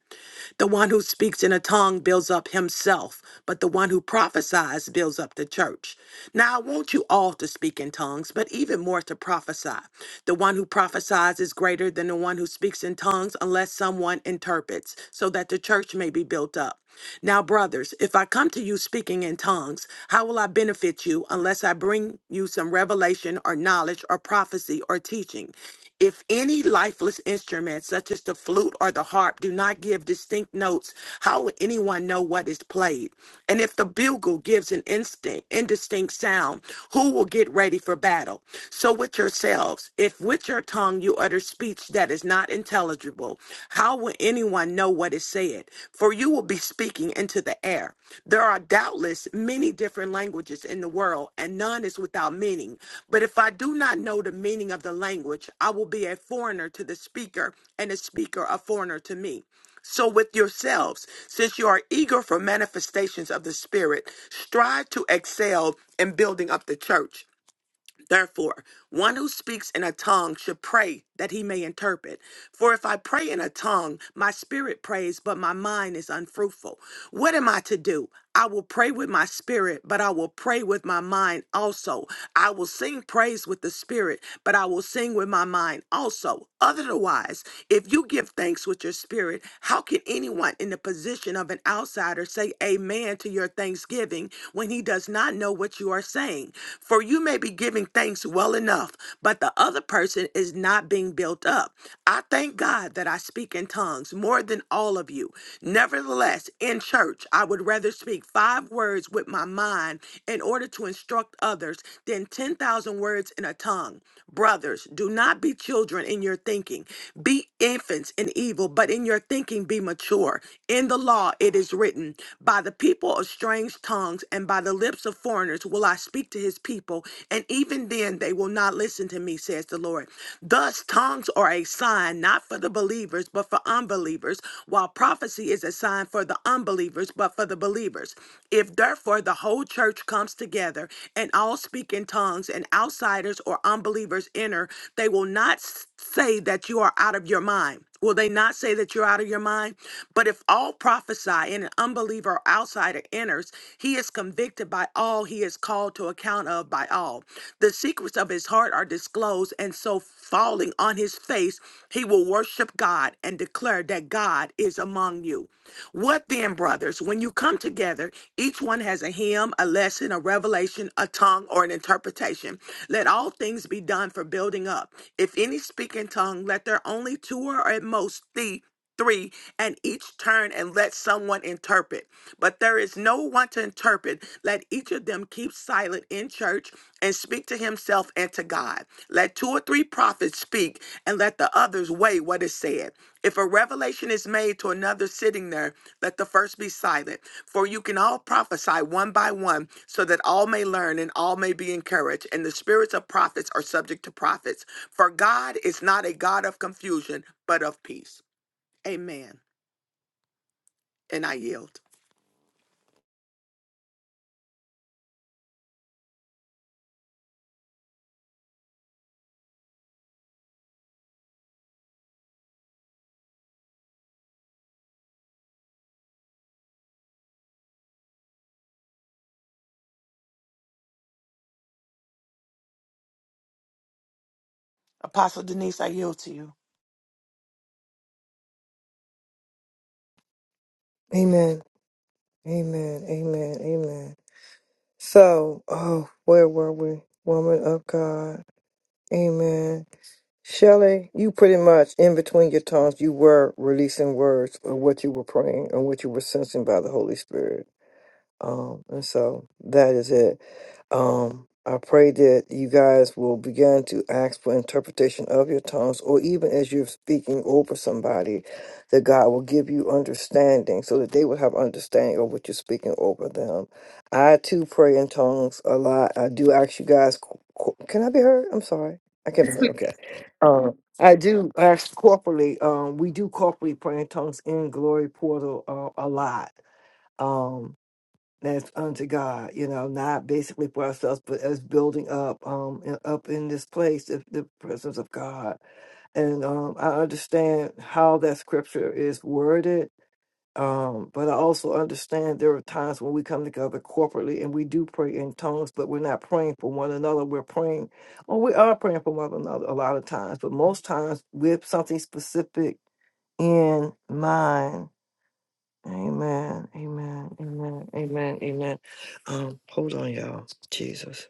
The one who speaks in a tongue builds up himself, but the one who prophesies builds up the church. Now, I want you all to speak in tongues, but even more to prophesy. The one who prophesies is greater than the one who speaks in tongues unless someone interprets, so that the church may be built up. Now, brothers, if I come to you speaking in tongues, how will I benefit you unless I bring you some revelation or knowledge or prophecy or teaching? If any lifeless instrument, such as the flute or the harp, do not give distinct notes, how would anyone know what is played? And if the bugle gives an instinct, indistinct sound, who will get ready for battle? So with yourselves, if with your tongue you utter speech that is not intelligible, how will anyone know what is said? For you will be be speaking into the air. There are doubtless many different languages in the world, and none is without meaning. But if I do not know the meaning of the language, I will be a foreigner to the speaker, and the speaker a foreigner to me. So, with yourselves, since you are eager for manifestations of the Spirit, strive to excel in building up the church. Therefore, one who speaks in a tongue should pray that he may interpret. For if I pray in a tongue, my spirit prays, but my mind is unfruitful. What am I to do? I will pray with my spirit, but I will pray with my mind also. I will sing praise with the spirit, but I will sing with my mind also. Otherwise, if you give thanks with your spirit, how can anyone in the position of an outsider say amen to your thanksgiving when he does not? know what you are saying. For you may be giving thanks well enough, but the other person is not being built up. I thank God that I speak in tongues more than all of you. Nevertheless, in church, I would rather speak five words with my mind in order to instruct others than 10,000 words in a tongue. Brothers, do not be children in your thinking. Be infants in evil, but in your thinking be mature. In the law, it is written, by the the people of strange tongues and by the lips of foreigners will I speak to his people, and even then they will not listen to me, says the Lord. Thus, tongues are a sign not for the believers, but for unbelievers, while prophecy is a sign for the unbelievers, but for the believers. If therefore the whole church comes together and all speak in tongues, and outsiders or unbelievers enter, they will not s- say that you are out of your mind. Will they not say that you're out of your mind? But if all prophesy and an unbeliever or outsider enters, he is convicted by all, he is called to account of by all. The secrets of his heart are disclosed, and so falling on his face, he will worship God and declare that God is among you. What then, brothers, when you come together, each one has a hymn, a lesson, a revelation, a tongue, or an interpretation. Let all things be done for building up. If any speak in tongues, song, let there only two or at most three, three, and each turn and let someone interpret. But there is no one to interpret. Let each of them keep silent in church and speak to himself and to God. Let two or three prophets speak and let the others weigh what is said. If a revelation is made to another sitting there, let the first be silent. For you can all prophesy one by one, so that all may learn and all may be encouraged. And the spirits of prophets are subject to prophets. For God is not a God of confusion, but of peace. Amen. And I yield. Apostle Denise, I yield to you. Amen. Amen. Amen. Amen. So, oh, where were we? Woman of God. Amen. Shelley, you pretty much in between your tongues, you were releasing words of what you were praying and what you were sensing by the Holy Spirit. Um, and so that is it. Um, I pray that you guys will begin to ask for interpretation of your tongues, or even as you're speaking over somebody, that God will give you understanding so that they will have understanding of what you're speaking over them. I too pray in tongues a lot. I do ask you guys, co- co- can I be heard? I'm sorry. I can't be heard. Okay. Um, I do ask corporately, um, we do corporately pray in tongues in Glory Portal uh, a lot. Um, that's unto God, you know, not basically for ourselves, but as building up, um, in, up in this place, the, the presence of God. And um, I understand how that scripture is worded, um, but I also understand there are times when we come together corporately and we do pray in tongues, but we're not praying for one another. We're praying, or we are praying for one another a lot of times, but most times with something specific in mind Amen. Amen. Amen. Amen. Amen. Um, hold on, y'all. Jesus.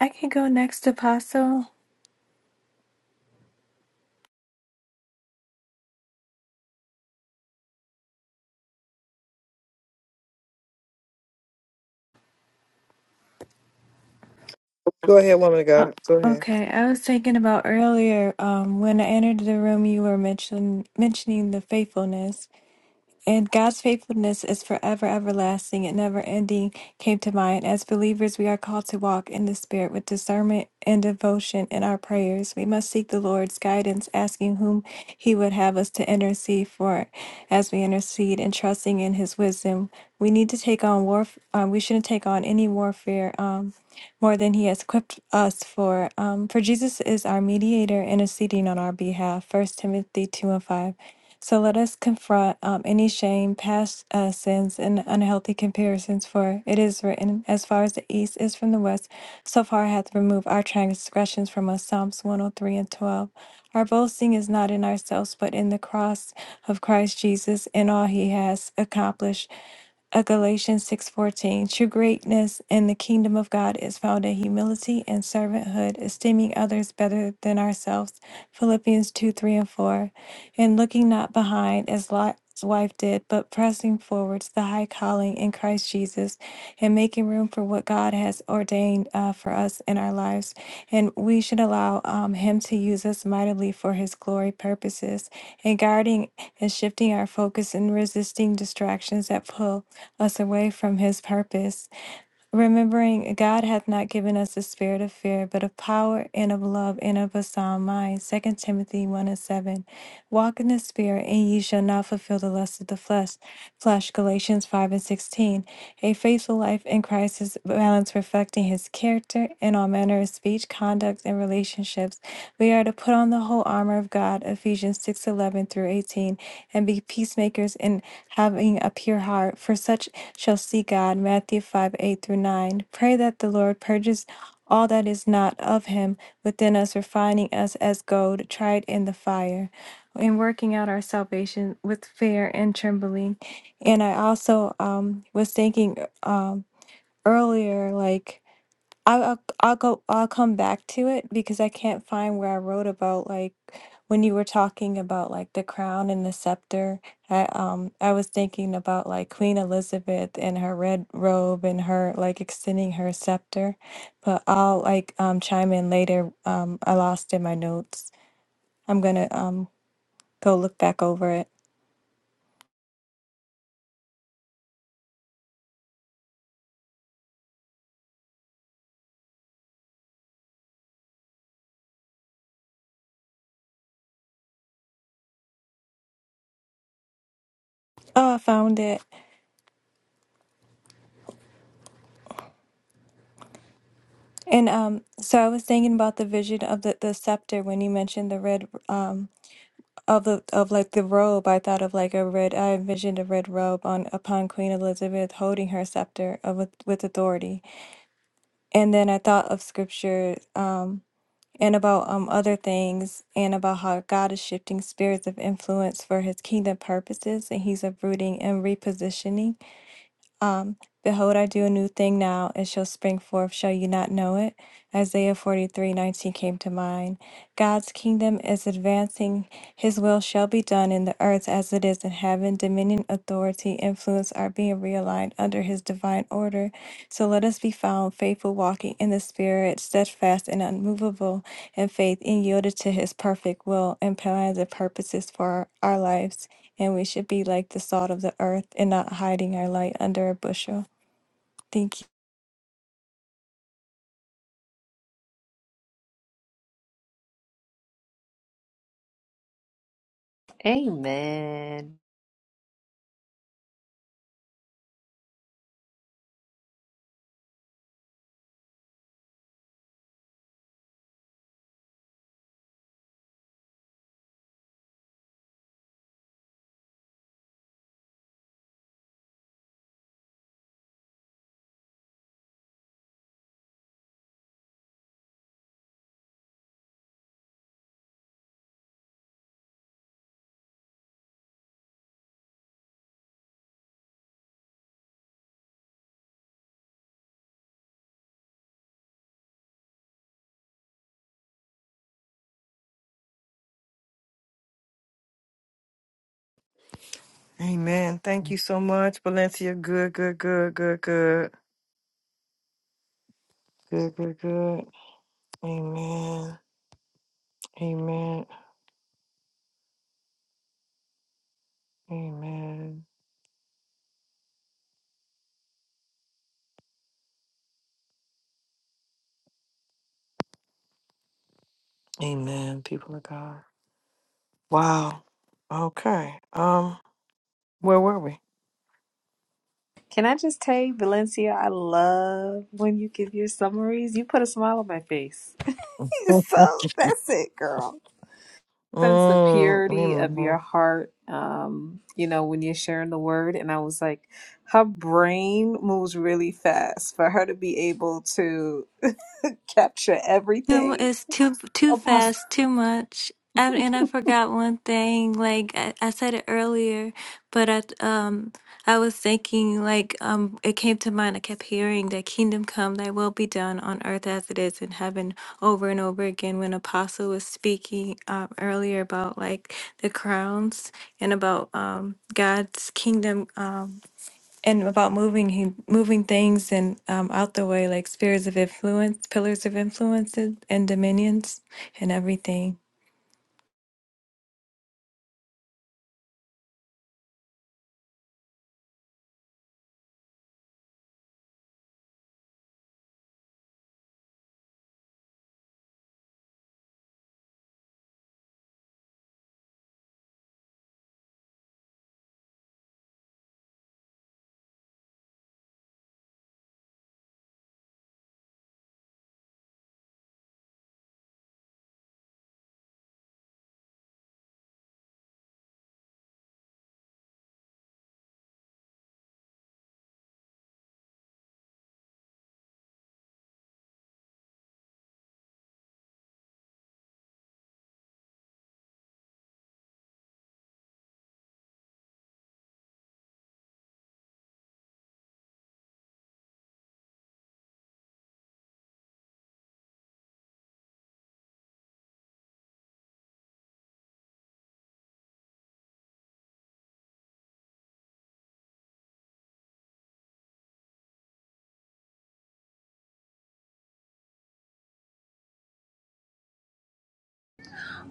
I can go next, Apostle. Go ahead, woman of Oh, God. Go ahead. okay. I was thinking about earlier um, when I entered the room, you were mention, mentioning the faithfulness. And God's faithfulness is forever everlasting and never ending came to mind. As believers, we are called to walk in the Spirit with discernment and devotion in our prayers. We must seek the Lord's guidance, asking whom He would have us to intercede for as we intercede and trusting in His wisdom. We need to take on warf. Um, we shouldn't take on any warfare um, more than He has equipped us for. Um, for Jesus is our mediator, interceding on our behalf. First Timothy 2 and 5. So let us confront um, any shame, past uh, sins, and unhealthy comparisons, for it is written, As far as the east is from the west, so far hath removed our transgressions from us. Psalms 103 and 12. Our boasting is not in ourselves, but in the cross of Christ Jesus and all he has accomplished. Uh, Galatians 6:14 True greatness in the kingdom of God is found in humility and servanthood, esteeming others better than ourselves. Philippians 2, 3 and 4 and looking not behind as Lot's wife did, but pressing forward to the high calling in Christ Jesus and making room for what God has ordained uh, for us in our lives. And we should allow um, Him to use us mightily for His glory purposes and guarding and shifting our focus and resisting distractions that pull us away from His purpose. Remembering God hath not given us a spirit of fear, but of power and of love and of a sound mind. Second Timothy 1 and 7. Walk in the spirit, and ye shall not fulfill the lust of the flesh slash Galatians 5 and 16. A faithful life in Christ is balanced, reflecting his character in all manner of speech, conduct, and relationships. We are to put on the whole armor of God, Ephesians 6 11 through 18, and be peacemakers in having a pure heart, for such shall see God, Matthew 5 8 through 9. Pray that the Lord purges all that is not of him within us, refining us as gold tried in the fire, in working out our salvation with fear and trembling. And I also um was thinking um earlier, like I'll I'll I'll go I'll come back to it because I can't find where I wrote about like when you were talking about like the crown and the scepter. I um I was thinking about like Queen Elizabeth and her red robe and her like extending her scepter, but I'll like um chime in later. Um, I lost in my notes. I'm gonna um go look back over it. Oh, I found it. And um, so I was thinking about the vision of the, the scepter when you mentioned the red um of the of like the robe. I thought of like a red. I envisioned a red robe on upon Queen Elizabeth holding her scepter of with, with authority. And then I thought of scripture um and about um other things and about how God is shifting spirits of influence for His kingdom purposes and He's uprooting and repositioning. Um, Behold, I do a new thing now, it shall spring forth, shall you not know it? Isaiah forty-three nineteen came to mind. God's kingdom is advancing, his will shall be done in the earth as it is in heaven. Dominion, authority, influence are being realigned under his divine order. So let us be found faithful, walking in the Spirit, steadfast and unmovable in faith, and yielded to his perfect will and plans and purposes for our, our lives and we should be like the salt of the earth and not hiding our light under a bushel. Thank you. Amen. Amen. Thank you so much, Valencia. Good, good, good, good, good. Good, good, good. Amen. Amen. Amen. Amen. People of God. Wow. Okay. Um, where were we? Can I just tell you, Valencia, I love when you give your summaries. You put a smile on my face. <laughs> <laughs> so that's it, girl. Sense the Mm, purity of your amen. heart, um, you know, when you're sharing the word. And I was like, her brain moves really fast for her to be able to <laughs> capture Too mu- everything. It's too too Apostle. fast, too much. And and I forgot one thing. Like I, I said it earlier, but I um I was thinking like um it came to mind. I kept hearing that kingdom come, thy will be done on earth as it is in heaven, over and over again. When Apostle was speaking um, earlier about like the crowns and about um God's kingdom. Um, and about moving he moving things and um, out the way like spheres of influence pillars of influences and dominions and everything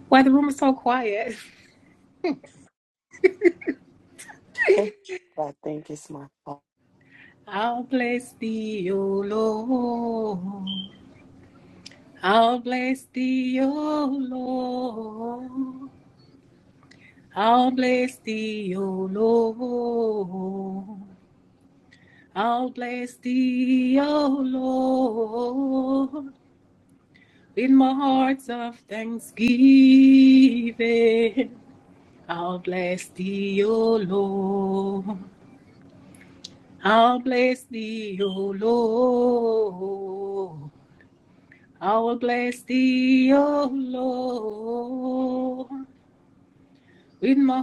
Why the room is so quiet? I'll bless thee, O Lord. I'll bless thee, O Lord. I'll bless thee, O Lord. I'll bless thee, O Lord. in my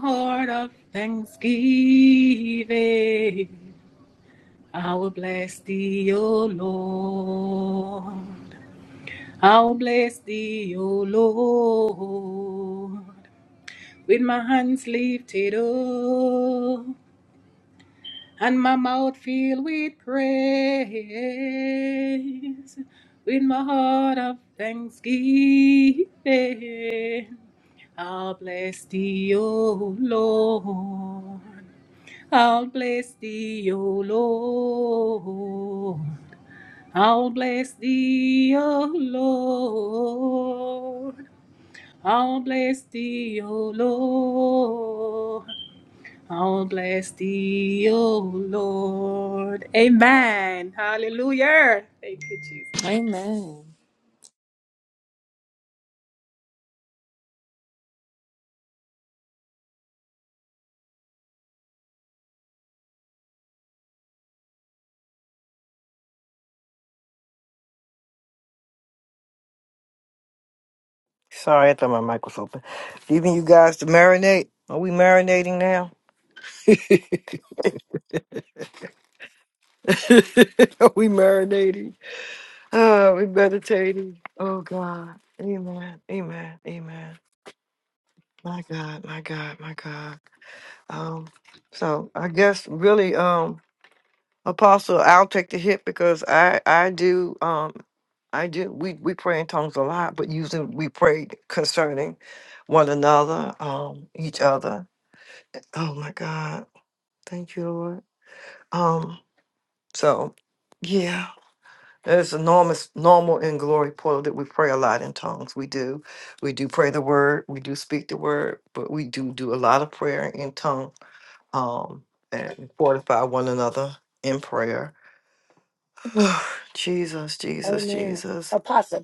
Lord. I'll bless thee, O Lord, with my hands lifted up and my mouth filled with praise, with my heart of thanksgiving. I'll bless thee, O Lord. I'll bless thee, O Lord. I'll bless thee, O Lord. I'll bless thee, O Lord. I'll bless thee, O Lord. Amen. Hallelujah. Thank you, Jesus. Amen. Sorry, I thought my mic was open. Leaving you guys to marinate. Are we marinating now? <laughs> we marinating. Oh, we meditating. Oh God. Amen. Amen. Amen. My God. My God. My God. Um, so I guess really, um, Apostle, I'll take the hit because I I do um I do we we pray in tongues a lot, but usually we pray concerning one another, um, each other. Oh my God. Thank you, Lord. Um, so yeah. It's enormous, normal in glory portal that we pray a lot in tongues. We do. We do pray the word. We do speak the word, but we do do a lot of prayer in tongue um, and fortify one another in prayer. <sighs> Jesus, Jesus, Amen. Jesus. Apostle,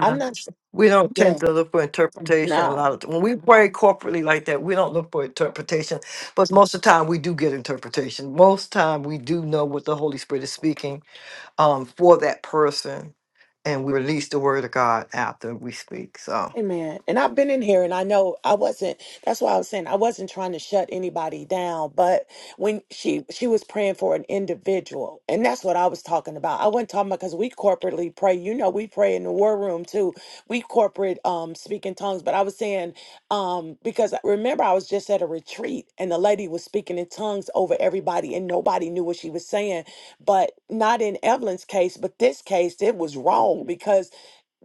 I'm not sure. we don't tend Yeah. to look for interpretation a No. lot of when we pray corporately like that. We don't look for interpretation, but most of the time we do get interpretation. Most time we do know what the Holy Spirit is speaking um, for that person, and we release the word of God after we speak. So, Amen. And I've been in here and I know I wasn't that's why I was saying I wasn't trying to shut anybody down, but when she she was praying for an individual, and that's what I was talking about. I wasn't talking about because we corporately pray. You know, we pray in the war room too. We corporate um speak in tongues, but I was saying um because I- remember I was just at a retreat and the lady was speaking in tongues over everybody and nobody knew what she was saying, but not in Evelyn's case, but this case it was wrong because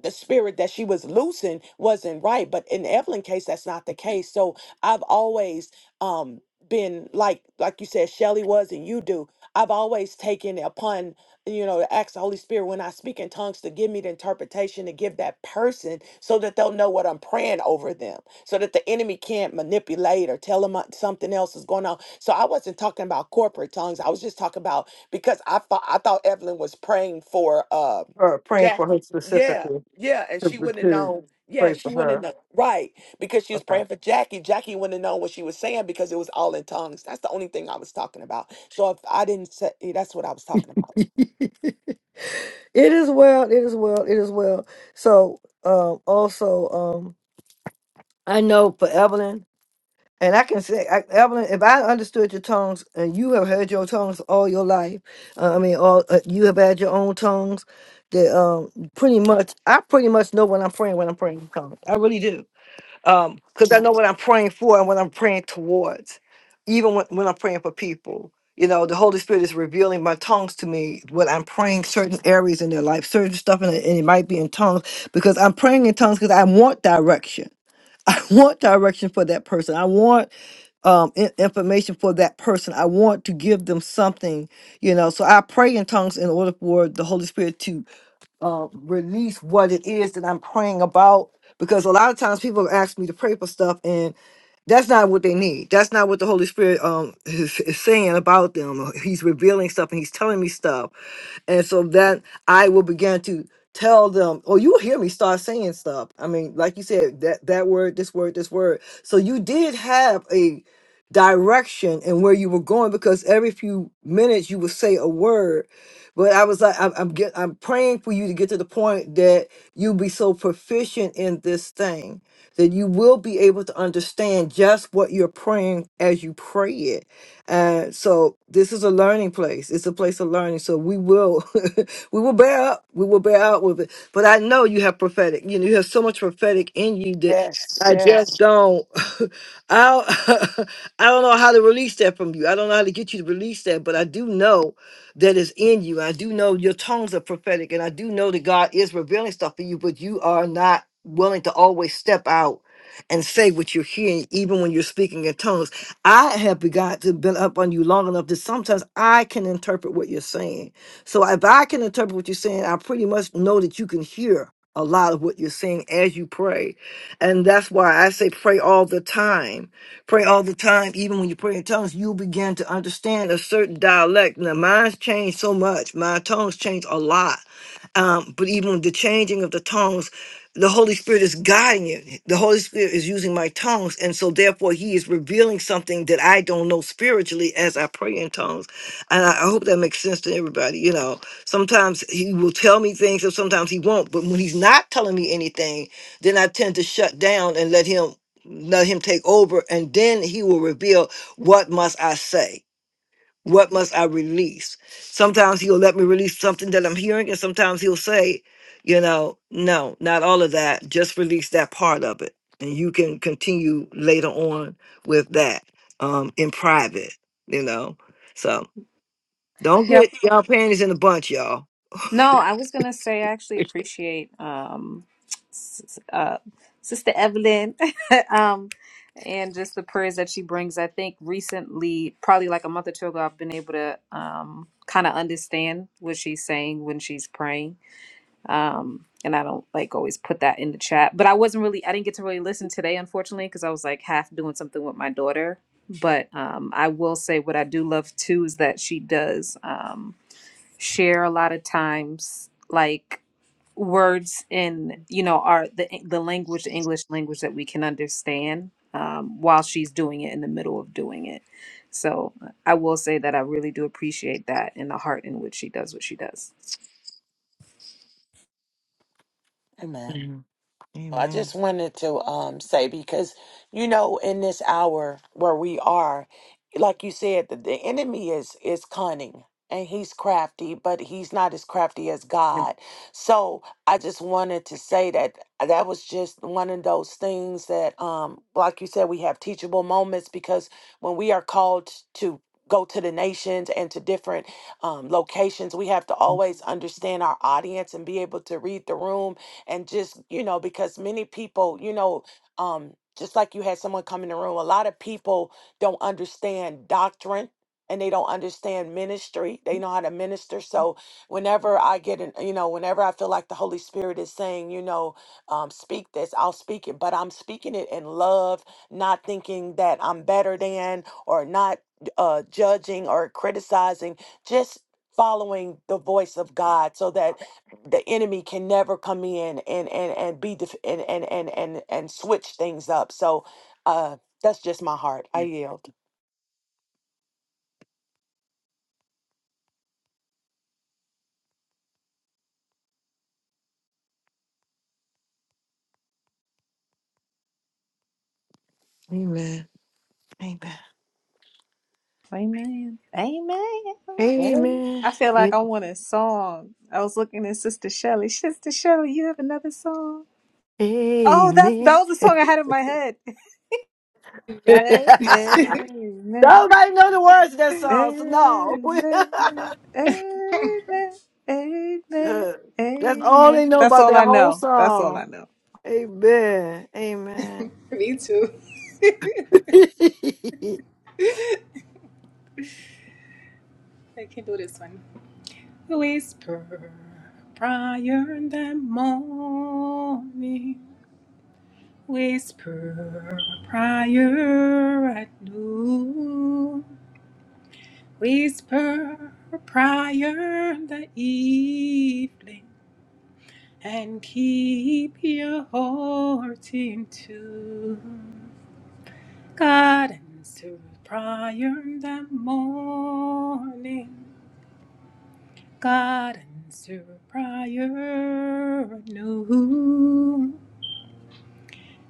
the spirit that she was loosing wasn't right. But in Evelyn case, that's not the case. So I've always um been like like you said, Shelly was and you do. I've always taken it upon, you know, to ask the Holy Spirit when I speak in tongues to give me the interpretation to give that person so that they'll know what I'm praying over them. So that the enemy can't manipulate or tell them uh, something else is going on. So I wasn't talking about corporate tongues. I was just talking about because I thought I thought Evelyn was praying for uh her praying for her Jackie. Yeah. specifically Yeah, and to, she wouldn't have to known. Yeah, pray for she wouldn't have her. known. Right. Because she was Okay. praying for Jackie. Jackie wouldn't have known what she was saying because it was all in tongues. That's the only thing I was talking about. So if I didn't say, eh, that's what I was talking about. <laughs> it is well. It is well. It is well. So um, also, um, I know for Evelyn. And I can say, I, Evelyn, if I understood your tongues, and you have heard your tongues all your life, uh, I mean, all uh, you have had your own tongues. That um, pretty much, I pretty much know what I'm praying when I'm praying in tongues. I really do, um, because I know what I'm praying for and what I'm praying towards. Even when, when I'm praying for people, you know, the Holy Spirit is revealing my tongues to me. What I'm praying certain areas in their life, certain stuff, and it, and it might be in tongues because I'm praying in tongues because I want direction. <laughs> I want direction for that person. I want um in- information for that person i want to give them something you know so i pray in tongues in order for the holy spirit to uh, release what it is that i'm praying about because a lot of times people ask me to pray for stuff and that's not what they need that's not what the holy spirit um is, is saying about them he's revealing stuff and he's telling me stuff and so then I will begin to tell them, or you'll hear me start saying stuff. I mean, like you said, that that word, this word, this word. So you did have a direction and where you were going because every few minutes you would say a word. But I was like, I'm, I'm get, I'm praying for you to get to the point that you be so proficient in this thing that you will be able to understand just what you're praying as you pray it uh, so this is a learning place. It's a place of learning. So we will, <laughs> we will bear up. We will bear out with it. But I know you have prophetic. You know, you have so much prophetic in you that Yes, I just yes. don't. <laughs> I don't, <laughs> I don't know how to release that from you. I don't know how to get you to release that. But I do know that is in you. I do know your tongues are prophetic, and I do know that God is revealing stuff for you. But you are not willing to always step out and say what you're hearing, even when you're speaking in tongues I have begun to been up on you long enough that sometimes I can interpret what you're saying. So if I can interpret what you're saying, I pretty much know that you can hear a lot of what you're saying as you pray. And that's why I say pray all the time. Pray all the time, even when you pray in tongues, you begin to understand a certain dialect. Now mine's changed so much. My tongues changed a lot um, but even the changing of the tongues, the Holy Spirit is guiding it. The Holy Spirit is using my tongues, and so therefore He is revealing something that I don't know spiritually as I pray in tongues. And I, I hope that makes sense to everybody. You know, sometimes He will tell me things, and sometimes He won't. But when He's not telling me anything, then I tend to shut down and let Him let Him take over, and then He will reveal what must I say what must I release? Sometimes he'll let me release something that I'm hearing, and sometimes he'll say, you know, no, not all of that. Just release that part of it. And you can continue later on with that um, in private, you know. So don't get y'all panties in a bunch, y'all. No, I was gonna say I actually appreciate um, s- uh, Sister Evelyn, <laughs> um, and just the prayers that she brings. I think recently, probably like a month or two ago, I've been able to um, kind of understand what she's saying when she's praying. Um, and I don't like always put that in the chat, but I wasn't really, I didn't get to really listen today, unfortunately, because I was like half doing something with my daughter. But um, I will say what I do love too is that she does. um share a lot of times like words in you know are the eh, the language the english language that we can understand um, while she's doing it in the middle of doing it so i will say that i really do appreciate that and the heart in which she does what she does Amen. I just wanted to um say because you know in this hour where we are, like you said, the, the enemy is is cunning and he's crafty, but he's not as crafty as God. So I just wanted to say that that was just one of those things that um like you said we have teachable moments because when we are called to go to the nations and to different um, locations we have to Mm. always understand our audience and be able to read the room and just you know because many people you know um just like you had someone come in the room a lot of people don't understand doctrine and they don't understand ministry they know how to minister so whenever i get in you know whenever i feel like the holy spirit is saying you know um, speak this i'll speak it but i'm speaking it in love not thinking that i'm better than or not uh, judging or criticizing just following the voice of god so that the enemy can never come in and and and be def- and, and and and and switch things up. So uh that's just my heart. I yield. Amen. Amen. Amen. Amen. Well, Amen. I feel like I A- want a song. I was looking at Sister Shelley. Sister Shelley, you have another song? Oh, that's that Amen. was the song I had in my head. <laughs> <laughs> Amen. Nobody know the words of that song, so no. Amen. Amen. Amen. <laughs> That's all they Amen. know That's about all that I whole know. That's all song. I know. Amen. Amen. <laughs> I can do this one. Whisper prior in the morning. Whisper prior at noon. Whisper prior the evening and keep your heart in tune. Guidance through prior the morning. Guidance through prior noon.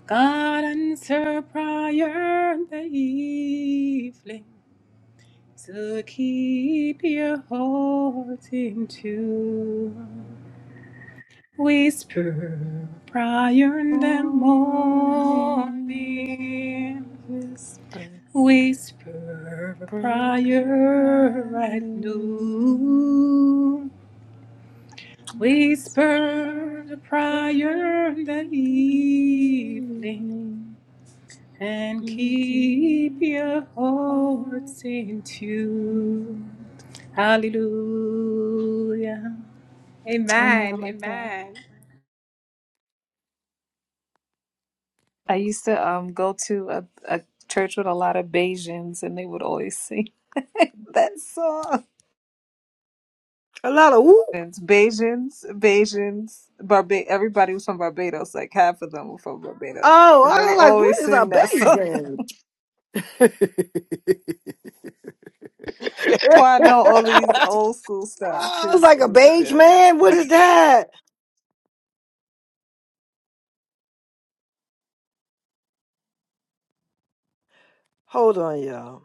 Guidance through prior the evening. So keep your heart in tune. Whisper prior in the Morning morning. whisper Whisper prayer. prior at noon noon. Whisper Whisper prayer. prior in the in the evening. evening. And keep Keep your your heart. hearts in tune. Hallelujah. Amen. I Amen. like that. Amen. I used to um go to a, a church with a lot of Bajans, and they would always sing <laughs> that song. A lot of whoop. It's Bajans, Bajans, Barba. Everybody was from Barbados. Like half of them were from Barbados, Oh, and they I was would like, what always is a sing that beige song. <laughs> man? That's why I know all these old school stuff Oh, I was because like, a it was beige just. man? What is that? Hold on, y'all.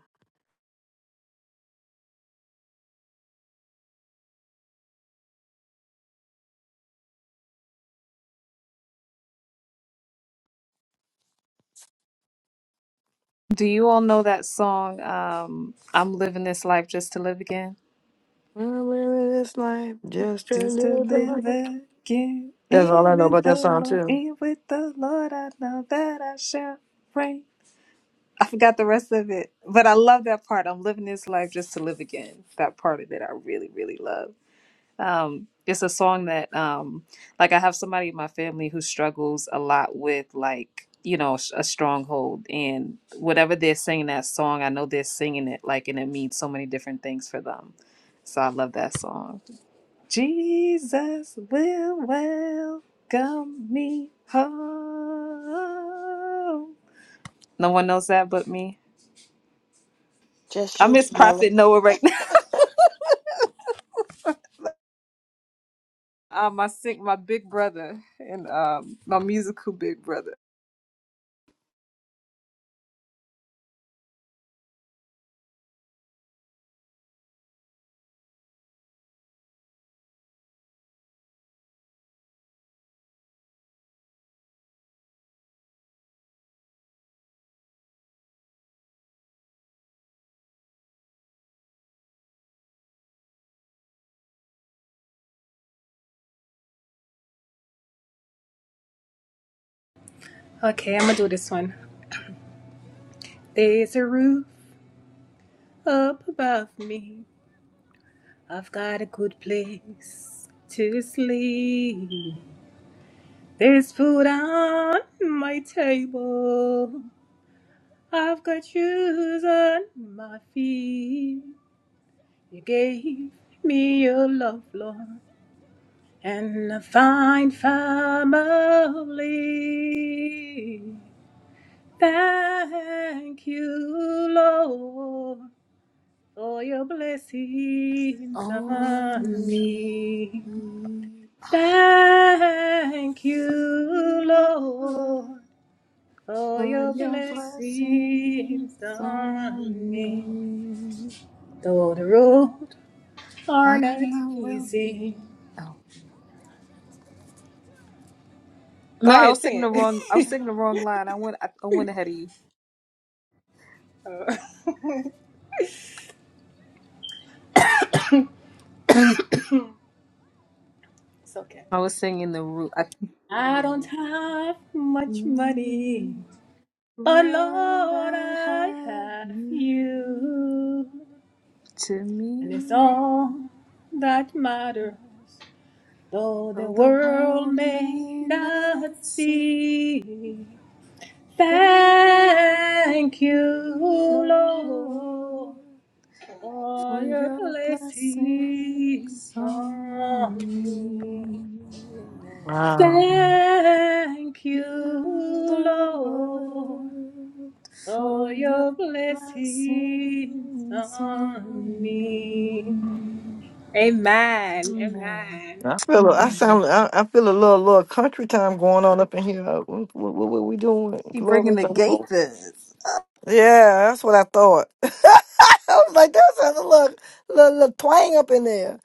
Do you all know that song? Um, I'm living this life just to live again. I'm living this life just a Just to little live bit. again, That's all in I know with about that the song Lord, too. in with the Lord. I know that I shall reign. I forgot the rest of it, but I love that part. I'm living this life just to live again. That part of it, I really, really love. Um, it's a song that, um, like, I have somebody in my family who struggles a lot with, like, you know, s- a stronghold, and whatever they're singing that song, I know they're singing it like, and it means so many different things for them. So I love that song. Jesus will welcome me home. No one knows that but me. just I you, miss Jamila. Prophet Noah right now. <laughs> Um, I sing my big brother and um my musical big brother. Okay, I'm gonna do this one. There's a root. up above me. I've got a good place to sleep. There's food on my table. I've got shoes on my feet. You gave me your love, Lord, and a fine family. Thank you, Lord, for your blessings on Only me. you, Thank you, Lord, Lord, for for your your blessings blessings on on me. me. Though the road are I'm not not wealthy. easy. Oh. Go No, I ahead, was singing sing the it. <laughs> wrong. I was singing the wrong line. I went. I, I went ahead of you. It's okay. I was singing the root. I, I don't have much money, but Lord, Lord, I I have have you you. to And it's me. all that matters, though Though the the world world may may not not see see. that Thank you, you Lord, love for for your your blessing blessings on on me. me. Amen. Thank you, You Lord, Lord, for for your your blessings blessings on on me. me. Amen, Amen. amen, I feel, I Amen. sound, I, I feel a little, little country time going on up in here. What, what, what we doing? Keep bringing Glory the to gate God. then. Yeah, that's what I thought. <laughs> I was like, that sounds a little, little, little twang up in there.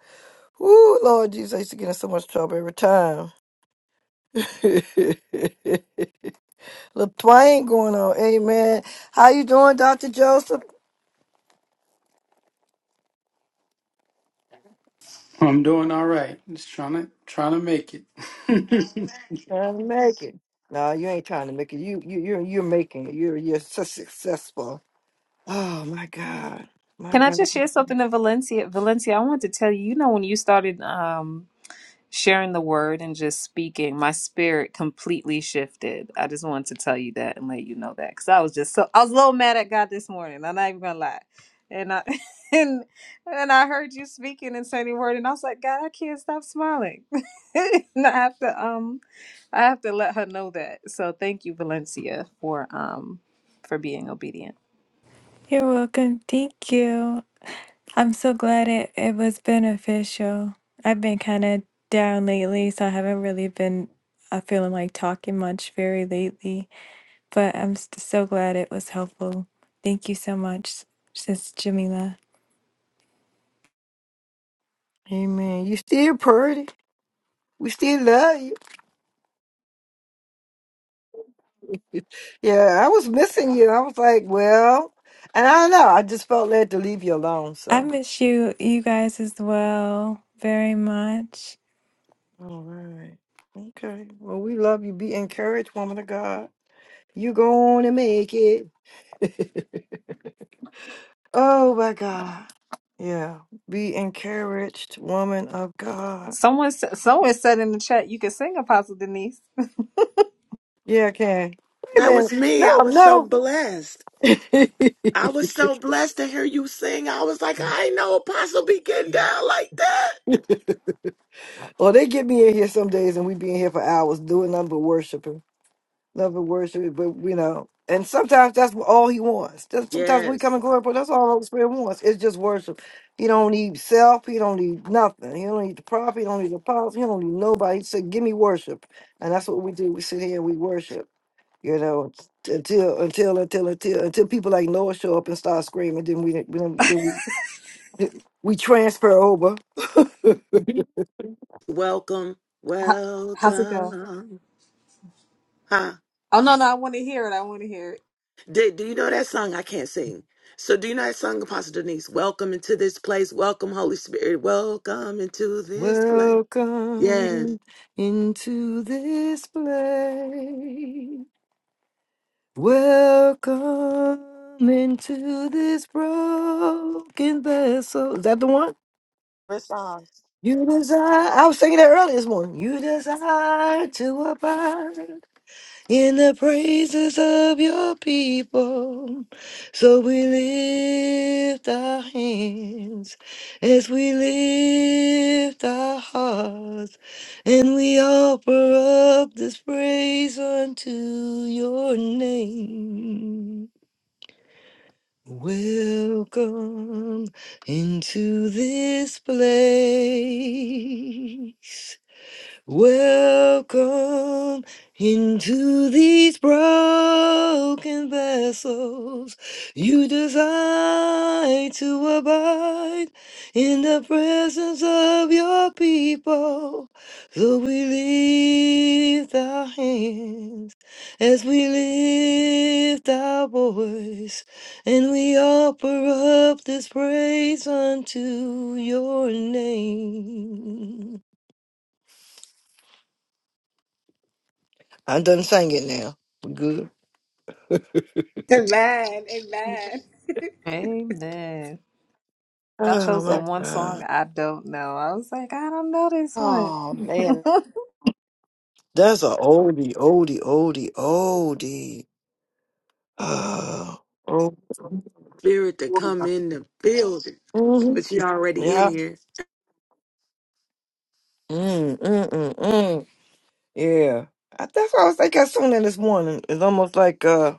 Ooh, Lord Jesus, I used to get in so much trouble every time. <laughs> The twang going on. Amen. How you doing, Dr. Joseph? I'm doing all right. Just trying to trying to make it. <laughs> Trying to make it. No, you ain't trying to make it. You you you're you're making it. You're you're so successful. Oh my God. My Can I God. just share something in Valencia? Valencia, I wanted to tell you, you know, when you started um, sharing the word and just speaking, my spirit completely shifted. I just wanted to tell you that and let you know that because I was just so I was a little mad at God this morning. I'm not even gonna lie, and I <laughs> and and I heard you speaking and saying the word, and I was like, God, I can't stop smiling. <laughs> and I have to um, I have to let her know that. So thank you, Valencia, for um, for being obedient. you're welcome thank you i'm so glad it, it was beneficial i've been kind of down lately so i haven't really been uh, feeling like talking much very lately but i'm st- so glad it was helpful thank you so much sis jamila Amen. You still pretty. We still love you. <laughs> Yeah, I was missing you. I was like, well, and I don't know. I just felt led to leave you alone. i So, miss you you guys as well very much all right. Okay. Well, we love you. Be encouraged, woman of God. You going to make it. <laughs> Oh my God. Yeah. Be encouraged, woman of God. Someone sa- someone said in the chat you can sing Apostle Denise. <laughs> Yeah, okay. Wait a That was minute. me. No, I was so no. blessed. <laughs> I was so blessed to hear you sing. I was like, I ain't know Apostle be getting down like that. well, they get me in here some days and we be in here for hours doing nothing but worshiping. Nothing but worshiping, but you know. And sometimes that's all he wants. That's- Sometimes we come Yes. and glory, but that's all Holy Spirit wants. It's just worship. He don't need self. He don't need nothing. He don't need the prophet. He don't need the apostle. He don't need nobody. He said, "Give me worship," and that's what we do. We sit here and we worship. you know, t- until until until until until people like Noah show up and start screaming, then we then, then we we transfer over. <laughs> Welcome. How, how's it go? Welcome. Huh? Oh no, no, I want to hear it. I want to hear it. Did, do you know that song? I can't sing. So do you know that song, Apostle Denise? Welcome into this place. Welcome, Holy Spirit. Welcome into this place. Yes. Welcome into this place. Welcome into this broken vessel. Is that the one? What song? You desire. I was singing that earlier this morning. You desire to abide. in the praises of your people. So we lift our hands as we lift our hearts and we offer up this praise unto your name. Welcome into this place. Welcome into these broken vessels. You desire to abide in the presence of your people. So we lift our hands as we lift our voice and we offer up this praise unto your name. I done sang it now. We good. amen, amen. Amen. Y'all Oh chose the my That- one God. song I don't know. I was like, I don't know this Oh one. man, <laughs> That's a oldie, oldie, oldie, oldie. Oh, oh. Spirit to come in the building. Mhm. Which you already in Yeah. here. Mm, mm, mm, mm. Yeah. I, that's what I was thinking. I sung that this morning. It's almost like, uh,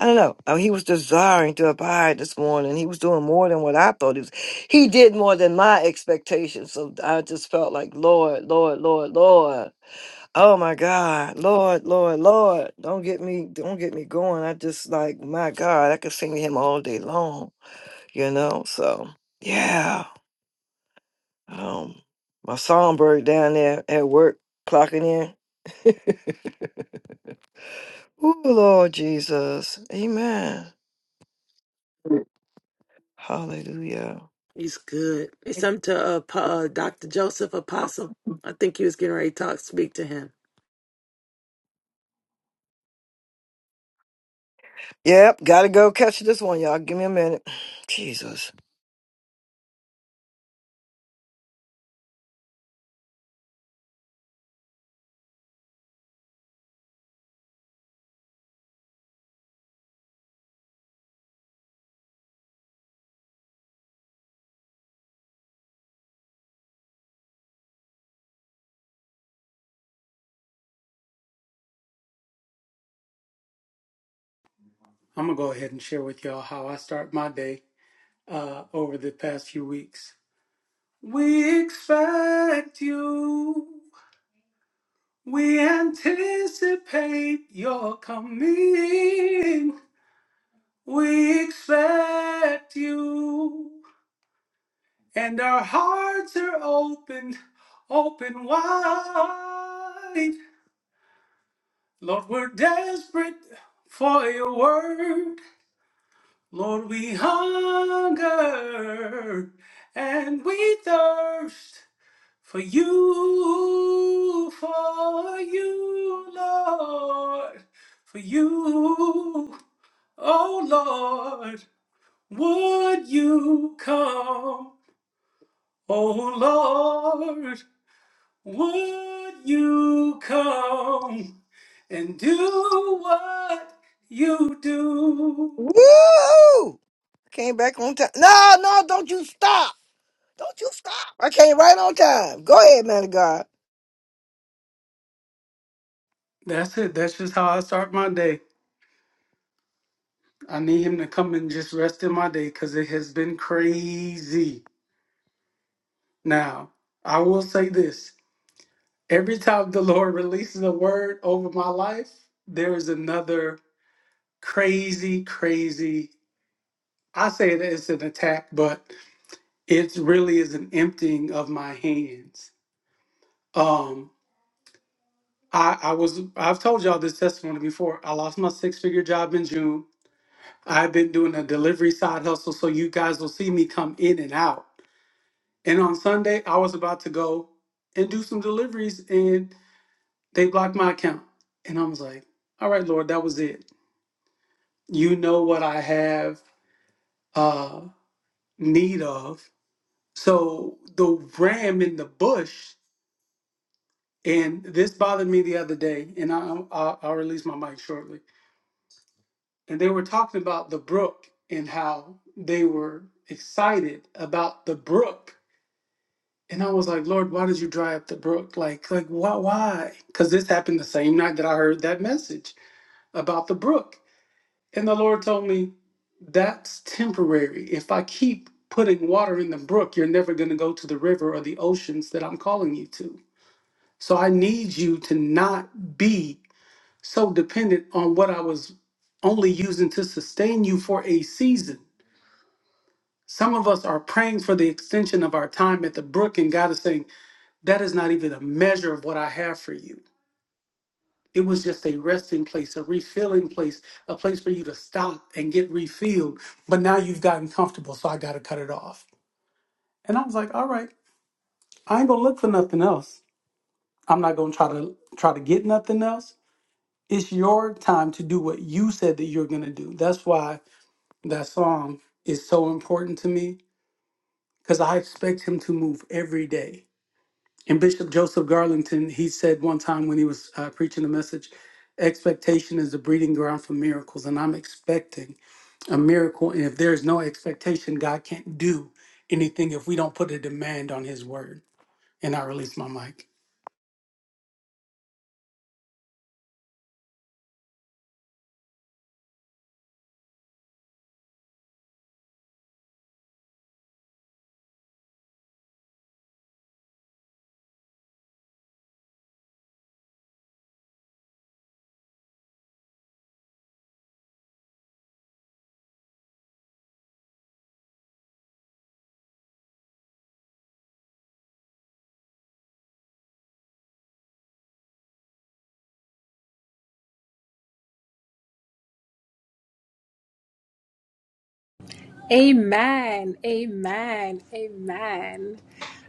I don't know. I mean, he was desiring to abide this morning. He was doing more than what I thought he was. He did more than my expectations. So I just felt like, Lord, Lord, Lord, Lord. Oh my God, Lord, Lord, Lord! Don't get me, don't get me going. I just like my God, I could sing to him all day long, you know. So yeah, um, my songbird down there at work clocking in. Ooh, Lord Jesus, Amen, Hallelujah. He's good. It's something to uh, Pa- uh, Dr. Joseph Apostle. I think he was getting ready to talk, speak to him. Yep, gotta go catch this one, y'all. Give me a minute, <sighs> Jesus. I'm gonna go ahead and share with y'all how I start my day uh, over the past few weeks. We expect you. We anticipate your coming. We expect you, and our hearts are open, open wide. Lord, we're desperate for your word. Lord, we hunger and we thirst for you, for you, Lord, for you, oh Lord, would you come, oh Lord, would you come and do what you do? Woo! Came back on time. No, no, don't you stop! Don't you stop! I came right on time. Go ahead, man of God. That's it. That's just how I start my day. I need him to come and just rest in my day because it has been crazy. Now, I will say this every time the Lord <laughs> releases a word over my life, there is another crazy, crazy. I say that it's an attack, but it really is an emptying of my hands. Um, I, I was I've told y'all this testimony before. I lost my six figure job in June. I've been doing a delivery side hustle, so you guys will see me come in and out. And on Sunday, I was about to go and do some deliveries and they blocked my account. And I was like, all right, Lord, that was it. You know what I have uh, need of. So the ram in the bush, and this bothered me the other day, and I, i I'll release my mic shortly. And they were talking about the brook and how they were excited about the brook And I was like, Lord, why did you dry up the brook? Like, like why? Why? Because this happened the same night that I heard that message about the brook. And the Lord told me, that's temporary. If I keep putting water in the brook, you're never going to go to the river or the oceans that I'm calling you to. So I need you to not be so dependent on what I was only using to sustain you for a season. Some of us are praying for the extension of our time at the brook, and God is saying, that is not even a measure of what I have for you. It was just a resting place, a refilling place, a place for you to stop and get refilled. But now you've gotten comfortable, so I got to cut it off. And I was like, all right, I ain't gonna look for nothing else. I'm not gonna try to try to get nothing else. It's your time to do what you said that you're gonna do. That's why that song is so important to me because I expect him to move every day. And Bishop Joseph Garlington, he said one time when he was uh, preaching a message, expectation is the breeding ground for miracles. And I'm expecting a miracle. And if there's no expectation, God can't do anything if we don't put a demand on his word. And I release my mic. Amen. Amen. Amen.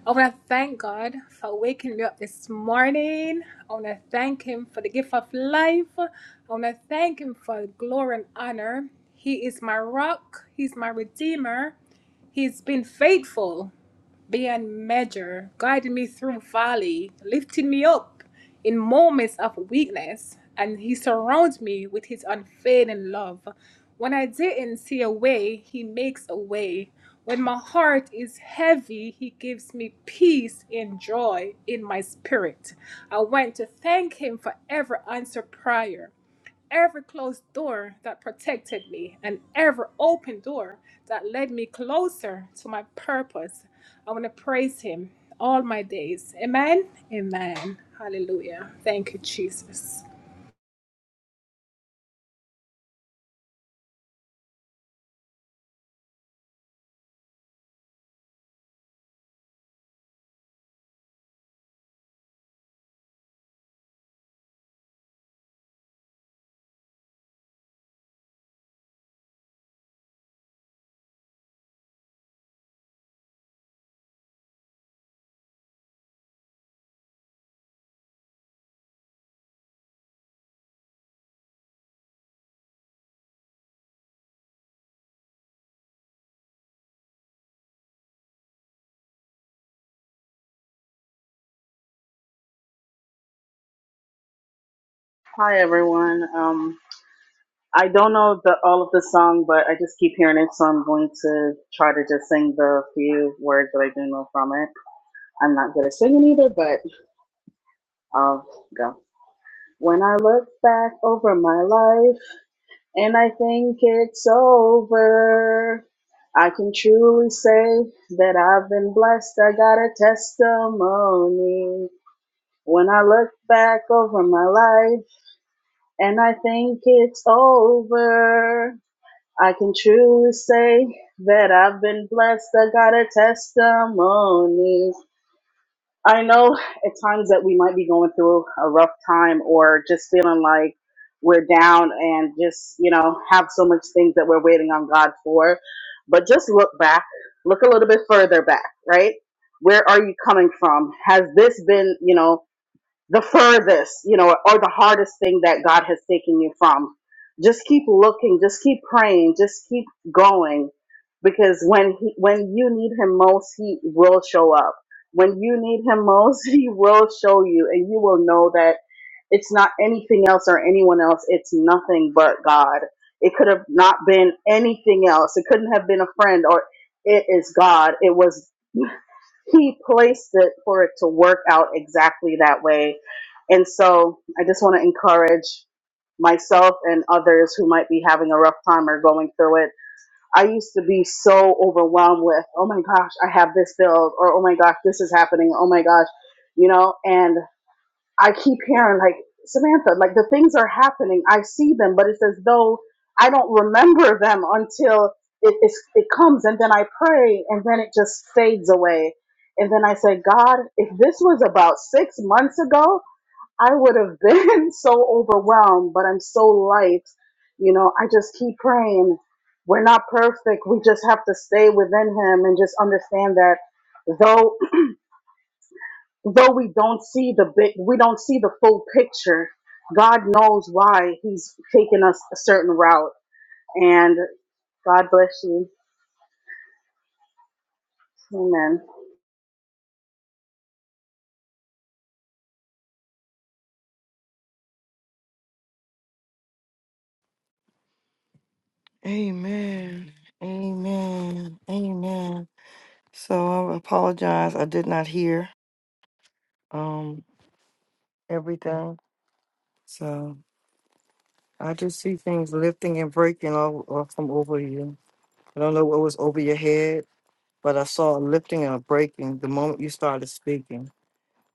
I want to thank God for waking me up this morning. I want to thank Him for the gift of life. I want to thank Him for glory and honor. He is my rock, He's my redeemer. He's been faithful beyond measure, guiding me through folly, lifting me up in moments of weakness, and He surrounds me with His unfailing love. When I didn't see a way, He makes a way. When my heart is heavy, He gives me peace and joy in my spirit. I want to thank Him for every answer prayer every closed door that protected me and every open door that led me closer to my purpose. I want to praise hHim all my days. Amen. Amen. Hallelujah. Thank you, Jesus. Hi everyone. Um, I don't know the, all of the song, but I just keep hearing it, so I'm going to try to just sing the few words that I do know from it. I'm not good at singing either, but I'll go. When I look back over my life and I think it's over, I can truly say that I've been blessed. I got a testimony. When I look back over my life and I think it's over. I can truly say that I've been blessed. I got a testimony. I know at times that we might be going through a rough time or just feeling like we're down and just, you know, have so much things that we're waiting on God for. But just look back, look a little bit further back, right? Where are you coming from? Has this been, you know, the furthest, you know, or the hardest thing that God has taken you from. Just keep looking, just keep praying, just keep going because when he, when you need him most, he will show up. When you need him most, <laughs> he will show you and you will know that it's not anything else or anyone else. It's nothing but God. It could have not been anything else. It couldn't have been a friend or it is God. It was he placed it for it to work out exactly that way. And so I just want to encourage myself and others who might be having a rough time or going through it. I used to be so overwhelmed with, oh my gosh, I have this build, or oh my gosh, this is happening, oh my gosh, you know, and I keep hearing like Samantha, like the things are happening. I see them, but it's as though I don't remember them until it it's, it comes, and then I pray, and then it just fades away. And then I say, God, if this was about six months ago, I would have been <laughs> so overwhelmed, but I'm so light. You know, I just keep praying. We're not perfect. We just have to stay within Him and just understand that though though we don't see the big, we don't see the full picture. God knows why He's taking us a certain route. And God bless you. Amen. Amen. Amen. Amen. So I apologize. I did not hear um everything. So I just see things lifting and breaking all, all from over you. I don't know what was over your head, but I saw a lifting and a breaking the moment you started speaking.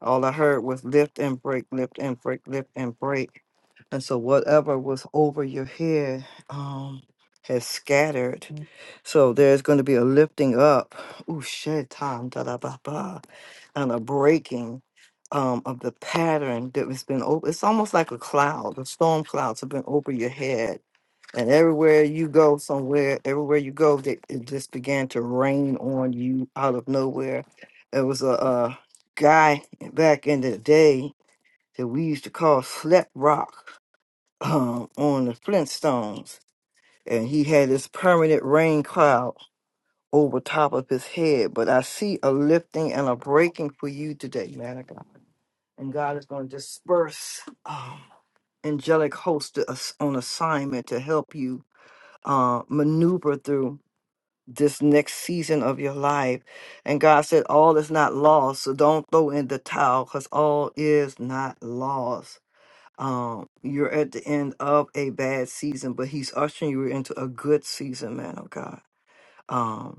All I heard was lift and break, lift and break, lift and break. And so whatever was over your head um, has scattered. Mm. So there's going to be a lifting up, ooh, shaitan, da da ba ba, and a breaking um, of the pattern that has been over. It's almost like a cloud, the storm clouds have been over your head. And everywhere you go, somewhere, everywhere you go, they, it just began to rain on you out of nowhere. It was a, guy back in the day that we used to call Slap Rock um, on the Flintstones. And he had this permanent rain cloud over top of his head. But I see a lifting and a breaking for you today, man of God. And God is going to disperse um, angelic hosts to us on assignment to help you uh, maneuver through this next season of your life. And God said, All is not lost. So don't throw in the towel because all is not lost. Um, you're at the end of a bad season, but He's ushering you into a good season, man of God. Um,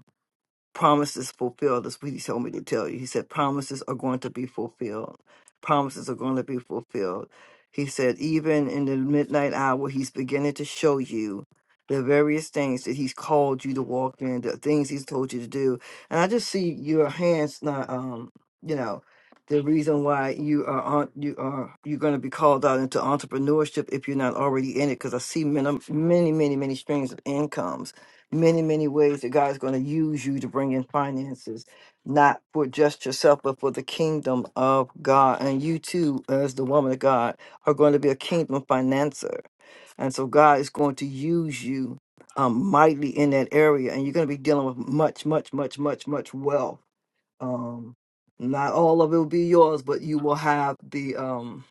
promises fulfilled. That's what he told me to tell you. He said, promises are going to be fulfilled. Promises are going to be fulfilled. He said, even in the midnight hour, he's beginning to show you the various things that he's called you to walk in, the things he's told you to do. And I just see your hands not, um, you know, the reason why you are on, you are you're going to be called out into entrepreneurship if you're not already in it. Because I see many, many, many, many streams of incomes many, many ways that God is going to use you to bring in finances, not for just yourself, but for the kingdom of God. And you too, as the woman of God, are going to be a kingdom financer. And so God is going to use you um, mightily in that area. And you're going to be dealing with much, much, much, much, much wealth. Um, not all of it will be yours, but you will have the, um,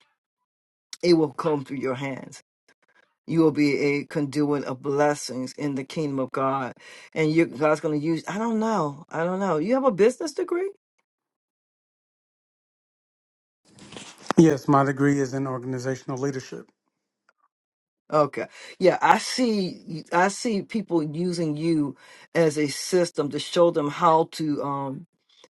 it will come through your hands you will be a conduit of blessings in the kingdom of God. And you, God's going to use, I don't know. I don't know. You have a business degree? Yes, my degree is in organizational leadership. Okay. Yeah, I see, I see people using you as a system to show them how to, um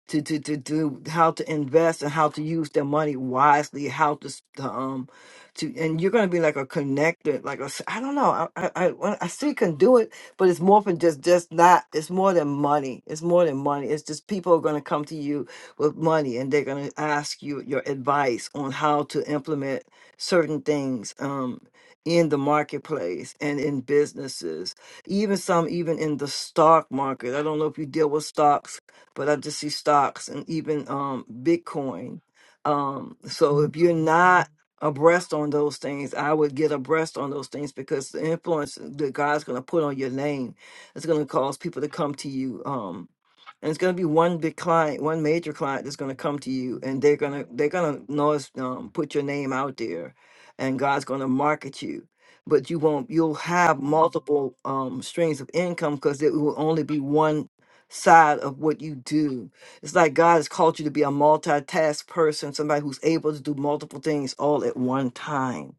to, to, to do how to invest and how to use their money wisely, how to s- to, um to and you're gonna be like a connector, like a s- I don't know. I I I, when I still can do it, but it's more than just just not. It's more than money. It's more than money. It's just people are gonna come to you with money and they're gonna ask you your advice on how to implement certain things um in the marketplace and in businesses even some even in the stock market i don't know if you deal with stocks but I just see stocks and even um, Bitcoin. Um, so if you're not abreast on those things, I would get abreast on those things because the influence that God's going to put on your name is going to cause people to come to you. Um, and it's going to be one big client, one major client that's going to come to you, and they're going to they're going to notice um, put your name out there, and God's going to market you. But you won't. You'll have multiple um, streams of income because it will only be one side of what you do. It's like God has called you to be a multitask person, somebody who's able to do multiple things all at one time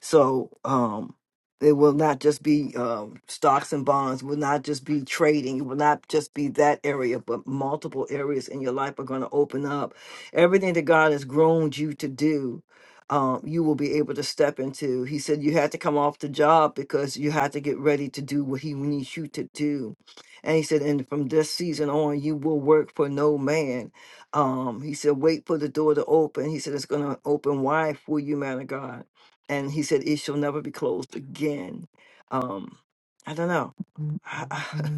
so um, it will not just be um, stocks and bonds, will not just be trading, it will not just be that area, but multiple areas in your life are going to open up. Everything that God has groomed you to do. Um, you will be able to step into. He said you had to come off the job because you had to get ready to do what he needs you to do. And he said, and from this season on, you will work for no man. Um, he said, wait for the door to open. He said, it's going to open wide for you, man of God and he said it shall never be closed again. Um, I don't know. I, I,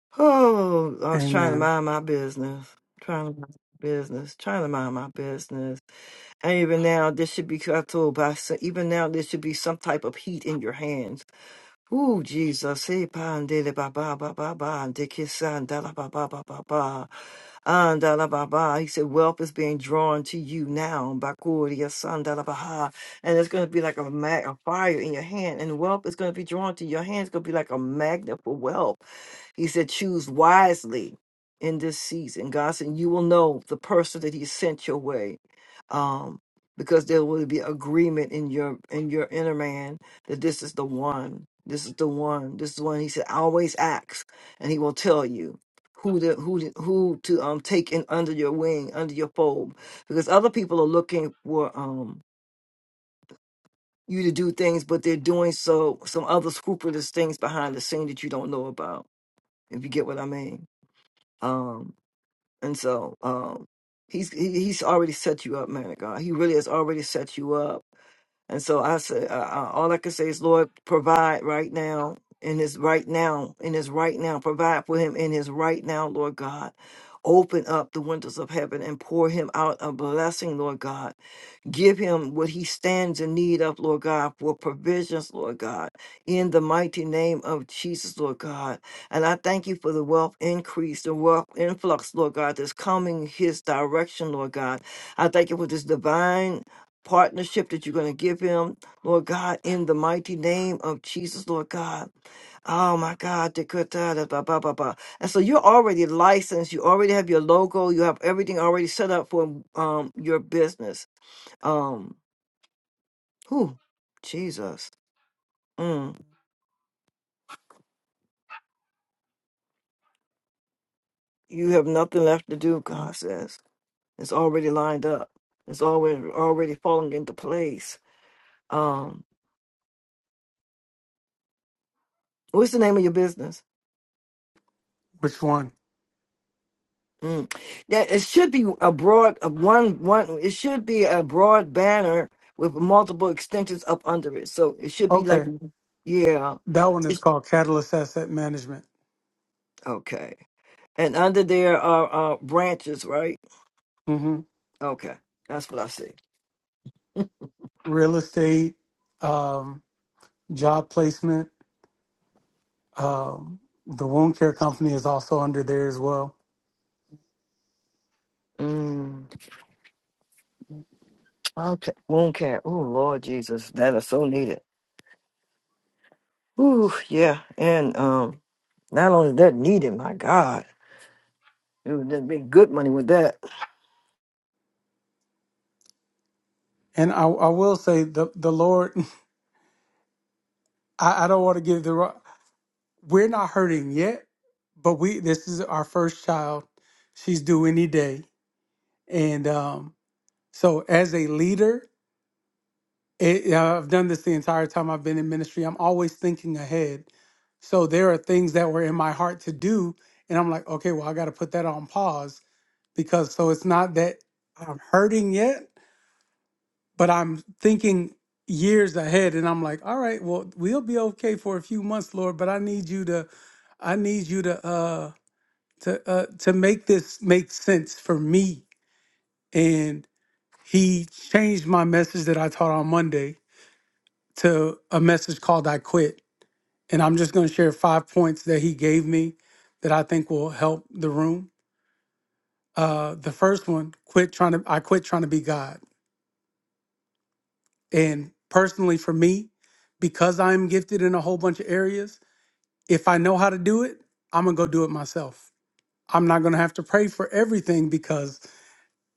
<laughs> oh, I was trying to Amen. mind my business, trying to mind my business, trying to mind my business, and even now there should be I told by s- even now there should be some type of heat in your hands Ooh, Jesus. Hey, pandele ba ba ba ba ba. and Dikisandala ba ba ba ba ba. Andala ba ba. He said, wealth is being drawn to you now. Bakuria sandala ba ha. And it's going to be like a, mag- a fire in your hand. And wealth is going to be drawn to your hand. It's going to be like a magnet for wealth. He said, choose wisely in this season. God said, you will know the person that He sent your way, um, because there will be agreement in your in your inner man that this is the one. This is the one. This is the one. He said, always ask, and He will tell you who to who to, who to um take in under your wing, under your fold, because other people are looking for um you to do things, but they're doing so some other scrupulous things behind the scene that you don't know about. If you get what I mean. Um, and so um, he's he, he's already set you up, man of God. He really has already set you up. And so I say, uh, uh, all I can say is, Lord, provide right now in his right now in his right now. Provide for him in his right now, Lord God. Open up the windows of heaven and pour him out a blessing, Lord God. Give him what he stands in need of, Lord God, for provisions, Lord God, in the mighty name of Jesus, Lord God. And I thank you for the wealth increase, the wealth influx, Lord God, that's coming his direction, Lord God. I thank you for this divine partnership that you're going to give him, Lord God, in the mighty name of Jesus, Lord God. Oh my God, the good da- da- ba ba ba ba. And so you're already licensed. You already have your logo. You have everything already set up for um your business. Um, whew, Jesus. Mm. You have nothing left to do, God says. It's already lined up. It's already already falling into place. Um, what's the name of your business? Which one? Mm. Yeah, it should be a broad a one one it should be a broad banner with multiple extensions up under it. So it should be like Okay. yeah. That one is It's called Catalyst Asset Management, okay. And under there are uh branches, right? hmm Okay. That's what I see. real estate, um, job placement, Um, the wound care company is also under there as well. Mm. Okay, wound care. Oh Lord Jesus, that is so needed. Ooh, yeah, and um, not only that needed, my God, it would just be good money with that. And I, I will say the the Lord, <laughs> I, I don't want to give the wrong. We're not hurting yet, but we this is our first child. She's due any day, and um, so as a leader, it, yeah, I've done this the entire time I've been in ministry. I'm always thinking ahead. So there are things that were in my heart to do, and I'm like, okay, well, I got to put that on pause because so it's not that I'm hurting yet but I'm thinking years ahead and I'm like, all right, well, we'll be okay for a few months, Lord, but I need you to I need you to uh to uh to make this make sense for me. And he changed my message that I taught on Monday to a message called I quit. And I'm just going to share five points that he gave me that I think will help the room. Uh the first one, quit trying to I quit trying to be God. And personally, for me, because I'm gifted in a whole bunch of areas, if I know how to do it, I'm going to go do it myself. I'm not going to have to pray for everything because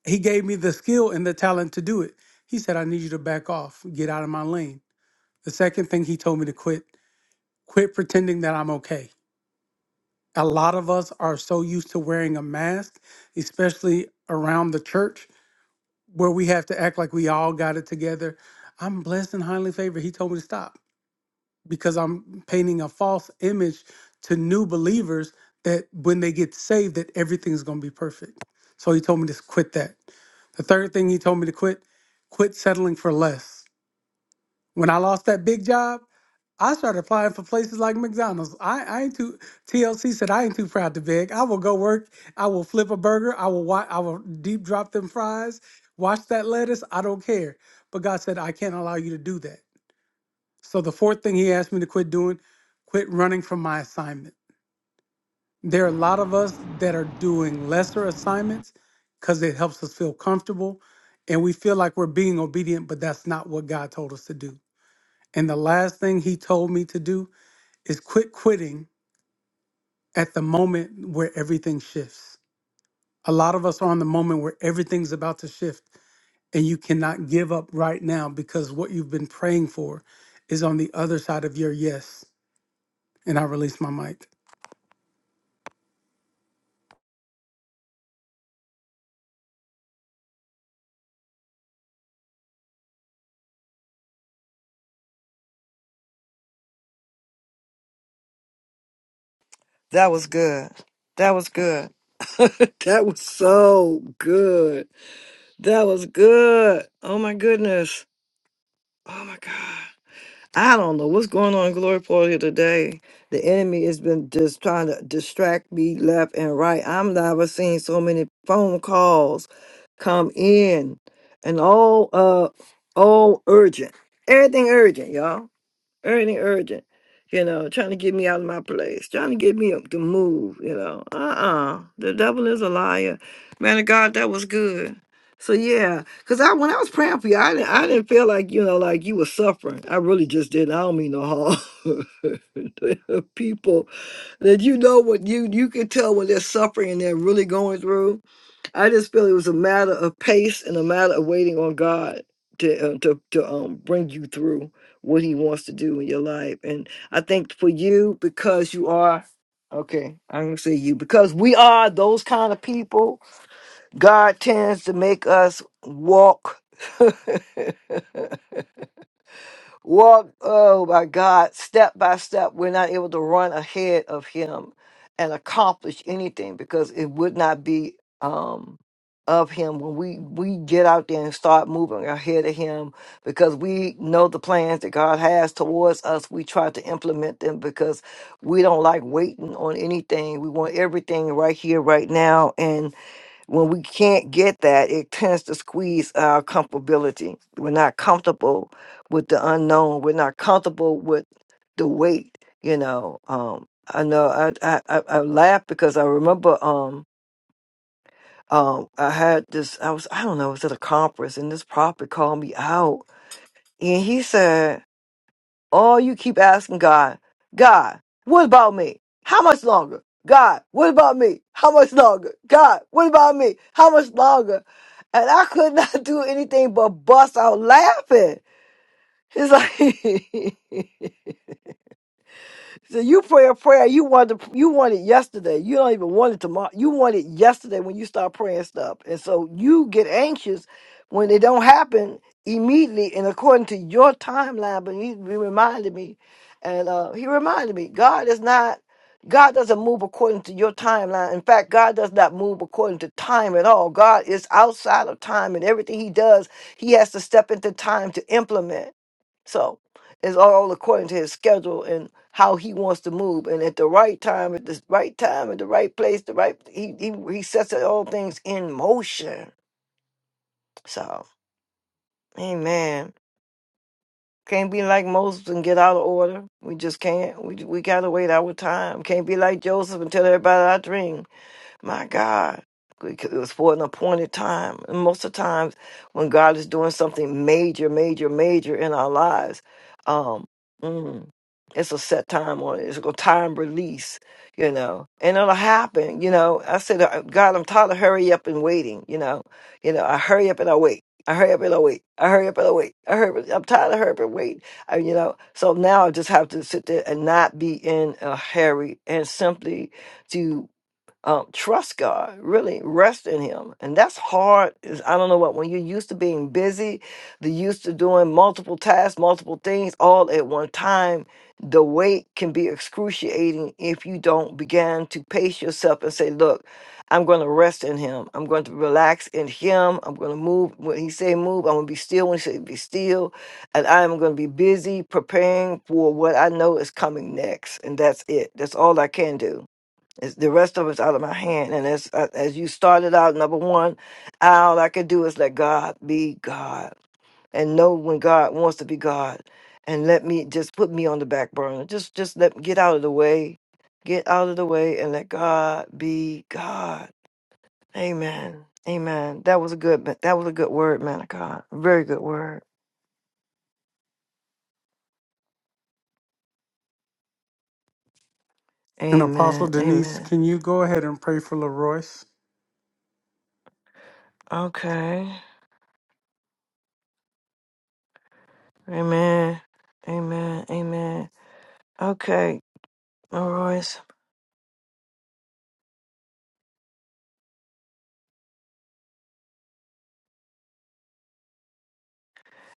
he gave me the skill and the talent to do it. He said, I need you to back off, get out of my lane. The second thing he told me to quit, quit pretending that I'm okay. A lot of us are so used to wearing a mask, especially around the church, where we have to act like we all got it together. I'm blessed and highly favored. He told me to stop. because I'm painting a false image to new believers that when they get saved that everything's going to be perfect. So he told me to quit that. The third thing he told me to quit, quit settling for less. When I lost that big job, I started applying for places like McDonald's. I, I ain't too TLC said I ain't too proud to beg. I will go work. I will flip a burger. I will wa- I will deep drop them fries. Wash that lettuce. I don't care. But God said I can't allow you to do that. So the fourth thing he asked me to quit doing, quit running from my assignment. There are a lot of us that are doing lesser assignments because it helps us feel comfortable and we feel like we're being obedient, but that's not what God told us to do. And the last thing he told me to do is quit quitting at the moment where everything shifts. A lot of us are on the moment where everything's about to shift and you cannot give up right now because what you've been praying for is on the other side of your yes. And I release my mic. That was good. That was good. <laughs> that was so good. That was good. Oh my goodness. Oh my God. I don't know what's going on in Glory Portal here today. The enemy has been just trying to distract me left and right. I'm never seeing so many phone calls come in and all uh all urgent. Everything urgent, y'all. Ernie urgent, you know, trying to get me out of my place, trying to get me up to move, you know. Uh-uh. The devil is a liar. Man of God, that was good. So yeah, cause I when I was praying for you, I didn't I didn't feel like, you know, like you were suffering. I really just didn't. I don't mean no harm. <laughs> people that you know what you you can tell when they're suffering and they're really going through I just feel it was a matter of pace and a matter of waiting on God to uh, to to um bring you through what He wants to do in your life. And I think for you, because you are okay, I'm gonna say you because we are those kind of people. God tends to make us walk. <laughs> Walk, oh my God, step by step. We're not able to run ahead of Him and accomplish anything because it would not be um, of Him when we we get out there and start moving ahead of Him because we know the plans that God has towards us. We try to implement them because we don't like waiting on anything. We want everything right here, right now, and. When we can't get that, it tends to squeeze our comfortability. We're not comfortable with the unknown. We're not comfortable with the weight. You know, um, I know I I, I I laugh because I remember um, um, I had this. I was I don't know. It was at a conference, and this prophet called me out, and he said. All you keep asking God, God, what about me? How much longer? God, what about me? How much longer? God, what about me? How much longer? And I could not <laughs> do anything but bust out laughing. It's like <laughs> So you pray a prayer you wanted you want it yesterday. You don't even want it tomorrow. You want it yesterday when you start praying stuff. And so you get anxious when it don't happen immediately and according to your timeline. But he, he reminded me and uh, he reminded me God is not God doesn't move according to your timeline. In fact, God does not move according to time at all. God is outside of time and everything he does, he has to step into time to implement. So it's all according to his schedule and how he wants to move. And at the right time, at the right time, at the right place, the right he he, he sets it- all things in motion. So, amen. Can't be like Moses and get out of order. We just can't. We we gotta wait our time. Can't be like Joseph and tell everybody our dream. My God. Because it was for an appointed time. And most of the times when God is doing something major, major, major in our lives, um, mm, it's a set time on it. It's a time release, you know, and it'll happen. You know, I said, "Uh, God, I'm tired of hurry up and waiting. You know, you know, I hurry up and I wait. I hurry up and I wait. I hurry up and I wait. I hurry. Up, I'm tired of hurry up and wait. I, you know, so now I just have to sit there and not be in a hurry and simply to um, trust God, really rest in Him. And that's hard. Is I don't know what, when you're used to being busy, the used to doing multiple tasks, multiple things all at one time, the weight can be excruciating if you don't begin to pace yourself and say, Look, I'm going to rest in Him. I'm going to relax in Him. I'm going to move when He say move. I'm going to be still when He say be still. And I am going to be busy preparing for what I know is coming next. And that's it. That's all I can do it's, the rest of it's out of my hand. And as uh, as you started out, number one, all I can do is let God be God and know when God wants to be God, and let me just put me on the back burner. Just just let get out of the way, get out of the way, and let God be God. Amen. Amen. That was a good. That was a good word, man of God. Very good word. And Apostle Amen. Denise, Amen. can you go ahead and pray for LaRoyce? Okay. Amen. Amen. Amen. Okay. All right.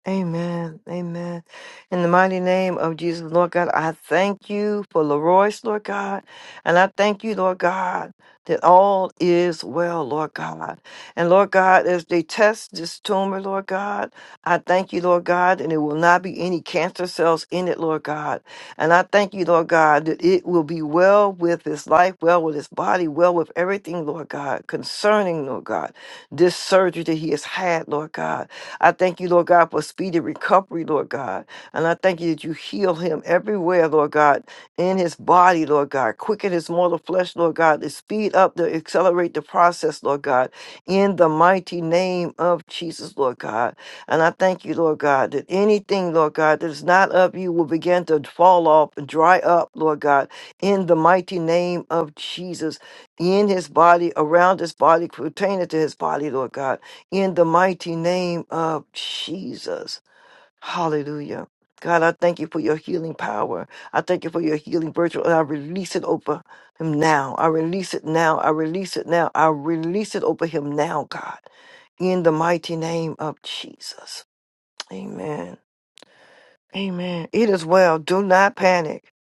Amen. Amen. In the mighty name of Jesus, Lord God, I thank you for Leroy's, Lord God. And I thank you, Lord God, that all is well, Lord God. And Lord God, as they test this tumor, Lord God, I thank you, Lord God, and there will not be any cancer cells in it, Lord God. And I thank you, Lord God, that it will be well with his life, well with his body, well with everything, Lord God, concerning, Lord God, this surgery that he has had, Lord God. I thank you, Lord God, for speedy recovery, Lord God. And I thank you that you heal him everywhere, Lord God, in his body, Lord God. Quicken his mortal flesh, Lord God, to speed up, to accelerate the process, Lord God, in the mighty name of Jesus, Lord God. And I thank you, Lord God, that anything, Lord God, that is not of you will begin to fall off and dry up, Lord God, in the mighty name of Jesus, in his body, around his body, pertaining to his body, Lord God in the mighty name of Jesus. Hallelujah. God, I thank you for your healing power. I thank you for your healing virtue. And I release it over him now. I release it now. I release it now. I release it over him now, God. In the mighty name of Jesus. Amen. Amen. It is well. Do not panic.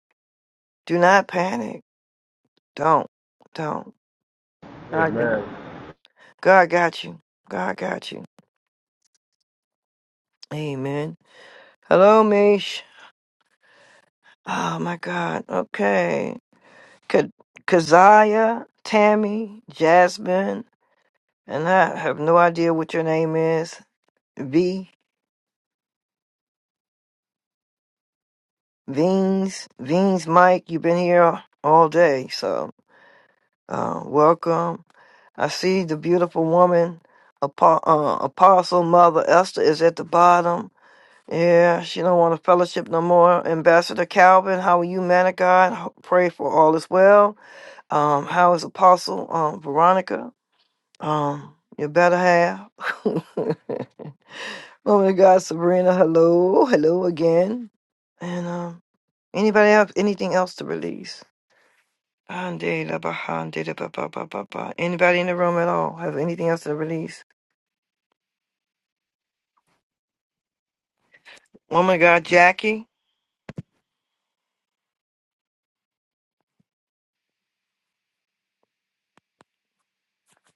Do not panic. Don't. Don't. Amen. God got you. God got you. Amen. Hello, Mish. Oh my God. Okay. Ka- Kaziah, Tammy, Jasmine, and I have no idea what your name is. V, Veens, Veens, Mike. You've been here all day, so uh, welcome. I see the beautiful woman, Apo- uh, Apostle Mother Esther, is at the bottom. Yeah, she don't want to fellowship no more. Ambassador Calvin, how are you, man of God? Ho- Pray for all is well. Um, how is Apostle um, Veronica? Um, you better have. <laughs> Woman of God, Sabrina, hello. Hello again. And um, anybody have anything else to release? Ande da ba ha, ande da ba ba ba ba ba. Anybody in the room at all have anything else to release? Woman of God, Jackie,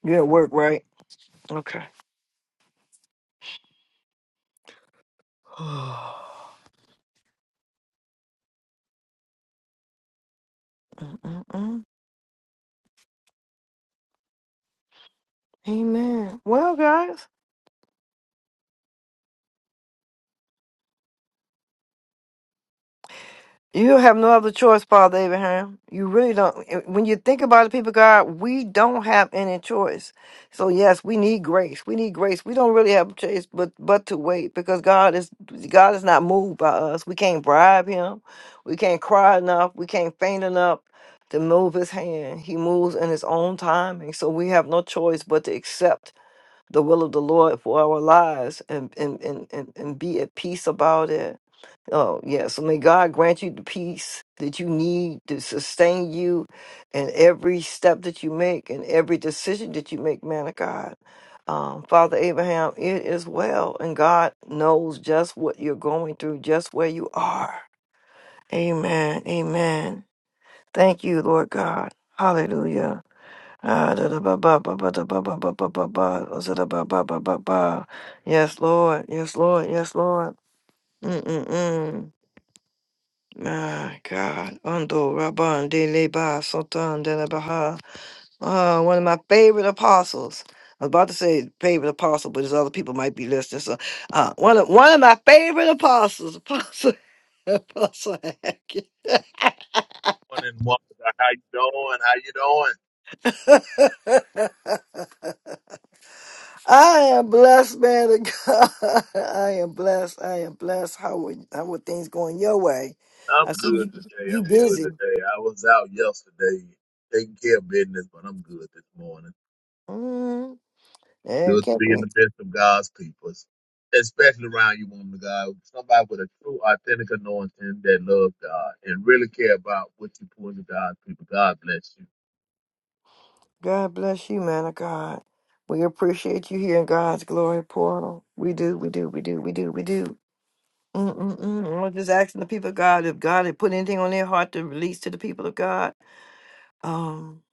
you at work, right? Okay. <sighs> Mm-mm. Amen. Well, guys. You have no other choice, Father Abraham. You really don't. When you think about it, people, of God, we don't have any choice. So yes, we need grace. We need grace. We don't really have a choice but but to wait because God is God is not moved by us. We can't bribe Him. We can't cry enough. We can't faint enough to move His hand. He moves in His own timing. So we have no choice but to accept the will of the Lord for our lives and and and and, and be at peace about it Oh, yes. So May God grant you the peace that you need to sustain you in every step that you make and every decision that you make, man of God. Um, Father Abraham, it is well, and God knows just what you're going through, just where you are. Amen. Amen. Thank you, Lord God. Hallelujah. Ah, da da ba ba ba ba da ba ba ba ba ba ba. Oh, za da ba ba ba ba ba. Yes, Lord. Yes, Lord. Yes, Lord. Mm-mm-mm. My God, Undo Rabban de Leba Sultan de la Baha. Uh, one of my favorite apostles. I was about to say favorite apostle, but there's other people might be listening. So, uh, one of one of my favorite apostles, <laughs> Apostle Apostle Hackett. morning, Wanda. How you doing? How you doing? <laughs> I am blessed, man of God. <laughs> I am blessed. I am blessed. How are, how are things going your way? I'm I see good you today. you I'm good busy. today. I was out yesterday taking care of business, but I'm good this morning. Mm, yeah, you Good to can't be be. in the midst of God's people, especially around you, woman of God. Somebody with a true, authentic anointing that loves God and really care about what you pour into God's people. God bless you. God bless you, man of God. We appreciate you here in God's glory portal. We do, we do, we do, we do, we do. Mm-mm-mm. I'm just asking the people of God if God had put anything on their heart to release to the people of God. Um,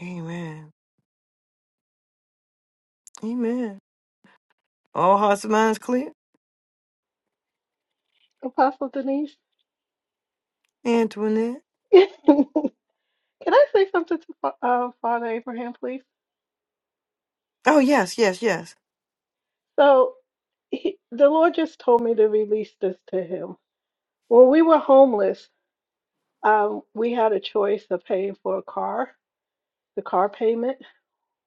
amen. Amen. All hearts and minds clear? Apostle Denise, Antoinette? <laughs> can I say something to Fa- uh, Father Abraham, please? Oh, yes, yes, yes. So, he, the Lord just told me to release this to him. When we were homeless, um, we had a choice of paying for a car the car payment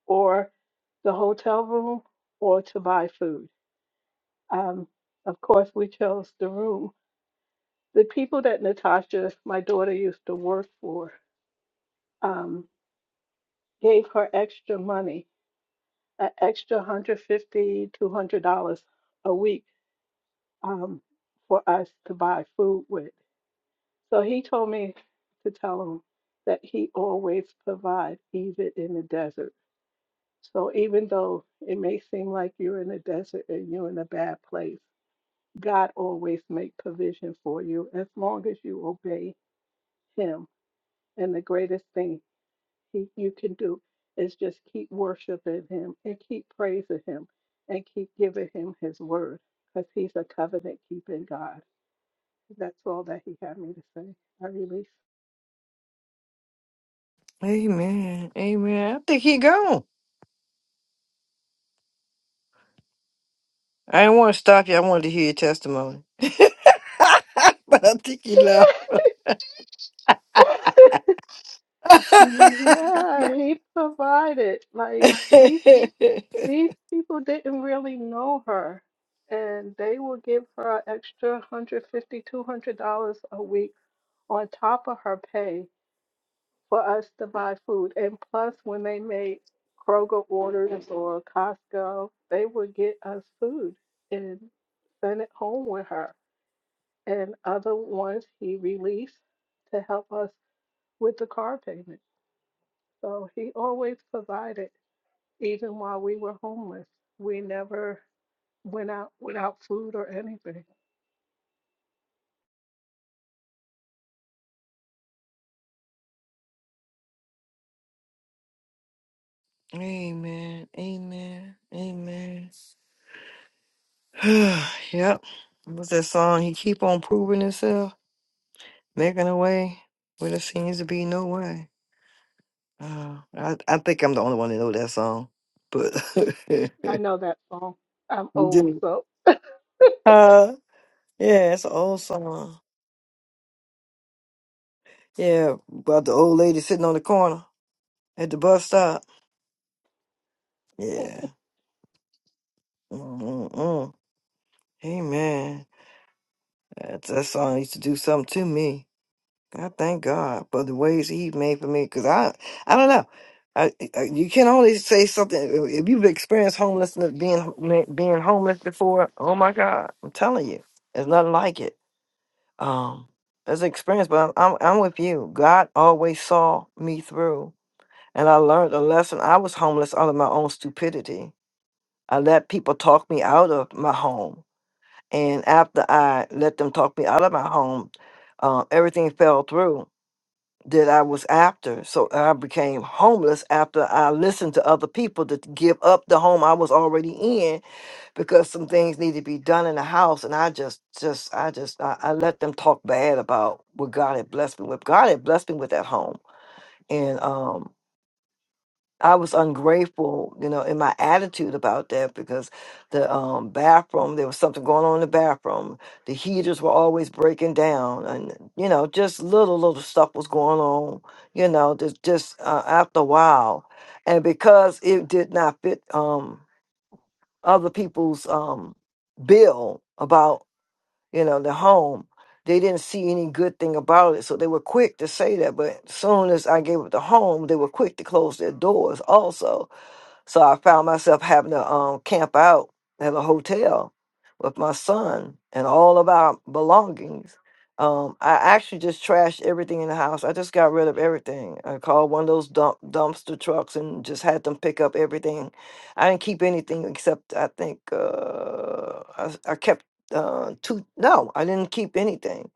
or the hotel room or to buy food. Um, of course, we chose the room. The people that Natasha, my daughter, used to work for, um, gave her extra money, an extra one hundred fifty, two hundred dollars dollars a week um, for us to buy food with. So he told me to tell him that he always provides, even in the desert. So even though it may seem like you're in a desert and you're in a bad place, God always make provision for you as long as you obey him. And the greatest thing he, you can do is just keep worshiping him and keep praising him and keep giving him his word because he's a covenant keeping God. That's all that he had me to say. I release. Amen. Amen. I think he gone. I didn't want to stop you. I wanted to hear your testimony. <laughs> But I think he <laughs> left. Yeah, he provided. Like these <laughs> These people didn't really know her, and they will give her an extra one hundred fifty, two hundred dollars a week on top of her pay for us to buy food. And plus, when they made Kroger orders or Costco, they would get us food and send it home with her. And other ones he released to help us with the car payment. So he always provided, even while we were homeless. We never went out without food or anything. Amen. Amen. Amen. <sighs> yep. What's that song? He keep on proving himself, making a way where there seems to be no way. Uh, I, I think I'm the only one that know that song. But <laughs> I know that song. I'm old, so uh yeah, it's an old song. Yeah, about the old lady sitting on the corner at the bus stop. Yeah. Mm-mm-mm. Amen. That, that song used to do something to me. I thank God for the ways He made for me, because I, I don't know. I, I, you can only say something if you've experienced homelessness, being being homeless before. Oh my God, I'm telling you, there's nothing like it. Um, it's an experience, but I'm, I'm I'm with you. God always saw me through, and I learned a lesson. I was homeless out of my own stupidity. I let people talk me out of my home, and after I let them talk me out of my home, uh, everything fell through that I was after. So I became homeless after I listened to other people to give up the home I was already in because some things need to be done in the house. And I just, just, I just, I, I let them talk bad about what God had blessed me with. God had blessed me with that home. And um I was ungrateful, you know, in my attitude about that because the um, bathroom, there was something going on in the bathroom. The heaters were always breaking down, and you know, just little little stuff was going on. You know, just just uh, after a while, and because it did not fit um, other people's um, bill about you know the home, they didn't see any good thing about it. So they were quick to say that, but soon as I gave up the home, they were quick to close their doors also so I found myself having to um, camp out at a hotel with my son and all of our belongings. Um, I actually just trashed everything in the house. I just got rid of everything. I called one of those dump, dumpster trucks and just had them pick up everything. I didn't keep anything except I think uh, I, I kept uh, two. No, I didn't keep anything.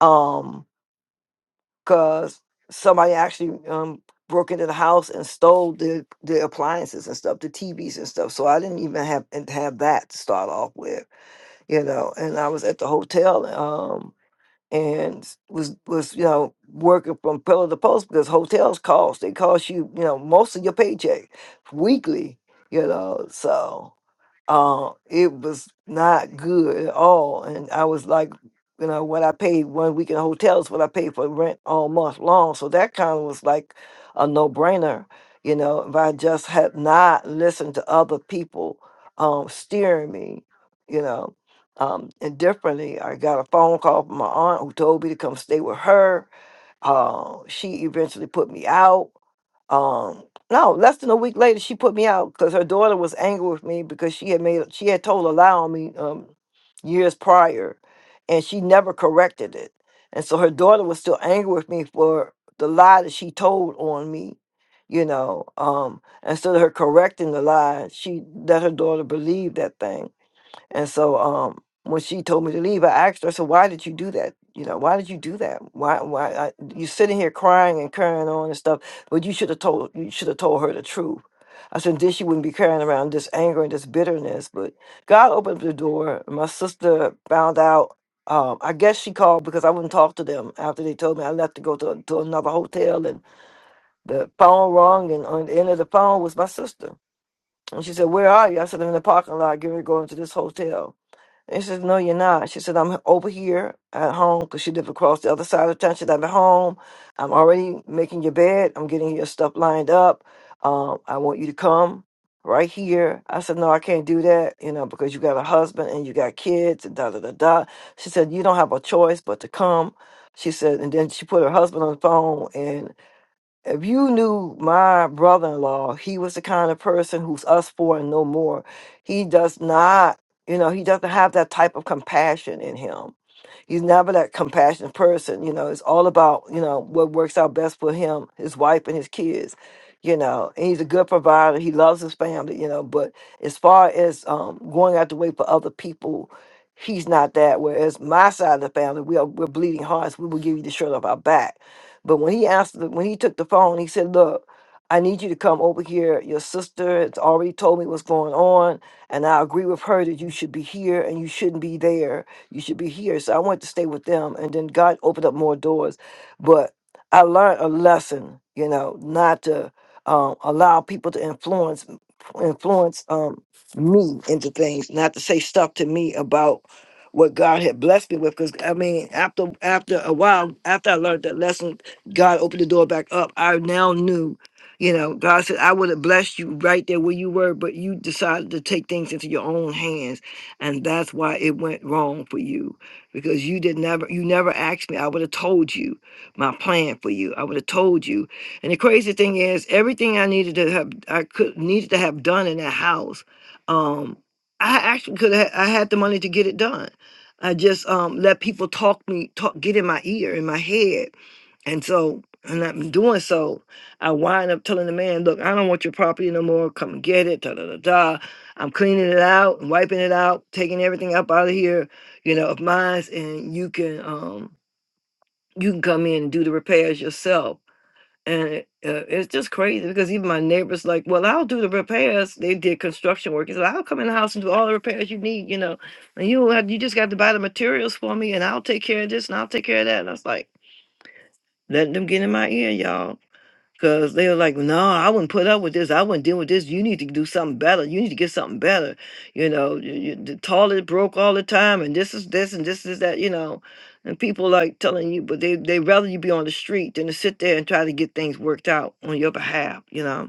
Um, because somebody actually um, broke into the house and stole the the appliances and stuff, the TVs and stuff. So I didn't even have and have that to start off with, you know. And I was at the hotel. Um, and was was you know working from pillar to post because hotels cost they cost you you know most of your paycheck weekly you know so uh, it was not good at all and i was like you know what i paid one week in hotels what i paid for rent all month long so that kind of was like a no-brainer you know if i just had not listened to other people um steering me you know um, and differently, I got a phone call from my aunt who told me to come stay with her. Uh, she eventually put me out. Um, no, less than a week later, she put me out because her daughter was angry with me because she had made she had told a lie on me um, years prior, and she never corrected it. And so her daughter was still angry with me for the lie that she told on me, you know. Um, instead of her correcting the lie, she let her daughter believe that thing and so um when she told me to leave, I asked her, so why did you do that? You know, why did you do that? Why why I, you sitting here crying and carrying on and stuff, but you should have told you should have told her the truth. I said, then she wouldn't be carrying around this anger and this bitterness. But God opened up the door. My sister found out. Um, I guess she called because I wouldn't talk to them after they told me I left to go to, to another hotel and the phone rung and on the end of the phone was my sister. And she said, Where are you? I said, I'm in the parking lot, getting ready to go into this hotel. He says, No, you're not. She said, I'm over here at home because she lived across the other side of town. She said, I'm at home. I'm already making your bed. I'm getting your stuff lined up. Um, I want you to come right here. I said, No, I can't do that, you know, because you got a husband and you got kids and da da da da. She said, You don't have a choice but to come. She said, and then she put her husband on the phone if you knew my brother-in-law, he was the kind of person who's us for and no more. He does not, you know, he doesn't have that type of compassion in him. He's never that compassionate person. You know, it's all about, you know, what works out best for him, his wife, and his kids. You know, and he's a good provider. He loves his family, you know, but as far as um, going out the way for other people, he's not that. Whereas my side of the family, we are, we're bleeding hearts. We will give you the shirt off our back. But when he asked, the, when he took the phone, he said, look, I need you to come over here. Your sister has already told me what's going on, and I agree with her that you should be here and you shouldn't be there you should be here. So I wanted to stay with them. And then God opened up more doors. But I learned a lesson, you know, not to um, allow people to influence influence um, me into things, not to say stuff to me about what God had blessed me with. Because I mean, after after a while, after I learned that lesson, God opened the door back up. I now knew, you know, God said, I would have blessed you right there where you were, but you decided to take things into your own hands and that's why it went wrong for you because you did never you never asked me i would have told you my plan for you i would have told you and the crazy thing is everything i needed to have i could needed to have done in that house um i actually could have i had the money to get it done i just um let people talk me talk get in my ear in my head and so, and I'm doing so, I wind up telling the man, look, I don't want your property no more. Come and get it. Da, da, da, da. I'm cleaning it out and wiping it out, taking everything up out of here, you know, of mine. And you can, um, you can come in and do the repairs yourself. And it, uh, it's just crazy because even my neighbors like, well, I'll do the repairs. They did construction work. He said, I'll come in the house and do all the repairs you need, you know, and you have, you just got to buy the materials for me and I'll take care of this and I'll take care of that. And I was like, letting them get in my ear, y'all Cause they were like, no, I wouldn't put up with this. I wouldn't deal with this. You need to do something better. You need to get something better. You know, you, you, the toilet broke all the time, and this is this, and this is that. You know, and people like telling you, but they they rather you be on the street than to sit there and try to get things worked out on your behalf. You know,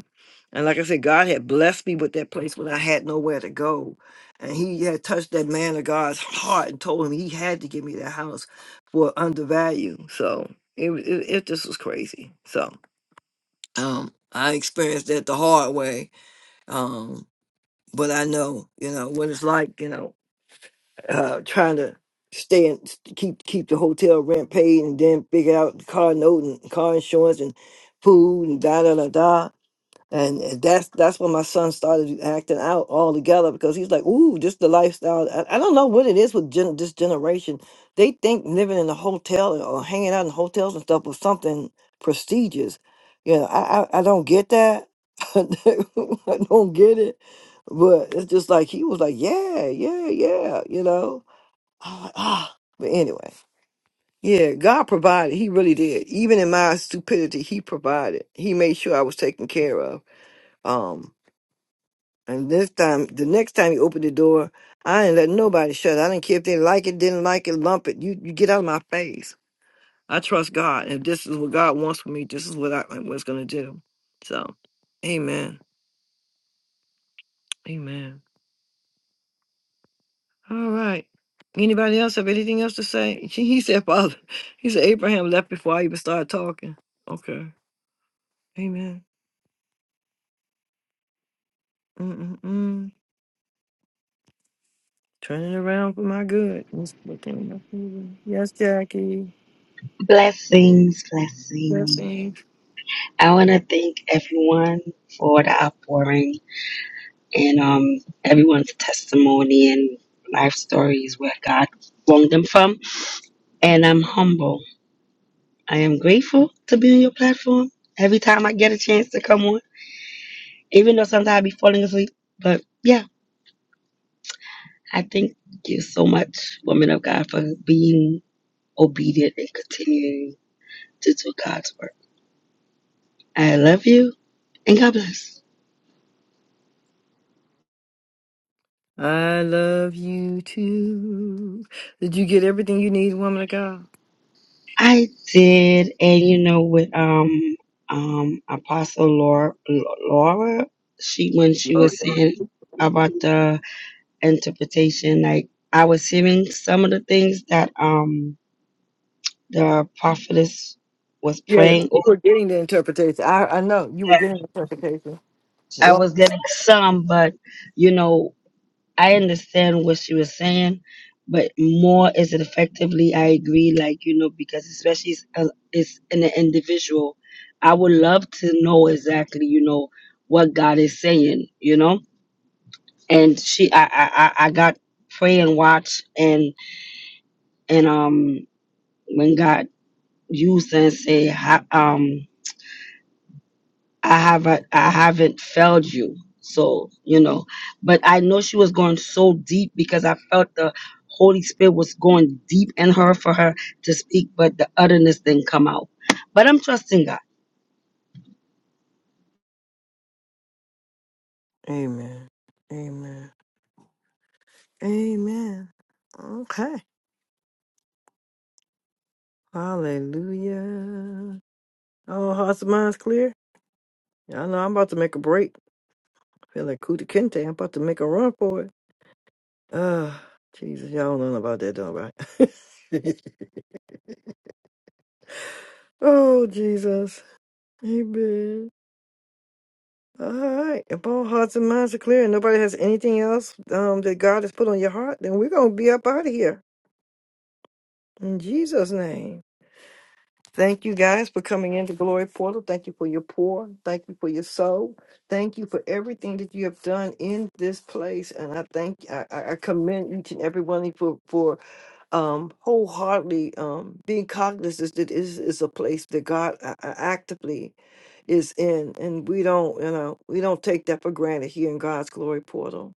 and like I said, God had blessed me with that place when I had nowhere to go, and He had touched that man of God's heart and told him He had to give me that house for undervalue. So it it, it just was crazy. So. Um, I experienced that the hard way. Um, but I know, you know, what it's like, you know, uh, trying to stay and s- keep keep the hotel rent paid and then figure out the car note and car insurance and food and da da da da. And and that's that's when my son started acting out altogether because he's like, "Ooh, just the lifestyle." I, I don't know what it is with gen- this generation. They think living in a hotel or hanging out in hotels and stuff was something prestigious. You know, I I, I don't get that. <laughs> I don't I don't get it. But it's just like he was like, "Yeah, yeah, yeah," you know. I'm like, ah, but anyway, yeah, God provided. He really did. Even in my stupidity, He provided. He made sure I was taken care of. Um and this time, the next time you open the door, I ain't letting nobody shut. I don't care if they like it, didn't like it, lump it. You you get out of my face. I trust God. If this is what God wants for me, this is what I what's gonna do. So, Amen, Amen. All right. Anybody else have anything else to say? <laughs> He said, Father, he said Abraham left before I even started talking. Okay, Amen. Mm-mm-mm. Turning around for my good. Yes, Jackie. Blessings, blessings. Yes, I want to thank everyone for the outpouring and um, everyone's testimony and life stories where God brought them from. And I'm humble. I am grateful to be on your platform every time I get a chance to come on, even though sometimes I be falling asleep. But yeah. I thank you so much, woman of God, for being obedient and continuing to do God's work. I love you and God bless. I love you too. Did you get everything you need, woman of God? I did, and you know, with um um Apostle Laura, Laura, she when she was saying about the interpretation, like I was hearing some of the things that um the prophetess was Yeah, you praying. we're getting the interpretation. I, I know you were getting the interpretation. As I long was as- getting some, but you know. I understand what she was saying, but more is it effectively? I agree, like you know, because especially it's, uh, it's in an individual. I would love to know exactly, you know, what God is saying, you know. And she, I, I, I I got pray and watch, and and um, when God used her and say, ha- um. I haven't I haven't failed you. So, you know, but I know she was going so deep because I felt the Holy Spirit was going deep in her for her to speak, but the otherness didn't come out. But I'm trusting God. Amen. Amen. Amen. Okay. Hallelujah. All hearts and minds clear. I know I'm about to make a break. I feel like Kuta Kinte. I'm about to make a run for it. Ah, Jesus. Y'all don't know about that, don't right? <laughs> oh, Jesus. Amen. All right. If all hearts and minds are clear and nobody has anything else um, that God has put on your heart, then we're going to be up out of here. In Jesus' name. Thank you guys for coming into Glory Portal. Thank you for your pour. Thank you for your soul. Thank you for everything that you have done in this place. And I thank I, I I commend each and every one of you for, for um wholeheartedly um being cognizant that this is a place that God uh, uh, actively is in and we don't you know we don't take that for granted here in god's glory portal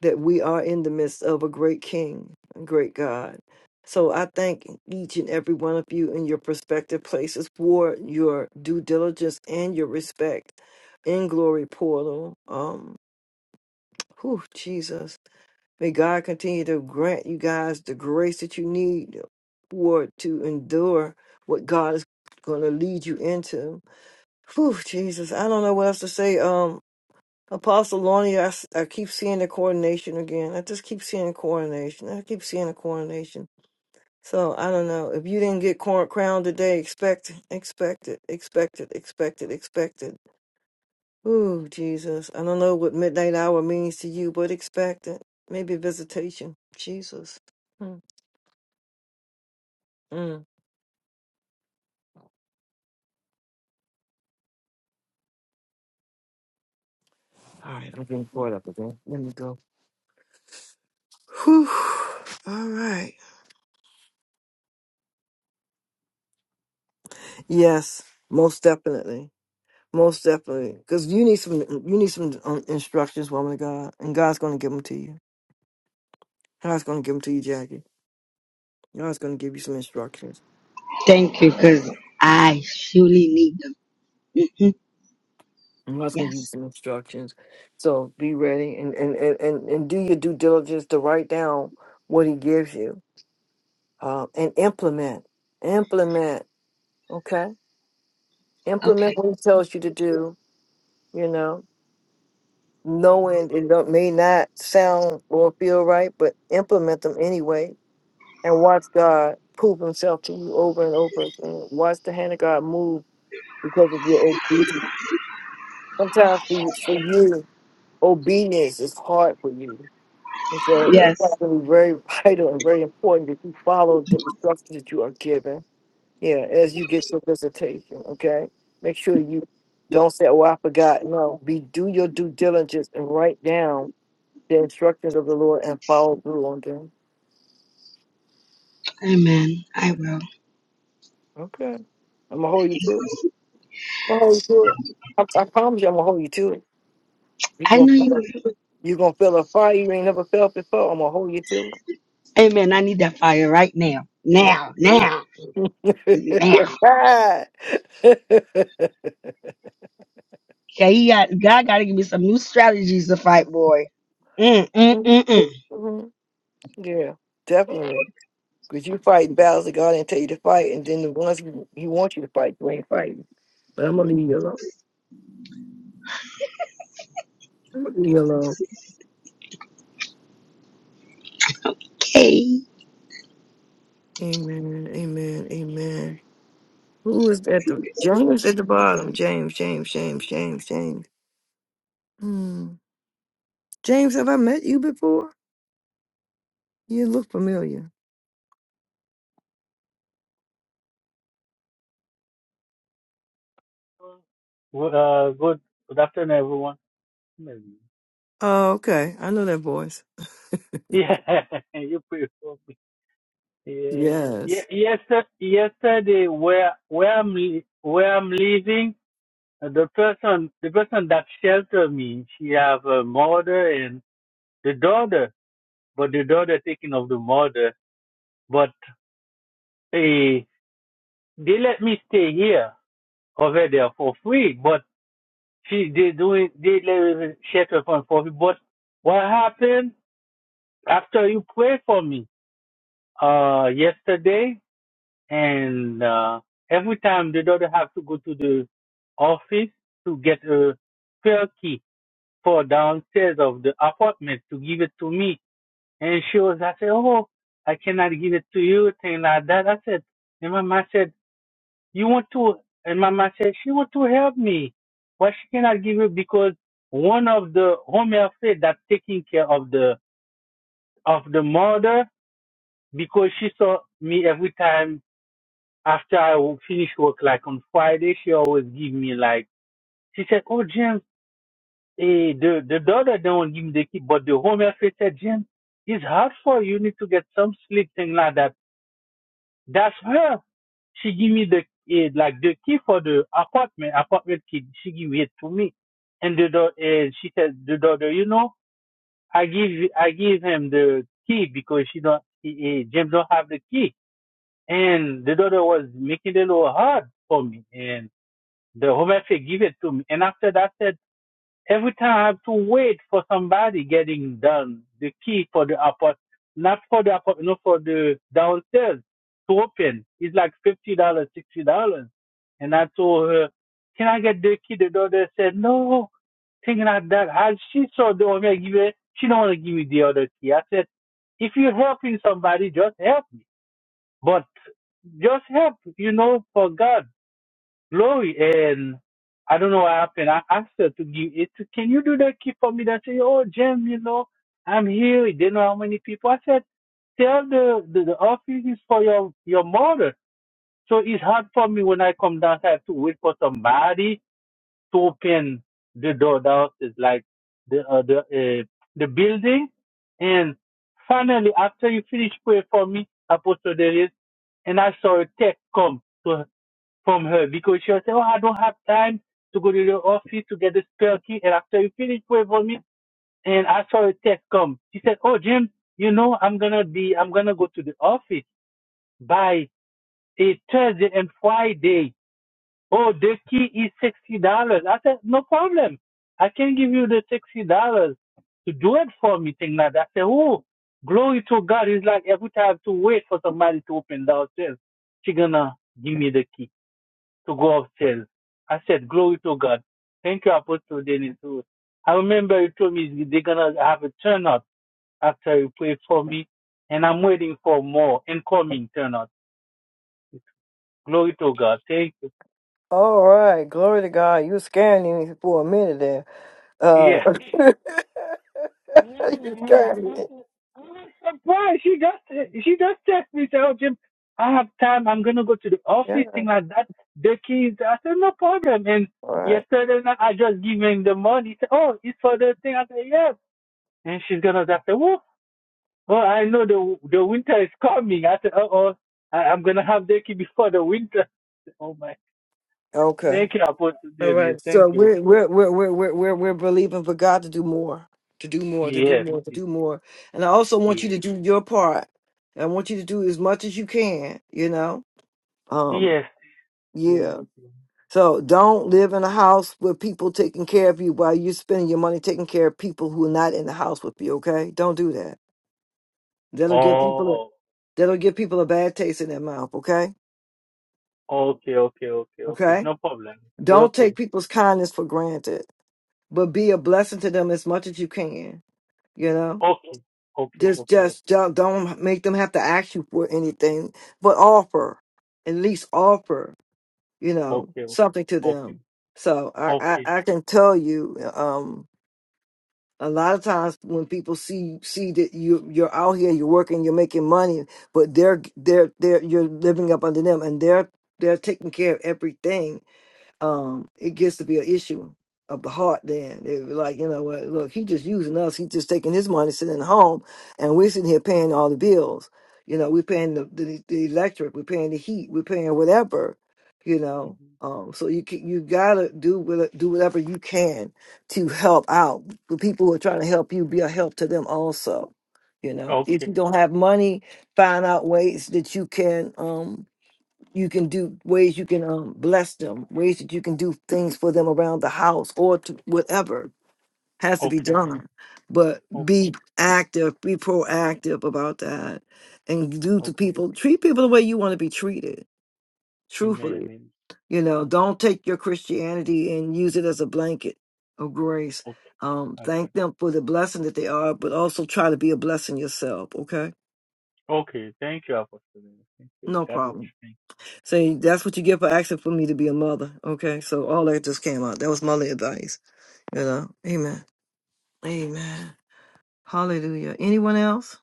that we are in the midst of a great king a great god so i thank each and every one of you in your prospective places for your due diligence and your respect in glory portal um whew, jesus may god continue to grant you guys the grace that you need for to endure what god is going to lead you into Whew, Jesus. I don't know what else to say. Um, Apostle Lonnie, I, s- I keep seeing the coronation again. I just keep seeing coronation. I keep seeing a coronation. So I don't know. If you didn't get cor- crowned today, expect, expect it, expect it, expect it, expect it. Ooh, Jesus. I don't know what midnight hour means to you, but expect it. Maybe visitation. Jesus. Mm, mm. All right, I'm getting caught up again. Let me go. Whew. All right. Yes, most definitely. Most definitely, because you need some you need some um, instructions, woman of God, and God's going to give them to you. God's going to give them to you, Jackie. God's going to give you some instructions. Thank you, because I surely need them. Mhm. and God's going to give you Yes. some instructions. So be ready and and and and, and do your due diligence to write down what He gives you um, and implement, implement. Okay, implement Okay. what He tells you to do. You know, knowing it don't, may not sound or feel right, but implement them anyway and watch God prove himself to you over and over again. Watch the hand of God move because of your obedience. Sometimes for, for you, obedience is hard for you. And so it's Yes. actually very <laughs> vital and very important that you follow the instructions that you are given. Yeah, as you get your visitation, okay? Make sure you don't say, Oh, I forgot. No, be do your due diligence and write down the instructions of the Lord and follow through on them. Amen. I will. Okay. I'm gonna hold you through. I'm gonna hold you to it. I, I promise you, I'm gonna hold you to it. You I gonna know feel, you it. you gonna feel a fire you ain't never felt before. I'm gonna hold you to will. Amen. I need that fire right now. it. Mhm. <laughs> Now. Now. Now. Okay, he got, God got to give me some new strategies to fight, boy. Mm, mm, mm, mm. Mhm. yeah, definitely. Cause you fighting battles that God didn't tell you to fight, and then the ones He, he wants you to fight, you ain't fighting. But I'm gonna leave you alone. I'm gonna leave you alone. Okay. Amen. Amen. Amen. Who is at the James at the bottom? James. James. James. James. James. Hmm. James, have I met you before? You look familiar. Well, Uh, good good afternoon, everyone. Maybe. Oh, okay. I know that voice. Yeah, <laughs> you prefer me. Yeah, yeah. Yes. Yesterday, yesterday, where where I'm li- where I'm living, uh, the person the person that sheltered me, she have a mother and the daughter, but the daughter taking of the mother. But eh, they let me stay here over there for free. But she they doing they let me shelter for for free. But what happened after you pray for me? uh, yesterday, and uh, every time the daughter have to go to the office to get a spare key for downstairs of the apartment to give it to me, and she was I said, oh, I cannot give it to you, thing like that. I said, and Mama said, you want to, and Mama said she want to help me, but she cannot give it because one of the home health aide that taking care of the of the mother because she saw me every time after I wo- finish work like on Friday, she always give me like she said, "Oh James, eh, the the daughter don't give me the key, but the home health said James, it's hard for you. You need to get some sleep thing like that." That's her. She give me the eh, like the key for the apartment apartment key. She give it to me, and the dau- eh, she said the daughter, you know, I give I give him the key because she don't eh, eh, James don't have the key, and the daughter was making it a little hard for me, and The Holy Spirit give it to me. And after that said, every time I have to wait for somebody getting done the key for the apartment, not for the apartment, not for the downstairs to open. It's like fifty dollars, sixty dollars. And I told her, Can I get the key? The daughter said, No, thing like that. As she saw the Holy give it, she don't want to give me the other key. I said, If you're helping somebody, just help me. But just help, you know, for God. Glory. And I don't know what happened. I asked her to give it. to- Can you do that key for me? That say, oh, Jim, you know, I'm here. They know how many people. I said, tell the, the, the office is for your, your mother. So it's hard for me when I come down. I have to wait for somebody to open the door downstairs, like the, uh, the, uh, the building. And finally, after you finish praying for me, Apostle Darius, and I saw a text come from her because she'll say, Oh, I don't have time to go to the office to get the spare key. And after you finish pray for me, and I saw a text come. She said, Oh, Jim, you know, I'm going to be, I'm going to go to the office by a Thursday and Friday. Oh, the key is $60. I said, No problem. I can give you the $60 to do it for me, thing like that. I said, Oh, glory to God. It's like every time I have to wait for somebody to open the downstairs, she going to give me the key to go upstairs. I said, Glory to God. Thank you, Apostle Dennis. Ruth." I remember you told me they're going to have a turnout after you prayed for me, and I'm waiting for more incoming turnout. Glory to God. Thank you. All right, glory to God. You scared me for a minute there. Uh, Yeah. <laughs> you Mm, scared I me. was surprised. She just, she just texted me, said, Oh, Jim, I have time. I'm going to go to the Yeah. office, thing like that. The keys. I said, No problem. And All right. yesterday night, I just gave him the money. He said, Oh, it's for the thing. I said, Yeah. And she's gonna just say, "Oh, oh, I know the the winter is coming." I said, "Oh, oh, I, I'm gonna have the key before the winter." <laughs> Oh my! Okay. Thank you, Apostle All Dennis. right. So Thank you. we're we're we're we're we're we're we're believing for God to do more, to do more, to do Yes, more, to yes, do more. And I also want you yes, to do your part. I want you to do as much as you can. You know. Um. yes. Yeah. yes. So don't live in a house with people taking care of you while you're spending your money taking care of people who are not in the house with you. Okay, don't do that. That'll give people a, Oh, that'll give people a bad taste in their mouth. Okay, okay, okay, okay, okay. okay. No problem. Well, Don't take okay, people's kindness for granted, but be a blessing to them as much as you can. You know, okay, okay, just okay, okay, just don't don't make them have to ask you for anything, but offer at least offer you know okay, something to okay, them. So I okay, I, I can tell you um a lot of times when people see see that you you're out here you're working you're making money but they're they're they're you're living up under them and they're they're taking care of everything um, it gets to be an issue of the heart then. They were like, you know what, look, he just using us, He's just taking his money, sitting at home, and we're sitting here paying all the bills. You know, we're paying the, the, the electric, we're paying the heat, we're paying whatever, you know. Mhm. Um, so you can, you gotta do what, do whatever you can to help out the people who are trying to help you. Be a help to them also. You know, if okay, you don't have money, find out ways that you can. um you can do ways you can um, bless them, ways that you can do things for them around the house or to whatever has to be okay, done. But okay, be active, be proactive about that, and do to okay. people, treat people the way you want to be treated, Amen. truthfully. amen. You know, don't take your Christianity and use it as a blanket of grace. Okay, Um, okay. thank them for the blessing that they are, but also try to be a blessing yourself, okay? Okay, thank you, Apostle. Thank you. No God bless. problem. Thank you. Thank you. See, that's what you get for asking for me to be a mother. Okay, so all that just came out. That was mother advice. You know, amen. Amen. Hallelujah. Anyone else?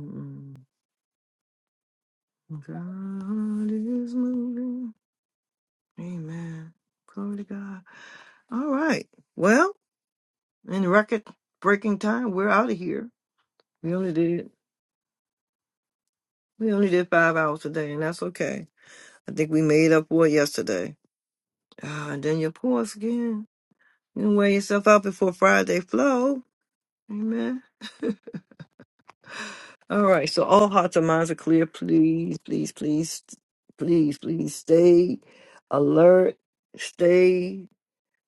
Mm, God is moving. Amen. Glory to God. All right. Well, in record breaking time, we're out of here. We only did we only did five hours today, and that's okay. I think we made up for it yesterday. Ah, and then your pause again. You can wear yourself out before Friday flow. Amen. <laughs> All right, so all hearts and minds are clear. Please, please, please, please, please stay alert, stay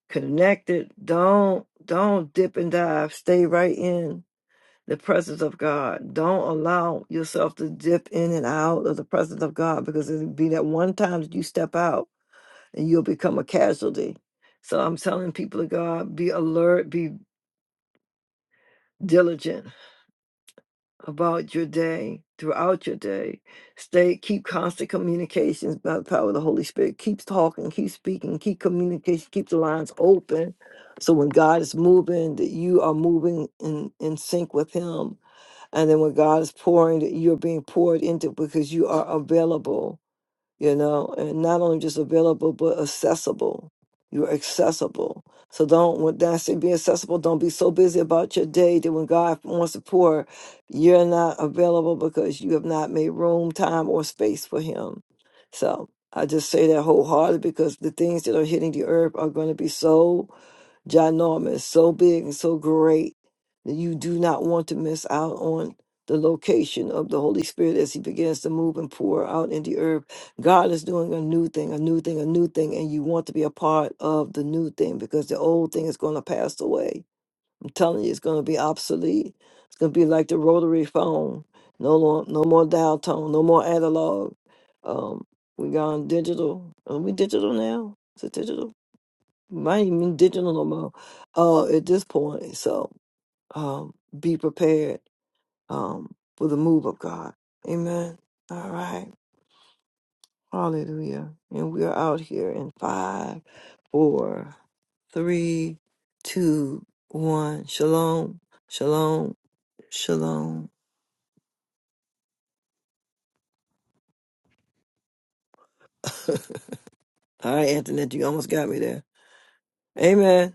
connected. Don't don't dip and dive. Stay right in the presence of God. Don't allow yourself to dip in and out of the presence of God because it'll be that one time that you step out and you'll become a casualty. So I'm telling people of God, be alert, be diligent about your day throughout your day. Stay, keep constant communications by the power of the Holy Spirit. Keep talking, keep speaking, keep communication, keep the lines open. So when God is moving, that you are moving in, in sync with Him. And then when God is pouring, that you're being poured into because you are available you know, and not only just available but accessible. You're accessible. So don't when I say be accessible, don't be so busy about your day that when God wants to pour, you're not available because you have not made room, time, or space for him. So I just say that wholeheartedly because the things that are hitting the earth are going to be so ginormous, so big and so great that you do not want to miss out on the location of the Holy Spirit as He begins to move and pour out in the earth. God is doing a new thing, a new thing, a new thing, and you want to be a part of the new thing because the old thing is going to pass away. I'm telling you, it's going to be obsolete. It's going to be like the rotary phone. No, lo- no more dial tone, no more analog. Um, we gone digital. Are we digital now? Is it digital? might even digital no more uh, at this point. So um, be prepared um, for the move of God. Amen. All right. Hallelujah. And we are out here in five, four, three, two, one. Shalom. Shalom. Shalom. <laughs> All right, Antoinette, you almost got me there. Amen.